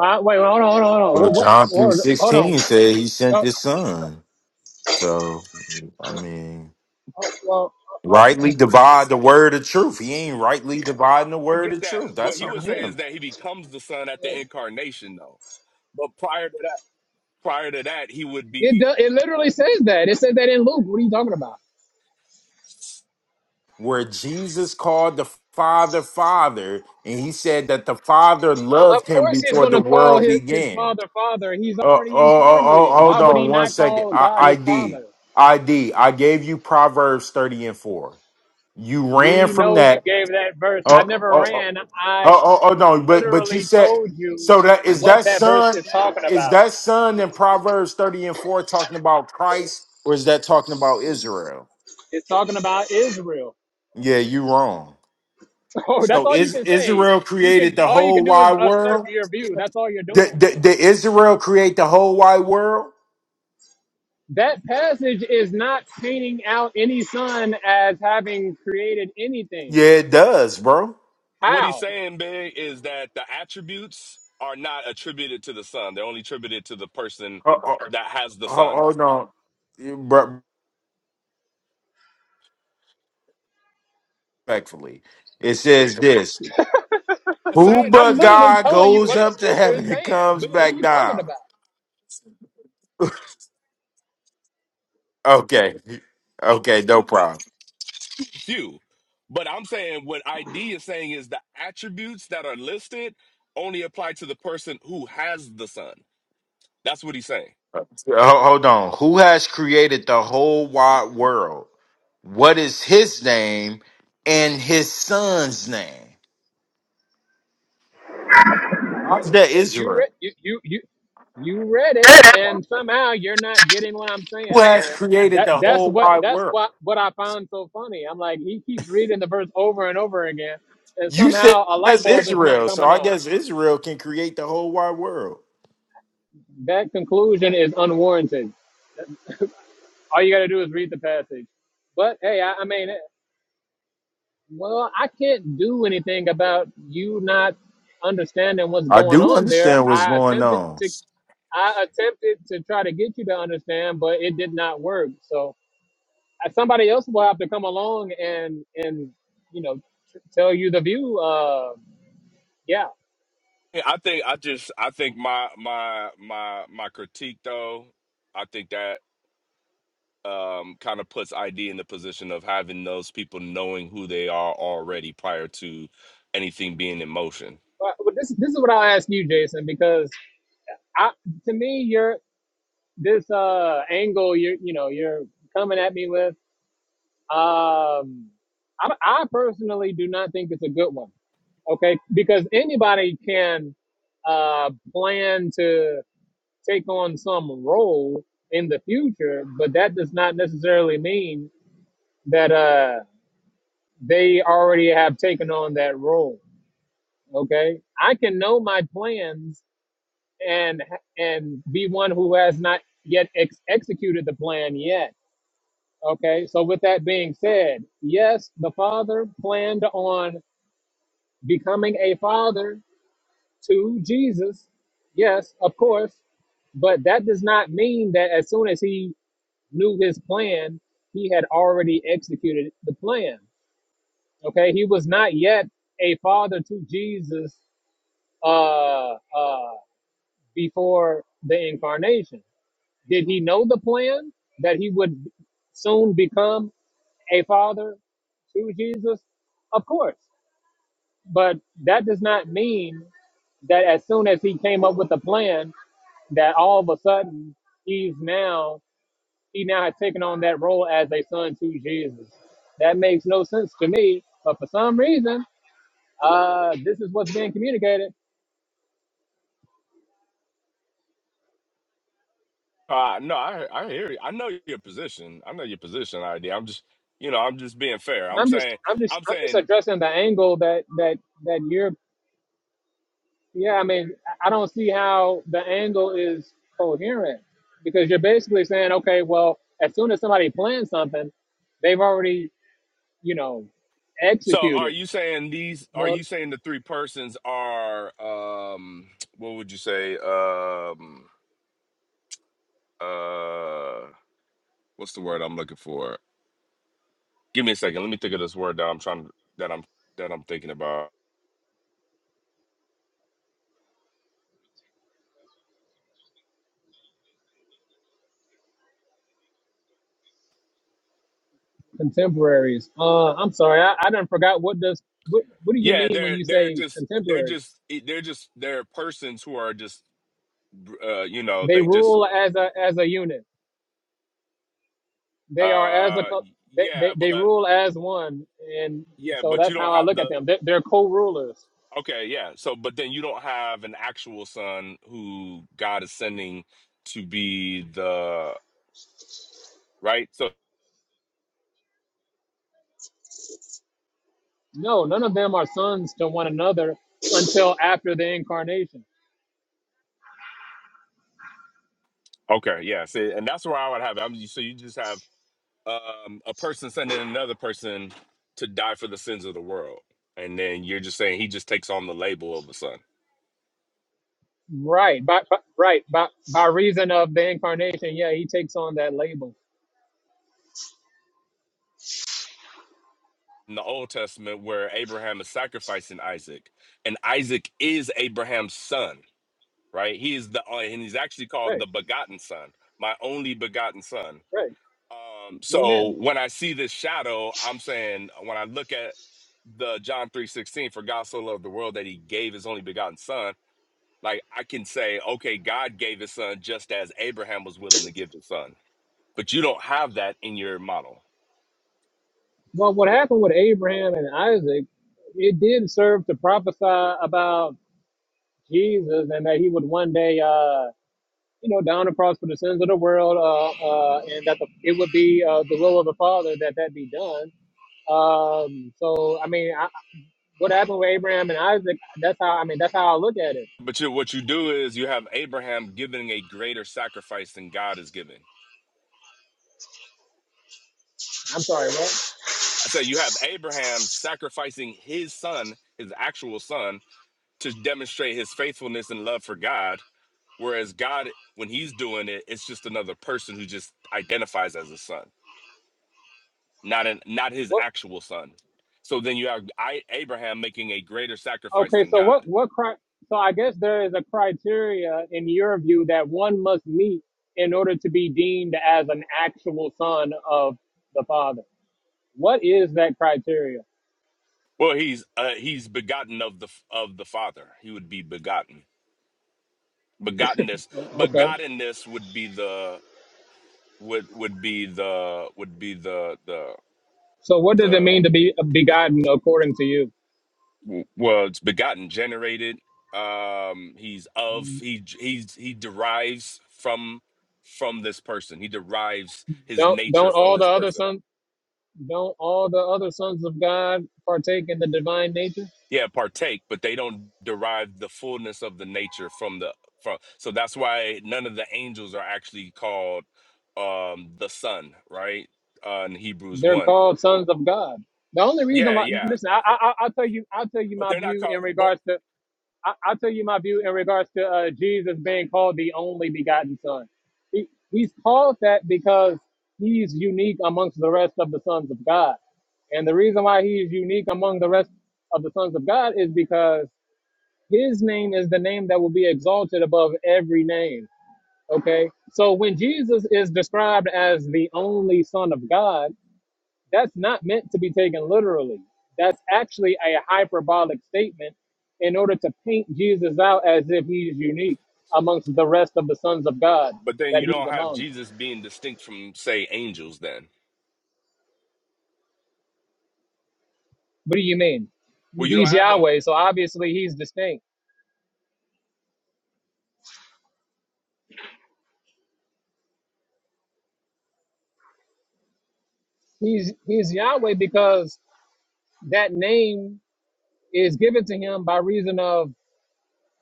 S1: Uh, wait, hold on, hold on, hold
S12: Well,
S1: on. What,
S12: John
S1: what, what, hold on.
S12: 3:16 said he sent
S1: Oh,
S12: his son. So, I mean,
S1: oh, well, oh,
S12: rightly
S1: oh.
S12: divide the word of truth. He ain't rightly dividing the
S10: I
S12: word
S10: get
S12: of
S10: that.
S12: truth.
S10: What
S12: That's
S10: he would
S12: on
S10: say
S12: him.
S10: is that he becomes the son at the incarnation, though. But prior to that, prior to that, he would
S1: It, do,
S10: be.
S1: it literally says that. It says that in Luke. What are you talking about?
S12: where Jesus called the Father Father, and he said that the Father
S1: Of
S12: loved him
S1: course he's
S12: before
S1: going
S12: the
S1: to call
S12: world
S1: his, his
S12: began.
S1: father father. He's
S12: Uh, Oh, oh,
S1: already
S12: oh, oh
S1: incarnated. Why
S12: hold
S1: would he
S12: on one
S1: not
S12: second.
S1: call
S12: I,
S1: God his
S12: ID,
S1: father?
S12: ID. I gave you Proverbs thirty and four. You ran
S1: We
S12: from
S1: know you
S12: that.
S1: gave that verse.
S12: Uh,
S1: I
S12: Oh,
S1: never
S12: oh, oh,
S1: ran. I
S12: oh, oh oh, no. But but you
S1: literally
S12: said
S1: told you
S12: so that is
S1: what
S12: that
S1: that verse
S12: son
S1: is talking
S12: is
S1: about.
S12: that son in Proverbs thirty and four talking about Christ, or is that talking about Israel?
S1: It's talking about Israel.
S12: Yeah, you wrong.
S1: Bro, that's
S12: So
S1: all you
S12: is
S1: can say.
S12: Israel
S1: You
S12: created
S1: can
S12: the
S1: all you
S12: whole
S1: can do is
S12: wide
S1: assert
S12: world?
S1: your view. That's all you're
S12: Did,
S1: doing.
S12: did, did Israel create the whole wide world?
S1: That passage is not painting out any son as having created anything.
S12: Yeah, it does, bro.
S10: What he's
S1: How?
S10: saying, big, is that the attributes are not attributed to the son. They're only attributed to the person
S12: Ho- ho-
S10: that has the
S12: ho-
S10: son.
S12: Hold on, Bro, respectfully, it says this:
S10: I'm
S12: Who
S10: saying
S1: I'm
S10: that,
S12: but
S1: literally
S10: big,
S12: God
S1: telling you
S12: goes
S1: what
S10: big,
S1: the
S12: up to
S1: scripture
S12: heaven
S1: is
S12: and
S1: saying.
S12: comes
S10: big.
S1: What are
S12: back
S1: you talking
S12: down?
S1: about?
S12: Okay, okay, no problem.
S10: few. But I'm saying what ID is saying is the attributes that are listed only apply to the person who has the son. That's what he's saying.
S12: Uh, Ho- Hold on. Who has created the whole wide world? What is His name and His Son's name? How's that
S1: Yeah, You
S12: Israel?
S1: read you you you you read it and somehow you're not getting what I'm
S12: who
S1: saying.
S12: has
S1: Yeah.
S12: created
S1: That
S12: the
S1: that's
S12: whole
S1: what
S12: wide
S1: that's
S12: world.
S1: what what I found so funny. I'm like he keeps reading the verse over and over again and
S12: You said
S1: somehow a light
S12: that's
S1: bulb is not
S12: Israel, so
S1: coming
S12: I
S1: on.
S12: guess Israel can create the whole wide world.
S1: That conclusion is unwarranted. All you got to do is read the passage. But hey, I, I mean, well, I can't do anything about you not understanding what's
S12: I
S1: going
S12: do
S1: on there.
S12: understand what's
S1: I
S12: going
S1: attempted
S12: on.
S1: to, I attempted to try to get you to understand, but it did not work. So uh, somebody else will have to come along and and you know t- tell you the view. Uh, yeah.
S10: Yeah, I think I just I think my my my my critique though, I think that um kind of puts ID in the position of having those people knowing who they are already prior to anything being in motion.
S1: But but this this is what I'll ask you, Jason, because I to me you're this uh angle you're you know you're coming at me with um I, I personally do not think it's a good one okay because anybody can uh plan to take on some role in the future but that does not necessarily mean that uh they already have taken on that role okay i can know my plans and and be one who has not yet ex- executed the plan yet Okay, so with that being said, yes, the Father planned on becoming a father to Jesus. Yes, of course. But that does not mean that as soon as he knew his plan, he had already executed the plan. Okay, he was not yet a father to Jesus uh, uh, before the incarnation. Did he know the plan that he would soon become? a father to Jesus? Of course. But that does not mean that as soon as he came up with a plan, that all of a sudden he's now, he now has taken on that role as a son to Jesus. That makes no sense to me. But for some reason, uh, this is what's being communicated.
S10: Uh no, I I hear you. I know your position. I know your position idea. I'm just you know, I'm just being fair. I'm
S1: I'm just,
S10: saying
S1: I'm just,
S10: I'm
S1: I'm just
S10: saying
S1: addressing the angle that that that you're Yeah, I mean, I don't see how the angle is coherent because you're basically saying, okay, well, as soon as somebody plans something, they've already, you know,
S10: so are
S1: executed.
S10: you saying these are you
S1: Well,
S10: saying the three persons are um what would you say? Um uh what's the word I'm looking for? Give me a second. Let me think of this word that I'm trying that I'm that I'm thinking about.
S1: contemporaries. Uh, I'm sorry, I, I done forgot what does what, what do you
S10: Yeah,
S1: mean when
S10: they're
S1: you
S10: they're
S1: say
S10: just they're
S1: contemporary?
S10: just e, they're just they're persons who are just uh you know,
S1: They
S10: they just
S1: rule as a as a unit. They are as a
S10: uh
S1: co- they,
S10: yeah,
S1: they,
S10: but
S1: they rule as one, and
S10: Yeah,
S1: so
S10: but you
S1: that's
S10: don't
S1: how I
S10: have
S1: look
S10: the
S1: at them. They, they're co-rulers.
S10: okay, yeah. So but then you don't have an actual son who God is sending to be the right? So
S1: No, none of them are sons to one another until after the incarnation.
S10: okay, yeah. See, and that's where I would have it. I'm, so you just have um a person sending another person to die for the sins of the world. And then you're just saying he just takes on the label of a son.
S1: Right, by, by right by by reason of the incarnation, yeah, he takes on that label.
S10: In the Old Testament where Abraham is sacrificing Isaac, and Isaac is Abraham's son right? He is the, uh, and he's actually called
S1: Right,
S10: the begotten son, my only begotten son.
S1: right.
S10: Um, so
S1: Amen.
S10: when I see this shadow, I'm saying when I look at the John three sixteen, for God so loved the world that he gave his only begotten son. Like I can say, okay, God gave his son just as Abraham was willing to give his son, but you don't have that in your model.
S1: Well, what happened with Abraham and Isaac, it did serve to prophesy about Jesus and that he would one day, uh, you know, down across for the sins of the world, uh, uh, and that the, it would be uh, the will of the Father that that be done. Um, so, I mean, I, what happened with Abraham and Isaac. That's how I mean. That's how I look at it.
S10: But you, what you do is you have Abraham giving a greater sacrifice than God is giving.
S1: I'm sorry, what?
S10: I say you have Abraham sacrificing his son, his actual son, to demonstrate his faithfulness and love for God. Whereas God, when he's doing it, it's just another person who just identifies as a son, not an not his
S1: What?
S10: actual son. So then you have I, Abraham making a greater sacrifice
S1: Okay,
S10: than
S1: so what?
S10: God.
S1: What? Cri- so I guess there is a criteria in your view that one must meet in order to be deemed as an actual son of the Father. What is that criteria?
S10: Well, he's uh, he's begotten of the of the Father. He would be begotten. Begottenness,
S1: Okay.
S10: begottenness would be the would would be the would be the the
S1: So what does it
S10: the
S1: mean to be
S10: the
S1: begotten according to you?
S10: w- was begotten, generated. Um, he's of he he's he derives from from this person. He derives his
S1: Don't
S10: nature
S1: don't
S10: from
S1: all the
S10: this
S1: other
S10: person.
S1: sons don't all the other sons of God partake in the divine nature?
S10: Yeah, partake, but they don't derive the fullness of the nature from the from. So that's why none of the angels are actually called um the son, right? Uh, in Hebrews
S1: They're
S10: one.
S1: called sons of God. The only reason
S10: Yeah,
S1: why,
S10: yeah,
S1: listen, I, I, I- I'll tell you, I'll tell you
S10: but
S1: my
S10: they're not
S1: view
S10: called.
S1: in
S10: But
S1: regards to, I, I'll tell you my view in regards to uh, Jesus being called the only begotten Son. He, he's called that because he's unique amongst the rest of the sons of God. And the reason why he is unique among the rest of the sons of God is because his name is the name that will be exalted above every name. Okay. So when Jesus is described as the only son of God, that's not meant to be taken literally. That's actually a hyperbolic statement in order to paint Jesus out as if he is unique amongst the rest of the sons of God
S10: but then
S1: that
S10: you
S1: he's
S10: don't have
S1: among.
S10: Jesus being distinct from say angels. Then
S1: What do you mean?
S10: well, you don't
S1: He's
S10: have them.
S1: Yahweh, so obviously he's distinct. He's he's Yahweh because that name is given to him by reason of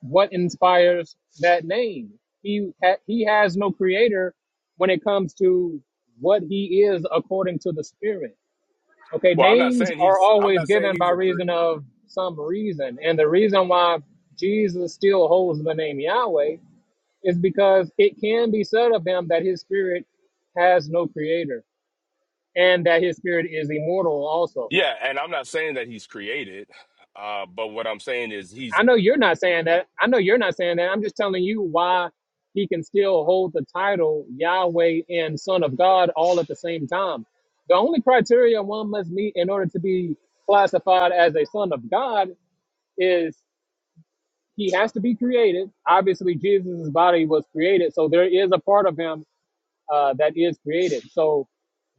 S1: what inspires that name. He ha- he has no creator when it comes to what he is according to the spirit. Okay,
S10: Well, I'm not
S1: names
S10: saying
S1: are
S10: he's. I'm
S1: always
S10: not saying
S1: given
S10: he's
S1: by
S10: a. Cre-
S1: reason of some reason. And the reason why Jesus still holds the name Yahweh is because it can be said of him that his spirit has no creator and that his spirit is immortal also.
S10: yeah, and I'm not saying that he's created. Uh, but what I'm saying is he's.
S1: I know you're not saying that. I know you're not saying that. I'm just telling you why he can still hold the title Yahweh and Son of God all at the same time. The only criteria one must meet in order to be classified as a son of God is. he has to be created. Obviously, Jesus' body was created, so there is a part of him uh, that is created. So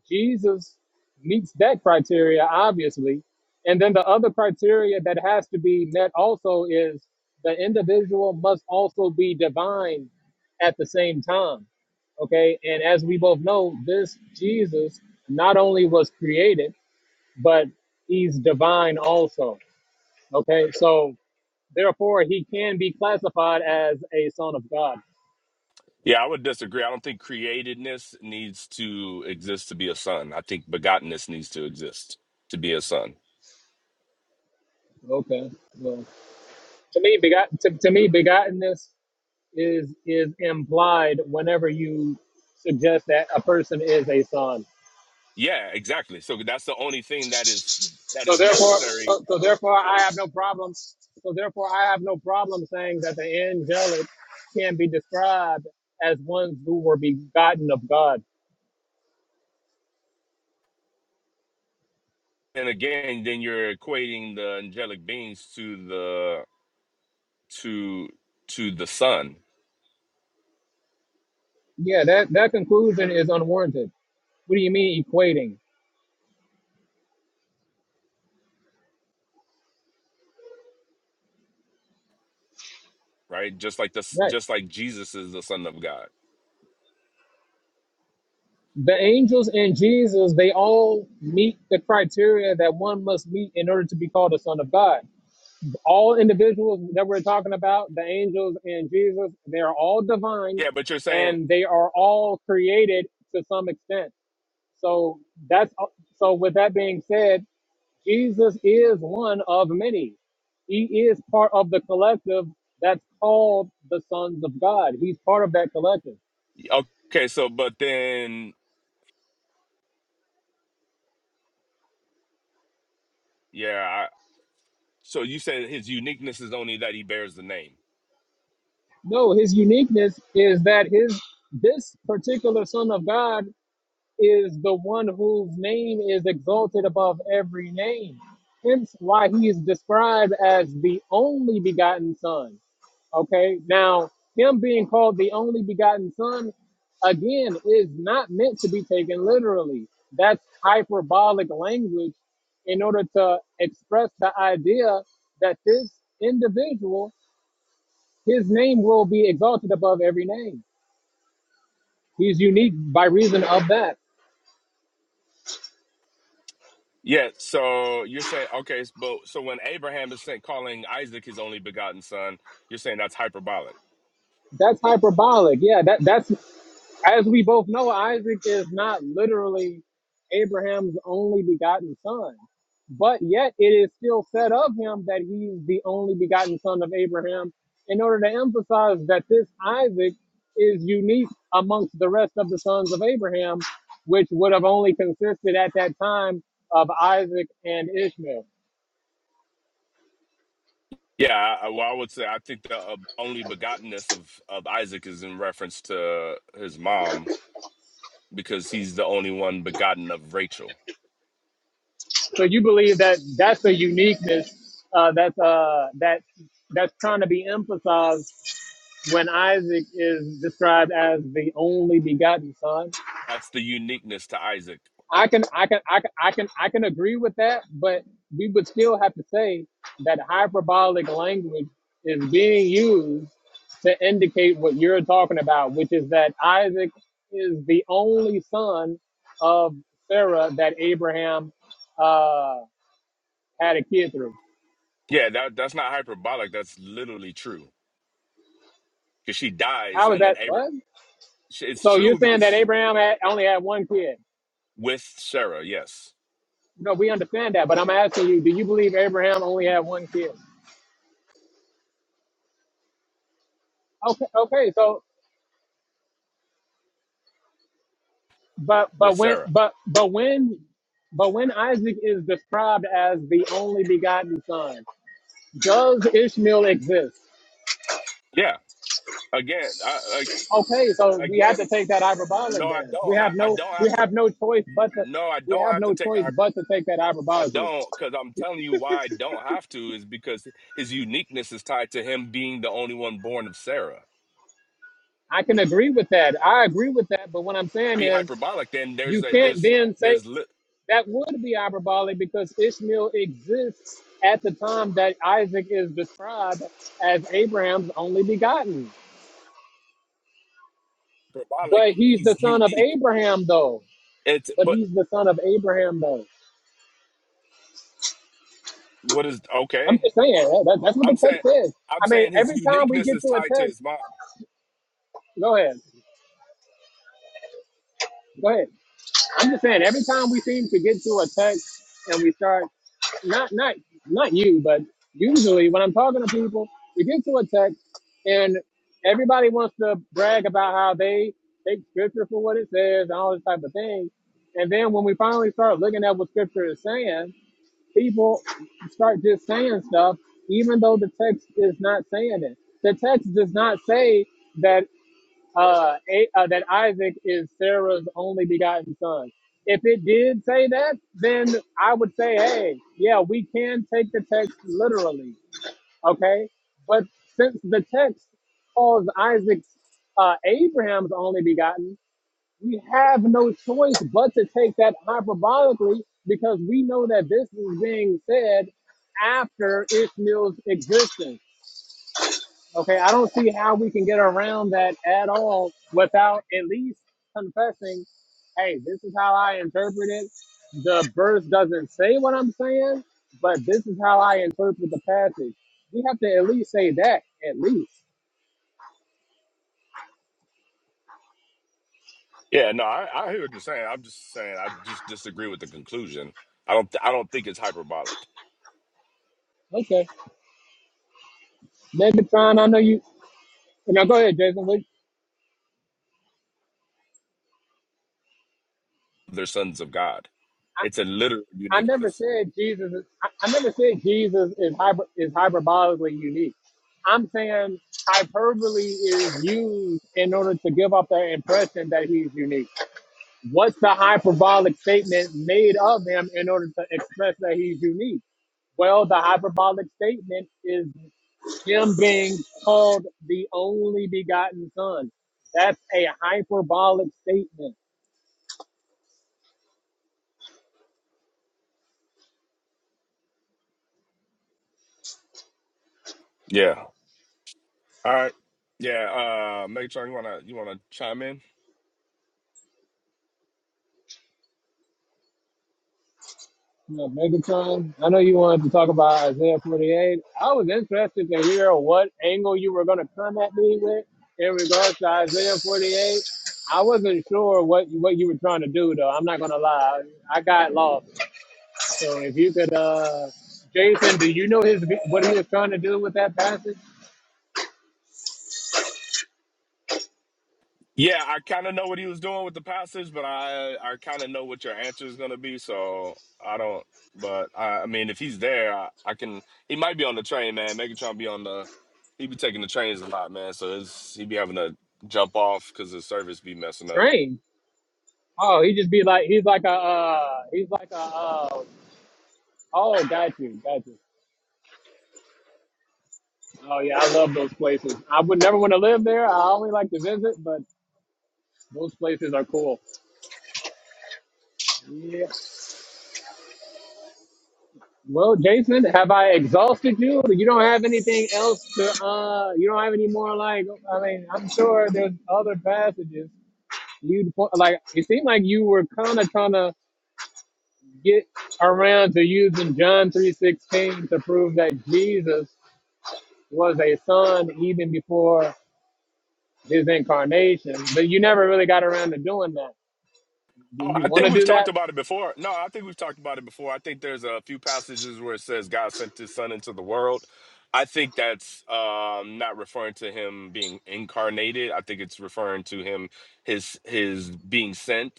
S1: Jesus meets that criteria, obviously. And then the other criteria that has to be met also is the individual must also be divine at the same time. Okay, and as we both know, this Jesus not only was created, but he's divine also. Okay, so Therefore, he can be classified as a son of God.
S10: Yeah, I would disagree. I don't think createdness needs to exist to be a son. I think begottenness needs to exist to be a son.
S1: Okay. Well, To me, begot to, to me, begottenness is is implied whenever you suggest that a person is a son.
S10: Yeah, exactly. So that's the only thing that is that
S1: So
S10: is
S1: therefore,
S10: necessary.
S1: so, so therefore, I have no problem. So therefore, I have no problem saying that the angelic can be described as ones who were begotten of God.
S10: And again, then you're equating the angelic beings to the to to the son,
S1: Yeah, that that conclusion is unwarranted. What do you mean equating?
S10: right? Just like this,
S1: Right.
S10: just like Jesus is the son of God.
S1: the angels and Jesus, they all meet the criteria that one must meet in order to be called a son of God. All individuals that we're talking about, the angels and Jesus, they are all divine
S10: Yeah, but you're saying
S1: and they are all created to some extent. So that's so with that being said, Jesus is one of many. He is part of the collective that's called the sons of God. He's part of that collective.
S10: Okay, so but then yeah, I, so you said his uniqueness is only that he bears the name.
S1: No, his uniqueness is that his this particular Son of God is the one whose name is exalted above every name. Hence why he is described as the only begotten Son. Okay, now him being called the only begotten Son again is not meant to be taken literally. That's hyperbolic language in order to express the idea that this individual his name will be exalted above every name. He's unique by reason of that.
S10: Yeah, so you're saying okay, s- but so when Abraham is saying calling Isaac his only begotten son, you're saying that's hyperbolic.
S1: That's hyperbolic. Yeah, that that's as we both know, Isaac is not literally Abraham's only begotten son. But yet it is still said of him that he's the only begotten son of Abraham in order to emphasize that this Isaac is unique amongst the rest of the sons of Abraham, which would have only consisted at that time of Isaac and Ishmael.
S10: Yeah, I, I- well, I would say I think the uh, only begottenness of of Isaac is in reference to his mom because he's the only one begotten of Rachel.
S1: So you believe that that's a uniqueness uh, that's uh, that that's trying to be emphasized when Isaac is described as the only begotten son.
S10: That's the uniqueness to Isaac.
S1: I can I can I can I can I can agree with that, but we would still have to say that hyperbolic language is being used to indicate what you're talking about, which is that Isaac is the only son of Sarah that Abraham uh, had a kid through.
S10: Yeah, that that's not hyperbolic. That's literally true because she dies
S1: How is
S10: and then
S1: that?
S10: Abraham.
S1: What?
S10: It's
S1: So you're
S10: true
S1: saying that
S10: because
S1: Abraham had, only had one kid?
S10: with Sarah. Yes,
S1: No, we understand that, but I'm asking you: Do you believe Abraham only had one kid? Okay, okay. So, but
S10: with
S1: but when
S10: Sarah.
S1: but but when but when Isaac is described as the only begotten son, does Ishmael exist?
S10: Yeah. Again, I,
S1: Okay, so
S10: I
S1: we have to
S10: again,
S1: take that hyperbolic
S10: no, I
S1: then. We
S10: don't.
S1: have
S10: ha- I,
S1: no
S10: don't
S1: we
S10: have to.
S1: have no choice but to
S10: No, I
S1: we
S10: don't
S1: have
S10: have to
S1: no
S10: take.
S1: choice but to take that
S10: I, I
S1: hyperbolically.
S10: don't because I'm telling you why I don't have to is because his uniqueness is tied to him being the only one born of Sarah.
S1: I can agree with that. I agree with that, but what I'm saying
S10: Be
S1: is
S10: hyperbolic, then there's
S1: you
S10: a
S1: can't
S10: there's
S1: then say
S10: there's li-
S1: That would be hyperbolic because Ishmael exists at the time that Isaac is described as Abraham's only begotten.
S10: hyperbolic.
S1: But he's the
S10: He's
S1: son of
S10: unique.
S1: Abraham, though.
S10: It's
S1: But
S10: but
S1: he's the son of Abraham, though.
S10: what is
S1: I'm
S10: okay?
S1: just saying, that, that- that's what
S10: I'm
S1: the
S10: saying
S1: text says.
S10: I'm
S1: I mean,
S10: saying his
S1: every time we
S10: uniqueness
S1: get
S10: is
S1: to a
S10: tied to
S1: text,
S10: his mom.
S1: go ahead, go ahead. I'm just saying, every time we seem to get to a text and we start not not not you, but usually when I'm talking to people, we get to a text and everybody wants to brag about how they take scripture for what it says and all this type of thing. And then when we finally start looking at what scripture is saying, people start just saying stuff, even though the text is not saying it. The text does not say that uh, A- uh, that Isaac is Sarah's only begotten son. If it did say that, then I would say, hey, yeah, we can take the text literally, okay? But since the text calls Isaac uh, Abraham's only begotten, we have no choice but to take that hyperbolically because we know that this is being said after Ishmael's existence. Okay, I don't see how we can get around that at all without at least confessing, hey, this is how I interpret it. The verse doesn't say what I'm saying, but this is how I interpret the passage. We have to at least say that, at least.
S10: Yeah, no, I, I hear what you're saying. I'm just saying I just disagree with the conclusion. I don't I don't think it's hyperbolic.
S1: Okay. Megatron, I know you. Now go ahead, Jason. What?
S10: They're sons of God. It's a literal
S1: I never
S10: uniqueness.
S1: said Jesus. Is, I, I never said Jesus is hyper, is hyperbolically unique. I'm saying hyperbole is used in order to give off the impression that he's unique. What's the hyperbolic statement made of him in order to express that he's unique? Well, the hyperbolic statement is him being called the only begotten Son. That's a hyperbolic statement.
S10: Yeah. All right. Yeah, uh make sure you wanna you wanna chime in.
S1: Yeah, Megatron, I know you wanted to talk about Isaiah 48. I was interested to hear what angle you were going to come at me with in regards to Isaiah 48. I wasn't sure what what you were trying to do, though. I'm not going to lie. I got lost. So if you could, uh, Jason, do you know his what he was trying to do with that passage?
S10: Yeah, I kinda know what he was doing with the passage, but I I kinda know what your answer is gonna be, so I don't but I, I mean if he's there, I, I can he might be on the train, man. Megatron be on the he be taking the trains a lot, man. So it's, he be having to jump off because his service be messing up.
S1: Train. Oh, he just be like he's like a uh, he's like a uh, oh, got you, got you. Oh yeah, I love those places. I would never want to live there. I only like to visit, but Those places are cool. Yeah. Well, Jason, have I exhausted you? You don't have anything else to, uh, you don't have any more, like, I mean, I'm sure there's other passages. You, like, it seemed like you were kind of trying to get around to using John 3.16 to prove that Jesus was a son even before his incarnation, but you never really got around to doing that. Do
S10: Oh,
S1: you
S10: I
S1: want
S10: think
S1: to
S10: we've
S1: do
S10: talked
S1: that?
S10: about it before. No, I think we've talked about it before. I think there's a few passages where it says God sent his son into the world. I think that's um not referring to him being incarnated. I think it's referring to him his his being sent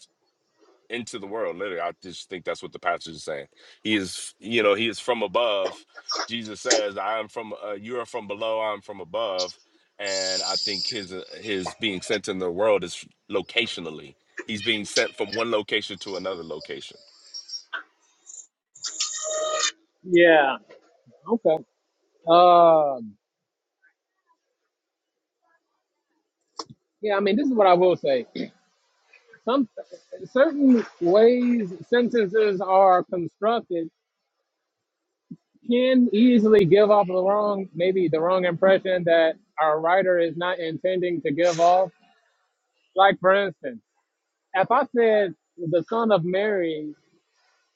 S10: into the world. Literally, I just think that's what the passage is saying. He is, you know, he is from above. Jesus says, "I am from. Uh, you are from below. I'm from above." And I think his uh, his being sent in the world is locationally. He's being sent from one location to another location.
S1: Yeah. Okay. Um, yeah, I mean, this is what I will say. some certain ways sentences are constructed can easily give off the wrong maybe the wrong impression that our writer is not intending to give off like for instance if i said the son of mary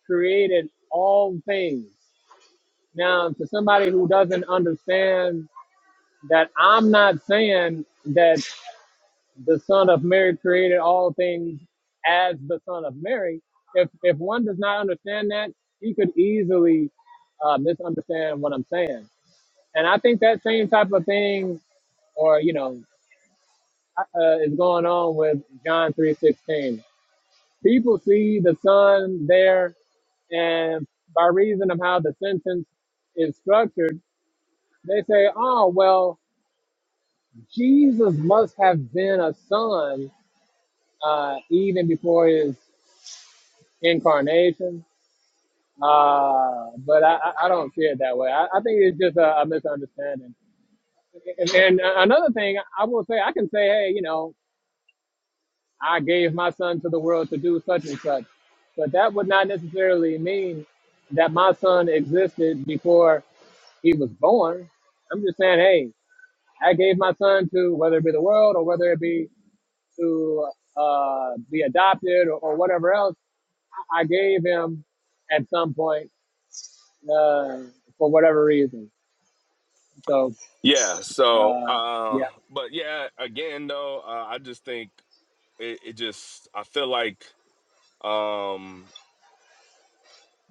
S1: created all things now to somebody who doesn't understand that i'm not saying that the Son of Mary created all things as the Son of Mary. If if one does not understand that, he could easily uh, misunderstand what I'm saying. And I think that same type of thing, or you know, uh, uh, is going on with John three sixteen. People see the Son there, and by reason of how the sentence is structured, they say, "Oh well, Jesus must have been a son uh, even before his incarnation. Uh, but I, I I don't see it that way. I, I think it's just a, a misunderstanding. And, and another thing I will say, I can say, hey, you know, I gave my son to the world to do such and such, but that would not necessarily mean that my son existed before he was born. I'm just saying, hey, I gave my son to whether it be the world or whether it be to uh, be adopted or, or whatever else. I I gave him at some point uh, for whatever reason. So,
S10: Yeah. So,
S1: uh,
S10: uh,
S1: yeah.
S10: but yeah, again though, uh, I just think it, it just. I feel like. um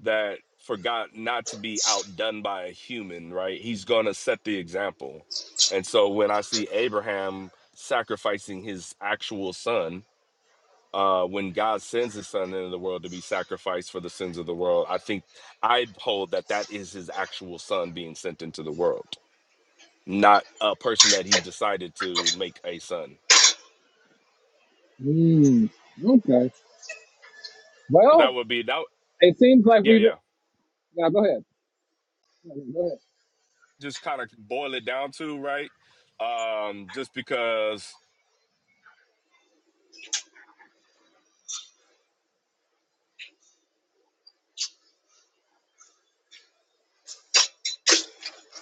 S10: that forgot not to be outdone by a human, right? He's going to set the example. And so when I see Abraham sacrificing his actual son, uh, when God sends his son into the world to be sacrificed for the sins of the world, I think I hold that that is his actual son being sent into the world, not a person that he decided to make a son.
S1: Mm, okay.
S10: That
S1: Well,
S10: would be that.
S1: it seems like
S10: Yeah,
S1: we've.
S10: yeah.
S1: Now, go ahead. Go ahead.
S10: Just kind of boil it down to right. Um, just because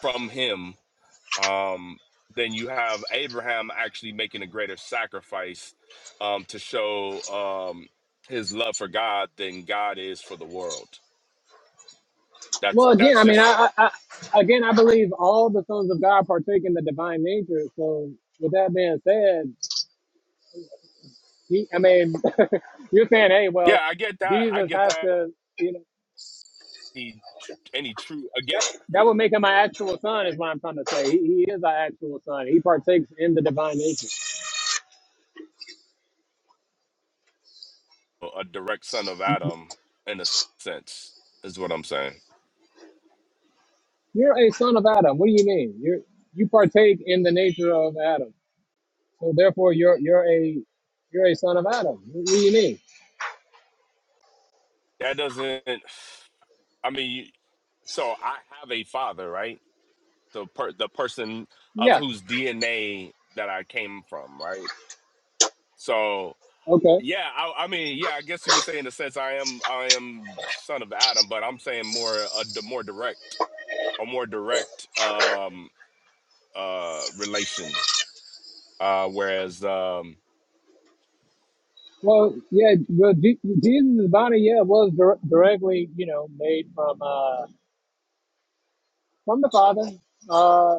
S10: from him um, then you have Abraham actually making a greater sacrifice um, to show um, his love for God than God is for the world. That's
S1: Well, again,
S10: that's
S1: I mean,
S10: just
S1: I, I, I, again, I believe all the sons of God partake in the divine nature. So, with that being said, he, I mean, you're saying, hey,
S10: yeah,
S1: well,
S10: I get that. I
S1: Jesus
S10: get
S1: has
S10: that.
S1: to, you know,
S10: Any, any true again,
S1: that, that would make him my actual son, is what I'm trying to say. He, he is our actual son. He partakes in the divine nature.
S10: a direct son of Adam in a sense is what I'm saying.
S1: You're a son of Adam. What do you mean? You you partake in the nature of Adam. So therefore, you're you're a you're a son of Adam. What do you mean?
S10: That doesn't. I mean, you, so I have a father, right? So per, the person of
S1: Yeah.
S10: whose DNA that I came from, right? So
S1: Okay.
S10: Yeah, I, I mean, yeah, I guess you could say in a sense I am I am son of Adam, but I'm saying more a d- more direct a more direct um uh relation. Uh whereas um
S1: Well, yeah. Well, Je- Jesus' body, yeah, was dir- directly, you know, made from uh, from the Father. Uh,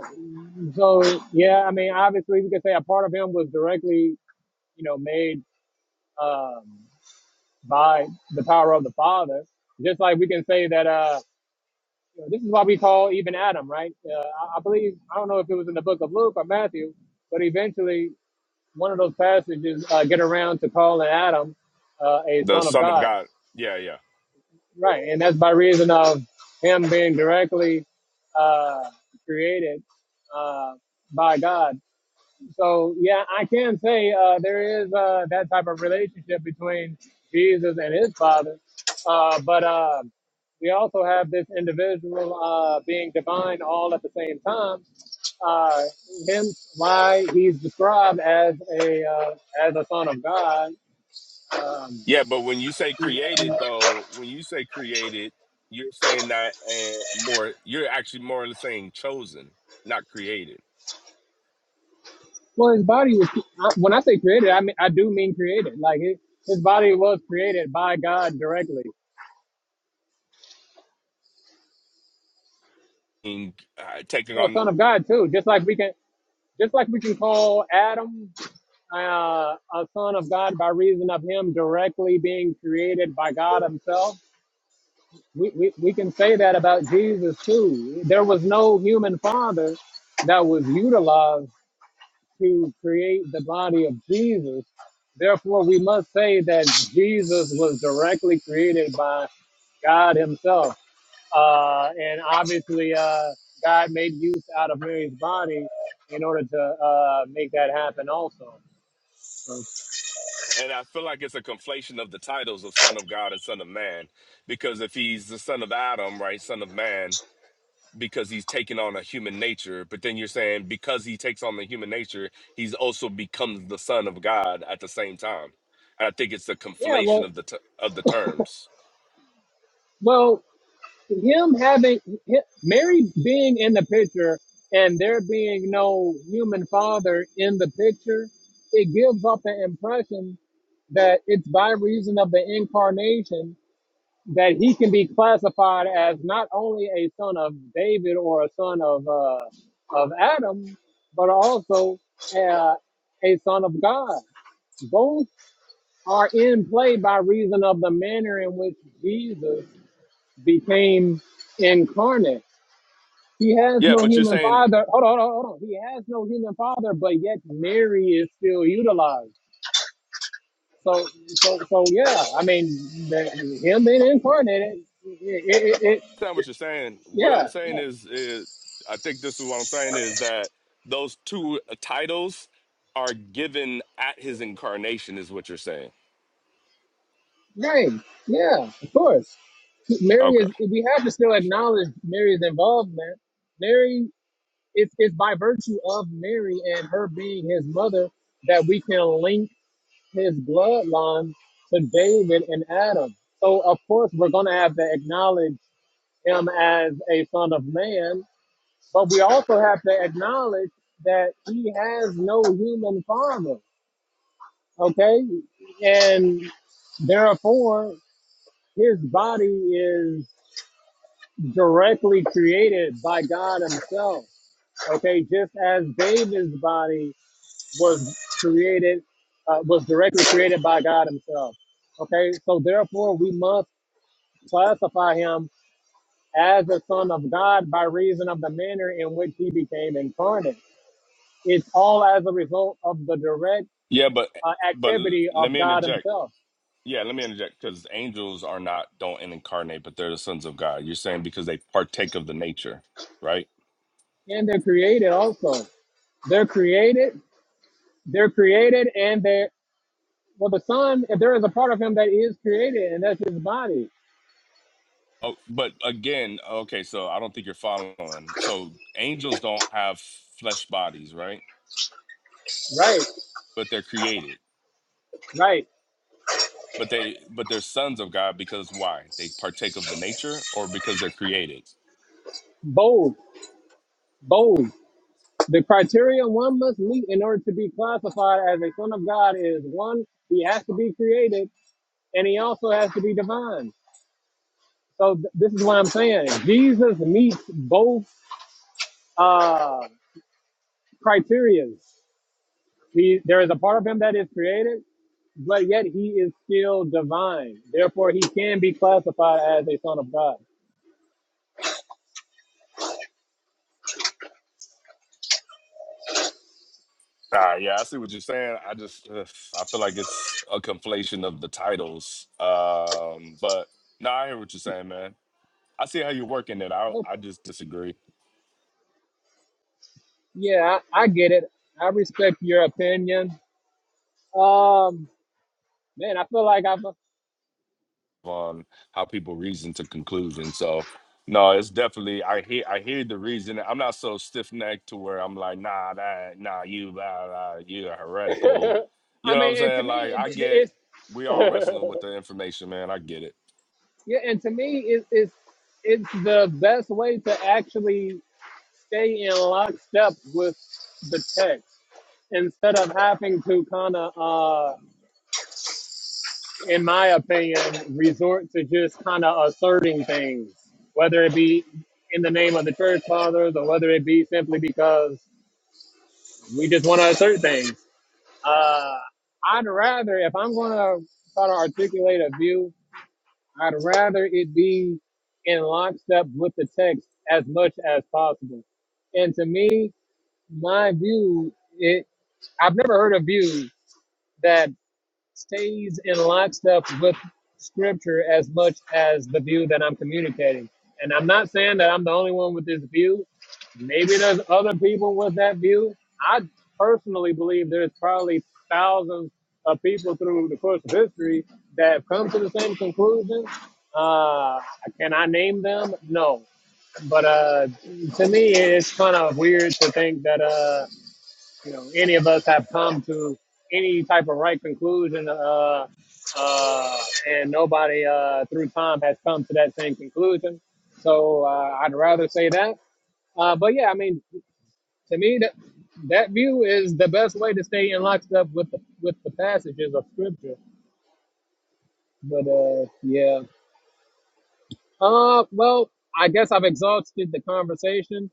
S1: so yeah, I mean, obviously, we could say a part of him was directly, you know, made um, by the power of the Father. Just like we can say that. Uh, You know, this is why we call even Adam, right? Uh, I, I believe I don't know if it was in the book of Luke or Matthew, but eventually one of those passages uh, get around to calling Adam uh, a
S10: the
S1: son of
S10: son of
S1: God,
S10: God, yeah, yeah.
S1: right? And that's by reason of him being directly uh, created uh, by God so yeah, I can say uh, there is uh, that type of relationship between Jesus and his Father, uh, but uh, we also have this individual uh, being divine all at the same time. Uh, hence, why he's described as a uh, as a son of God. Um,
S10: Yeah, but when you say created though, when you say created, you're saying that and more you're actually more or less saying chosen, not created.
S1: well, his body was when I say created, I mean I do mean created. Like his, his body was created by God directly.
S10: And, uh, taking
S1: Well,
S10: on
S1: son of God too. Just like we can, just like we can call Adam. uh, a son of God by reason of him directly being created by God himself. We, we, we can say that about Jesus too. There was no human father that was utilized to create the body of Jesus. Therefore, we must say that Jesus was directly created by God himself. Uh, and obviously, uh, God made use out of Mary's body in order to uh, make that happen also. So,
S10: And I feel like it's a conflation of the titles of Son of God and Son of Man, because if he's the Son of Adam, right, Son of Man, because he's taking on a human nature, but then you're saying because he takes on the human nature, he's also becomes the Son of God at the same time. And I think it's a
S1: yeah,
S10: conflation
S1: well,
S10: of the t- of the terms.
S1: well, him having hi- Mary being in the picture and there being no human father in the picture, it gives off the impression that it's by reason of the incarnation that he can be classified as not only a son of David or a son of uh, of Adam, but also uh, a son of God. Both are in play by reason of the manner in which Jesus became incarnate he has
S10: Yeah,
S1: no
S10: but you're
S1: human
S10: saying
S1: father. Hold on, hold on, hold on. He has no human father, but yet Mary is still utilized. So, so, so yeah. I mean, the, him being incarnated, it, it, it, it-
S10: that's not what you're saying. What I'm
S1: yeah,
S10: saying
S1: yeah,
S10: is, is, I think this is what I'm saying is that those two titles are given at his incarnation, is what you're saying.
S1: right, yeah, of course. Mary
S10: Okay.
S1: is. We have to still acknowledge Mary's involvement. Mary, it's it's by virtue of Mary and her being his mother that we can link his bloodline to David and Adam. So, of course, we're going to have to acknowledge him as a son of man, but we also have to acknowledge that he has no human father, okay? And therefore, his body is directly created by God himself, okay? Just as David's body was created, uh, was directly created by God himself. Okay, so therefore we must classify him as the Son of God by reason of the manner in which he became incarnate. It's all as a result of the direct
S10: Yeah, but
S1: uh,
S10: but l-
S1: activity
S10: let
S1: of
S10: me
S1: God
S10: interject.
S1: Himself.
S10: Yeah, let me interject because angels are not don't incarnate, but they're the sons of God. You're saying because they partake of the nature, right?
S1: And they're created also. They're created, they're created, and they're, well, the Son, if there is a part of Him that is created, and that's His body.
S10: Oh, but again, okay, so I don't think you're following. So angels don't have flesh bodies, right?
S1: Right,
S10: But they're created.
S1: right.
S10: But they but they're sons of God because why? They partake of the nature or because they're created.
S1: both, both. The criteria one must meet in order to be classified as a Son of God is one, He has to be created, and He also has to be divine. So th- this is what I'm saying. Jesus meets both uh, criteria. He there is a part of him that is created, but yet he is still divine. Therefore, he can be classified as a son of God.
S10: Ah, yeah, I see what you're saying. I just, ugh, I feel like it's a conflation of the titles. Um, but no, I hear what you're saying, man. I see how you're working it out. I
S1: Okay.
S10: just disagree
S1: Yeah, I, I get it. I respect your opinion. Um, man, I feel like I've.
S10: on how people reason to conclusion. So, no, it's definitely I hear I hear the reason. I'm not so stiff necked to where I'm like, nah, that, nah, you, blah, blah, you're heretical. You
S1: I
S10: know what I'm
S1: mean, and to
S10: saying?
S1: me,
S10: Like,
S1: it,
S10: I
S1: it,
S10: get
S1: it's
S10: we all wrestling with the information, man. I get it.
S1: yeah, and to me, it, it's it's the best way to actually stay in lockstep with the text. instead of having to kind of, uh, in my opinion, resort to just kind of asserting things, whether it be in the name of the church fathers or whether it be simply because we just want to assert things. Uh, I'd rather, if I'm going to try to articulate a view, I'd rather it be in lockstep with the text as much as possible. And to me, my view, it I've never heard a view that stays in lockstep with scripture as much as the view that I'm communicating. And I'm not saying that I'm the only one with this view. Maybe there's other people with that view. I personally believe there's probably thousands of people through the course of history that have come to the same conclusion. Uh, can I name them? No. But uh, to me, it's kind of weird to think that. Uh, you know, any of us have come to any type of right conclusion, uh, uh, and nobody uh, through time has come to that same conclusion. So uh, I'd rather say that. Uh, but yeah, I mean, to me, that that view is the best way to stay in lockstep with the, with the passages of scripture. But uh, yeah, uh, well, I guess I've exhausted the conversation.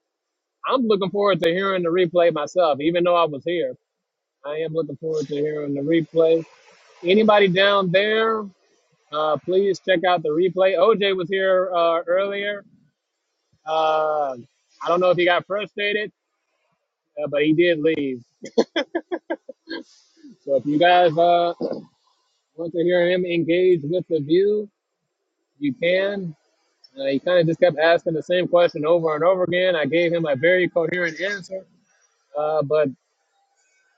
S1: I'm looking forward to hearing the replay myself, even though I was here. I am looking forward to hearing the replay. Anybody down there, uh, please check out the replay. OJ was here uh, earlier. Uh, I don't know if he got frustrated, uh, but he did leave. So if you guys uh, want to hear him engage with the view, you can. Uh, he kind of just kept asking the same question over and over again. I gave him a very coherent answer, uh, but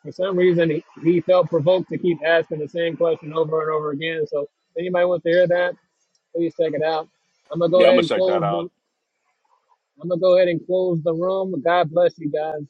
S1: for some reason he, he felt provoked to keep asking the same question over and over again. So if anybody wants to hear that, please check it out. I'm gonna go
S10: Yeah, I'm
S1: ahead
S10: gonna
S1: and
S10: check that
S1: close
S10: out.
S1: the I'm gonna go ahead and close the room. God bless you guys.